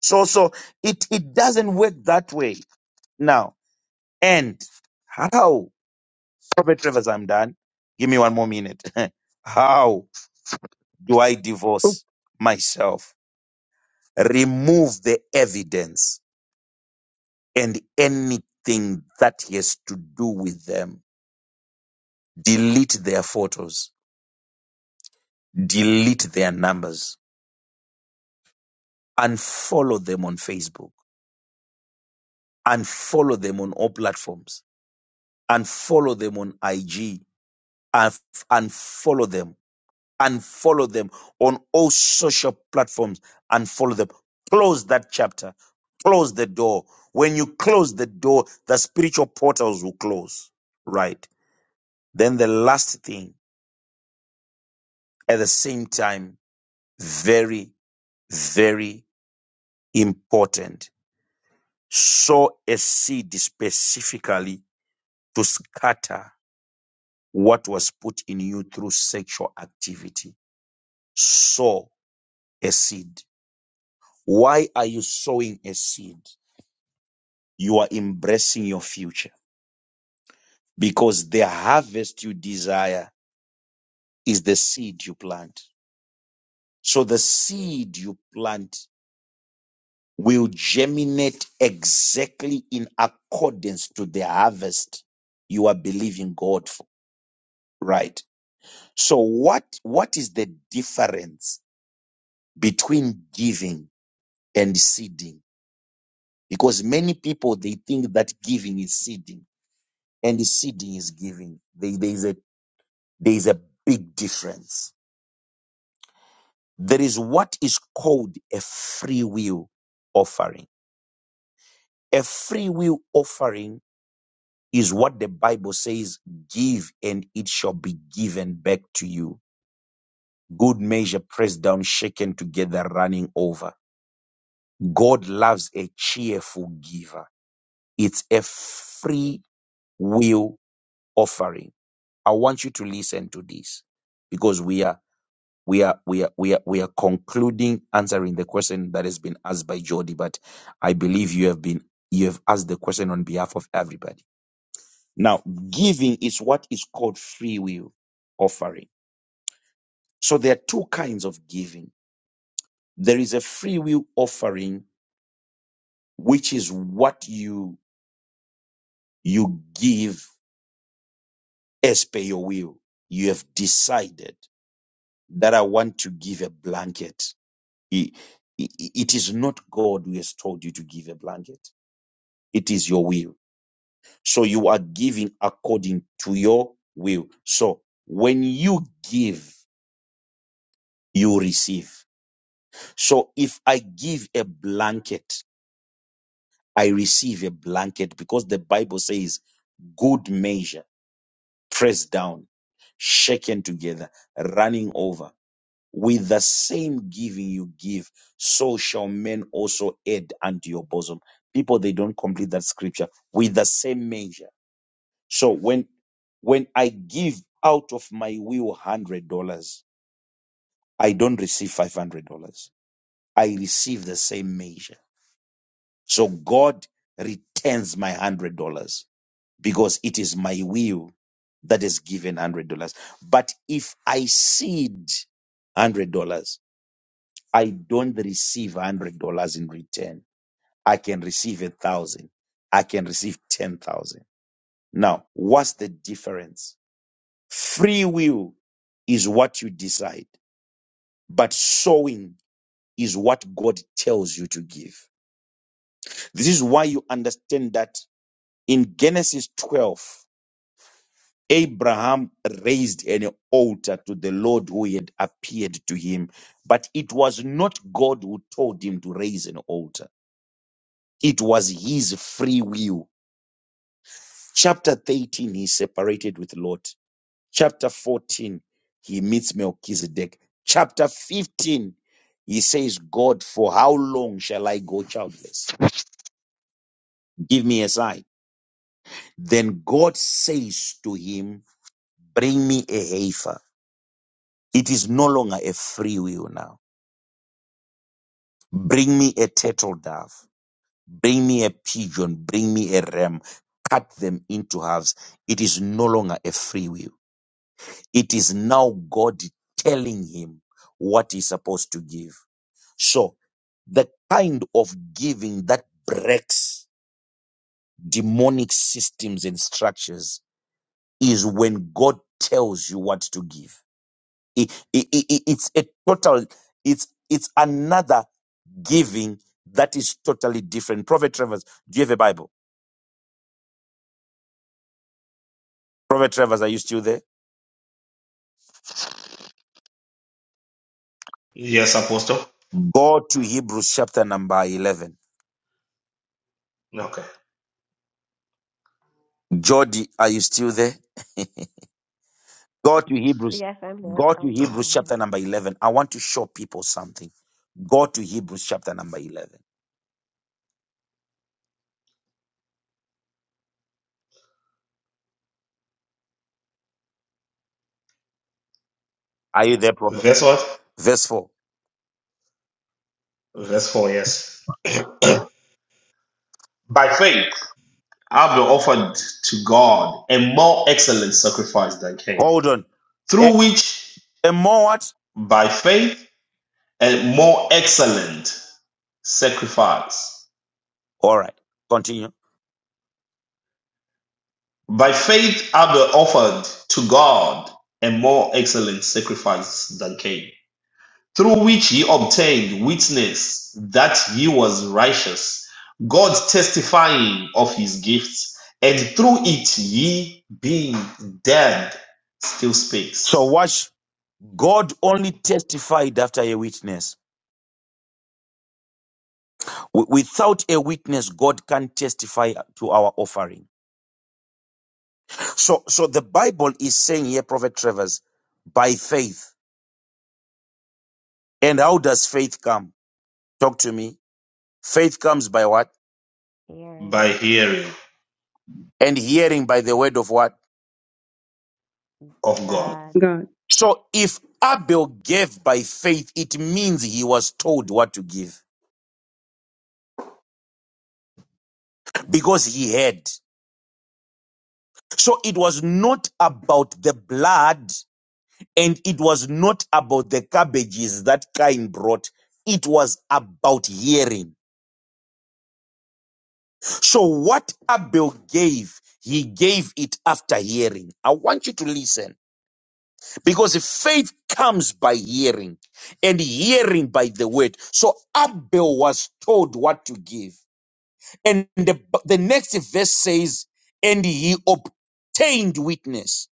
[SPEAKER 4] So, so it, it doesn't work that way. Now, and how, Prophet Travers, I'm done. Give me one more minute. how do I divorce myself? Remove the evidence and anything that has to do with them. Delete their photos delete their numbers, unfollow them on Facebook, unfollow them on all platforms, unfollow them on IG, un- unfollow them, unfollow them on all social platforms, unfollow them. Close that chapter, close the door. When you close the door, the spiritual portals will close, right? Then the last thing, at the same time, very, very important sow a seed specifically to scatter what was put in you through sexual activity. Sow a seed. Why are you sowing a seed? You are embracing your future because the harvest you desire is the seed you plant. So the seed you plant will germinate exactly in accordance to the harvest you are believing God for, right? So what what is the difference between giving and seeding? Because many people they think that giving is seeding and seeding is giving. There there is a there is a big difference. There is what is called a free will offering. A free will offering is what the Bible says, give and it shall be given back to you. Good measure pressed down, shaken together, running over God loves a cheerful giver. It's a free will offering. I want you to listen to this because we are we are we are we are we are concluding answering the question that has been asked by Jody, but I believe you have been you have asked the question on behalf of everybody. Now, giving is what is called free will offering. So there are two kinds of giving. There is a free will offering, which is what you you give as per your will, you have decided that I want to give a blanket. I- i- It is not God who has told you to give a blanket. It is your will. So you are giving according to your will. So when you give, you receive. So if I give a blanket, I receive a blanket because the Bible says good measure, pressed down, shaken together, running over. With the same giving you give, so shall men also add unto your bosom. People, they don't complete that scripture with the same measure. So when, when I give out of my will $100, I don't receive $500. I receive the same measure. So God returns my $100 because it is my will that is given $100. But if I seed $100, I don't receive hundred dollars in return. I can receive a thousand. I can receive ten thousand. Now, what's the difference? Free will is what you decide, but sowing is what God tells you to give. This is why you understand that in Genesis 12, Abraham raised an altar to the Lord who had appeared to him, but it was not God who told him to raise an altar It was his free will. Chapter 13, he separated with Lot. Chapter 14, he meets Melchizedek. Chapter 15, he says, God, for how long shall I go childless? Give me a sign. Then God says to him, Bring me a heifer. It is no longer a free will now. Bring me a turtle dove. Bring me a pigeon. Bring me a ram. Cut them into halves. It is no longer a free will It is now God telling him what he's supposed to give. So the kind of giving that breaks demonic systems and structures is when God tells you what to give. it, it, it- it's a total, it's, it's another giving that is totally different. Prophet Travers, do you have a Bible? Prophet Travers, are you still there?
[SPEAKER 1] Yes, Apostle.
[SPEAKER 4] Go to Hebrews chapter number 11.
[SPEAKER 1] Okay.
[SPEAKER 4] Jody, are you still there? Go to Hebrews.
[SPEAKER 9] Yes, I'm here.
[SPEAKER 4] Go to
[SPEAKER 9] I'm
[SPEAKER 4] Hebrews
[SPEAKER 9] sorry.
[SPEAKER 4] chapter number 11. I want to show people something. Go to Hebrews chapter number 11. Are you there, Prophet?
[SPEAKER 1] Verse what?
[SPEAKER 4] Verse 4.
[SPEAKER 1] Verse 4, yes. By faith, Abel offered to God a more excellent sacrifice than Cain,
[SPEAKER 4] Hold on. A,
[SPEAKER 1] through which,
[SPEAKER 4] a more what?
[SPEAKER 1] by faith, a more excellent sacrifice.
[SPEAKER 4] All right. Continue.
[SPEAKER 1] By faith, Abel offered to God a more excellent sacrifice than Cain. Through which he obtained witness that he was righteous, God testifying of his gifts, and through it he, being dead, still
[SPEAKER 4] So
[SPEAKER 1] speaks
[SPEAKER 4] watch. God only testified after a witness. Wi- Without a witness, God can't testify to our offering. So, so the Bible is saying here, Prophet Travers, by faith. And how does faith come? Talk to me. Faith comes by what?
[SPEAKER 9] Hearing
[SPEAKER 1] by hearing
[SPEAKER 4] And hearing by the word of what?
[SPEAKER 1] of God.
[SPEAKER 9] God.
[SPEAKER 11] God,
[SPEAKER 4] So if Abel gave by faith, it means he was told what to give because he had. So it was not about the blood and it was not about the cabbages that Cain brought. It was about hearing. So what Abel gave, he gave it after hearing. I want you to listen because faith comes by hearing and hearing by the word. So Abel was told what to give. And the, the next verse says, and he obtained witness,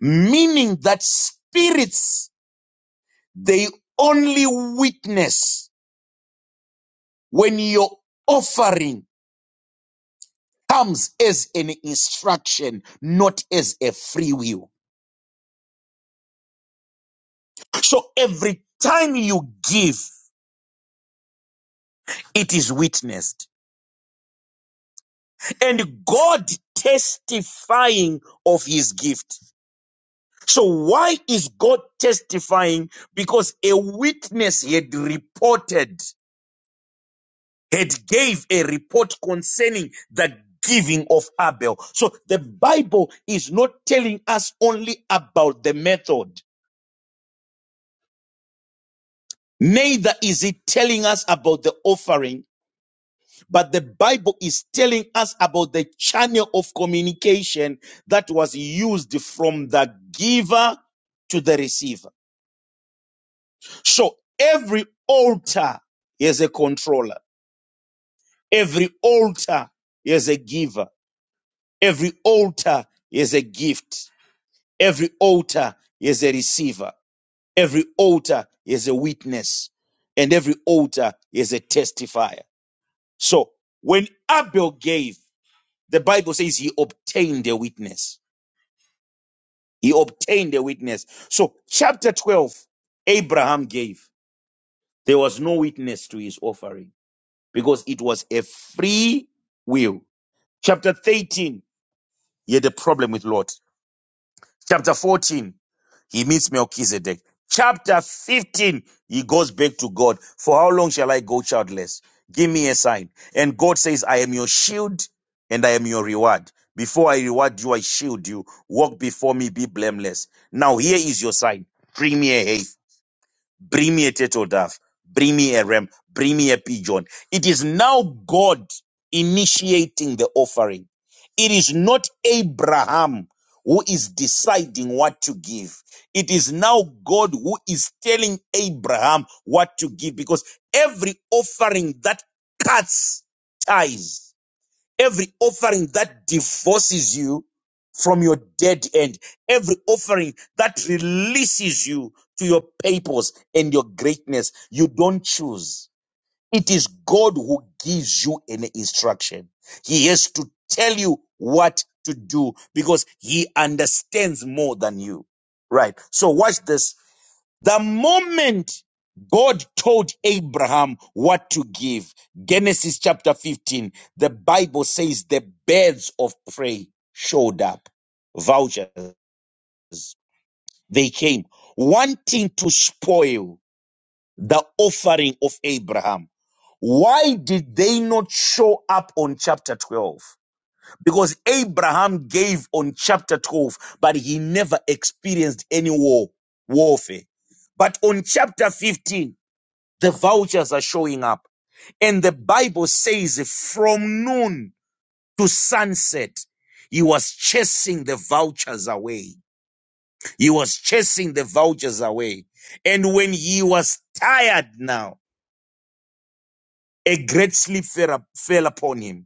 [SPEAKER 4] meaning that spirits, they only witness when your offering comes as an instruction, not as a free will. So every time you give, it is witnessed and God testifying of his gift. So why is God testifying? Because a witness had reported, had gave a report concerning the giving of Abel. So the Bible is not telling us only about the method. Neither is it telling us about the offering, but the Bible is telling us about the channel of communication that was used from the giver to the receiver. So every altar is a controller. Every altar is a giver. Every altar is a gift. Every altar is a receiver. Every altar is a witness. And every altar is a testifier. So when Abel gave, the Bible says he obtained a witness. He obtained a witness. So chapter 12, Abraham gave. There was no witness to his offering because it was a free will. Chapter 13, he had a problem with Lot. Chapter 14, he meets Melchizedek. Chapter 15, he goes back to God. For how long shall I go childless? Give me a sign. And God says, I am your shield and I am your reward. Before I reward you, I shield you. Walk before me, be blameless. Now here is your sign. Bring me a hay. Bring me a turtle dove. Bring me a ram. Bring me a pigeon. It is now God initiating the offering. It is not Abraham who is deciding what to give. It is now God who is telling Abraham what to give because every offering that cuts ties Every offering that divorces you from your dead end, every offering that releases you to your purpose and your greatness, you don't choose. It is God who gives you an instruction. He has to tell you what to do because he understands more than you. Right. So watch this the moment God told Abraham what to give, Genesis chapter 15, the Bible says the birds of prey showed up, vouchers. They came wanting to spoil the offering of Abraham. Why did they not show up on chapter 12? Because Abraham gave on chapter 12, but he never experienced any war, warfare. But on chapter 15, the vouchers are showing up. And the Bible says from noon to sunset, he was chasing the vouchers away. He was chasing the vouchers away. And when he was tired now, a great sleep fell, up- fell upon him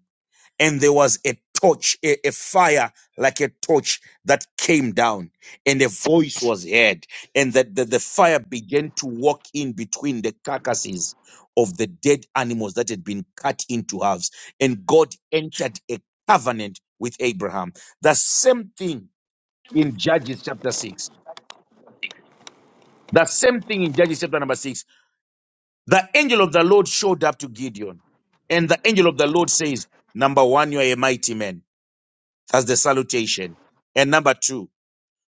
[SPEAKER 4] and there was a torch, a, a fire like a torch that came down, and a voice was heard, and that the, the fire began to walk in between the carcasses of the dead animals that had been cut into halves, and God entered a covenant with Abraham. The same thing in Judges chapter 6. The same thing in Judges chapter number 6. The angel of the Lord showed up to Gideon, and the angel of the Lord says, Number one, you are a mighty man. That's the salutation. And number two,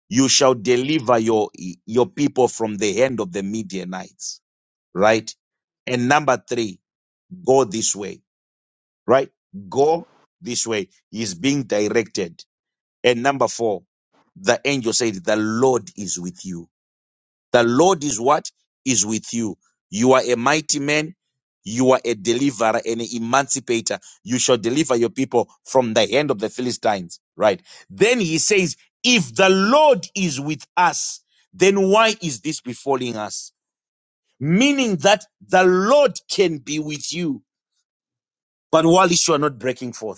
[SPEAKER 4] you shall deliver your your people from the hand of the Midianites, right? And number three, go this way, right? Go this way. He's being directed. And number four, the angel said, The Lord is with you. The Lord is what? Is with you. You are a mighty man. You are a deliverer and an emancipator. You shall deliver your people from the hand of the Philistines. Right. Then he says, if the Lord is with us, then why is this befalling us? Meaning that the Lord can be with you, but while you are not breaking forth.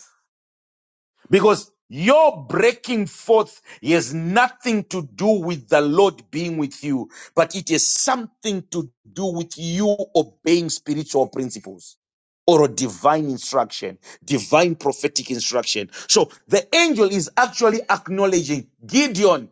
[SPEAKER 4] Because your breaking forth has nothing to do with the Lord being with you, but it has something to do with you obeying spiritual principles or a divine instruction, divine prophetic instruction. So the angel is actually acknowledging Gideon.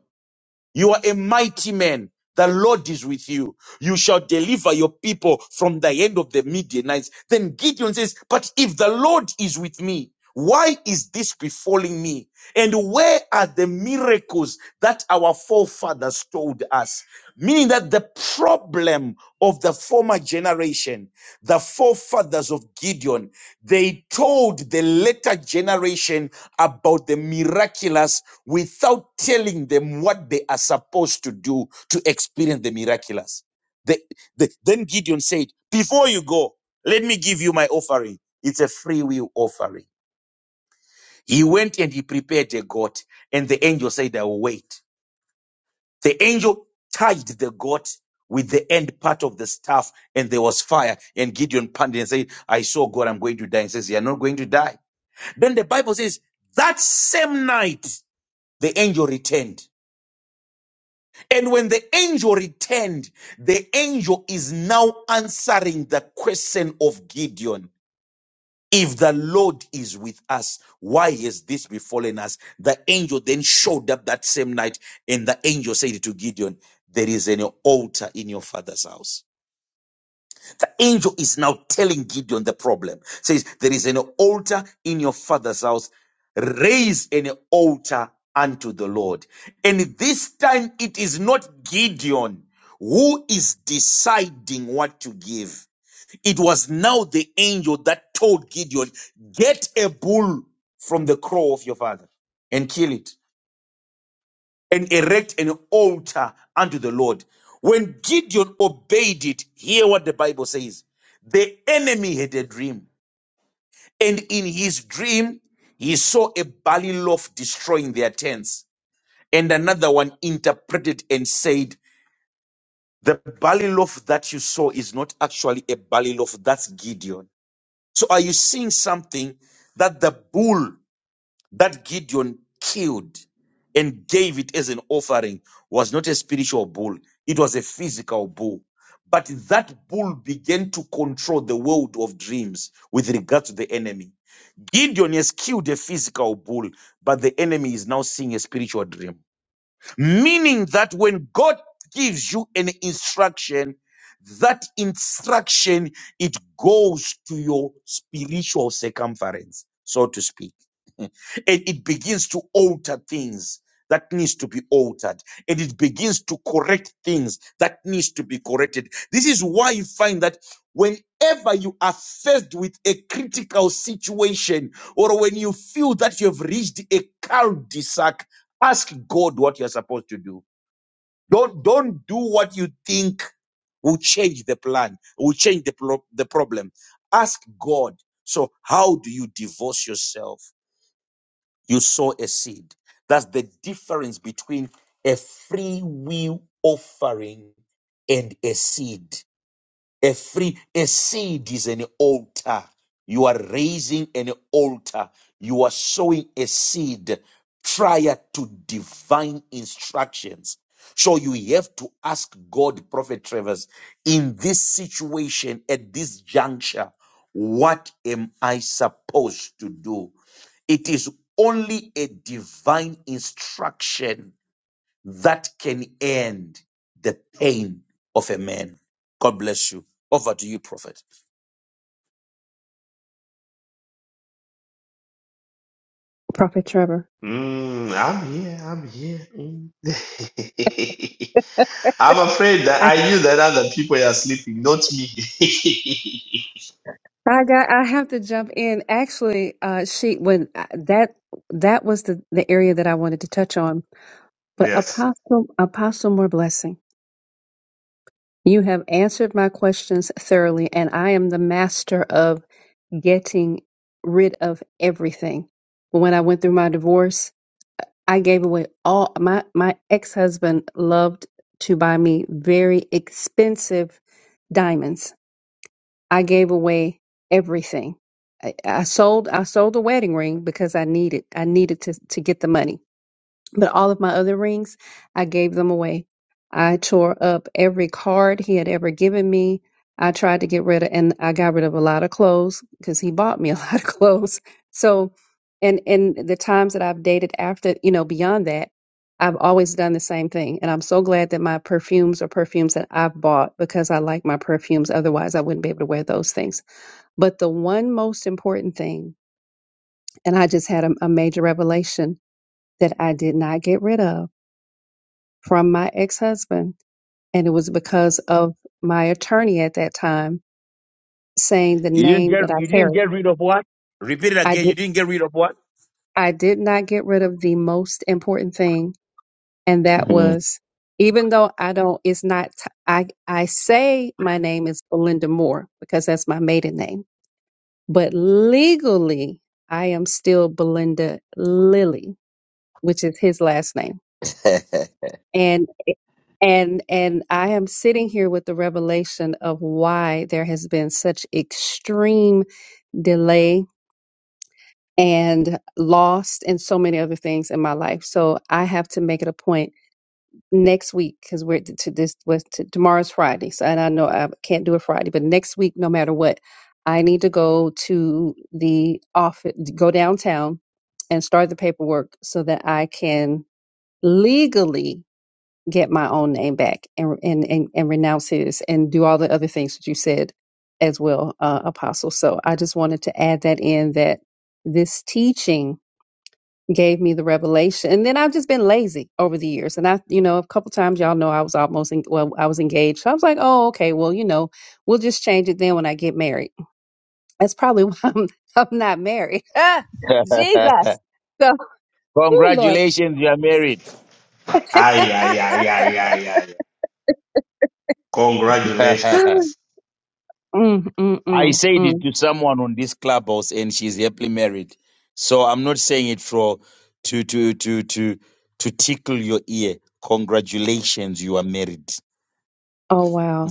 [SPEAKER 4] You are a mighty man. The Lord is with you. You shall deliver your people from the hand of the Midianites. Then Gideon says, But if the Lord is with me, why is this befalling me? And where are the miracles that our forefathers told us? Meaning that the problem of the former generation, the forefathers of Gideon, they told the later generation about the miraculous without telling them what they are supposed to do to experience the miraculous. The- the- then Gideon said, Before you go, let me give you my offering. It's a free will offering. He went and he prepared a goat, and the angel said, I will wait. The angel tied the goat with the end part of the staff, and there was fire. And Gideon panted and said, I saw God, I'm going to die. And says, You're not going to die. Then the Bible says, That same night, the angel returned And when the angel returned, the angel is now answering the question of Gideon. If the Lord is with us, why has this befallen us? The angel then showed up that same night, and the angel said to Gideon, There is an altar in your father's house the angel is now telling Gideon the problem. Says, There is an altar in your father's house. Raise an altar unto the Lord. And this time it is not Gideon who is deciding what to give. It was now the angel that told Gideon, Get a bull from the crow of your father and kill it and erect an altar unto the Lord. When Gideon obeyed it, hear what the Bible says. The enemy had a dream, and in his dream, he saw a barley loaf destroying their tents. And another one interpreted and said, The barley loaf that you saw is not actually a barley loaf, that's Gideon. So are you seeing something that the bull that Gideon killed and gave it as an offering was not a spiritual bull, it was a physical bull. But that bull began to control the world of dreams with regard to the enemy. Gideon has killed a physical bull, but the enemy is now seeing a spiritual dream. Meaning that when God gives you an instruction, that instruction, it goes to your spiritual circumference, so to speak. and it begins to alter things that needs to be altered and it begins to correct things that needs to be corrected this is why you find that whenever you are faced with a critical situation or when you feel that you have reached a cul-de-sac Ask God what you're supposed to do. Don't don't do what you think will change the plan, will change the pro- the problem. Ask God. So how do you divorce yourself? You sow a seed. That's the difference between a free will offering and a seed. A free a seed is an altar. You are raising an altar. You are sowing a seed prior to divine instructions. So you have to ask God, Prophet Travers, in this situation, at this juncture, what am I supposed to do? It is only a divine instruction that can end the pain of a man. God bless you. Over to you, prophet.
[SPEAKER 11] Prophet Trevor.
[SPEAKER 1] Mm, I'm here, I'm here. mm. I'm afraid that
[SPEAKER 11] I
[SPEAKER 1] I knew that other people are sleeping, not me.
[SPEAKER 11] I got I have to jump in. Actually, uh she when I- that that was the the area that I wanted to touch on. But
[SPEAKER 1] yes.
[SPEAKER 11] apostle apostle more blessing. You have answered my questions thoroughly and I am the master of getting rid of everything. When I went through my divorce, I gave away all my my ex-husband loved to buy me very expensive diamonds I gave away everything. I, I sold I sold the wedding ring because I needed I needed to to get the money. But all of my other rings, I gave them away. I tore up every card he had ever given me. I tried to get rid of, and I got rid of a lot of clothes because he bought me a lot of clothes. So, and and the times that I've dated after, you know, beyond that, I've always done the same thing. And I'm so glad that my perfumes are perfumes that I've bought because I like my perfumes. Otherwise, I wouldn't be able to wear those things. But the one most important thing, and I just had a, a major revelation that I did not get rid of from my ex-husband and it was because of my attorney at that time saying the
[SPEAKER 4] You didn't
[SPEAKER 11] name
[SPEAKER 4] get
[SPEAKER 11] that I
[SPEAKER 4] you didn't
[SPEAKER 11] carried.
[SPEAKER 4] get rid of what? Repeat it
[SPEAKER 11] I
[SPEAKER 4] again. You
[SPEAKER 11] did
[SPEAKER 4] didn't get rid of what?
[SPEAKER 11] I did not get rid of the most important thing and that
[SPEAKER 4] Mhm.
[SPEAKER 11] was even though I don't it's not t- I I say my name is Belinda Moore because that's my maiden name, but legally I am still Belinda Lilly, which is his last name. and and and I am sitting here with the revelation of why there has been such extreme delay and lost and so many other things in my life. So I have to make it a point next week because we're to, to this was to, tomorrow's Friday. So and I know I can't do it Friday, but next week, no matter what, I need to go to the office, go downtown and start the paperwork so that I can legally get my own name back and and and, and renounce his and do all the other things that you said as well, uh, Apostle. So I just wanted to add that in that this teaching gave me the revelation, and then I've just been lazy over the years. And I, you know, a couple times y'all know I was almost in, well, I was engaged. So I was like, oh, okay, well, you know, we'll just change it then when I get married. That's probably why I'm I'm not married. Ah, Jesus. So, oh Lord.
[SPEAKER 4] Congratulations, you are married.
[SPEAKER 1] Ay, ay, ay, ay, ay, ay. Congratulations.
[SPEAKER 11] mm, mm,
[SPEAKER 4] I
[SPEAKER 11] mm,
[SPEAKER 4] said it
[SPEAKER 11] mm.
[SPEAKER 4] to someone on this clubhouse, and she's happily married. So I'm not saying it for to to to to to tickle your ear. Congratulations, you are married.
[SPEAKER 11] Oh wow.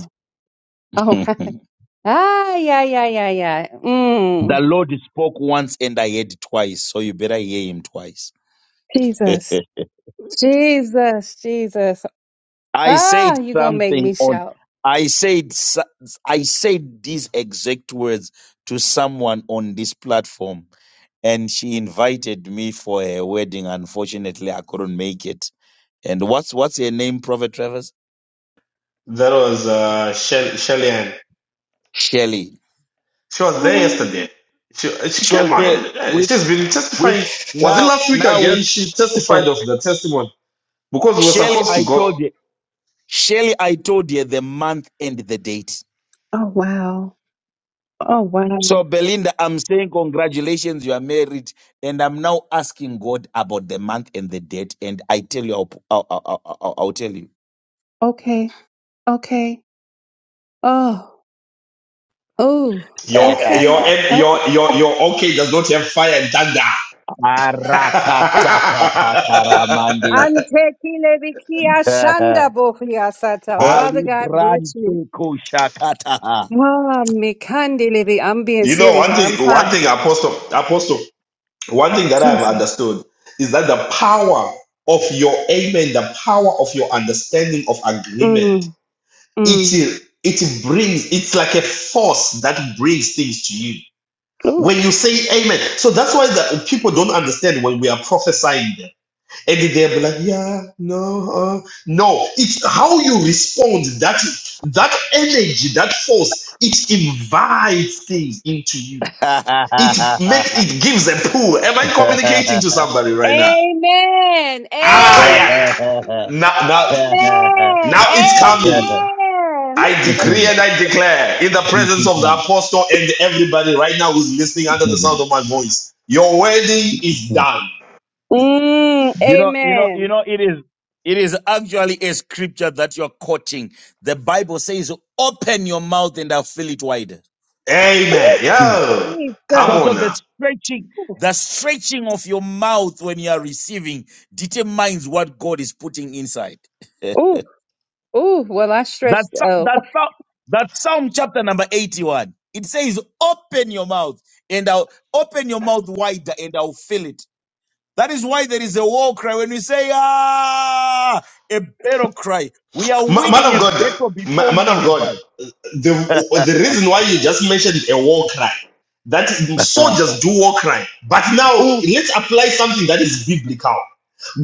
[SPEAKER 11] Oh,
[SPEAKER 4] the
[SPEAKER 11] ah, yeah, yeah, yeah, yeah. Mm.
[SPEAKER 4] Lord spoke once, and I heard twice. So you better hear Him twice.
[SPEAKER 11] Jesus, Jesus, Jesus.
[SPEAKER 4] I said
[SPEAKER 11] Ah, you gonna make
[SPEAKER 4] something
[SPEAKER 11] me
[SPEAKER 4] on.
[SPEAKER 11] shout.
[SPEAKER 4] I said so- I said these exact words to someone on this platform, and she invited me for her wedding. Unfortunately, I couldn't make it. And what's what's her name, Prophet Travers?
[SPEAKER 1] That was uh, Shell- Shelly Ann.
[SPEAKER 4] Shelley.
[SPEAKER 1] She was
[SPEAKER 11] Oh
[SPEAKER 1] there
[SPEAKER 11] wow.
[SPEAKER 1] yesterday. She she
[SPEAKER 4] She
[SPEAKER 1] came
[SPEAKER 4] was
[SPEAKER 1] out.
[SPEAKER 4] there
[SPEAKER 1] eh,
[SPEAKER 4] with
[SPEAKER 1] She's been
[SPEAKER 4] with
[SPEAKER 1] testifying. Was it
[SPEAKER 4] now
[SPEAKER 1] last week
[SPEAKER 4] now with
[SPEAKER 1] again? She testified of the testimony because we were
[SPEAKER 4] Shelley.
[SPEAKER 1] supposed
[SPEAKER 4] I
[SPEAKER 1] to go.
[SPEAKER 4] told you. Shelley, I told you the month and the date.
[SPEAKER 11] Oh wow. Oh
[SPEAKER 4] So,
[SPEAKER 11] wow.
[SPEAKER 4] Belinda, I'm saying congratulations, you are married. And I'm now asking God about the month and the date. And I tell you, I'll, I'll, I'll, I'll- I'll tell you.
[SPEAKER 11] Okay. Okay. Oh. Oh.
[SPEAKER 1] Your your
[SPEAKER 11] Okay. Oh.
[SPEAKER 1] your your your okay does not have fire and thunder.
[SPEAKER 4] Arakasakatakaramandy.
[SPEAKER 11] Antekile shanda Bokia sata.
[SPEAKER 1] Huh?
[SPEAKER 11] Father God bless you.
[SPEAKER 4] Alibrante kushakata.
[SPEAKER 11] Wow, mikandi libi. I'm being
[SPEAKER 1] you know
[SPEAKER 11] serious,
[SPEAKER 1] one
[SPEAKER 11] y'all. I'm
[SPEAKER 1] thing.
[SPEAKER 11] hot.
[SPEAKER 1] One thing, Apostle Apostle. One thing that I have
[SPEAKER 11] Jesus.
[SPEAKER 1] understood is that the power of your amen, the power of your understanding of agreement
[SPEAKER 11] Mm. Mm.
[SPEAKER 1] it it brings it's like a force that brings things to you
[SPEAKER 11] Ooh.
[SPEAKER 1] when you say amen so that's why the people don't understand when we are prophesying them and they'll be like yeah no uh, no it's how you respond that that energy that force it invites things into you it makes it gives a pull am i communicating to somebody right now
[SPEAKER 11] Amen.
[SPEAKER 1] ah
[SPEAKER 11] Amen.
[SPEAKER 1] yeah now now
[SPEAKER 11] Amen.
[SPEAKER 1] now it's coming
[SPEAKER 11] Amen.
[SPEAKER 1] I decree and I declare in the presence of the apostle and everybody right now who's listening under the sound of my voice, your wedding is done.
[SPEAKER 11] Mm,
[SPEAKER 4] You know, you know, you
[SPEAKER 11] amen.
[SPEAKER 4] know, it is it is actually a scripture that you're quoting. The Bible says, open your mouth and I'll fill it wide.
[SPEAKER 11] Ooh,
[SPEAKER 1] Amen.
[SPEAKER 4] Mm.
[SPEAKER 1] Yeah. Come
[SPEAKER 4] So,
[SPEAKER 11] Jesus.
[SPEAKER 4] so
[SPEAKER 1] on
[SPEAKER 4] the
[SPEAKER 1] now.
[SPEAKER 4] stretching, the stretching of your mouth when you are receiving determines what God is putting inside.
[SPEAKER 11] Ooh, ooh. Well, I
[SPEAKER 4] That
[SPEAKER 11] stretched
[SPEAKER 4] Psa-
[SPEAKER 11] out.
[SPEAKER 4] that Psa- that Psalm chapter number eighty-one. It says, "Open your mouth and I'll open your mouth wider and I'll fill it." That is why there is a war cry. When we say, ah, a battle cry, we are
[SPEAKER 1] Ma- Man
[SPEAKER 4] winning
[SPEAKER 1] of
[SPEAKER 4] a
[SPEAKER 1] God,
[SPEAKER 4] battle
[SPEAKER 1] ma-
[SPEAKER 4] before we
[SPEAKER 1] man of
[SPEAKER 4] even
[SPEAKER 1] God,
[SPEAKER 4] fight.
[SPEAKER 1] the, the reason why you just mentioned a war cry, that
[SPEAKER 4] Ah,
[SPEAKER 1] soldiers do war cry. But now
[SPEAKER 11] Ooh,
[SPEAKER 1] let's apply something that is biblical.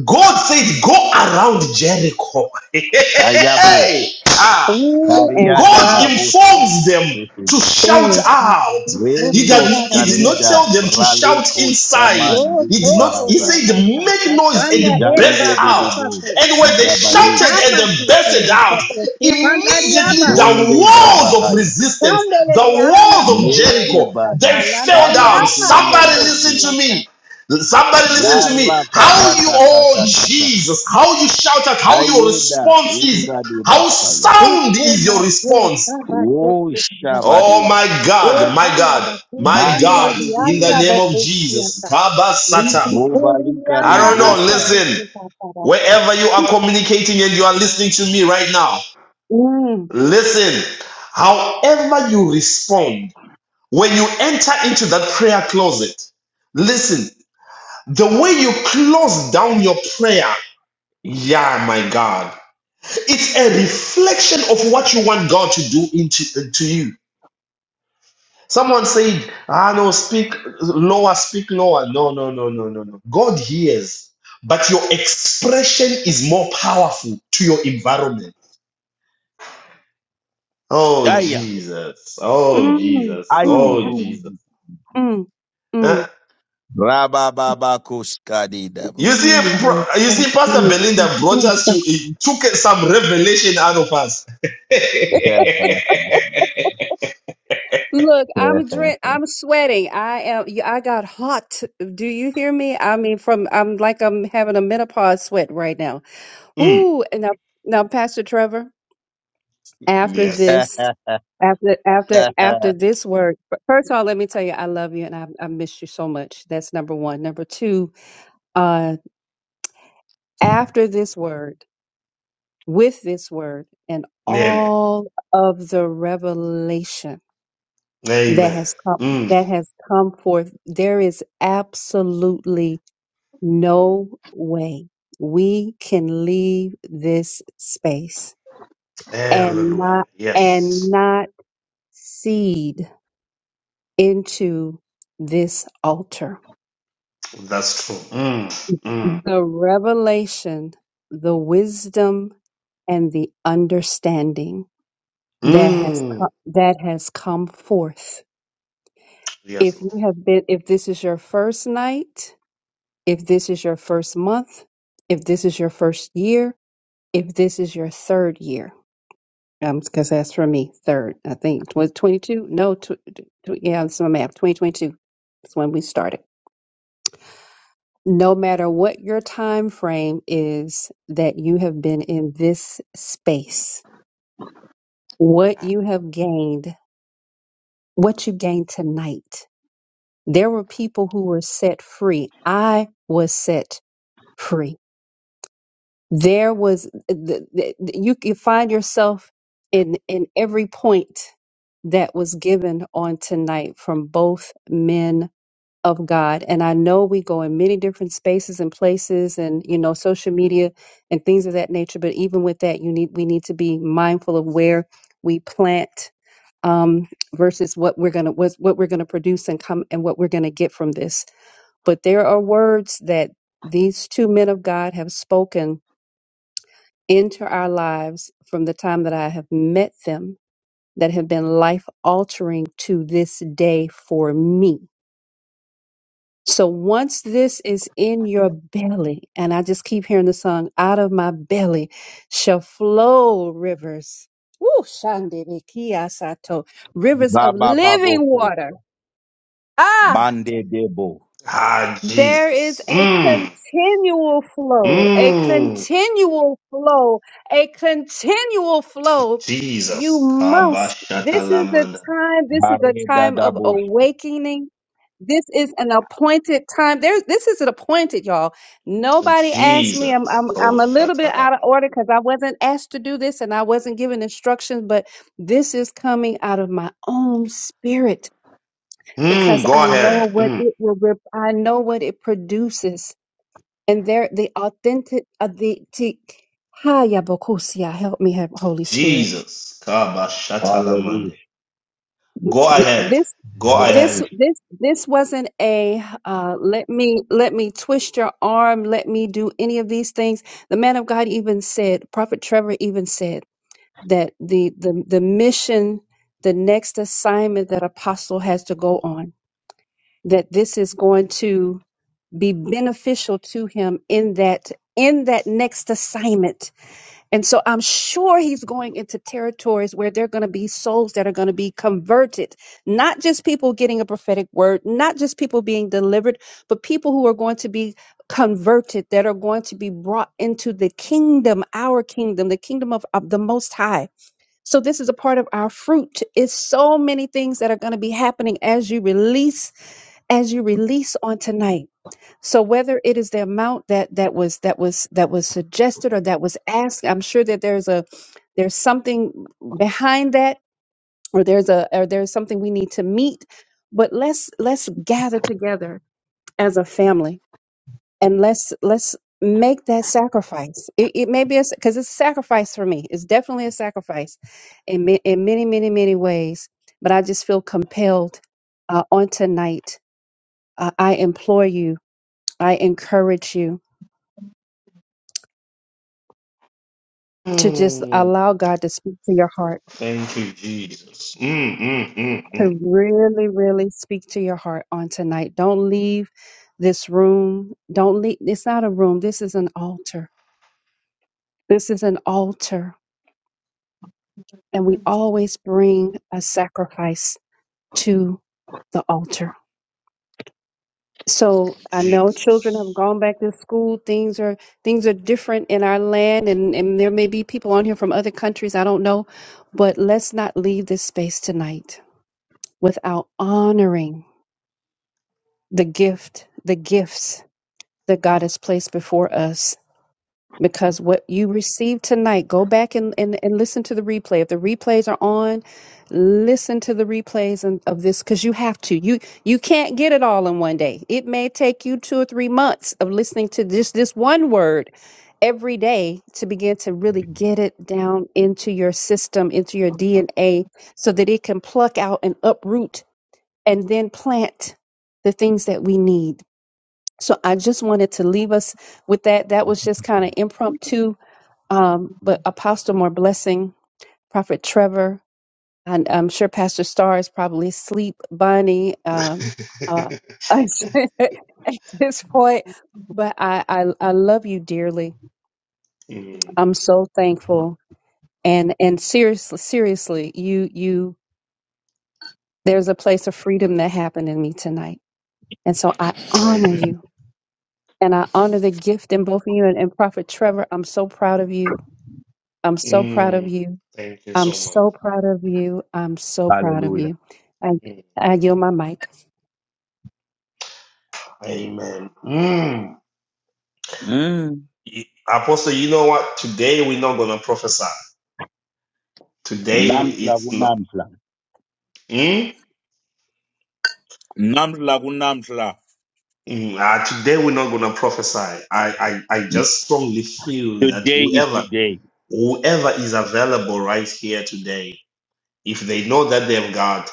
[SPEAKER 1] God said, go around Jericho. hey, hey,
[SPEAKER 4] Ayabo,
[SPEAKER 1] hey. Ah.
[SPEAKER 11] ooh, and
[SPEAKER 4] Daria
[SPEAKER 1] God
[SPEAKER 11] shout.
[SPEAKER 4] Dadaboska,
[SPEAKER 1] informs them to shout
[SPEAKER 11] Thank you.
[SPEAKER 1] out.
[SPEAKER 11] Oh,
[SPEAKER 1] He
[SPEAKER 4] Wendo
[SPEAKER 1] did,
[SPEAKER 11] Lord, I
[SPEAKER 1] he
[SPEAKER 11] love
[SPEAKER 1] did
[SPEAKER 11] you,
[SPEAKER 1] not tell
[SPEAKER 4] Scalida,
[SPEAKER 1] them to shout
[SPEAKER 4] Braleco
[SPEAKER 1] inside.
[SPEAKER 4] Shaman,
[SPEAKER 11] Lord.
[SPEAKER 1] He
[SPEAKER 4] Dede
[SPEAKER 1] did
[SPEAKER 11] oh,
[SPEAKER 1] not, he
[SPEAKER 4] Bahaza,
[SPEAKER 11] Korea,
[SPEAKER 1] said, make
[SPEAKER 11] Basata,
[SPEAKER 1] noise
[SPEAKER 11] Sanda,
[SPEAKER 1] and
[SPEAKER 11] Ela,
[SPEAKER 1] burst
[SPEAKER 4] Jande
[SPEAKER 1] out.
[SPEAKER 4] Dedebo,
[SPEAKER 11] Bahasa,
[SPEAKER 1] And when they
[SPEAKER 4] Zigabadi,
[SPEAKER 1] shouted and
[SPEAKER 11] Ukama,
[SPEAKER 1] they bursted
[SPEAKER 11] Tusia,
[SPEAKER 1] out,
[SPEAKER 11] Sato,
[SPEAKER 1] immediately
[SPEAKER 11] Sukanda,
[SPEAKER 1] the
[SPEAKER 4] Zonde
[SPEAKER 1] walls of
[SPEAKER 4] Gabahaya,
[SPEAKER 1] resistance, the
[SPEAKER 11] Kandeleviana
[SPEAKER 1] walls of
[SPEAKER 11] kobaya
[SPEAKER 4] Meku
[SPEAKER 1] Jericho, they
[SPEAKER 4] Bada,
[SPEAKER 11] satana
[SPEAKER 1] fell down.
[SPEAKER 4] Sande
[SPEAKER 11] dariama
[SPEAKER 1] Somebody
[SPEAKER 4] Dede,
[SPEAKER 11] tokosila
[SPEAKER 1] listen to
[SPEAKER 11] sa.
[SPEAKER 1] me. Somebody listen to me. How
[SPEAKER 4] Kata
[SPEAKER 1] you
[SPEAKER 4] Kata
[SPEAKER 1] all
[SPEAKER 4] Kata
[SPEAKER 1] Jesus, how you shout out, how your
[SPEAKER 4] Ayuda
[SPEAKER 1] response is,
[SPEAKER 4] ungadi
[SPEAKER 1] how
[SPEAKER 4] basaya.
[SPEAKER 1] sound is
[SPEAKER 11] Ukoma
[SPEAKER 1] your
[SPEAKER 11] se
[SPEAKER 1] response.
[SPEAKER 11] kaba
[SPEAKER 4] O
[SPEAKER 11] tokosila.
[SPEAKER 1] Oh
[SPEAKER 4] shabadi.
[SPEAKER 1] my God, my
[SPEAKER 11] Epanda
[SPEAKER 1] God,
[SPEAKER 11] baku
[SPEAKER 1] my
[SPEAKER 4] Manga
[SPEAKER 1] God,
[SPEAKER 4] di
[SPEAKER 1] in the
[SPEAKER 11] kandelevianda
[SPEAKER 4] dudu.
[SPEAKER 1] name of
[SPEAKER 11] bakosia
[SPEAKER 1] Jesus.
[SPEAKER 11] sa.
[SPEAKER 1] Kabasata.
[SPEAKER 4] Bobalika
[SPEAKER 1] I
[SPEAKER 4] di
[SPEAKER 11] Ikolivianda
[SPEAKER 1] don't know,
[SPEAKER 11] hasta
[SPEAKER 4] broshka.
[SPEAKER 1] listen,
[SPEAKER 11] tokosila para.
[SPEAKER 1] wherever you are communicating and you are listening to me right now,
[SPEAKER 11] Mm,
[SPEAKER 1] listen, however you respond, when you enter into that prayer closet, listen, the way you close down your prayer Yeah, my God. It's a reflection of what you want God to do into uh, to you. Someone said, ah no, speak lower, speak lower. No, no, no, no, no, no. God hears, but your expression is more powerful to your environment. Oh
[SPEAKER 4] Daya.
[SPEAKER 1] Jesus. Oh
[SPEAKER 11] mm,
[SPEAKER 1] Jesus.
[SPEAKER 11] mm,
[SPEAKER 4] Aye
[SPEAKER 1] Oh
[SPEAKER 11] mm,
[SPEAKER 4] bubu.
[SPEAKER 1] Jesus.
[SPEAKER 11] mm, mm.
[SPEAKER 1] Huh?
[SPEAKER 4] Raba baba kuskadi
[SPEAKER 1] You
[SPEAKER 4] dabo.
[SPEAKER 1] see,
[SPEAKER 11] Mm,
[SPEAKER 1] bro- you
[SPEAKER 11] yes,
[SPEAKER 1] see,
[SPEAKER 11] yes,
[SPEAKER 1] Pastor Belinda
[SPEAKER 11] yes,
[SPEAKER 1] brought us to
[SPEAKER 11] yes,
[SPEAKER 1] he took some revelation out of us.
[SPEAKER 11] yes. Look, I'm drink, I'm sweating. I am. I got hot. Do you hear me? I mean, from I'm like I'm having a menopause sweat right now.
[SPEAKER 1] Mm.
[SPEAKER 11] Ooh, and now, now, Pastor Trevor, after
[SPEAKER 1] Yes.
[SPEAKER 11] this, after after after this word, f- first of all, let me tell you, I love you and I I miss you so much. That's number one. Number two, uh, after this word, with this word, and
[SPEAKER 1] Yeah.
[SPEAKER 11] all of the revelation that
[SPEAKER 1] Amen.
[SPEAKER 11] has come
[SPEAKER 1] Mm.
[SPEAKER 11] that has come forth there is absolutely no way we can leave this space and
[SPEAKER 1] Hallelujah.
[SPEAKER 11] not and
[SPEAKER 1] Yes,
[SPEAKER 11] not seed into this altar
[SPEAKER 1] that's true. Mm. Mm.
[SPEAKER 11] the revelation the wisdom and the understanding that has come,
[SPEAKER 1] Mm.
[SPEAKER 11] that has come forth
[SPEAKER 1] Yes,
[SPEAKER 11] if
[SPEAKER 1] Lord.
[SPEAKER 11] you have been if this is your first night If this is your first month, if this is your first year, if this is your third year, because that's for me, third, I think. Was 22? No, tw- tw- yeah, that's my map. 2022 is when we started. No matter what your time frame is that you have been in this space, what you have gained, what you gained tonight. There were people who were set free. I was set free There was uh, the, the, you can find yourself in in every point that was given on tonight from both men of God. And I know we go in many different spaces and places and you know social media and things of that nature, but even with that you need we need to be mindful of where we plant um versus what we're gonna what's what what we're gonna produce and come and what we're gonna get from this. But there are words that these two men of God have spoken enter our lives from the time that I have met them that have been life altering to this day for me. So once this is in your belly, and I just keep hearing the song, out of my belly shall flow rivers. Woo, Shandebe Kiyasato, rivers of
[SPEAKER 4] Baba babo
[SPEAKER 11] living
[SPEAKER 4] kuska.
[SPEAKER 11] water. Ah,
[SPEAKER 4] Mande debo.
[SPEAKER 1] Ah,
[SPEAKER 11] There is
[SPEAKER 1] Jesus.
[SPEAKER 11] a
[SPEAKER 1] Mm.
[SPEAKER 11] continual flow, a
[SPEAKER 1] Mm.
[SPEAKER 11] continual flow, a continual flow. You
[SPEAKER 1] Jesus.
[SPEAKER 11] must. This is a
[SPEAKER 1] Kabashatalamanda.
[SPEAKER 11] time, this is a
[SPEAKER 4] Hareda
[SPEAKER 11] time of
[SPEAKER 4] dabosh.
[SPEAKER 11] awakening. This is an appointed time. There's this is an appointed, y'all. Nobody asked me. I'm
[SPEAKER 1] Jesus.
[SPEAKER 11] I'm I'm a little bit out of
[SPEAKER 1] Koshatalamanda.
[SPEAKER 11] order because I wasn't asked to do this and I wasn't given instructions, but this is coming out of my own spirit
[SPEAKER 1] Mm.
[SPEAKER 11] because
[SPEAKER 1] Go
[SPEAKER 11] I know
[SPEAKER 1] ahead.
[SPEAKER 11] what
[SPEAKER 1] Mm.
[SPEAKER 11] it will rep- I know what it produces and there the authentic uh, the t- Hiya, Bokusia, help me have Holy Spirit.
[SPEAKER 1] Jesus. Kabashatalamanda.
[SPEAKER 4] Hallelujah.
[SPEAKER 1] Go
[SPEAKER 11] Th-
[SPEAKER 1] ahead.
[SPEAKER 11] This
[SPEAKER 1] Go
[SPEAKER 11] this
[SPEAKER 1] ahead.
[SPEAKER 4] Hallelujah.
[SPEAKER 11] this this wasn't a uh, let me let me twist your arm, let me do any of these things. The man of God even said, Prophet Trevor even said that the the the mission, the next assignment that apostle has to go on, that this is going to be beneficial to him in that in that next assignment. And so I'm sure he's going into territories where there are going to be souls that are going to be converted, not just people getting a prophetic word, not just people being delivered, but people who are going to be converted that are going to be brought into the kingdom, our kingdom, the kingdom of, of the most high. So this is a part of our fruit. It's so many things that are going to be happening as you release, as you release on tonight. So whether it is the amount that that was that was that was suggested or that was asked, I'm sure that there's a there's something behind that, or there's a or there's something we need to meet. But let's let's gather together as a family and let's let's make that sacrifice. It, it may be a because it's a sacrifice for me. It's definitely a sacrifice in ma- in many many many ways. But I just feel compelled uh, on tonight. Uh, I implore you. I encourage you to just
[SPEAKER 1] Mm.
[SPEAKER 11] allow God to speak to your heart,
[SPEAKER 1] Thank you, Jesus. Mm, mm, mm,
[SPEAKER 11] to
[SPEAKER 1] mm.
[SPEAKER 11] really, really speak to your heart on tonight. Don't leave this room. Don't leave. It's not a room. This is an altar. This is an altar. And we always bring a sacrifice to the altar. So I know children have
[SPEAKER 1] Jesus.
[SPEAKER 11] gone back to school. Things are things are different in our land and, and there may be people on here from other countries. I don't know. But let's not leave this space tonight without honoring the gift, the gifts that God has placed before us. Because what you received tonight, go back and, and, and listen to the replay. If the replays are on, listen to the replays and, of this because you have to. You you can't get it all in one day. It may take you two or three months of listening to just this one word every day to begin to really get it down into your system, into your DNA, so that it can pluck out and uproot and then plant the things that we need so I just wanted to leave us with that. That was just kind of impromptu. Um, but Apostle More Blessing, Prophet Trevor, and I'm sure Pastor Star is probably asleep, Bonnie, um, uh, at this point. But I, I, I love you dearly.
[SPEAKER 1] Mm,
[SPEAKER 11] I'm so thankful. And and seriously, seriously, you you there's a place of freedom that happened in me tonight. And so I honor
[SPEAKER 1] amen.
[SPEAKER 11] you. And I honor the gift in both of you and, and Prophet Trevor. I'm so proud of you I'm so proud of
[SPEAKER 1] Mm,
[SPEAKER 11] you.
[SPEAKER 1] thank you
[SPEAKER 11] I'm
[SPEAKER 1] so much.
[SPEAKER 11] so proud of you. I'm so proud of
[SPEAKER 4] Hallelujah.
[SPEAKER 11] you. I,
[SPEAKER 1] Mm,
[SPEAKER 11] I yield my mic.
[SPEAKER 1] amen. Mm.
[SPEAKER 4] Mm.
[SPEAKER 1] Y- Apostle, you know what? Today we're not going to prophesy. Today we-
[SPEAKER 4] Namfla
[SPEAKER 1] it's
[SPEAKER 4] wu
[SPEAKER 1] not.
[SPEAKER 4] namfla.
[SPEAKER 1] Mm?
[SPEAKER 4] Namfla wu namfla.
[SPEAKER 1] Mm, uh, today we're not going to prophesy. I, I, I just strongly feel that
[SPEAKER 4] Today is
[SPEAKER 1] whoever
[SPEAKER 4] today.
[SPEAKER 1] whoever is available right here today, if they know that they have God.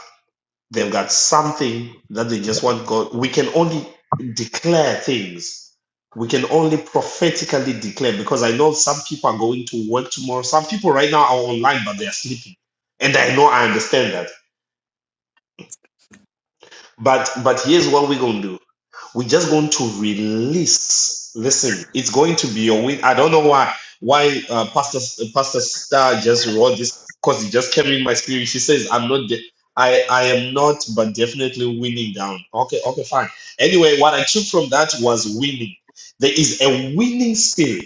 [SPEAKER 1] They've got something that they just want God. We can only declare things. We can only prophetically declare because I know some people are going to work tomorrow. Some people right now are online, but they are sleeping. And I know I understand that. But but here's what we're gonna do. We're just going to release. Listen, it's going to be a win. I don't know why why uh, Pastor uh, Pastor Star just wrote this because it just came in my spirit. She says, "I'm not. De- I I am not, but definitely winning down." Okay, okay, fine. Anyway, what I took from that was winning. There is a winning spirit.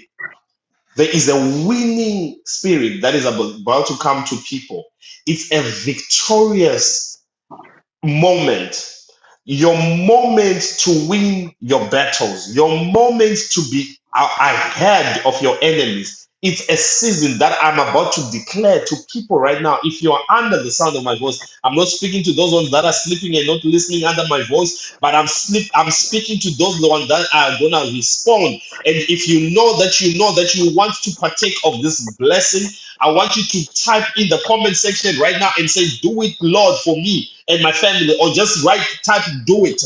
[SPEAKER 1] There is a winning spirit that is abo- about to come to people. It's a victorious moment your moment to win your battles your moment to be a- ahead of your enemies it's a season that i'm about to declare to people right now if you are under the sound of my voice i'm not speaking to those ones that are sleeping and not listening under my voice but i'm sleep i'm speaking to those ones that are gonna respond and if you know that you know that you want to partake of this blessing I want you to type in the comment section right now and say, Do it, Lord, for me and my family. Or just write, type, Do it.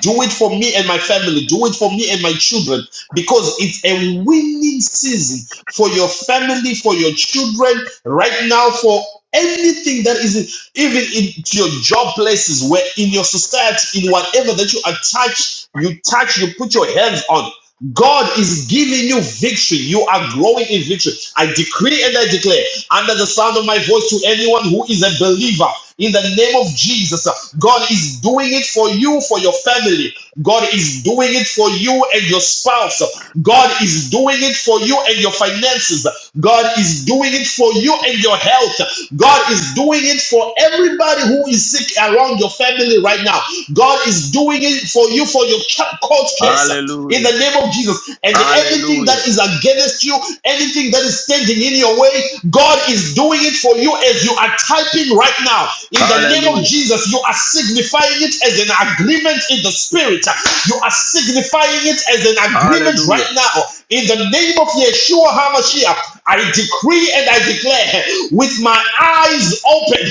[SPEAKER 1] Do it for me and my family. Do it for me and my children. Because it's a winning season for your family, for your children, right now, for anything that is even in your job places where in your society in whatever that you attach you touch you put your hands on god is giving you victory you are growing in victory i decree and i declare under the sound of my voice to anyone who is a believer in the name of Jesus. God is doing it for you, for your family. God is doing it for you and your spouse. God is doing it for you and your finances. God is doing it for you and your health. God is doing it for everybody who is sick around your family right now. God is doing it for you for your court case in the
[SPEAKER 4] Hallelujah.
[SPEAKER 1] name of Jesus. And anything
[SPEAKER 4] Hallelujah.
[SPEAKER 1] that is against you, anything that is standing in your way, faith, God is doing it for you as you are typing right now. In the name of
[SPEAKER 4] Hallelujah.
[SPEAKER 1] Jesus, you are signifying it as an agreement in the spirit. You are signifying it as an agreement
[SPEAKER 4] Hallelujah.
[SPEAKER 1] right now. In the name of Yeshua HaMashiach, I decree and I declare with my eyes open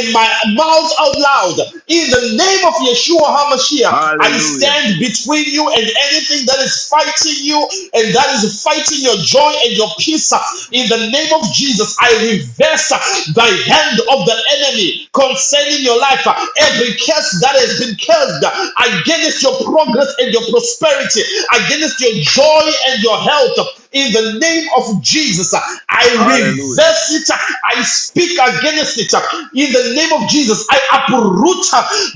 [SPEAKER 1] and my mouth out loud. In the name of Yeshua HaMashiach, I
[SPEAKER 4] Hallelujah.
[SPEAKER 1] stand between you and anything that is fighting you and that is fighting your joy and your peace. In the name of Jesus, I reverse the hand of the enemy concerning your life. Every curse that has been cursed against your progress and your prosperity, against your joy and your health, in the name of Jesus. I
[SPEAKER 4] Hallelujah.
[SPEAKER 1] reverse it. I speak against it. In the name of Jesus, I uproot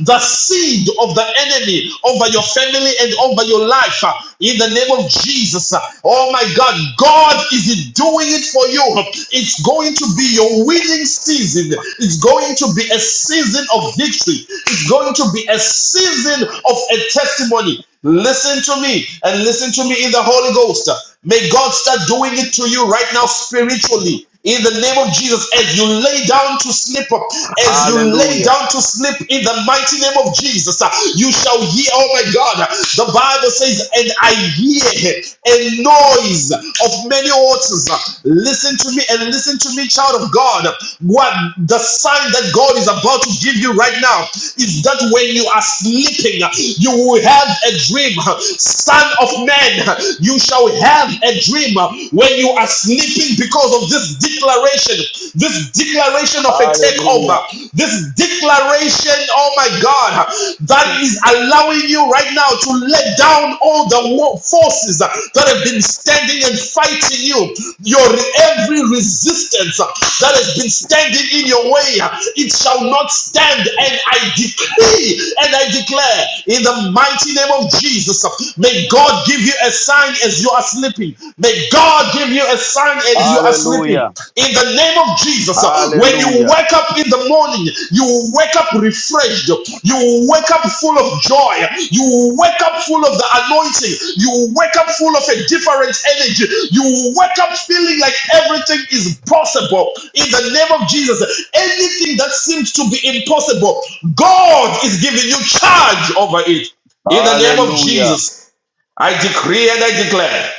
[SPEAKER 1] the seed of the enemy over your family and over your life. In the name of Jesus. Oh my God, God is doing it for you. It's going to be your winning season. It's going to be a season of victory. It's going to be a season of a testimony. Listen to me and listen to me in the Holy Ghost. May God start doing it to you right now spiritually. In the name of Jesus, as you lay down to sleep, as you lay
[SPEAKER 4] Hallelujah.
[SPEAKER 1] down to sleep in the mighty name of Jesus, uh, you shall hear, oh my God, the Bible says, and I hear a noise of many waters. Listen to me and listen to me, child of God. What the sign that God is about to give you right now is that when you are sleeping, you will have a dream. Son of man, again. You shall have a dream when you are sleeping because of this declaration, this declaration of a takeover,
[SPEAKER 4] Hallelujah.
[SPEAKER 1] this declaration, oh my God, that is allowing you right now to let down all the forces that have been standing and fighting you. Your every resistance that has been standing in your way, it shall not stand. And I decree and I declare in the mighty name of Jesus May God give you a sign as you are sleeping. May God give you a sign as you are
[SPEAKER 4] Hallelujah.
[SPEAKER 1] sleeping. In the name of Jesus, uh, when you
[SPEAKER 4] Hallelujah.
[SPEAKER 1] wake up in the morning, you wake up refreshed. You wake up full of joy. You wake up full of the anointing. You wake up full of a different energy. You wake up feeling like everything is possible. In the name of Jesus, anything that seems to be impossible, God is giving you charge over it. In the name of
[SPEAKER 4] Hallelujah.
[SPEAKER 1] Jesus, I decree and I declare,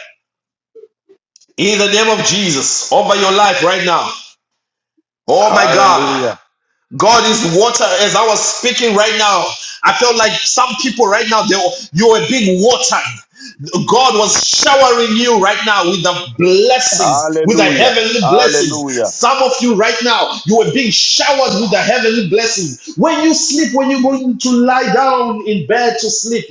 [SPEAKER 1] in the name of Jesus, over your life right now. Oh my God,
[SPEAKER 4] Hallelujah.
[SPEAKER 1] God is water. As I was speaking right now, I felt like some people right now, they were, you were being watered. God was showering you right now with the blessings, with the
[SPEAKER 4] Hallelujah.
[SPEAKER 1] heavenly blessings.
[SPEAKER 4] Hallelujah.
[SPEAKER 1] Some of you right now, you are being showered with the heavenly blessings. When you sleep, when you're going to lie down in bed to sleep,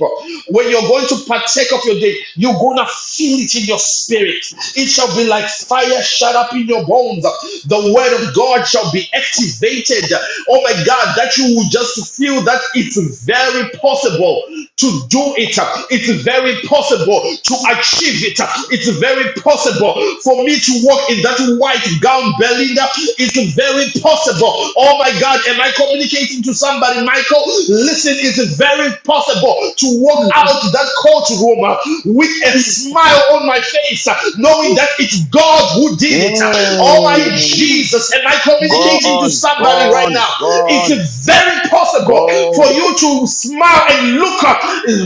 [SPEAKER 1] when you're going to partake of your day, you're going to feel it in your spirit. It shall be like fire shut up in your bones. The word of Lord God shall be activated. Oh my God, that you will just feel that it's very possible to do it. It's very possible to achieve it. It's very possible for me to walk in that white gown, Belinda. It's very possible. Oh my God, am I communicating to somebody, Michael? Listen, it's very possible to walk out that courtroom uh, with a smile on my face, uh, knowing that it's God who did it receive it. Oh my
[SPEAKER 4] Mm.
[SPEAKER 1] Jesus, am I
[SPEAKER 4] Go
[SPEAKER 1] communicating to
[SPEAKER 4] on. Go
[SPEAKER 1] somebody right
[SPEAKER 4] on.
[SPEAKER 1] now?
[SPEAKER 4] Go
[SPEAKER 1] It's
[SPEAKER 4] on.
[SPEAKER 1] very
[SPEAKER 4] Go
[SPEAKER 1] possible for
[SPEAKER 4] on.
[SPEAKER 1] you to smile and look up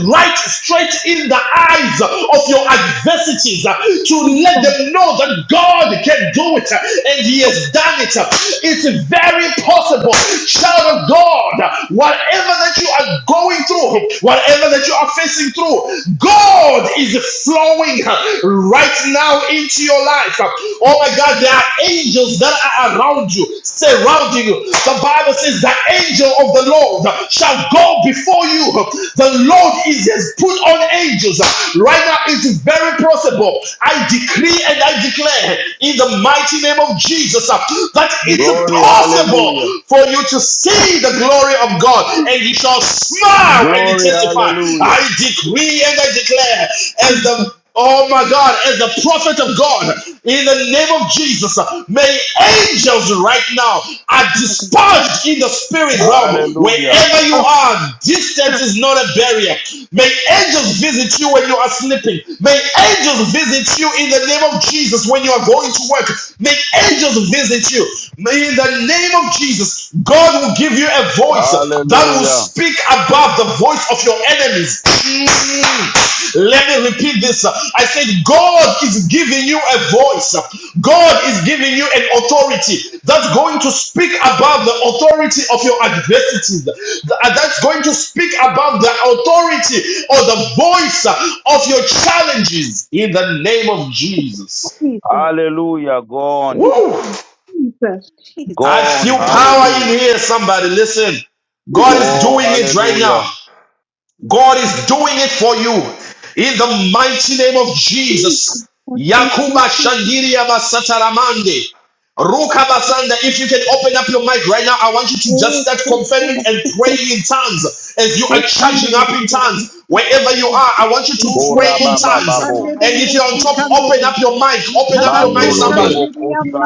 [SPEAKER 1] right straight in the eyes of your adversities uh, to let them know that God can do it uh, and He has done it. It's very possible, child of God, whatever that you are going through, whatever that you are facing through, God is flowing uh, right right now into your life. Oh my God, there are angels that are around you, surrounding you. The Bible says the angel of the Lord shall go before you. The Lord is has put on angels. Right now, it's very possible. I decree and I declare in the mighty name of Jesus that it's
[SPEAKER 4] Glory.
[SPEAKER 1] possible
[SPEAKER 4] Hallelujah.
[SPEAKER 1] for you to see the glory of God and you shall smile and
[SPEAKER 4] Glory.
[SPEAKER 1] testify.
[SPEAKER 4] Hallelujah.
[SPEAKER 1] I decree and I declare as the Oh my God, as the prophet of God, in the name of Jesus, may angels right now are dispatched in the spirit realm.
[SPEAKER 4] Hallelujah.
[SPEAKER 1] Wherever you
[SPEAKER 11] Oh,
[SPEAKER 1] are, distance
[SPEAKER 11] fuck,
[SPEAKER 1] is not a barrier. May angels visit you when you are sleeping. May angels visit you in the name of Jesus when you are going to work. May angels visit you. May in the name of Jesus, God will give you a voice that will
[SPEAKER 4] Hallelujah.
[SPEAKER 1] speak above the voice of your enemies. Let me repeat this. I said, God is giving you a voice. God is giving you an authority that's going to speak above the authority of your adversities. That's going to speak above the authority or the voice of your challenges in the name of Jesus.
[SPEAKER 11] Jesus,
[SPEAKER 4] Hallelujah. Go on.
[SPEAKER 1] Woo!
[SPEAKER 11] Jesus,
[SPEAKER 1] I
[SPEAKER 11] Jesus,
[SPEAKER 4] Gone.
[SPEAKER 1] feel power
[SPEAKER 4] Hallelujah.
[SPEAKER 1] in here. Somebody, listen. God is doing
[SPEAKER 4] Oh,
[SPEAKER 1] it right
[SPEAKER 4] hallelujah.
[SPEAKER 1] now. God is doing it for you in the mighty name of Jesus. Yakuba Shandiri Abasataramande. Ruka Basanda, if you can open up your mic right now, I want you to just start confirming and praying in tongues as you are charging up in tongues. Wherever you are, I want you to pray
[SPEAKER 4] Kora
[SPEAKER 1] in
[SPEAKER 4] baba
[SPEAKER 1] tongues.
[SPEAKER 4] babo.
[SPEAKER 1] And if you're on top, open
[SPEAKER 11] Jesus.
[SPEAKER 1] up your mic. Open up your
[SPEAKER 12] Yambo,
[SPEAKER 1] mic,
[SPEAKER 4] Mandolo
[SPEAKER 1] somebody.
[SPEAKER 4] lobo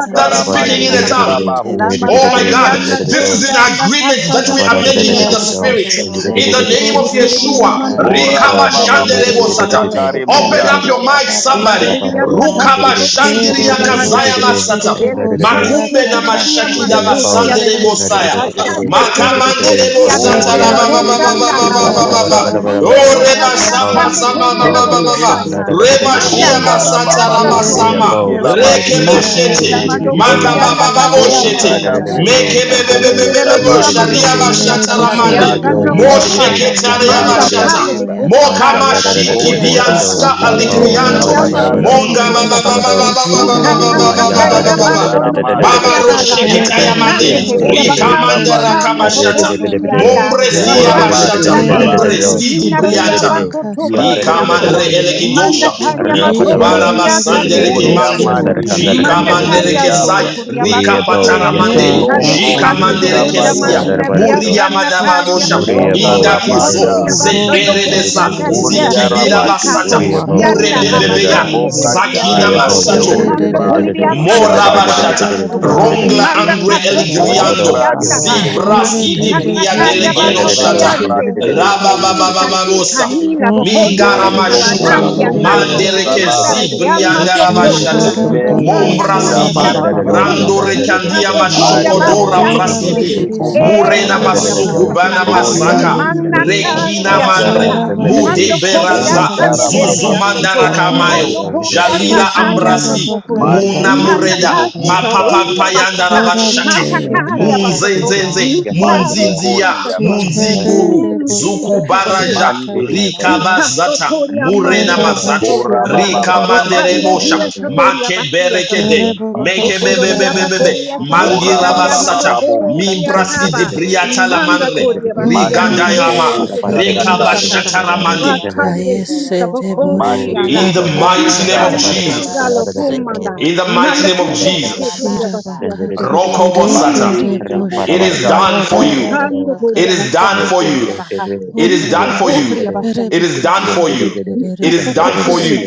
[SPEAKER 1] Start
[SPEAKER 9] from
[SPEAKER 1] speaking
[SPEAKER 13] Rababa
[SPEAKER 1] in a
[SPEAKER 9] the
[SPEAKER 4] mandiri
[SPEAKER 1] tongue.
[SPEAKER 9] book, I
[SPEAKER 4] babahu.
[SPEAKER 13] seketere
[SPEAKER 9] see
[SPEAKER 1] Oh
[SPEAKER 9] that
[SPEAKER 1] my
[SPEAKER 13] boko
[SPEAKER 1] God,
[SPEAKER 13] ya
[SPEAKER 9] Bacosa
[SPEAKER 1] this is an
[SPEAKER 9] Salama
[SPEAKER 13] sakatata.
[SPEAKER 9] should be
[SPEAKER 1] agreement
[SPEAKER 9] good.
[SPEAKER 1] that we are making in the
[SPEAKER 9] Lama
[SPEAKER 13] Kiara
[SPEAKER 1] spirit.
[SPEAKER 9] Costa
[SPEAKER 13] bashi
[SPEAKER 11] Namandariyanakotiyanakasandakoroririyabasakotoroririri.
[SPEAKER 5] Let
[SPEAKER 9] Sora
[SPEAKER 1] In
[SPEAKER 5] the
[SPEAKER 1] the
[SPEAKER 13] terere
[SPEAKER 5] wolf
[SPEAKER 1] name of
[SPEAKER 9] Bacosa
[SPEAKER 5] out
[SPEAKER 13] boko
[SPEAKER 5] by
[SPEAKER 9] Salama
[SPEAKER 5] heat,
[SPEAKER 13] seara
[SPEAKER 5] the
[SPEAKER 1] Yeshua,
[SPEAKER 9] Costa
[SPEAKER 5] Lord
[SPEAKER 4] Kora
[SPEAKER 13] raraba
[SPEAKER 5] wolf.
[SPEAKER 9] Catal.
[SPEAKER 1] Rikaba
[SPEAKER 4] baba
[SPEAKER 13] kaye
[SPEAKER 4] babo
[SPEAKER 1] Shanderebo
[SPEAKER 5] Zay
[SPEAKER 9] Reba
[SPEAKER 13] terere
[SPEAKER 1] Sata.
[SPEAKER 5] wolf out
[SPEAKER 9] Posto
[SPEAKER 13] boshi
[SPEAKER 4] koshakare
[SPEAKER 5] by that
[SPEAKER 1] Open
[SPEAKER 4] mendai.
[SPEAKER 1] up
[SPEAKER 5] wolf,
[SPEAKER 9] Tolomo
[SPEAKER 13] katara
[SPEAKER 1] your
[SPEAKER 11] Ekmeteririyamandakotiyanadakandiririyabasakotororiri.
[SPEAKER 1] mic,
[SPEAKER 5] that
[SPEAKER 13] baba
[SPEAKER 9] Sandele
[SPEAKER 5] like me,
[SPEAKER 13] baba
[SPEAKER 1] somebody.
[SPEAKER 5] kebab.
[SPEAKER 13] baba.
[SPEAKER 1] Rukaba Shandiria
[SPEAKER 13] Kerere
[SPEAKER 1] Kazaya
[SPEAKER 11] Mandaririyanakasotokosiyabakandari.
[SPEAKER 13] boshi
[SPEAKER 1] Basata.
[SPEAKER 13] terere bosi
[SPEAKER 1] Makumbe na
[SPEAKER 13] akaza
[SPEAKER 1] mashakida
[SPEAKER 13] katara baba
[SPEAKER 11] Elevikandokosiririyamadakosiyalari.
[SPEAKER 1] basanderebo
[SPEAKER 13] baba shi
[SPEAKER 1] saya.
[SPEAKER 13] terere bo.
[SPEAKER 1] Makamanderebo
[SPEAKER 11] Bakandekelebakosiyande
[SPEAKER 4] Ori
[SPEAKER 1] satara ba ba ba
[SPEAKER 13] Keterere
[SPEAKER 1] ba ba ba
[SPEAKER 4] andiri
[SPEAKER 13] bosi
[SPEAKER 1] ba
[SPEAKER 11] elebakosandahaba.
[SPEAKER 1] ba
[SPEAKER 4] boko
[SPEAKER 13] ara
[SPEAKER 1] ba ba.
[SPEAKER 4] sai.
[SPEAKER 13] baba
[SPEAKER 1] O
[SPEAKER 13] shi
[SPEAKER 11] Mondo
[SPEAKER 14] Makari
[SPEAKER 13] tara
[SPEAKER 1] reba
[SPEAKER 11] kopalia
[SPEAKER 1] sapa
[SPEAKER 11] sande
[SPEAKER 13] bakaye
[SPEAKER 1] sama ba
[SPEAKER 13] se
[SPEAKER 11] kerere
[SPEAKER 12] Yambo,
[SPEAKER 9] Boko
[SPEAKER 1] ba ba ba ba.
[SPEAKER 9] Satara
[SPEAKER 13] terere
[SPEAKER 1] Reba
[SPEAKER 9] Masa
[SPEAKER 13] boko.
[SPEAKER 11] Manda
[SPEAKER 1] shia ba
[SPEAKER 4] Kondara
[SPEAKER 11] hallelujah
[SPEAKER 4] baba
[SPEAKER 1] satara
[SPEAKER 4] boko
[SPEAKER 1] sama.
[SPEAKER 13] Jidere
[SPEAKER 4] teke
[SPEAKER 11] sakukusiata.
[SPEAKER 13] bokosi
[SPEAKER 4] labadi.
[SPEAKER 1] Rekebe
[SPEAKER 13] yara
[SPEAKER 1] shete.
[SPEAKER 11] Ela
[SPEAKER 13] baba
[SPEAKER 11] mando
[SPEAKER 1] Makaba
[SPEAKER 13] baka
[SPEAKER 1] ba
[SPEAKER 11] kokianda
[SPEAKER 1] ba bo
[SPEAKER 13] shetere
[SPEAKER 11] kasiata
[SPEAKER 4] Bronga
[SPEAKER 1] shete.
[SPEAKER 4] da
[SPEAKER 11] tararara.
[SPEAKER 13] bokosi
[SPEAKER 12] Mararararararo,
[SPEAKER 4] boshke,
[SPEAKER 1] Mekebe be be
[SPEAKER 12] yenderere,
[SPEAKER 1] be
[SPEAKER 4] Bronde
[SPEAKER 13] yakatarara.
[SPEAKER 1] be be bo
[SPEAKER 11] Tekererororia mando
[SPEAKER 4] gabaida.
[SPEAKER 1] sharia ba
[SPEAKER 12] shimdirerererere,
[SPEAKER 13] Shirere
[SPEAKER 11] kosiata
[SPEAKER 13] bosi
[SPEAKER 11] taria
[SPEAKER 1] mande.
[SPEAKER 12] marararararo,
[SPEAKER 4] Ralili
[SPEAKER 11] sando
[SPEAKER 1] Mo
[SPEAKER 13] yakarara
[SPEAKER 11] kopa.
[SPEAKER 13] baka
[SPEAKER 12] yenderere,
[SPEAKER 4] bokoshi.
[SPEAKER 1] sheketaria ba
[SPEAKER 11] Manda
[SPEAKER 13] yeterere
[SPEAKER 12] shimdirerererere,
[SPEAKER 11] kale
[SPEAKER 13] boko
[SPEAKER 11] de
[SPEAKER 4] Barabadela.
[SPEAKER 1] Mo kama
[SPEAKER 11] kosataria
[SPEAKER 13] yasakarara
[SPEAKER 1] shiki
[SPEAKER 11] batopia
[SPEAKER 13] baka.
[SPEAKER 12] mazandararararararo,
[SPEAKER 11] satara.
[SPEAKER 1] bianska
[SPEAKER 4] Prolikashi la
[SPEAKER 12] yamba,
[SPEAKER 4] mundi
[SPEAKER 13] Kera
[SPEAKER 1] alikrianto.
[SPEAKER 11] Nekeseria
[SPEAKER 12] orabarabarabara,
[SPEAKER 4] kabayanjo.
[SPEAKER 1] Monga
[SPEAKER 13] bashirere
[SPEAKER 1] ba
[SPEAKER 11] makosotokoria
[SPEAKER 1] ba ba
[SPEAKER 12] orabarabarabaro,
[SPEAKER 9] Yes,
[SPEAKER 11] batu.
[SPEAKER 1] ba ba ba
[SPEAKER 13] bokosi
[SPEAKER 1] ba ba
[SPEAKER 13] yara
[SPEAKER 1] ba ba
[SPEAKER 13] baba
[SPEAKER 1] ba ba
[SPEAKER 4] Zonteriba
[SPEAKER 13] baba
[SPEAKER 1] ba
[SPEAKER 11] Ikatatataria
[SPEAKER 1] ba
[SPEAKER 13] baba
[SPEAKER 1] ba.
[SPEAKER 11] baso
[SPEAKER 13] baba.
[SPEAKER 1] Baba
[SPEAKER 11] nokoria
[SPEAKER 4] Kodaramandia,
[SPEAKER 11] balada.
[SPEAKER 12] mayandarararararararararararararararo,
[SPEAKER 13] Kora
[SPEAKER 1] Rosheketaya Mande,
[SPEAKER 11] Nande ke
[SPEAKER 12] yenderere,
[SPEAKER 13] bashirere
[SPEAKER 1] Rika
[SPEAKER 4] Renconte
[SPEAKER 11] elabakasi
[SPEAKER 1] Mande
[SPEAKER 13] bokosi
[SPEAKER 11] kama
[SPEAKER 4] Gabarico,
[SPEAKER 1] Rakamashata,
[SPEAKER 11] tokoli
[SPEAKER 12] arrebedebedebedeyo,
[SPEAKER 11] diada.
[SPEAKER 13] katatarara.
[SPEAKER 14] O
[SPEAKER 1] Mombresia
[SPEAKER 14] Coro
[SPEAKER 11] Rashandi
[SPEAKER 14] de
[SPEAKER 1] Bashata,
[SPEAKER 4] Orabada
[SPEAKER 11] ilatane.
[SPEAKER 13] Yerere
[SPEAKER 14] Deus,
[SPEAKER 12] yandararararararararararararo,
[SPEAKER 14] o
[SPEAKER 1] Mumbresi
[SPEAKER 4] Baradushka,
[SPEAKER 1] di
[SPEAKER 13] boshirara
[SPEAKER 11] Minaroria
[SPEAKER 1] Brianta,
[SPEAKER 12] yenderere,
[SPEAKER 11] baso
[SPEAKER 14] Chicago,
[SPEAKER 13] bakasi
[SPEAKER 1] Lika
[SPEAKER 4] Braliri
[SPEAKER 11] tokosiatara.
[SPEAKER 1] Mandre
[SPEAKER 13] katarara.
[SPEAKER 14] Ebimuli
[SPEAKER 12] yandarararararararararararararo,
[SPEAKER 4] Boschke,
[SPEAKER 14] bya
[SPEAKER 11] Manda
[SPEAKER 1] Elekidosha,
[SPEAKER 14] busa
[SPEAKER 11] karia
[SPEAKER 4] Riebedu,
[SPEAKER 11] bato
[SPEAKER 13] Ishe
[SPEAKER 9] Yarabakosata.
[SPEAKER 1] Likubana
[SPEAKER 12] rabarabarabaro,
[SPEAKER 13] terere
[SPEAKER 9] Era
[SPEAKER 1] Basandere
[SPEAKER 9] no
[SPEAKER 12] rebedebedeyo,
[SPEAKER 11] sanderia
[SPEAKER 9] más
[SPEAKER 13] bokosi
[SPEAKER 1] Kemando,
[SPEAKER 9] y
[SPEAKER 11] satoro.
[SPEAKER 4] Oriamandi
[SPEAKER 14] okubondo
[SPEAKER 9] tengo
[SPEAKER 4] de
[SPEAKER 13] tatatara
[SPEAKER 4] de
[SPEAKER 9] los
[SPEAKER 1] Jika
[SPEAKER 11] Manda
[SPEAKER 9] dos
[SPEAKER 14] shantaya
[SPEAKER 1] Mandere
[SPEAKER 13] bakaya
[SPEAKER 4] Broski
[SPEAKER 9] aquí
[SPEAKER 12] shandarakandarakandarebedeyo,
[SPEAKER 11] karia
[SPEAKER 1] Kesai,
[SPEAKER 11] soko
[SPEAKER 4] Dabra,
[SPEAKER 14] rava
[SPEAKER 13] tetetete.
[SPEAKER 11] koria
[SPEAKER 1] Rika
[SPEAKER 11] bato
[SPEAKER 9] abakosata.
[SPEAKER 12] Uriabo
[SPEAKER 11] kotorere.
[SPEAKER 9] La
[SPEAKER 1] Pataramande,
[SPEAKER 12] Yanderede
[SPEAKER 13] Erere
[SPEAKER 11] Ikane
[SPEAKER 14] nikarta
[SPEAKER 9] bakosa
[SPEAKER 1] Jika
[SPEAKER 4] Lobron
[SPEAKER 13] boshi
[SPEAKER 12] Shindrede
[SPEAKER 11] pikasa
[SPEAKER 9] será
[SPEAKER 11] to
[SPEAKER 14] kanira
[SPEAKER 1] Mandere
[SPEAKER 9] más
[SPEAKER 13] harara
[SPEAKER 14] vava
[SPEAKER 11] koria
[SPEAKER 1] Kesia,
[SPEAKER 9] cosa
[SPEAKER 14] vava
[SPEAKER 13] basi
[SPEAKER 9] que
[SPEAKER 11] mandila
[SPEAKER 4] Tigabayonche,
[SPEAKER 14] vava
[SPEAKER 11] via
[SPEAKER 9] quiero
[SPEAKER 14] vava
[SPEAKER 13] kerere
[SPEAKER 12] Yandarabadadadoi.
[SPEAKER 1] Muria
[SPEAKER 11] sanna
[SPEAKER 9] basar.
[SPEAKER 13] bokosi
[SPEAKER 1] Madababosha,
[SPEAKER 9] La
[SPEAKER 13] harara
[SPEAKER 14] nikara
[SPEAKER 11] batoko.
[SPEAKER 13] bak.
[SPEAKER 12] Uriabo
[SPEAKER 14] rava
[SPEAKER 9] bakosa
[SPEAKER 1] Indakuzo,
[SPEAKER 4] Mongarabada,
[SPEAKER 11] Monoria
[SPEAKER 14] shikara
[SPEAKER 9] cosora
[SPEAKER 12] Yanderede
[SPEAKER 14] rava
[SPEAKER 11] basando
[SPEAKER 13] Kora
[SPEAKER 12] Shindrede
[SPEAKER 13] bashi
[SPEAKER 9] tengo
[SPEAKER 11] koshia
[SPEAKER 1] Zeberedesa,
[SPEAKER 9] los
[SPEAKER 14] sataya
[SPEAKER 9] dos
[SPEAKER 14] rava
[SPEAKER 11] takia.
[SPEAKER 9] aquí
[SPEAKER 14] vasa
[SPEAKER 1] Zikibira
[SPEAKER 12] Yandaradadoi.
[SPEAKER 9] abá.
[SPEAKER 11] Lepika
[SPEAKER 4] Oliarabadi,
[SPEAKER 1] Basata,
[SPEAKER 11] toro.
[SPEAKER 9] Era
[SPEAKER 12] Uriabo
[SPEAKER 14] makari
[SPEAKER 9] la
[SPEAKER 11] Ianda
[SPEAKER 14] nini
[SPEAKER 1] Murebebeya,
[SPEAKER 12] Yandarada.
[SPEAKER 9] bakosa
[SPEAKER 14] nini
[SPEAKER 11] habakande
[SPEAKER 9] solo
[SPEAKER 11] eleria
[SPEAKER 1] Zakina
[SPEAKER 9] cosa
[SPEAKER 14] voshikata
[SPEAKER 4] Rocadala
[SPEAKER 9] que
[SPEAKER 14] kata
[SPEAKER 12] Uriabo
[SPEAKER 11] sato.
[SPEAKER 9] para
[SPEAKER 1] Masato,
[SPEAKER 4] Euri
[SPEAKER 9] basi
[SPEAKER 11] Manda
[SPEAKER 14] kata kata
[SPEAKER 4] Brali
[SPEAKER 9] tengo
[SPEAKER 14] papa
[SPEAKER 9] los
[SPEAKER 11] koliria
[SPEAKER 12] Yandarede
[SPEAKER 9] dos
[SPEAKER 14] papa
[SPEAKER 11] sande
[SPEAKER 12] Shandarede
[SPEAKER 14] papa
[SPEAKER 9] aquí.
[SPEAKER 11] heleria
[SPEAKER 1] Morabashata,
[SPEAKER 4] Kushkalamandi,
[SPEAKER 11] satoko.
[SPEAKER 9] Macondo
[SPEAKER 12] Yanderede.
[SPEAKER 14] varandi
[SPEAKER 1] Rongla
[SPEAKER 9] los
[SPEAKER 11] Manda
[SPEAKER 9] dos
[SPEAKER 1] Andre
[SPEAKER 14] kiti
[SPEAKER 11] kasto
[SPEAKER 14] kara
[SPEAKER 11] toko
[SPEAKER 1] Eligriando,
[SPEAKER 14] dashi
[SPEAKER 12] Rabadabado
[SPEAKER 14] kara
[SPEAKER 11] sianda
[SPEAKER 4] Ongradusta,
[SPEAKER 14] rava
[SPEAKER 12] Yanderede
[SPEAKER 1] Zibraski di
[SPEAKER 11] Masika
[SPEAKER 14] sataya
[SPEAKER 12] Sundede.
[SPEAKER 1] Bria
[SPEAKER 14] rava vava
[SPEAKER 11] sataria
[SPEAKER 4] Hombre
[SPEAKER 14] vava
[SPEAKER 1] Delegeno
[SPEAKER 11] bato
[SPEAKER 9] Lamba
[SPEAKER 4] Cali
[SPEAKER 12] Aradadadadoi
[SPEAKER 1] Shata,
[SPEAKER 9] koso koso
[SPEAKER 11] priande.
[SPEAKER 12] Yanderede
[SPEAKER 9] labasia.
[SPEAKER 11] Isa
[SPEAKER 4] Brateliconte,
[SPEAKER 12] Shindrede
[SPEAKER 11] tika
[SPEAKER 1] Rabababababosa,
[SPEAKER 9] Lebo
[SPEAKER 12] Yanderede.
[SPEAKER 11] nila
[SPEAKER 9] koshande
[SPEAKER 11] bokosa
[SPEAKER 9] lebo
[SPEAKER 11] tika
[SPEAKER 4] Yonto
[SPEAKER 13] se
[SPEAKER 9] kosa
[SPEAKER 12] Aradadadoi
[SPEAKER 1] Mingaramasuka,
[SPEAKER 14] vava
[SPEAKER 11] banani
[SPEAKER 9] kalaba
[SPEAKER 4] koto
[SPEAKER 13] terere
[SPEAKER 14] vava
[SPEAKER 9] kosa
[SPEAKER 11] akata.
[SPEAKER 14] vava
[SPEAKER 9] ka.
[SPEAKER 12] Yanderede
[SPEAKER 13] bokosi
[SPEAKER 1] Mandereke
[SPEAKER 11] Nanda
[SPEAKER 4] konsala,
[SPEAKER 12] Erebede
[SPEAKER 9] Lema
[SPEAKER 11] radiama
[SPEAKER 1] Zibrianda
[SPEAKER 14] dokuru
[SPEAKER 9] sikande
[SPEAKER 14] ndo
[SPEAKER 1] Rabashata,
[SPEAKER 9] lebo
[SPEAKER 11] tokoha.
[SPEAKER 13] Jitara
[SPEAKER 12] Shindarede.
[SPEAKER 13] ba
[SPEAKER 14] shantaya
[SPEAKER 9] shakila
[SPEAKER 4] emerko
[SPEAKER 11] Manda
[SPEAKER 14] rava
[SPEAKER 9] dadaba
[SPEAKER 14] vava
[SPEAKER 11] kashia
[SPEAKER 13] khaseyara
[SPEAKER 14] vava
[SPEAKER 9] koso
[SPEAKER 1] Mombrasidi,
[SPEAKER 13] da
[SPEAKER 4] shiramandu,
[SPEAKER 13] da
[SPEAKER 14] vava
[SPEAKER 9] koe.
[SPEAKER 12] Radadadadoi
[SPEAKER 13] da
[SPEAKER 11] batoku.
[SPEAKER 1] Rando
[SPEAKER 13] da
[SPEAKER 14] vava
[SPEAKER 13] da
[SPEAKER 12] Yanderede
[SPEAKER 13] da
[SPEAKER 9] Lema
[SPEAKER 11] Nika
[SPEAKER 13] ba.
[SPEAKER 1] rekandia
[SPEAKER 9] koso
[SPEAKER 11] fokoria
[SPEAKER 14] Randi
[SPEAKER 4] aria
[SPEAKER 9] korama
[SPEAKER 1] mashokodora
[SPEAKER 11] basiande
[SPEAKER 13] Kora
[SPEAKER 14] yarararaba
[SPEAKER 4] bonske
[SPEAKER 9] sikule
[SPEAKER 13] ba
[SPEAKER 4] de
[SPEAKER 1] brasidi.
[SPEAKER 12] Yanderede
[SPEAKER 11] gelebe.
[SPEAKER 9] bo
[SPEAKER 4] de
[SPEAKER 13] shi
[SPEAKER 14] shika raba
[SPEAKER 9] shandala
[SPEAKER 11] E
[SPEAKER 4] bonta,
[SPEAKER 13] sete
[SPEAKER 1] Murena
[SPEAKER 14] baba
[SPEAKER 12] Yandere
[SPEAKER 13] de
[SPEAKER 9] dadaba
[SPEAKER 13] de
[SPEAKER 11] karoria
[SPEAKER 14] baba
[SPEAKER 13] de de
[SPEAKER 14] baba
[SPEAKER 13] de
[SPEAKER 1] masugubana
[SPEAKER 13] de
[SPEAKER 11] masataka.
[SPEAKER 13] de de
[SPEAKER 14] kuri
[SPEAKER 13] de
[SPEAKER 1] mazaka.
[SPEAKER 4] royandi
[SPEAKER 13] de.
[SPEAKER 4] de
[SPEAKER 11] Manda
[SPEAKER 4] de
[SPEAKER 14] emiri basa
[SPEAKER 1] Rekina
[SPEAKER 11] kaleria
[SPEAKER 4] boska,
[SPEAKER 9] shaki
[SPEAKER 1] mandre.
[SPEAKER 11] shata.
[SPEAKER 13] Kora
[SPEAKER 14] kanirara
[SPEAKER 13] ba
[SPEAKER 9] halala
[SPEAKER 14] basa
[SPEAKER 13] shi
[SPEAKER 1] Mude
[SPEAKER 11] Mando
[SPEAKER 9] vosa.
[SPEAKER 13] sakha
[SPEAKER 11] kopia
[SPEAKER 1] beraza.
[SPEAKER 13] ta ta
[SPEAKER 11] sande
[SPEAKER 4] bontara
[SPEAKER 13] ta
[SPEAKER 14] bakasira
[SPEAKER 13] da
[SPEAKER 1] Zuzu
[SPEAKER 13] da
[SPEAKER 4] baba
[SPEAKER 11] heleria
[SPEAKER 13] da
[SPEAKER 9] masa
[SPEAKER 13] da da.
[SPEAKER 14] bashika
[SPEAKER 11] soto.
[SPEAKER 4] boska,
[SPEAKER 9] kalaba
[SPEAKER 14] rara
[SPEAKER 1] mandarakamayo.
[SPEAKER 11] Mondo
[SPEAKER 14] basa
[SPEAKER 9] kosa
[SPEAKER 11] kopia
[SPEAKER 9] katela
[SPEAKER 1] Jalira
[SPEAKER 9] basia.
[SPEAKER 11] nakaria
[SPEAKER 13] Shizarara
[SPEAKER 1] ambrasi.
[SPEAKER 13] ba
[SPEAKER 11] soto
[SPEAKER 14] kisa
[SPEAKER 4] mande
[SPEAKER 1] Muna
[SPEAKER 4] de
[SPEAKER 14] rara
[SPEAKER 4] de
[SPEAKER 9] Lema
[SPEAKER 4] de
[SPEAKER 1] mureda.
[SPEAKER 14] basa
[SPEAKER 13] khaseyara.
[SPEAKER 9] koso
[SPEAKER 14] kara
[SPEAKER 11] Mandahasukaro,
[SPEAKER 4] bokushkai,
[SPEAKER 1] Mapapa
[SPEAKER 14] basa
[SPEAKER 1] payanda
[SPEAKER 11] Iyabasata,
[SPEAKER 13] Kora ba
[SPEAKER 1] rabashata
[SPEAKER 13] shi
[SPEAKER 14] kaya
[SPEAKER 11] Mantakaria
[SPEAKER 13] khata da
[SPEAKER 14] basa
[SPEAKER 11] Basoto,
[SPEAKER 13] da ba
[SPEAKER 1] munzenzenze
[SPEAKER 13] se.
[SPEAKER 14] kaya
[SPEAKER 4] mandi
[SPEAKER 11] Mikaro
[SPEAKER 1] munzinziya
[SPEAKER 11] Kiasato.
[SPEAKER 4] kodiaba,
[SPEAKER 13] Sete de
[SPEAKER 1] munzinguru
[SPEAKER 13] de
[SPEAKER 11] Mm,
[SPEAKER 13] bu
[SPEAKER 9] Thank
[SPEAKER 13] khoshi
[SPEAKER 11] Jesus,
[SPEAKER 1] zukubaraja
[SPEAKER 4] mande
[SPEAKER 13] khata
[SPEAKER 4] de
[SPEAKER 13] ta ta da.
[SPEAKER 1] rikabazata
[SPEAKER 11] Ikasotoria
[SPEAKER 1] murena
[SPEAKER 13] Khara
[SPEAKER 11] mandia
[SPEAKER 13] ba
[SPEAKER 1] mazato
[SPEAKER 4] bora
[SPEAKER 11] satoria ha.
[SPEAKER 13] shiara
[SPEAKER 4] baba
[SPEAKER 13] ba
[SPEAKER 4] baba
[SPEAKER 13] shi de
[SPEAKER 4] babu,
[SPEAKER 11] Kanda
[SPEAKER 13] de
[SPEAKER 1] rikamanderemosha
[SPEAKER 13] de
[SPEAKER 11] hia
[SPEAKER 13] de.
[SPEAKER 11] satoria bakia
[SPEAKER 1] makeberekede
[SPEAKER 11] sato.
[SPEAKER 13] Erebokosi
[SPEAKER 11] Mantokoria
[SPEAKER 1] mekebebebebebebe
[SPEAKER 11] bakeria
[SPEAKER 4] bora
[SPEAKER 11] satatataria
[SPEAKER 4] baba
[SPEAKER 1] mangirabasata
[SPEAKER 4] baba boku,
[SPEAKER 11] mandokoria
[SPEAKER 13] yarabashikerebokusakatata.
[SPEAKER 11] taba. Manda
[SPEAKER 1] mimbrasidibriatalamandre
[SPEAKER 11] koria bakia and the
[SPEAKER 4] mande de
[SPEAKER 1] rigadayama
[SPEAKER 11] keria
[SPEAKER 4] boku
[SPEAKER 11] sotoria batara.
[SPEAKER 1] rekabashataramande
[SPEAKER 11] Wakande
[SPEAKER 13] Orabashikerebosikatarabakayese
[SPEAKER 11] hisa bokoni
[SPEAKER 4] mande de
[SPEAKER 1] in
[SPEAKER 11] ala.
[SPEAKER 1] the
[SPEAKER 4] de boku
[SPEAKER 1] mighty name of
[SPEAKER 4] shai,
[SPEAKER 11] Ishkande
[SPEAKER 1] jesus
[SPEAKER 11] kiza lokumanda.
[SPEAKER 13] reboshikatadarabakayesekete.
[SPEAKER 1] in the mighty
[SPEAKER 11] Manda
[SPEAKER 1] name of
[SPEAKER 11] kile
[SPEAKER 1] jesus
[SPEAKER 11] siketuria bakia sotoro. Mm,
[SPEAKER 1] rokobosata
[SPEAKER 4] mande de de
[SPEAKER 1] It is
[SPEAKER 4] boku
[SPEAKER 11] Jesus.
[SPEAKER 1] done for you.
[SPEAKER 11] Ikando
[SPEAKER 1] It
[SPEAKER 11] koria
[SPEAKER 1] is done
[SPEAKER 11] basato
[SPEAKER 1] for
[SPEAKER 13] Shirabakasikerereboshikaradarabakayeseke.
[SPEAKER 11] koria
[SPEAKER 1] you.
[SPEAKER 11] baha.
[SPEAKER 1] It is done for you.
[SPEAKER 11] Shalom,
[SPEAKER 1] It is done for you. It is
[SPEAKER 9] you.
[SPEAKER 1] done for you.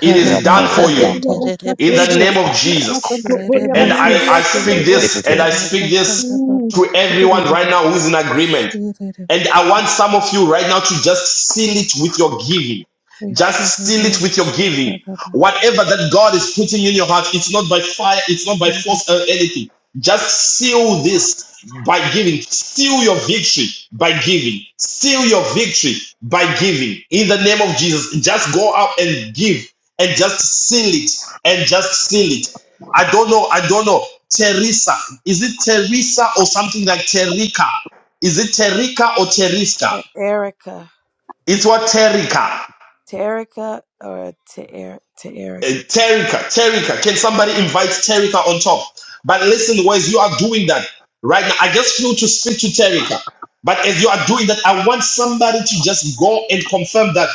[SPEAKER 1] It is done for you. In the name of Jesus.
[SPEAKER 13] Shirerebo
[SPEAKER 1] And I, I speak this and I
[SPEAKER 13] Hosikatara
[SPEAKER 1] speak this to
[SPEAKER 13] Bakarababa
[SPEAKER 1] everyone right now who's in agreement.
[SPEAKER 13] Shirerebo
[SPEAKER 1] And I want some
[SPEAKER 13] Sikata
[SPEAKER 1] of you right now to just seal it with your giving. Just seal
[SPEAKER 13] Shirerebo
[SPEAKER 1] it with your giving.
[SPEAKER 13] Sitara
[SPEAKER 1] Whatever that God is putting in your heart, it's not by fire, it's not by force or anything. Just seal this by giving. Seal your victory by giving. Seal your victory by giving. In the name of Jesus, just go out and give and just seal it and just seal it. I don't know. I don't know. Teresa. Is it Teresa or something like Terika? Is it Terika or Teriska?
[SPEAKER 2] To Erica,
[SPEAKER 1] It's what Terika.
[SPEAKER 2] Terica, or to Eric, to
[SPEAKER 1] Uh,
[SPEAKER 2] Erica.
[SPEAKER 1] Terika, Terika, can somebody invite Terika on top? But listen, Wes, you are doing that right now. I just flew to speak to Terika. But as you are doing that, I want somebody to just go and confirm that.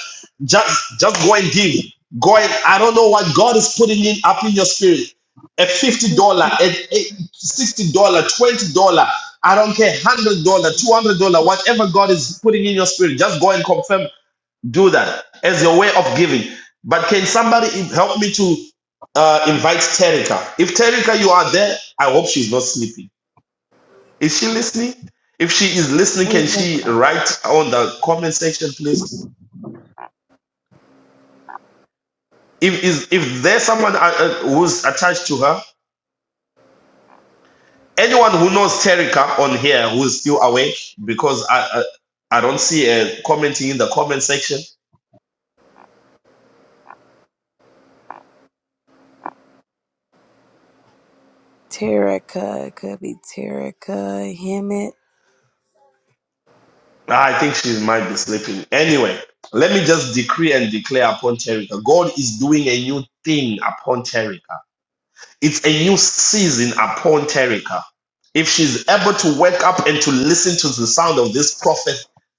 [SPEAKER 1] Just just go and give. Go and I don't know what God is putting in up in your spirit. A $50, a a $60, dollar, $20, I don't care, $100, $200, whatever God is putting in your spirit, just go and confirm do that as your way of giving. But can somebody help me to uh, invite Terika? If Terika, you are there, I hope she's not sleeping. Is she listening? If she is listening,
[SPEAKER 2] We
[SPEAKER 1] can she
[SPEAKER 2] never.
[SPEAKER 1] write on the comment section, please? If is if there's someone uh, uh, who's attached to her, anyone who knows Terika on here who is still awake, because I I, I don't see her commenting in the comment section.
[SPEAKER 2] Terica, it could be Terica Hemet.
[SPEAKER 1] Ah, I think she might be sleeping. Anyway, let me just decree and declare upon Terica. God is doing a new thing upon Terica. It's a new season upon Terica. If she's able to wake up and to listen to the sound of this prophet,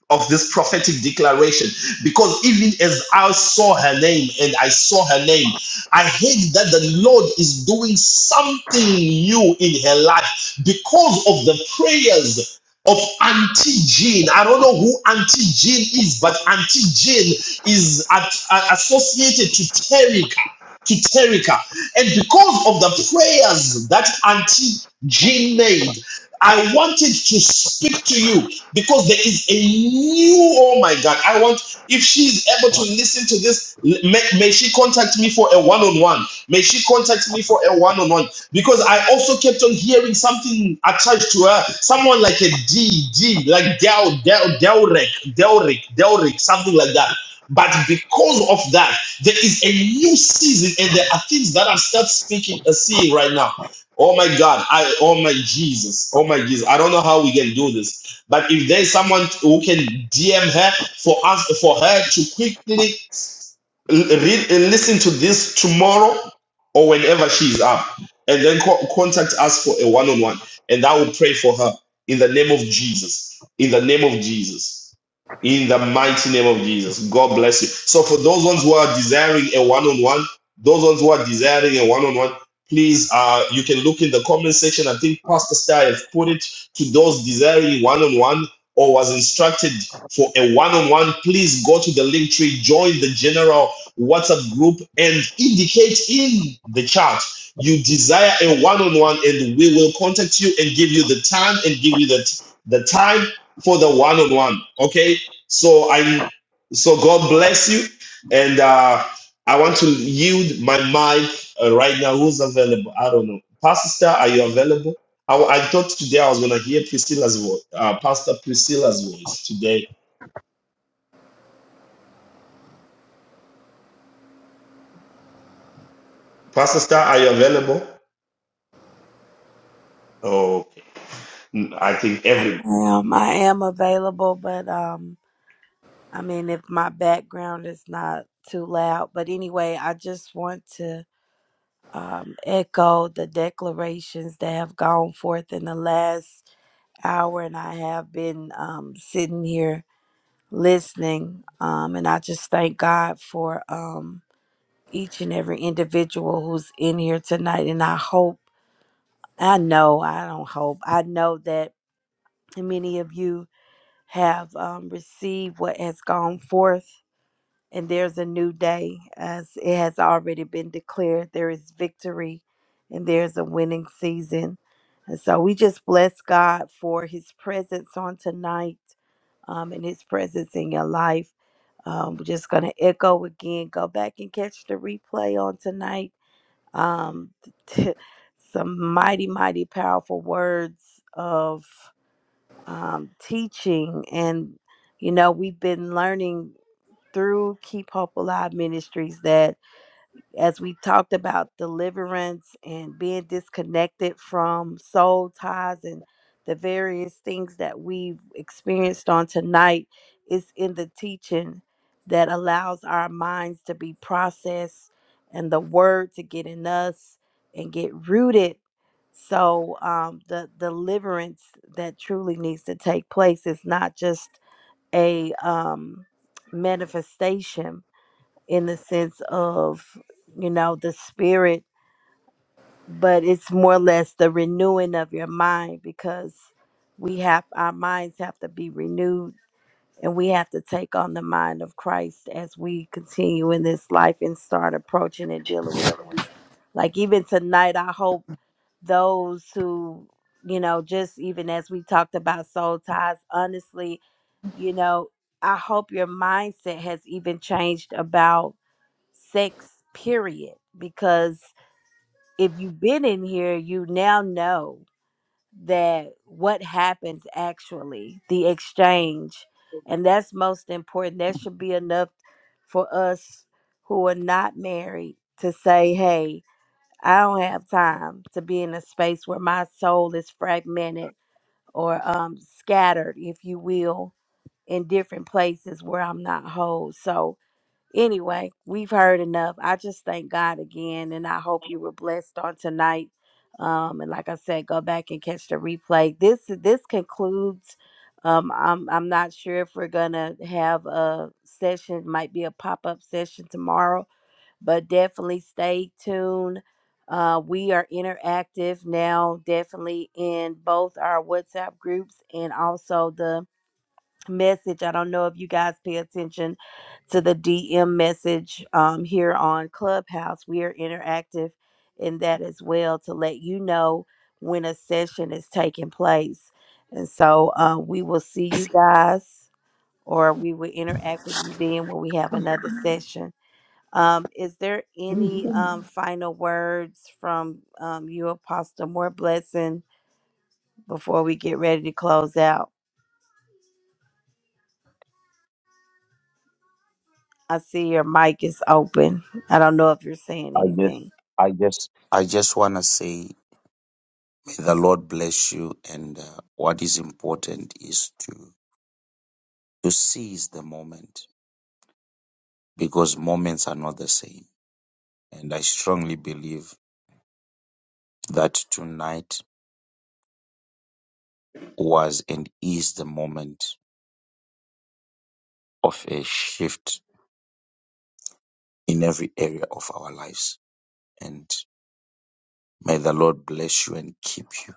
[SPEAKER 1] of this prophetic declaration, because even as I saw her name and I saw her name, I heard that the Lord is doing something new in her life because of the prayers of Auntie Jean. I don't know who Auntie Jean is, but Auntie Jean is at, uh, associated to Terica to Terica. And because of the prayers that Auntie Jean made, I wanted to speak to you because there is a new, oh my God, I want if she is able to listen to this, may, may she contact me for a one on one. May she contact me for a one on one. Because I also kept on hearing something attached to her. Someone like a D, D, like Del, Del, Delric, Delric, Delric, something like that. But because of that, there is a new season and there are things that I'm start speaking, uh, seeing right now. Oh my God. I oh my Jesus. Oh my Jesus. I don't know how we can do this. But if there's someone who can DM her for us for her to quickly L- read and listen to this tomorrow or whenever she's up and then co- contact us for a one-on-one and i will pray for her in the name of jesus in the name of jesus in the mighty name of jesus god bless you so for those ones who are desiring a one-on-one those ones who are desiring a one-on-one please uh you can look in the comment section i think pastor star has put it to those desiring one-on-one or was instructed for a one-on-one please go to the link tree join the general WhatsApp group and indicate in the chat you desire a one-on-one and we will contact you and give you the time and give you the, t- the time for the one-on-one okay so i'm so god bless you and uh i want to yield my mic uh, right now who's available i don't know pastor are you available i, I thought today i was going to hear priscilla's voice uh, pastor priscilla's voice today pastor star are you available oh i think everybody
[SPEAKER 2] Um, I am available, but um, I mean, if my background is not too loud, but anyway, I just want to um, echo the declarations that have gone forth in the last hour, and I have been um, sitting here listening, um, and I just thank God for um, each and every individual who's in here tonight, and I hope, I know, I don't hope, I know that many of you have um, received what has gone forth and there's a new day as it has already been declared there is victory and there's a winning season and so we just bless god for his presence on tonight um, and his presence in your life um, we're just going to echo again go back and catch the replay on tonight um, some mighty mighty powerful words of um, teaching and you know we've been learning through Keep Hope Alive Ministries that as we talked about deliverance and being disconnected from soul ties and the various things that we've experienced on tonight is in the teaching that allows our minds to be processed and the word to get in us and get rooted so um, the deliverance that truly needs to take place is not just a um, manifestation in the sense of you know the spirit but it's more or less the renewing of your mind because we have our minds have to be renewed and we have to take on the mind of christ as we continue in this life and start approaching and dealing with things like even tonight i hope those who, you know, just even as we talked about soul ties, honestly, you know, I hope your mindset has even changed about sex, period. Because if you've been in here, you now know that what happens actually, the exchange. And that's most important. That should be enough for us who are not married to say, hey, I don't have time to be in a space where my soul is fragmented or um, scattered, if you will, in different places where I'm not whole. So, anyway, we've heard enough. I just thank God again, and I hope you were blessed on tonight. Um, and like I said, go back and catch the replay. This this concludes. Um, I'm I'm not sure if we're gonna have a session. Might be a pop up session tomorrow but definitely stay tuned. Uh, we are interactive now, definitely in both our WhatsApp groups and also the message. I don't know if you guys pay attention to the DM message um, here on Clubhouse. We are interactive in that as well to let you know when a session is taking place. And so uh, we will see you guys or we will interact with you then when we have another session. Um, is there any um, final words from um, you, Apostle More Blessing, before we get ready to close out? I see your mic is open. I don't know if you're saying
[SPEAKER 4] I just,
[SPEAKER 2] anything.
[SPEAKER 4] I just, I just want to say, may the Lord bless you. And uh, what is important is to to seize the moment because moments are not the same. And I strongly believe that tonight was and is the moment of a shift in every area of our lives. And may the Lord bless you and keep you.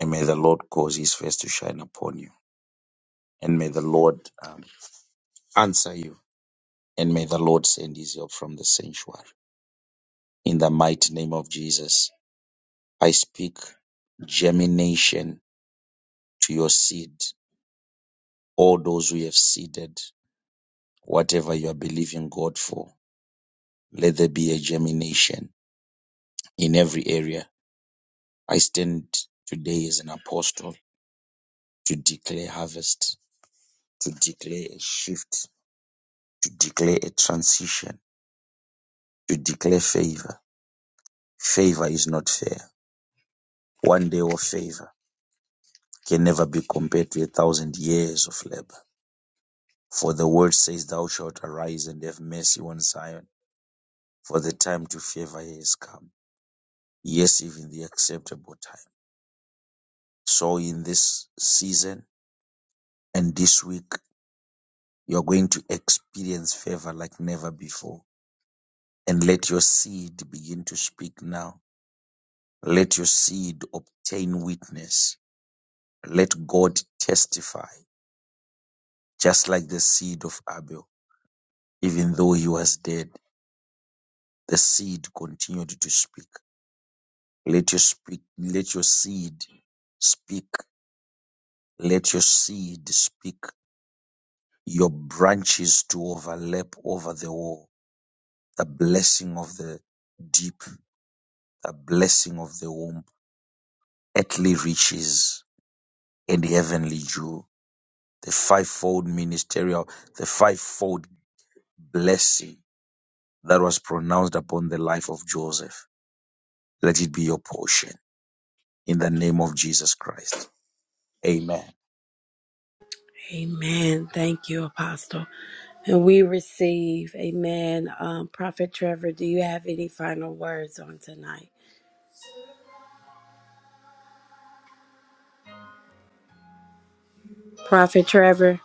[SPEAKER 4] And may the Lord cause His face to shine upon you. And may the Lord um, answer you and may the Lord send his help from the sanctuary. In the mighty name of Jesus, I speak germination to your seed. All those who have seeded, whatever you are believing God for, let there be a germination in every area. I stand today as an apostle to declare harvest, to declare a shift, to declare a transition, to declare favor. Favor is not fair. One day of favor can never be compared to a thousand years of labor. For the word says, Thou shalt arise and have mercy on Zion, for the time to favor her is come. Yes, even the acceptable time. So in this season and this week, you're going to experience favor like never before. And let your seed begin to speak now. Let your seed obtain witness. Let God testify, just like the seed of Abel, even though he was dead. The seed continued to speak. Let your speak, let your seed speak. Let your seed speak. Your branches to overlap over the wall. The blessing of the deep, the blessing of the womb, earthly riches and heavenly dew. The fivefold ministerial, the fivefold blessing that was pronounced upon the life of Joseph. Let it be your portion in the name of Jesus Christ. Amen.
[SPEAKER 2] Amen. Thank you, Apostle. And we receive, amen. Um, Prophet Trevor, do you have any final words on tonight? Prophet Trevor?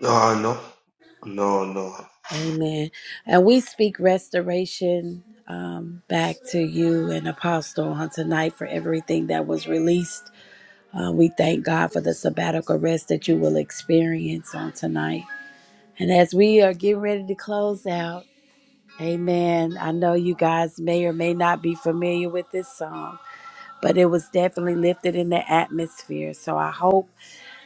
[SPEAKER 1] No, no, no, no.
[SPEAKER 2] Amen. And we speak restoration um, back to you and Apostle on tonight for everything that was released. Uh, we thank God for the sabbatical rest that you will experience on tonight. And as we are getting ready to close out, amen. I know you guys may or may not be familiar with this song, but it was definitely lifted in the atmosphere. So I hope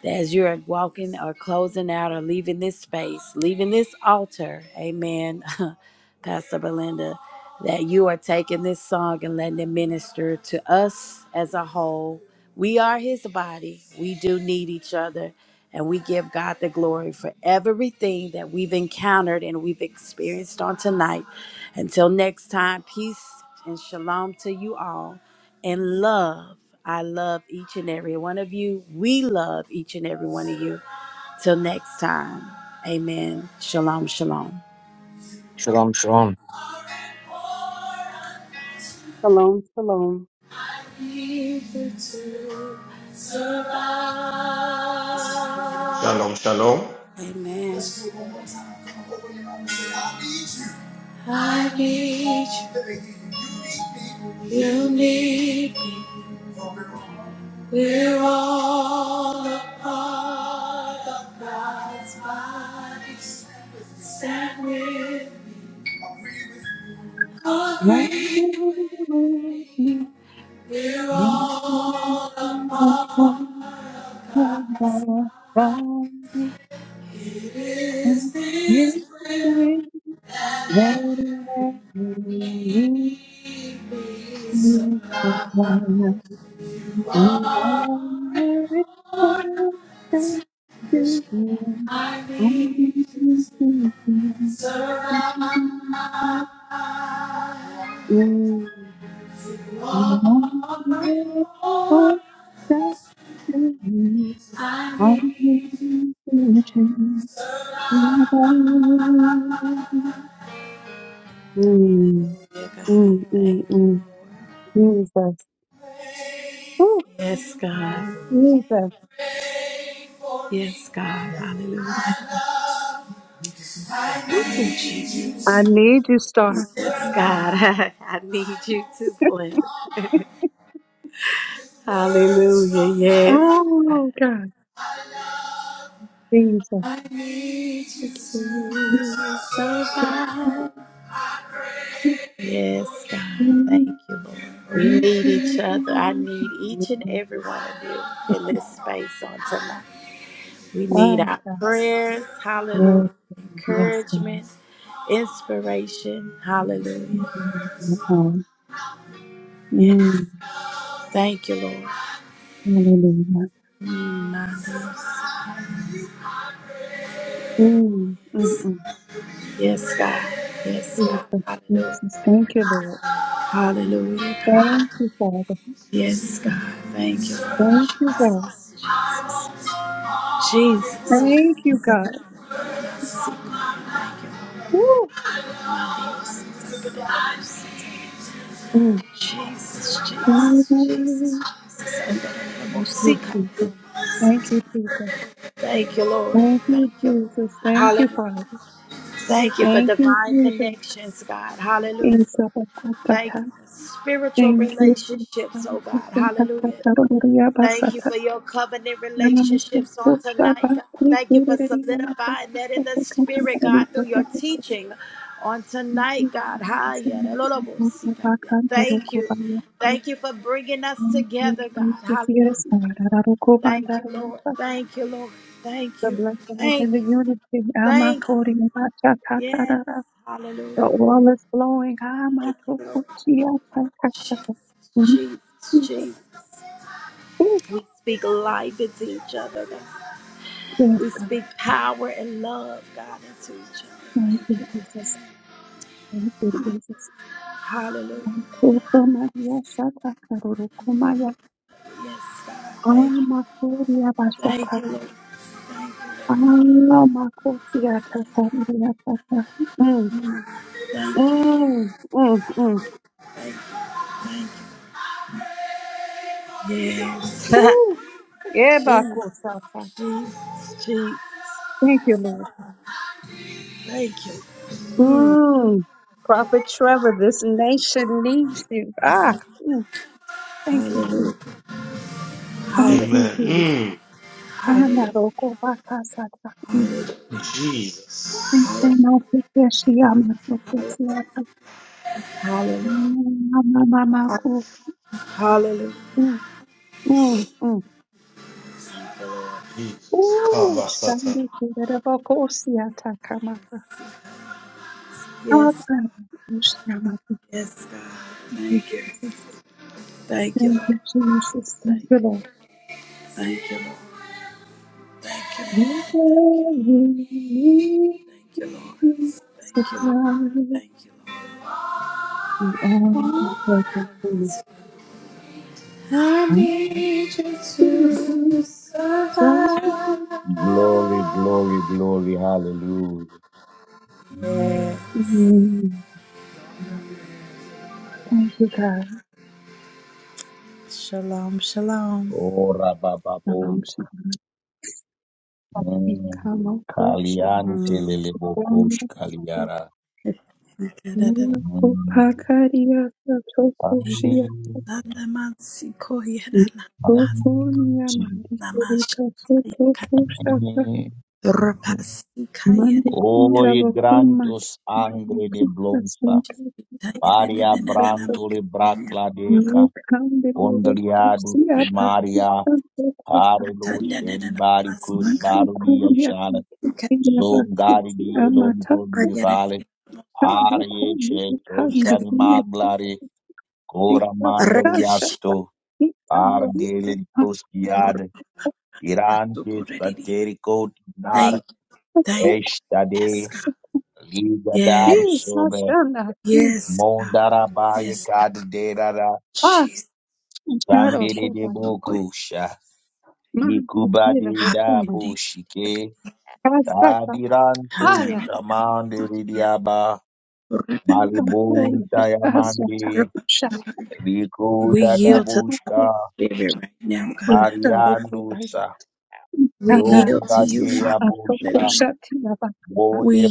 [SPEAKER 2] that as you're walking or closing out or leaving this space, leaving this altar, amen, Pastor Belinda, that you are taking this song and letting it minister to us as a whole. We are his body. We do need each other. And we give God the glory for everything that we've encountered and we've experienced on tonight. Until next time, peace and shalom to you all and love. I love each and every one of you. We love each and every one of you. Till next time, amen. Shalom, shalom.
[SPEAKER 12] Shalom, shalom.
[SPEAKER 11] shalom.
[SPEAKER 1] Shalom, shalom.
[SPEAKER 2] Amen. I need you. You need me. We're all a part of God's body. Stand with Agree with me. We're all a part of God's. It is His will. Lead me so
[SPEAKER 11] You
[SPEAKER 2] I
[SPEAKER 11] are faithful, yes, you are.
[SPEAKER 2] need
[SPEAKER 11] I'm gonna praise you.
[SPEAKER 2] to
[SPEAKER 11] You are faithful,
[SPEAKER 2] surround.
[SPEAKER 11] yes, you are. I'm gonna
[SPEAKER 2] Warring
[SPEAKER 11] praise
[SPEAKER 2] for
[SPEAKER 11] you.
[SPEAKER 2] I need
[SPEAKER 11] Mm,
[SPEAKER 2] Hallelujah, God.
[SPEAKER 11] mm,
[SPEAKER 2] Thank
[SPEAKER 11] mm,
[SPEAKER 2] you,
[SPEAKER 11] mm. Jesus. Oh,
[SPEAKER 2] Yes, God.
[SPEAKER 11] Jesus.
[SPEAKER 2] Yes, God. Hallelujah.
[SPEAKER 11] I need you, Star.
[SPEAKER 2] Yes,
[SPEAKER 11] Mm.
[SPEAKER 2] God, I need you too, Glenda. Hallelujah. Yes.
[SPEAKER 11] Oh, God. Jesus.
[SPEAKER 2] I need you to survive. Yes, God. Thank you, Lord. We need each other. I need each and every one of you in this space on tonight. We need
[SPEAKER 11] Wow,
[SPEAKER 2] our
[SPEAKER 11] God.
[SPEAKER 2] prayers.
[SPEAKER 11] Yes,
[SPEAKER 2] Hallelujah.
[SPEAKER 11] God. yes, God.
[SPEAKER 2] Encouragement, inspiration. Hallelujah.
[SPEAKER 11] Okay.
[SPEAKER 2] Yes.
[SPEAKER 11] Mm,
[SPEAKER 2] Thank you, Lord.
[SPEAKER 11] hallelujah.
[SPEAKER 2] Mm, my God.
[SPEAKER 11] Mm, mm, mm.
[SPEAKER 2] Yes, God. Yes, God.
[SPEAKER 11] Jesus,
[SPEAKER 2] Hallelujah.
[SPEAKER 11] Jesus. Thank you, Lord.
[SPEAKER 2] Hallelujah, God.
[SPEAKER 11] Thank you, Father.
[SPEAKER 2] Yes, God. Thank you. Lord.
[SPEAKER 11] Thank you, God.
[SPEAKER 2] Jesus.
[SPEAKER 11] Thank you, God. Woo. Mm.
[SPEAKER 2] Jesus. Jesus. Jesus.
[SPEAKER 11] Thank
[SPEAKER 2] Jesus. Jesus. And the Lord will
[SPEAKER 11] you,
[SPEAKER 2] seek
[SPEAKER 11] Jesus. Thank you, Jesus.
[SPEAKER 2] Thank you, Lord.
[SPEAKER 11] Thank
[SPEAKER 2] Thank
[SPEAKER 11] you,
[SPEAKER 2] you. Lord.
[SPEAKER 11] Jesus. Thank you,
[SPEAKER 2] Hallelujah.
[SPEAKER 11] Father.
[SPEAKER 2] Thank you for
[SPEAKER 11] Thank you,
[SPEAKER 2] divine
[SPEAKER 11] Jesus.
[SPEAKER 2] connections, God.
[SPEAKER 11] In
[SPEAKER 2] Hallelujah. Thank you for spiritual
[SPEAKER 11] Thank you, Jesus.
[SPEAKER 2] relationships,
[SPEAKER 11] Father,
[SPEAKER 2] oh
[SPEAKER 11] we
[SPEAKER 2] God.
[SPEAKER 11] thank you for
[SPEAKER 2] Hallelujah.
[SPEAKER 11] the glory of our
[SPEAKER 2] Thank you
[SPEAKER 11] Satan.
[SPEAKER 2] for your covenant
[SPEAKER 11] And I'm so
[SPEAKER 2] relationships on
[SPEAKER 11] full of
[SPEAKER 2] tonight,
[SPEAKER 11] our
[SPEAKER 2] God.
[SPEAKER 11] three
[SPEAKER 2] Thank you for
[SPEAKER 11] glory and our power.
[SPEAKER 2] solidifying that in
[SPEAKER 11] So
[SPEAKER 2] the
[SPEAKER 11] we can
[SPEAKER 2] spirit,
[SPEAKER 11] honor you
[SPEAKER 2] God,
[SPEAKER 11] for
[SPEAKER 2] through your
[SPEAKER 11] the gift of
[SPEAKER 2] teaching on
[SPEAKER 11] life.
[SPEAKER 2] tonight, God.
[SPEAKER 11] Yes, and
[SPEAKER 2] Haya, da lo lo
[SPEAKER 11] I'm
[SPEAKER 2] bo
[SPEAKER 11] so
[SPEAKER 2] si,
[SPEAKER 11] full of
[SPEAKER 2] God.
[SPEAKER 11] our
[SPEAKER 2] Yeah,
[SPEAKER 11] kind of Lord,
[SPEAKER 2] Thank
[SPEAKER 11] God,
[SPEAKER 2] you.
[SPEAKER 11] by your grace.
[SPEAKER 2] Thank you for bringing us
[SPEAKER 11] Thank you,
[SPEAKER 2] together, God.
[SPEAKER 11] Jesus.
[SPEAKER 2] Hallelujah.
[SPEAKER 11] Yes, Lord. And I will go by
[SPEAKER 2] Thank you,
[SPEAKER 11] that and
[SPEAKER 2] Lord.
[SPEAKER 11] Satan.
[SPEAKER 2] Thank you, Lord. Thank
[SPEAKER 11] The
[SPEAKER 2] you.
[SPEAKER 11] blessing is
[SPEAKER 2] Thank
[SPEAKER 11] in the
[SPEAKER 2] you.
[SPEAKER 11] unity.
[SPEAKER 2] Thank you.
[SPEAKER 11] Amakori,
[SPEAKER 2] Yes.
[SPEAKER 11] Machatakara.
[SPEAKER 2] Hallelujah.
[SPEAKER 11] The oil is flowing.
[SPEAKER 2] Thank you, Lord.
[SPEAKER 11] Amatokuchia,
[SPEAKER 2] Thank you,
[SPEAKER 11] Takataka. Thank
[SPEAKER 2] Jesus.
[SPEAKER 11] you,
[SPEAKER 2] Jesus.
[SPEAKER 11] Jesus.
[SPEAKER 2] Jesus.
[SPEAKER 11] Ooh,
[SPEAKER 2] We speak life into each other, God.
[SPEAKER 11] Yes,
[SPEAKER 2] We
[SPEAKER 11] God.
[SPEAKER 2] speak power and love, God, into each other.
[SPEAKER 11] Thank
[SPEAKER 2] Thank
[SPEAKER 11] you,
[SPEAKER 2] you, Lord.
[SPEAKER 11] Jesus. Thank you, Jesus.
[SPEAKER 2] Hallelujah.
[SPEAKER 11] Kopa Maria Shaka Karuru Kumaya
[SPEAKER 2] Yes, God. Thank you.
[SPEAKER 11] Alma Koria
[SPEAKER 2] Thank
[SPEAKER 11] Bashaka
[SPEAKER 2] you, Lord. Thank
[SPEAKER 11] Alma Kosia Tata Maria Tata Mm,
[SPEAKER 2] you, Lord.
[SPEAKER 11] mm, mm, mm.
[SPEAKER 2] Thank you. Thank you. Thank you. Yes.
[SPEAKER 11] Ooh, Eba
[SPEAKER 2] Jesus,
[SPEAKER 11] Kosaka.
[SPEAKER 2] Jesus, Jesus.
[SPEAKER 11] Thank you, Lord.
[SPEAKER 2] Thank you.
[SPEAKER 11] Mm. Prophet Trevor, this nation needs you. Ah, mm, thank you,
[SPEAKER 2] Hallelujah.
[SPEAKER 11] Jesus. Thank
[SPEAKER 2] Hallelujah.
[SPEAKER 11] you,
[SPEAKER 1] Amen.
[SPEAKER 11] Jesus.
[SPEAKER 1] Mm,
[SPEAKER 11] Andaroko Bakasata.
[SPEAKER 2] Hallelujah.
[SPEAKER 11] Thank
[SPEAKER 2] Hallelujah. Hallelujah.
[SPEAKER 1] Jesus.
[SPEAKER 11] you, Jesus. Thank you, Lord.
[SPEAKER 2] Hallelujah. Hallelujah.
[SPEAKER 1] Jesus. Kaba
[SPEAKER 2] Yes. Yes, God. Thank you. Thank you, Lord. Thank you. Thank you, Lord. Thank you, Lord. Thank you, Lord. Thank you, Lord.
[SPEAKER 11] Supply
[SPEAKER 2] Thank you, Lord.
[SPEAKER 11] you
[SPEAKER 2] Thank
[SPEAKER 11] all
[SPEAKER 2] you,
[SPEAKER 11] and perfect
[SPEAKER 2] Lord.
[SPEAKER 11] for you.
[SPEAKER 2] I need you to survive.
[SPEAKER 4] Glory, glory, glory. Hallelujah. Amen.
[SPEAKER 11] Thank you, God.
[SPEAKER 2] Shalom, shalom.
[SPEAKER 4] Oh,
[SPEAKER 11] Shalom,
[SPEAKER 4] rabababonta. Mm.
[SPEAKER 11] ikamakushi
[SPEAKER 4] Kaliante
[SPEAKER 2] Mm.
[SPEAKER 4] lelebokosh kaliara. Mm.
[SPEAKER 11] kupakaria satokushia
[SPEAKER 4] Mm.
[SPEAKER 11] tokunia marikirika sotokushaka
[SPEAKER 4] Oh,
[SPEAKER 11] mandukunda vakumate
[SPEAKER 4] grantos angre de
[SPEAKER 11] kita
[SPEAKER 4] blonsa.
[SPEAKER 11] santukita
[SPEAKER 4] Paria branto le bracla deca. Ondriado de
[SPEAKER 11] ikambelevokusiapa
[SPEAKER 4] Maria.
[SPEAKER 11] santokuapa
[SPEAKER 4] Arelo sheli bari kuri baru dia
[SPEAKER 11] mchukulia
[SPEAKER 4] shala.
[SPEAKER 2] Thank you,
[SPEAKER 11] kukitina
[SPEAKER 4] Zongari
[SPEAKER 11] vakusi
[SPEAKER 4] di elombro
[SPEAKER 11] amataka
[SPEAKER 4] di
[SPEAKER 2] thank you.
[SPEAKER 4] Arye Cheto
[SPEAKER 11] kandokumikanda
[SPEAKER 4] Shani Maglari Kora Mandaliasto Ardelin Kostiad Irante Saterico Dar
[SPEAKER 2] Yes,
[SPEAKER 4] Eshtade
[SPEAKER 2] God.
[SPEAKER 4] Liga Dar
[SPEAKER 2] Yes,
[SPEAKER 4] Sobe
[SPEAKER 2] yes, God.
[SPEAKER 4] Mondara Baye
[SPEAKER 2] Yes, God.
[SPEAKER 4] Kad
[SPEAKER 2] Jesus. Mandi.
[SPEAKER 4] Sandere de
[SPEAKER 2] Sukoi.
[SPEAKER 4] Bokusha Nikubade da
[SPEAKER 2] Haya.
[SPEAKER 4] Bushike Tadiranto Shamande
[SPEAKER 2] Haya.
[SPEAKER 4] Ridiaba
[SPEAKER 2] Rai.
[SPEAKER 4] Malibun Tayamande
[SPEAKER 2] Rep-
[SPEAKER 4] Rico
[SPEAKER 2] We
[SPEAKER 4] da
[SPEAKER 2] yield to,
[SPEAKER 4] Mariandusa,
[SPEAKER 2] we yield to,
[SPEAKER 4] Yonga Dea Bushka,
[SPEAKER 2] hallelujah. We
[SPEAKER 4] Bode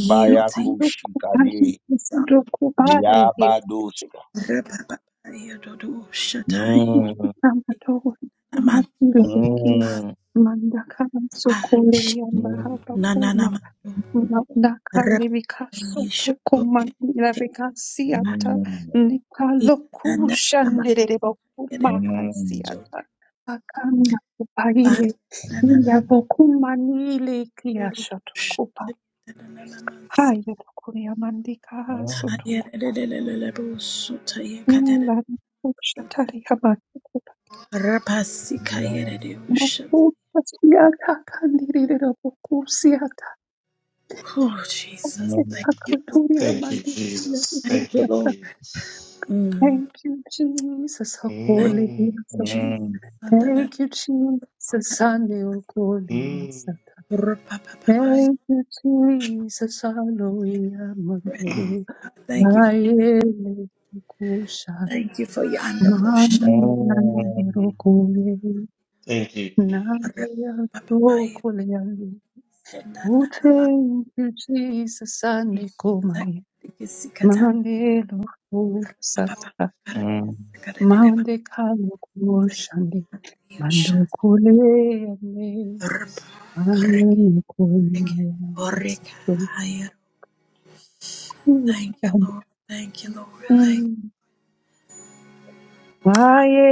[SPEAKER 2] see
[SPEAKER 11] Mikando
[SPEAKER 4] Bayakushika
[SPEAKER 11] kubahi,
[SPEAKER 4] De,
[SPEAKER 2] God.
[SPEAKER 11] misindo kubare,
[SPEAKER 4] Liabaduska.
[SPEAKER 2] Repapaya dodo shatai.
[SPEAKER 4] Mm,
[SPEAKER 11] Amatoa kama
[SPEAKER 2] Naman.
[SPEAKER 11] vile hiki
[SPEAKER 4] mm,
[SPEAKER 11] madaka
[SPEAKER 2] Pa.
[SPEAKER 11] sokole miamba
[SPEAKER 4] mm, mm,
[SPEAKER 11] hapa
[SPEAKER 2] Na na na
[SPEAKER 11] kuma
[SPEAKER 2] ma.
[SPEAKER 11] madaka libikaso
[SPEAKER 2] Repapaya
[SPEAKER 11] toko
[SPEAKER 2] shoto.
[SPEAKER 11] mandira
[SPEAKER 2] Te.
[SPEAKER 4] mm, mm,
[SPEAKER 2] Pa.
[SPEAKER 11] vikasiata nipalo
[SPEAKER 2] Na ma.
[SPEAKER 11] kushanderere bakuma
[SPEAKER 2] Yere.
[SPEAKER 11] hasiata akanda
[SPEAKER 2] Oh,
[SPEAKER 11] kupaile ila bokuma nile kiasho
[SPEAKER 2] Jesus.
[SPEAKER 11] tokupa haya tokuria mandika haso tokupa ila kushatari haba Makupatiaka kandirira bokusiata.
[SPEAKER 4] mm,
[SPEAKER 2] Thank you.
[SPEAKER 11] Akatoria
[SPEAKER 1] Thank you,
[SPEAKER 11] mandikuya
[SPEAKER 1] Jesus.
[SPEAKER 2] Thank
[SPEAKER 1] Thank
[SPEAKER 2] you,
[SPEAKER 1] you,
[SPEAKER 11] dikutaka.
[SPEAKER 2] Lord.
[SPEAKER 1] Jesus.
[SPEAKER 11] Thank you, Jesus.
[SPEAKER 2] Thank
[SPEAKER 11] Holy
[SPEAKER 1] Mm,
[SPEAKER 2] you,
[SPEAKER 11] Jesus.
[SPEAKER 2] Jesus.
[SPEAKER 11] Thank
[SPEAKER 2] Thank
[SPEAKER 11] you, Jesus. Aneo
[SPEAKER 1] mm,
[SPEAKER 11] Goliasata.
[SPEAKER 2] you, presence.
[SPEAKER 11] Thank you, Jesus. Hallelujah.
[SPEAKER 1] mm.
[SPEAKER 11] Mando.
[SPEAKER 2] God. Thank you.
[SPEAKER 11] Naele kusha.
[SPEAKER 2] Thank you for your underbowl
[SPEAKER 11] Mana na na na rokole.
[SPEAKER 1] Thank you, Jesus.
[SPEAKER 11] Naele Oh, thank you, Jesus. Ande kumaya. Mande lofu sata. Mande kano kumoshande.
[SPEAKER 2] shut.
[SPEAKER 11] Mando kule ane.
[SPEAKER 2] Rp, krk,
[SPEAKER 11] Ane
[SPEAKER 2] krk,
[SPEAKER 11] kumaya.
[SPEAKER 2] ork,
[SPEAKER 11] Sakyo
[SPEAKER 2] higher. Thank you,
[SPEAKER 11] kushande.
[SPEAKER 2] Lord. Thank you, Lord.
[SPEAKER 11] Mm. Maye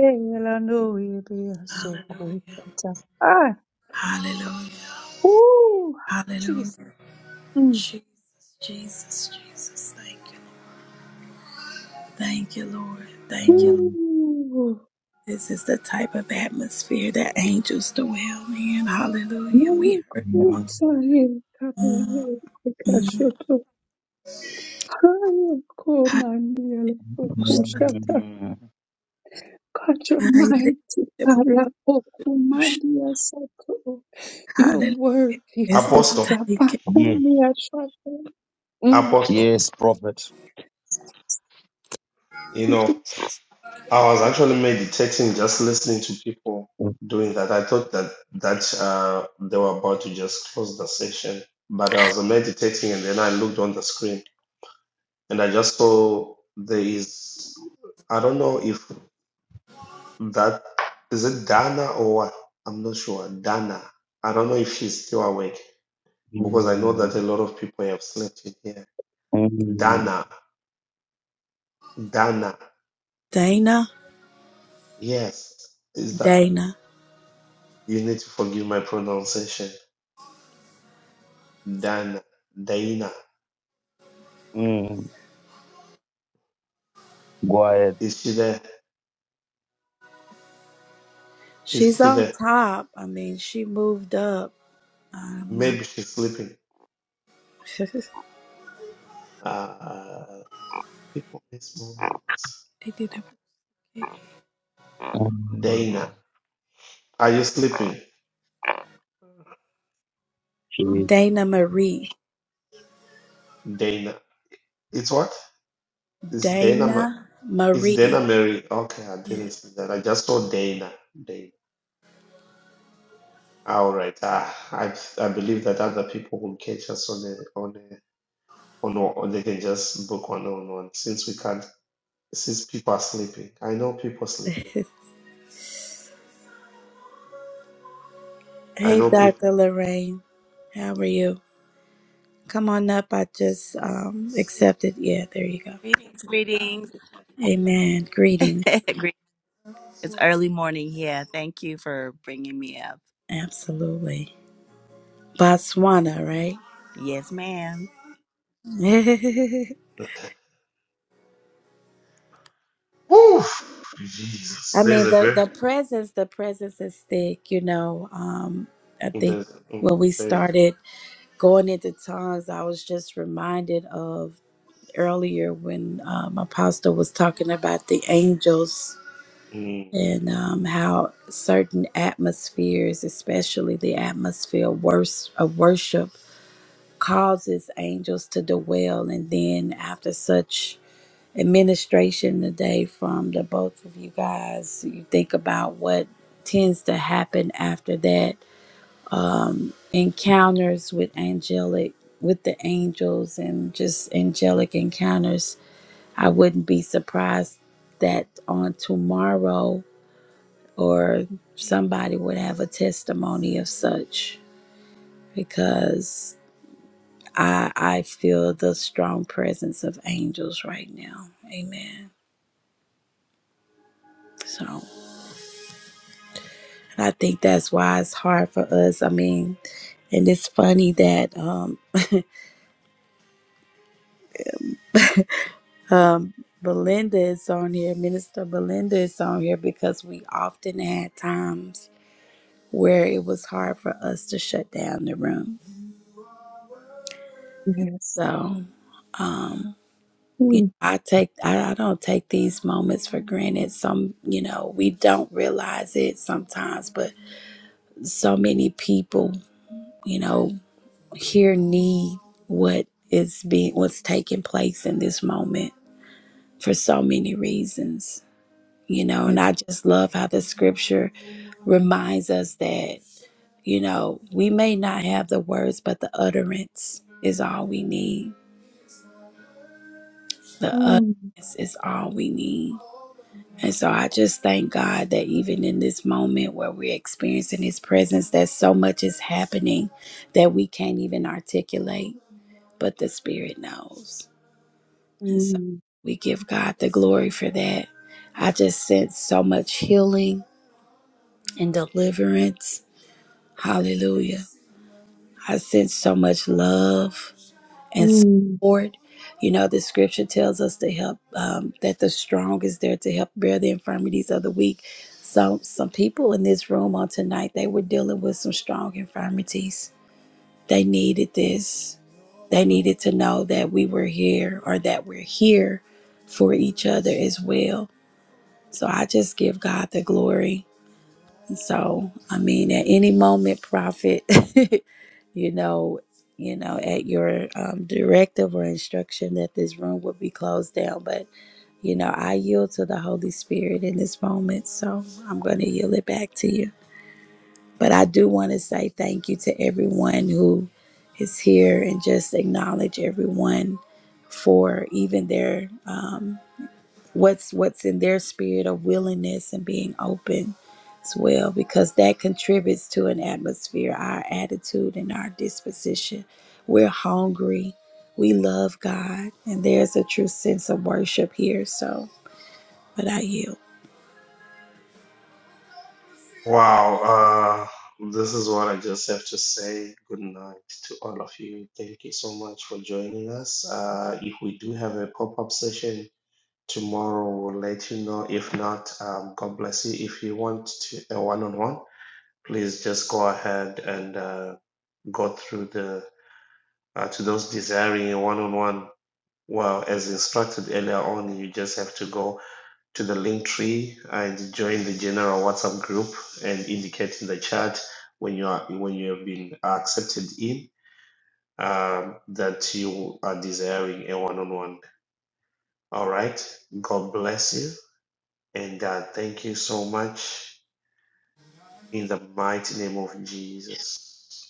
[SPEAKER 11] lano ibe asoko
[SPEAKER 2] Hallelujah.
[SPEAKER 11] sata. Ah,
[SPEAKER 2] Hallelujah.
[SPEAKER 11] ooh,
[SPEAKER 2] Hallelujah.
[SPEAKER 11] Jesus. Mm.
[SPEAKER 2] Jesus, Jesus, Jesus. Thank you. Thank you, Lord. Thank you. Lord.
[SPEAKER 11] Ooh,
[SPEAKER 2] This is the type of atmosphere that angels dwell in. Hallelujah.
[SPEAKER 11] Maye
[SPEAKER 2] We
[SPEAKER 4] mm,
[SPEAKER 2] heard
[SPEAKER 4] mm,
[SPEAKER 2] it on
[SPEAKER 11] kusaye kabuye.
[SPEAKER 2] tonight. Mm. Hallelujah.
[SPEAKER 11] Komandia Pokushata
[SPEAKER 4] mm.
[SPEAKER 11] your mighty Ara Pokumandia Sato. You're worthy,
[SPEAKER 2] Is this is
[SPEAKER 1] Apostle,
[SPEAKER 11] Father.
[SPEAKER 2] taken?
[SPEAKER 4] Yes,
[SPEAKER 11] Pakunia Shata. Mm.
[SPEAKER 1] Apostle.
[SPEAKER 4] yes, prophet.
[SPEAKER 1] You know,
[SPEAKER 11] Jesus.
[SPEAKER 1] I was actually meditating just listening to people doing that. I thought that that uh, they were about to just close the session, but I was meditating and then I looked on the screen and I just saw there is I don't know if that is it Dana or what? I'm not sure. Dana. I don't know if she's still awake because I know that a
[SPEAKER 4] Mm,
[SPEAKER 1] lot of people have slept in here.
[SPEAKER 4] mm, mm.
[SPEAKER 1] Dana. Dana.
[SPEAKER 2] Dana?
[SPEAKER 1] Yes. Is that
[SPEAKER 2] Dana.
[SPEAKER 1] you need to forgive my pronunciation. Dana. Dana.
[SPEAKER 4] mm. Go ahead.
[SPEAKER 1] Is she there? Is
[SPEAKER 2] She's
[SPEAKER 1] she
[SPEAKER 2] on
[SPEAKER 1] there?
[SPEAKER 2] top. I mean, she moved up. I'm not.
[SPEAKER 1] Maybe she's sleeping. Uh people miss moments.
[SPEAKER 2] they did it.
[SPEAKER 1] Dana. Are you sleeping?
[SPEAKER 4] Mm.
[SPEAKER 2] Dana Marie.
[SPEAKER 1] Dana. It's what? It's Dana. Ma-
[SPEAKER 2] Dana
[SPEAKER 1] It's Dana
[SPEAKER 2] Marie.
[SPEAKER 1] Mary. Okay, I
[SPEAKER 2] Yeah.
[SPEAKER 1] didn't see that. I just saw Dana. Dana. All right. Ah, I I believe that other people will catch us on a on a on a, or they can just book one on one since we can't since people are sleeping. I know people sleep. I
[SPEAKER 2] hey,
[SPEAKER 1] know people.
[SPEAKER 2] Dr. Lorraine. How are you? Come on up. I just um, accepted. Yeah, there you go.
[SPEAKER 15] Greetings, greetings.
[SPEAKER 2] Amen. Greetings.
[SPEAKER 15] Greet- it's early morning here. Thank you for bringing me up.
[SPEAKER 2] Absolutely. Botswana, right?
[SPEAKER 15] Yes, ma'am.
[SPEAKER 1] Woo! Jesus,
[SPEAKER 2] I
[SPEAKER 1] there's
[SPEAKER 2] mean,
[SPEAKER 1] a
[SPEAKER 2] the,
[SPEAKER 1] fear.
[SPEAKER 2] the presence, the presence is thick, you know. Um, I think
[SPEAKER 1] There's
[SPEAKER 2] when
[SPEAKER 1] mm,
[SPEAKER 2] we
[SPEAKER 1] there's.
[SPEAKER 2] started. going into tongues, I was just reminded of earlier when um, Apostle was talking about the angels
[SPEAKER 1] mm.
[SPEAKER 2] and um, how certain atmospheres, especially the atmosphere of wors- of worship, causes angels to dwell. And then after such administration today from the both of you guys, you think about what tends to happen after that um, encounters with angelic with the angels and just angelic encounters i wouldn't be surprised that on tomorrow or somebody would have a testimony of such because i i feel the strong presence of angels right now amen so i think that's why it's hard for us i mean and it's funny that um, Um, Belinda is on here. Minister Belinda is on here because we often had times where it was hard for us to shut down the room.
[SPEAKER 11] Yes.
[SPEAKER 2] So you know,
[SPEAKER 11] Mm.
[SPEAKER 2] I take I, I don't take these moments for granted. Some you know we don't realize it sometimes, but so many people you know here need what is being what's taking place in this moment for so many reasons. you know
[SPEAKER 11] Yes.
[SPEAKER 2] and i just love how the scripture reminds us that you know we may not have the words but the utterance is all we need the
[SPEAKER 11] Mm.
[SPEAKER 2] utterance is all we need and so i just thank god that even in this moment where we're experiencing his presence that so much is happening that we can't even articulate but the spirit knows and so
[SPEAKER 11] Mm.
[SPEAKER 2] we give god the glory for that i just sense so much healing and deliverance Hallelujah. I sense so much love and
[SPEAKER 11] mm.
[SPEAKER 2] support. You know, the scripture tells us to help, um, that the strong is there to help bear the infirmities of the weak. So, some people in this room on tonight, they were dealing with some strong infirmities. They needed this. They needed to know that we were here or that we're here for each other as well. So, I just give God the glory So, I mean, at any moment, prophet, you know, you know, at your um, directive or instruction that this room would be closed down. But, you know, I yield to the Holy Spirit in this moment. So I'm going to yield it back to you. But I do want to say thank you to everyone who is here and just acknowledge everyone for even their um, what's what's in their spirit of willingness and being open as well because that contributes to an atmosphere our attitude and our disposition we're hungry we love god and there's a true sense of worship here so but i yield
[SPEAKER 1] Wow, uh, this is what I just have to say. Good night to all of you. Thank you so much for joining us. Uh, if we do have a pop up session tomorrow, we'll let you know. If not, um, God bless you. If you want to a one on one, please just go ahead and uh, go through the uh, to those desiring a one on one. Well, as instructed earlier on, you just have to go to the link tree and join the general WhatsApp group and indicate in the chat when you are when you have been accepted in um, that you are desiring a one-on-one. All right. God bless you and uh, thank you so much in the mighty name of Jesus.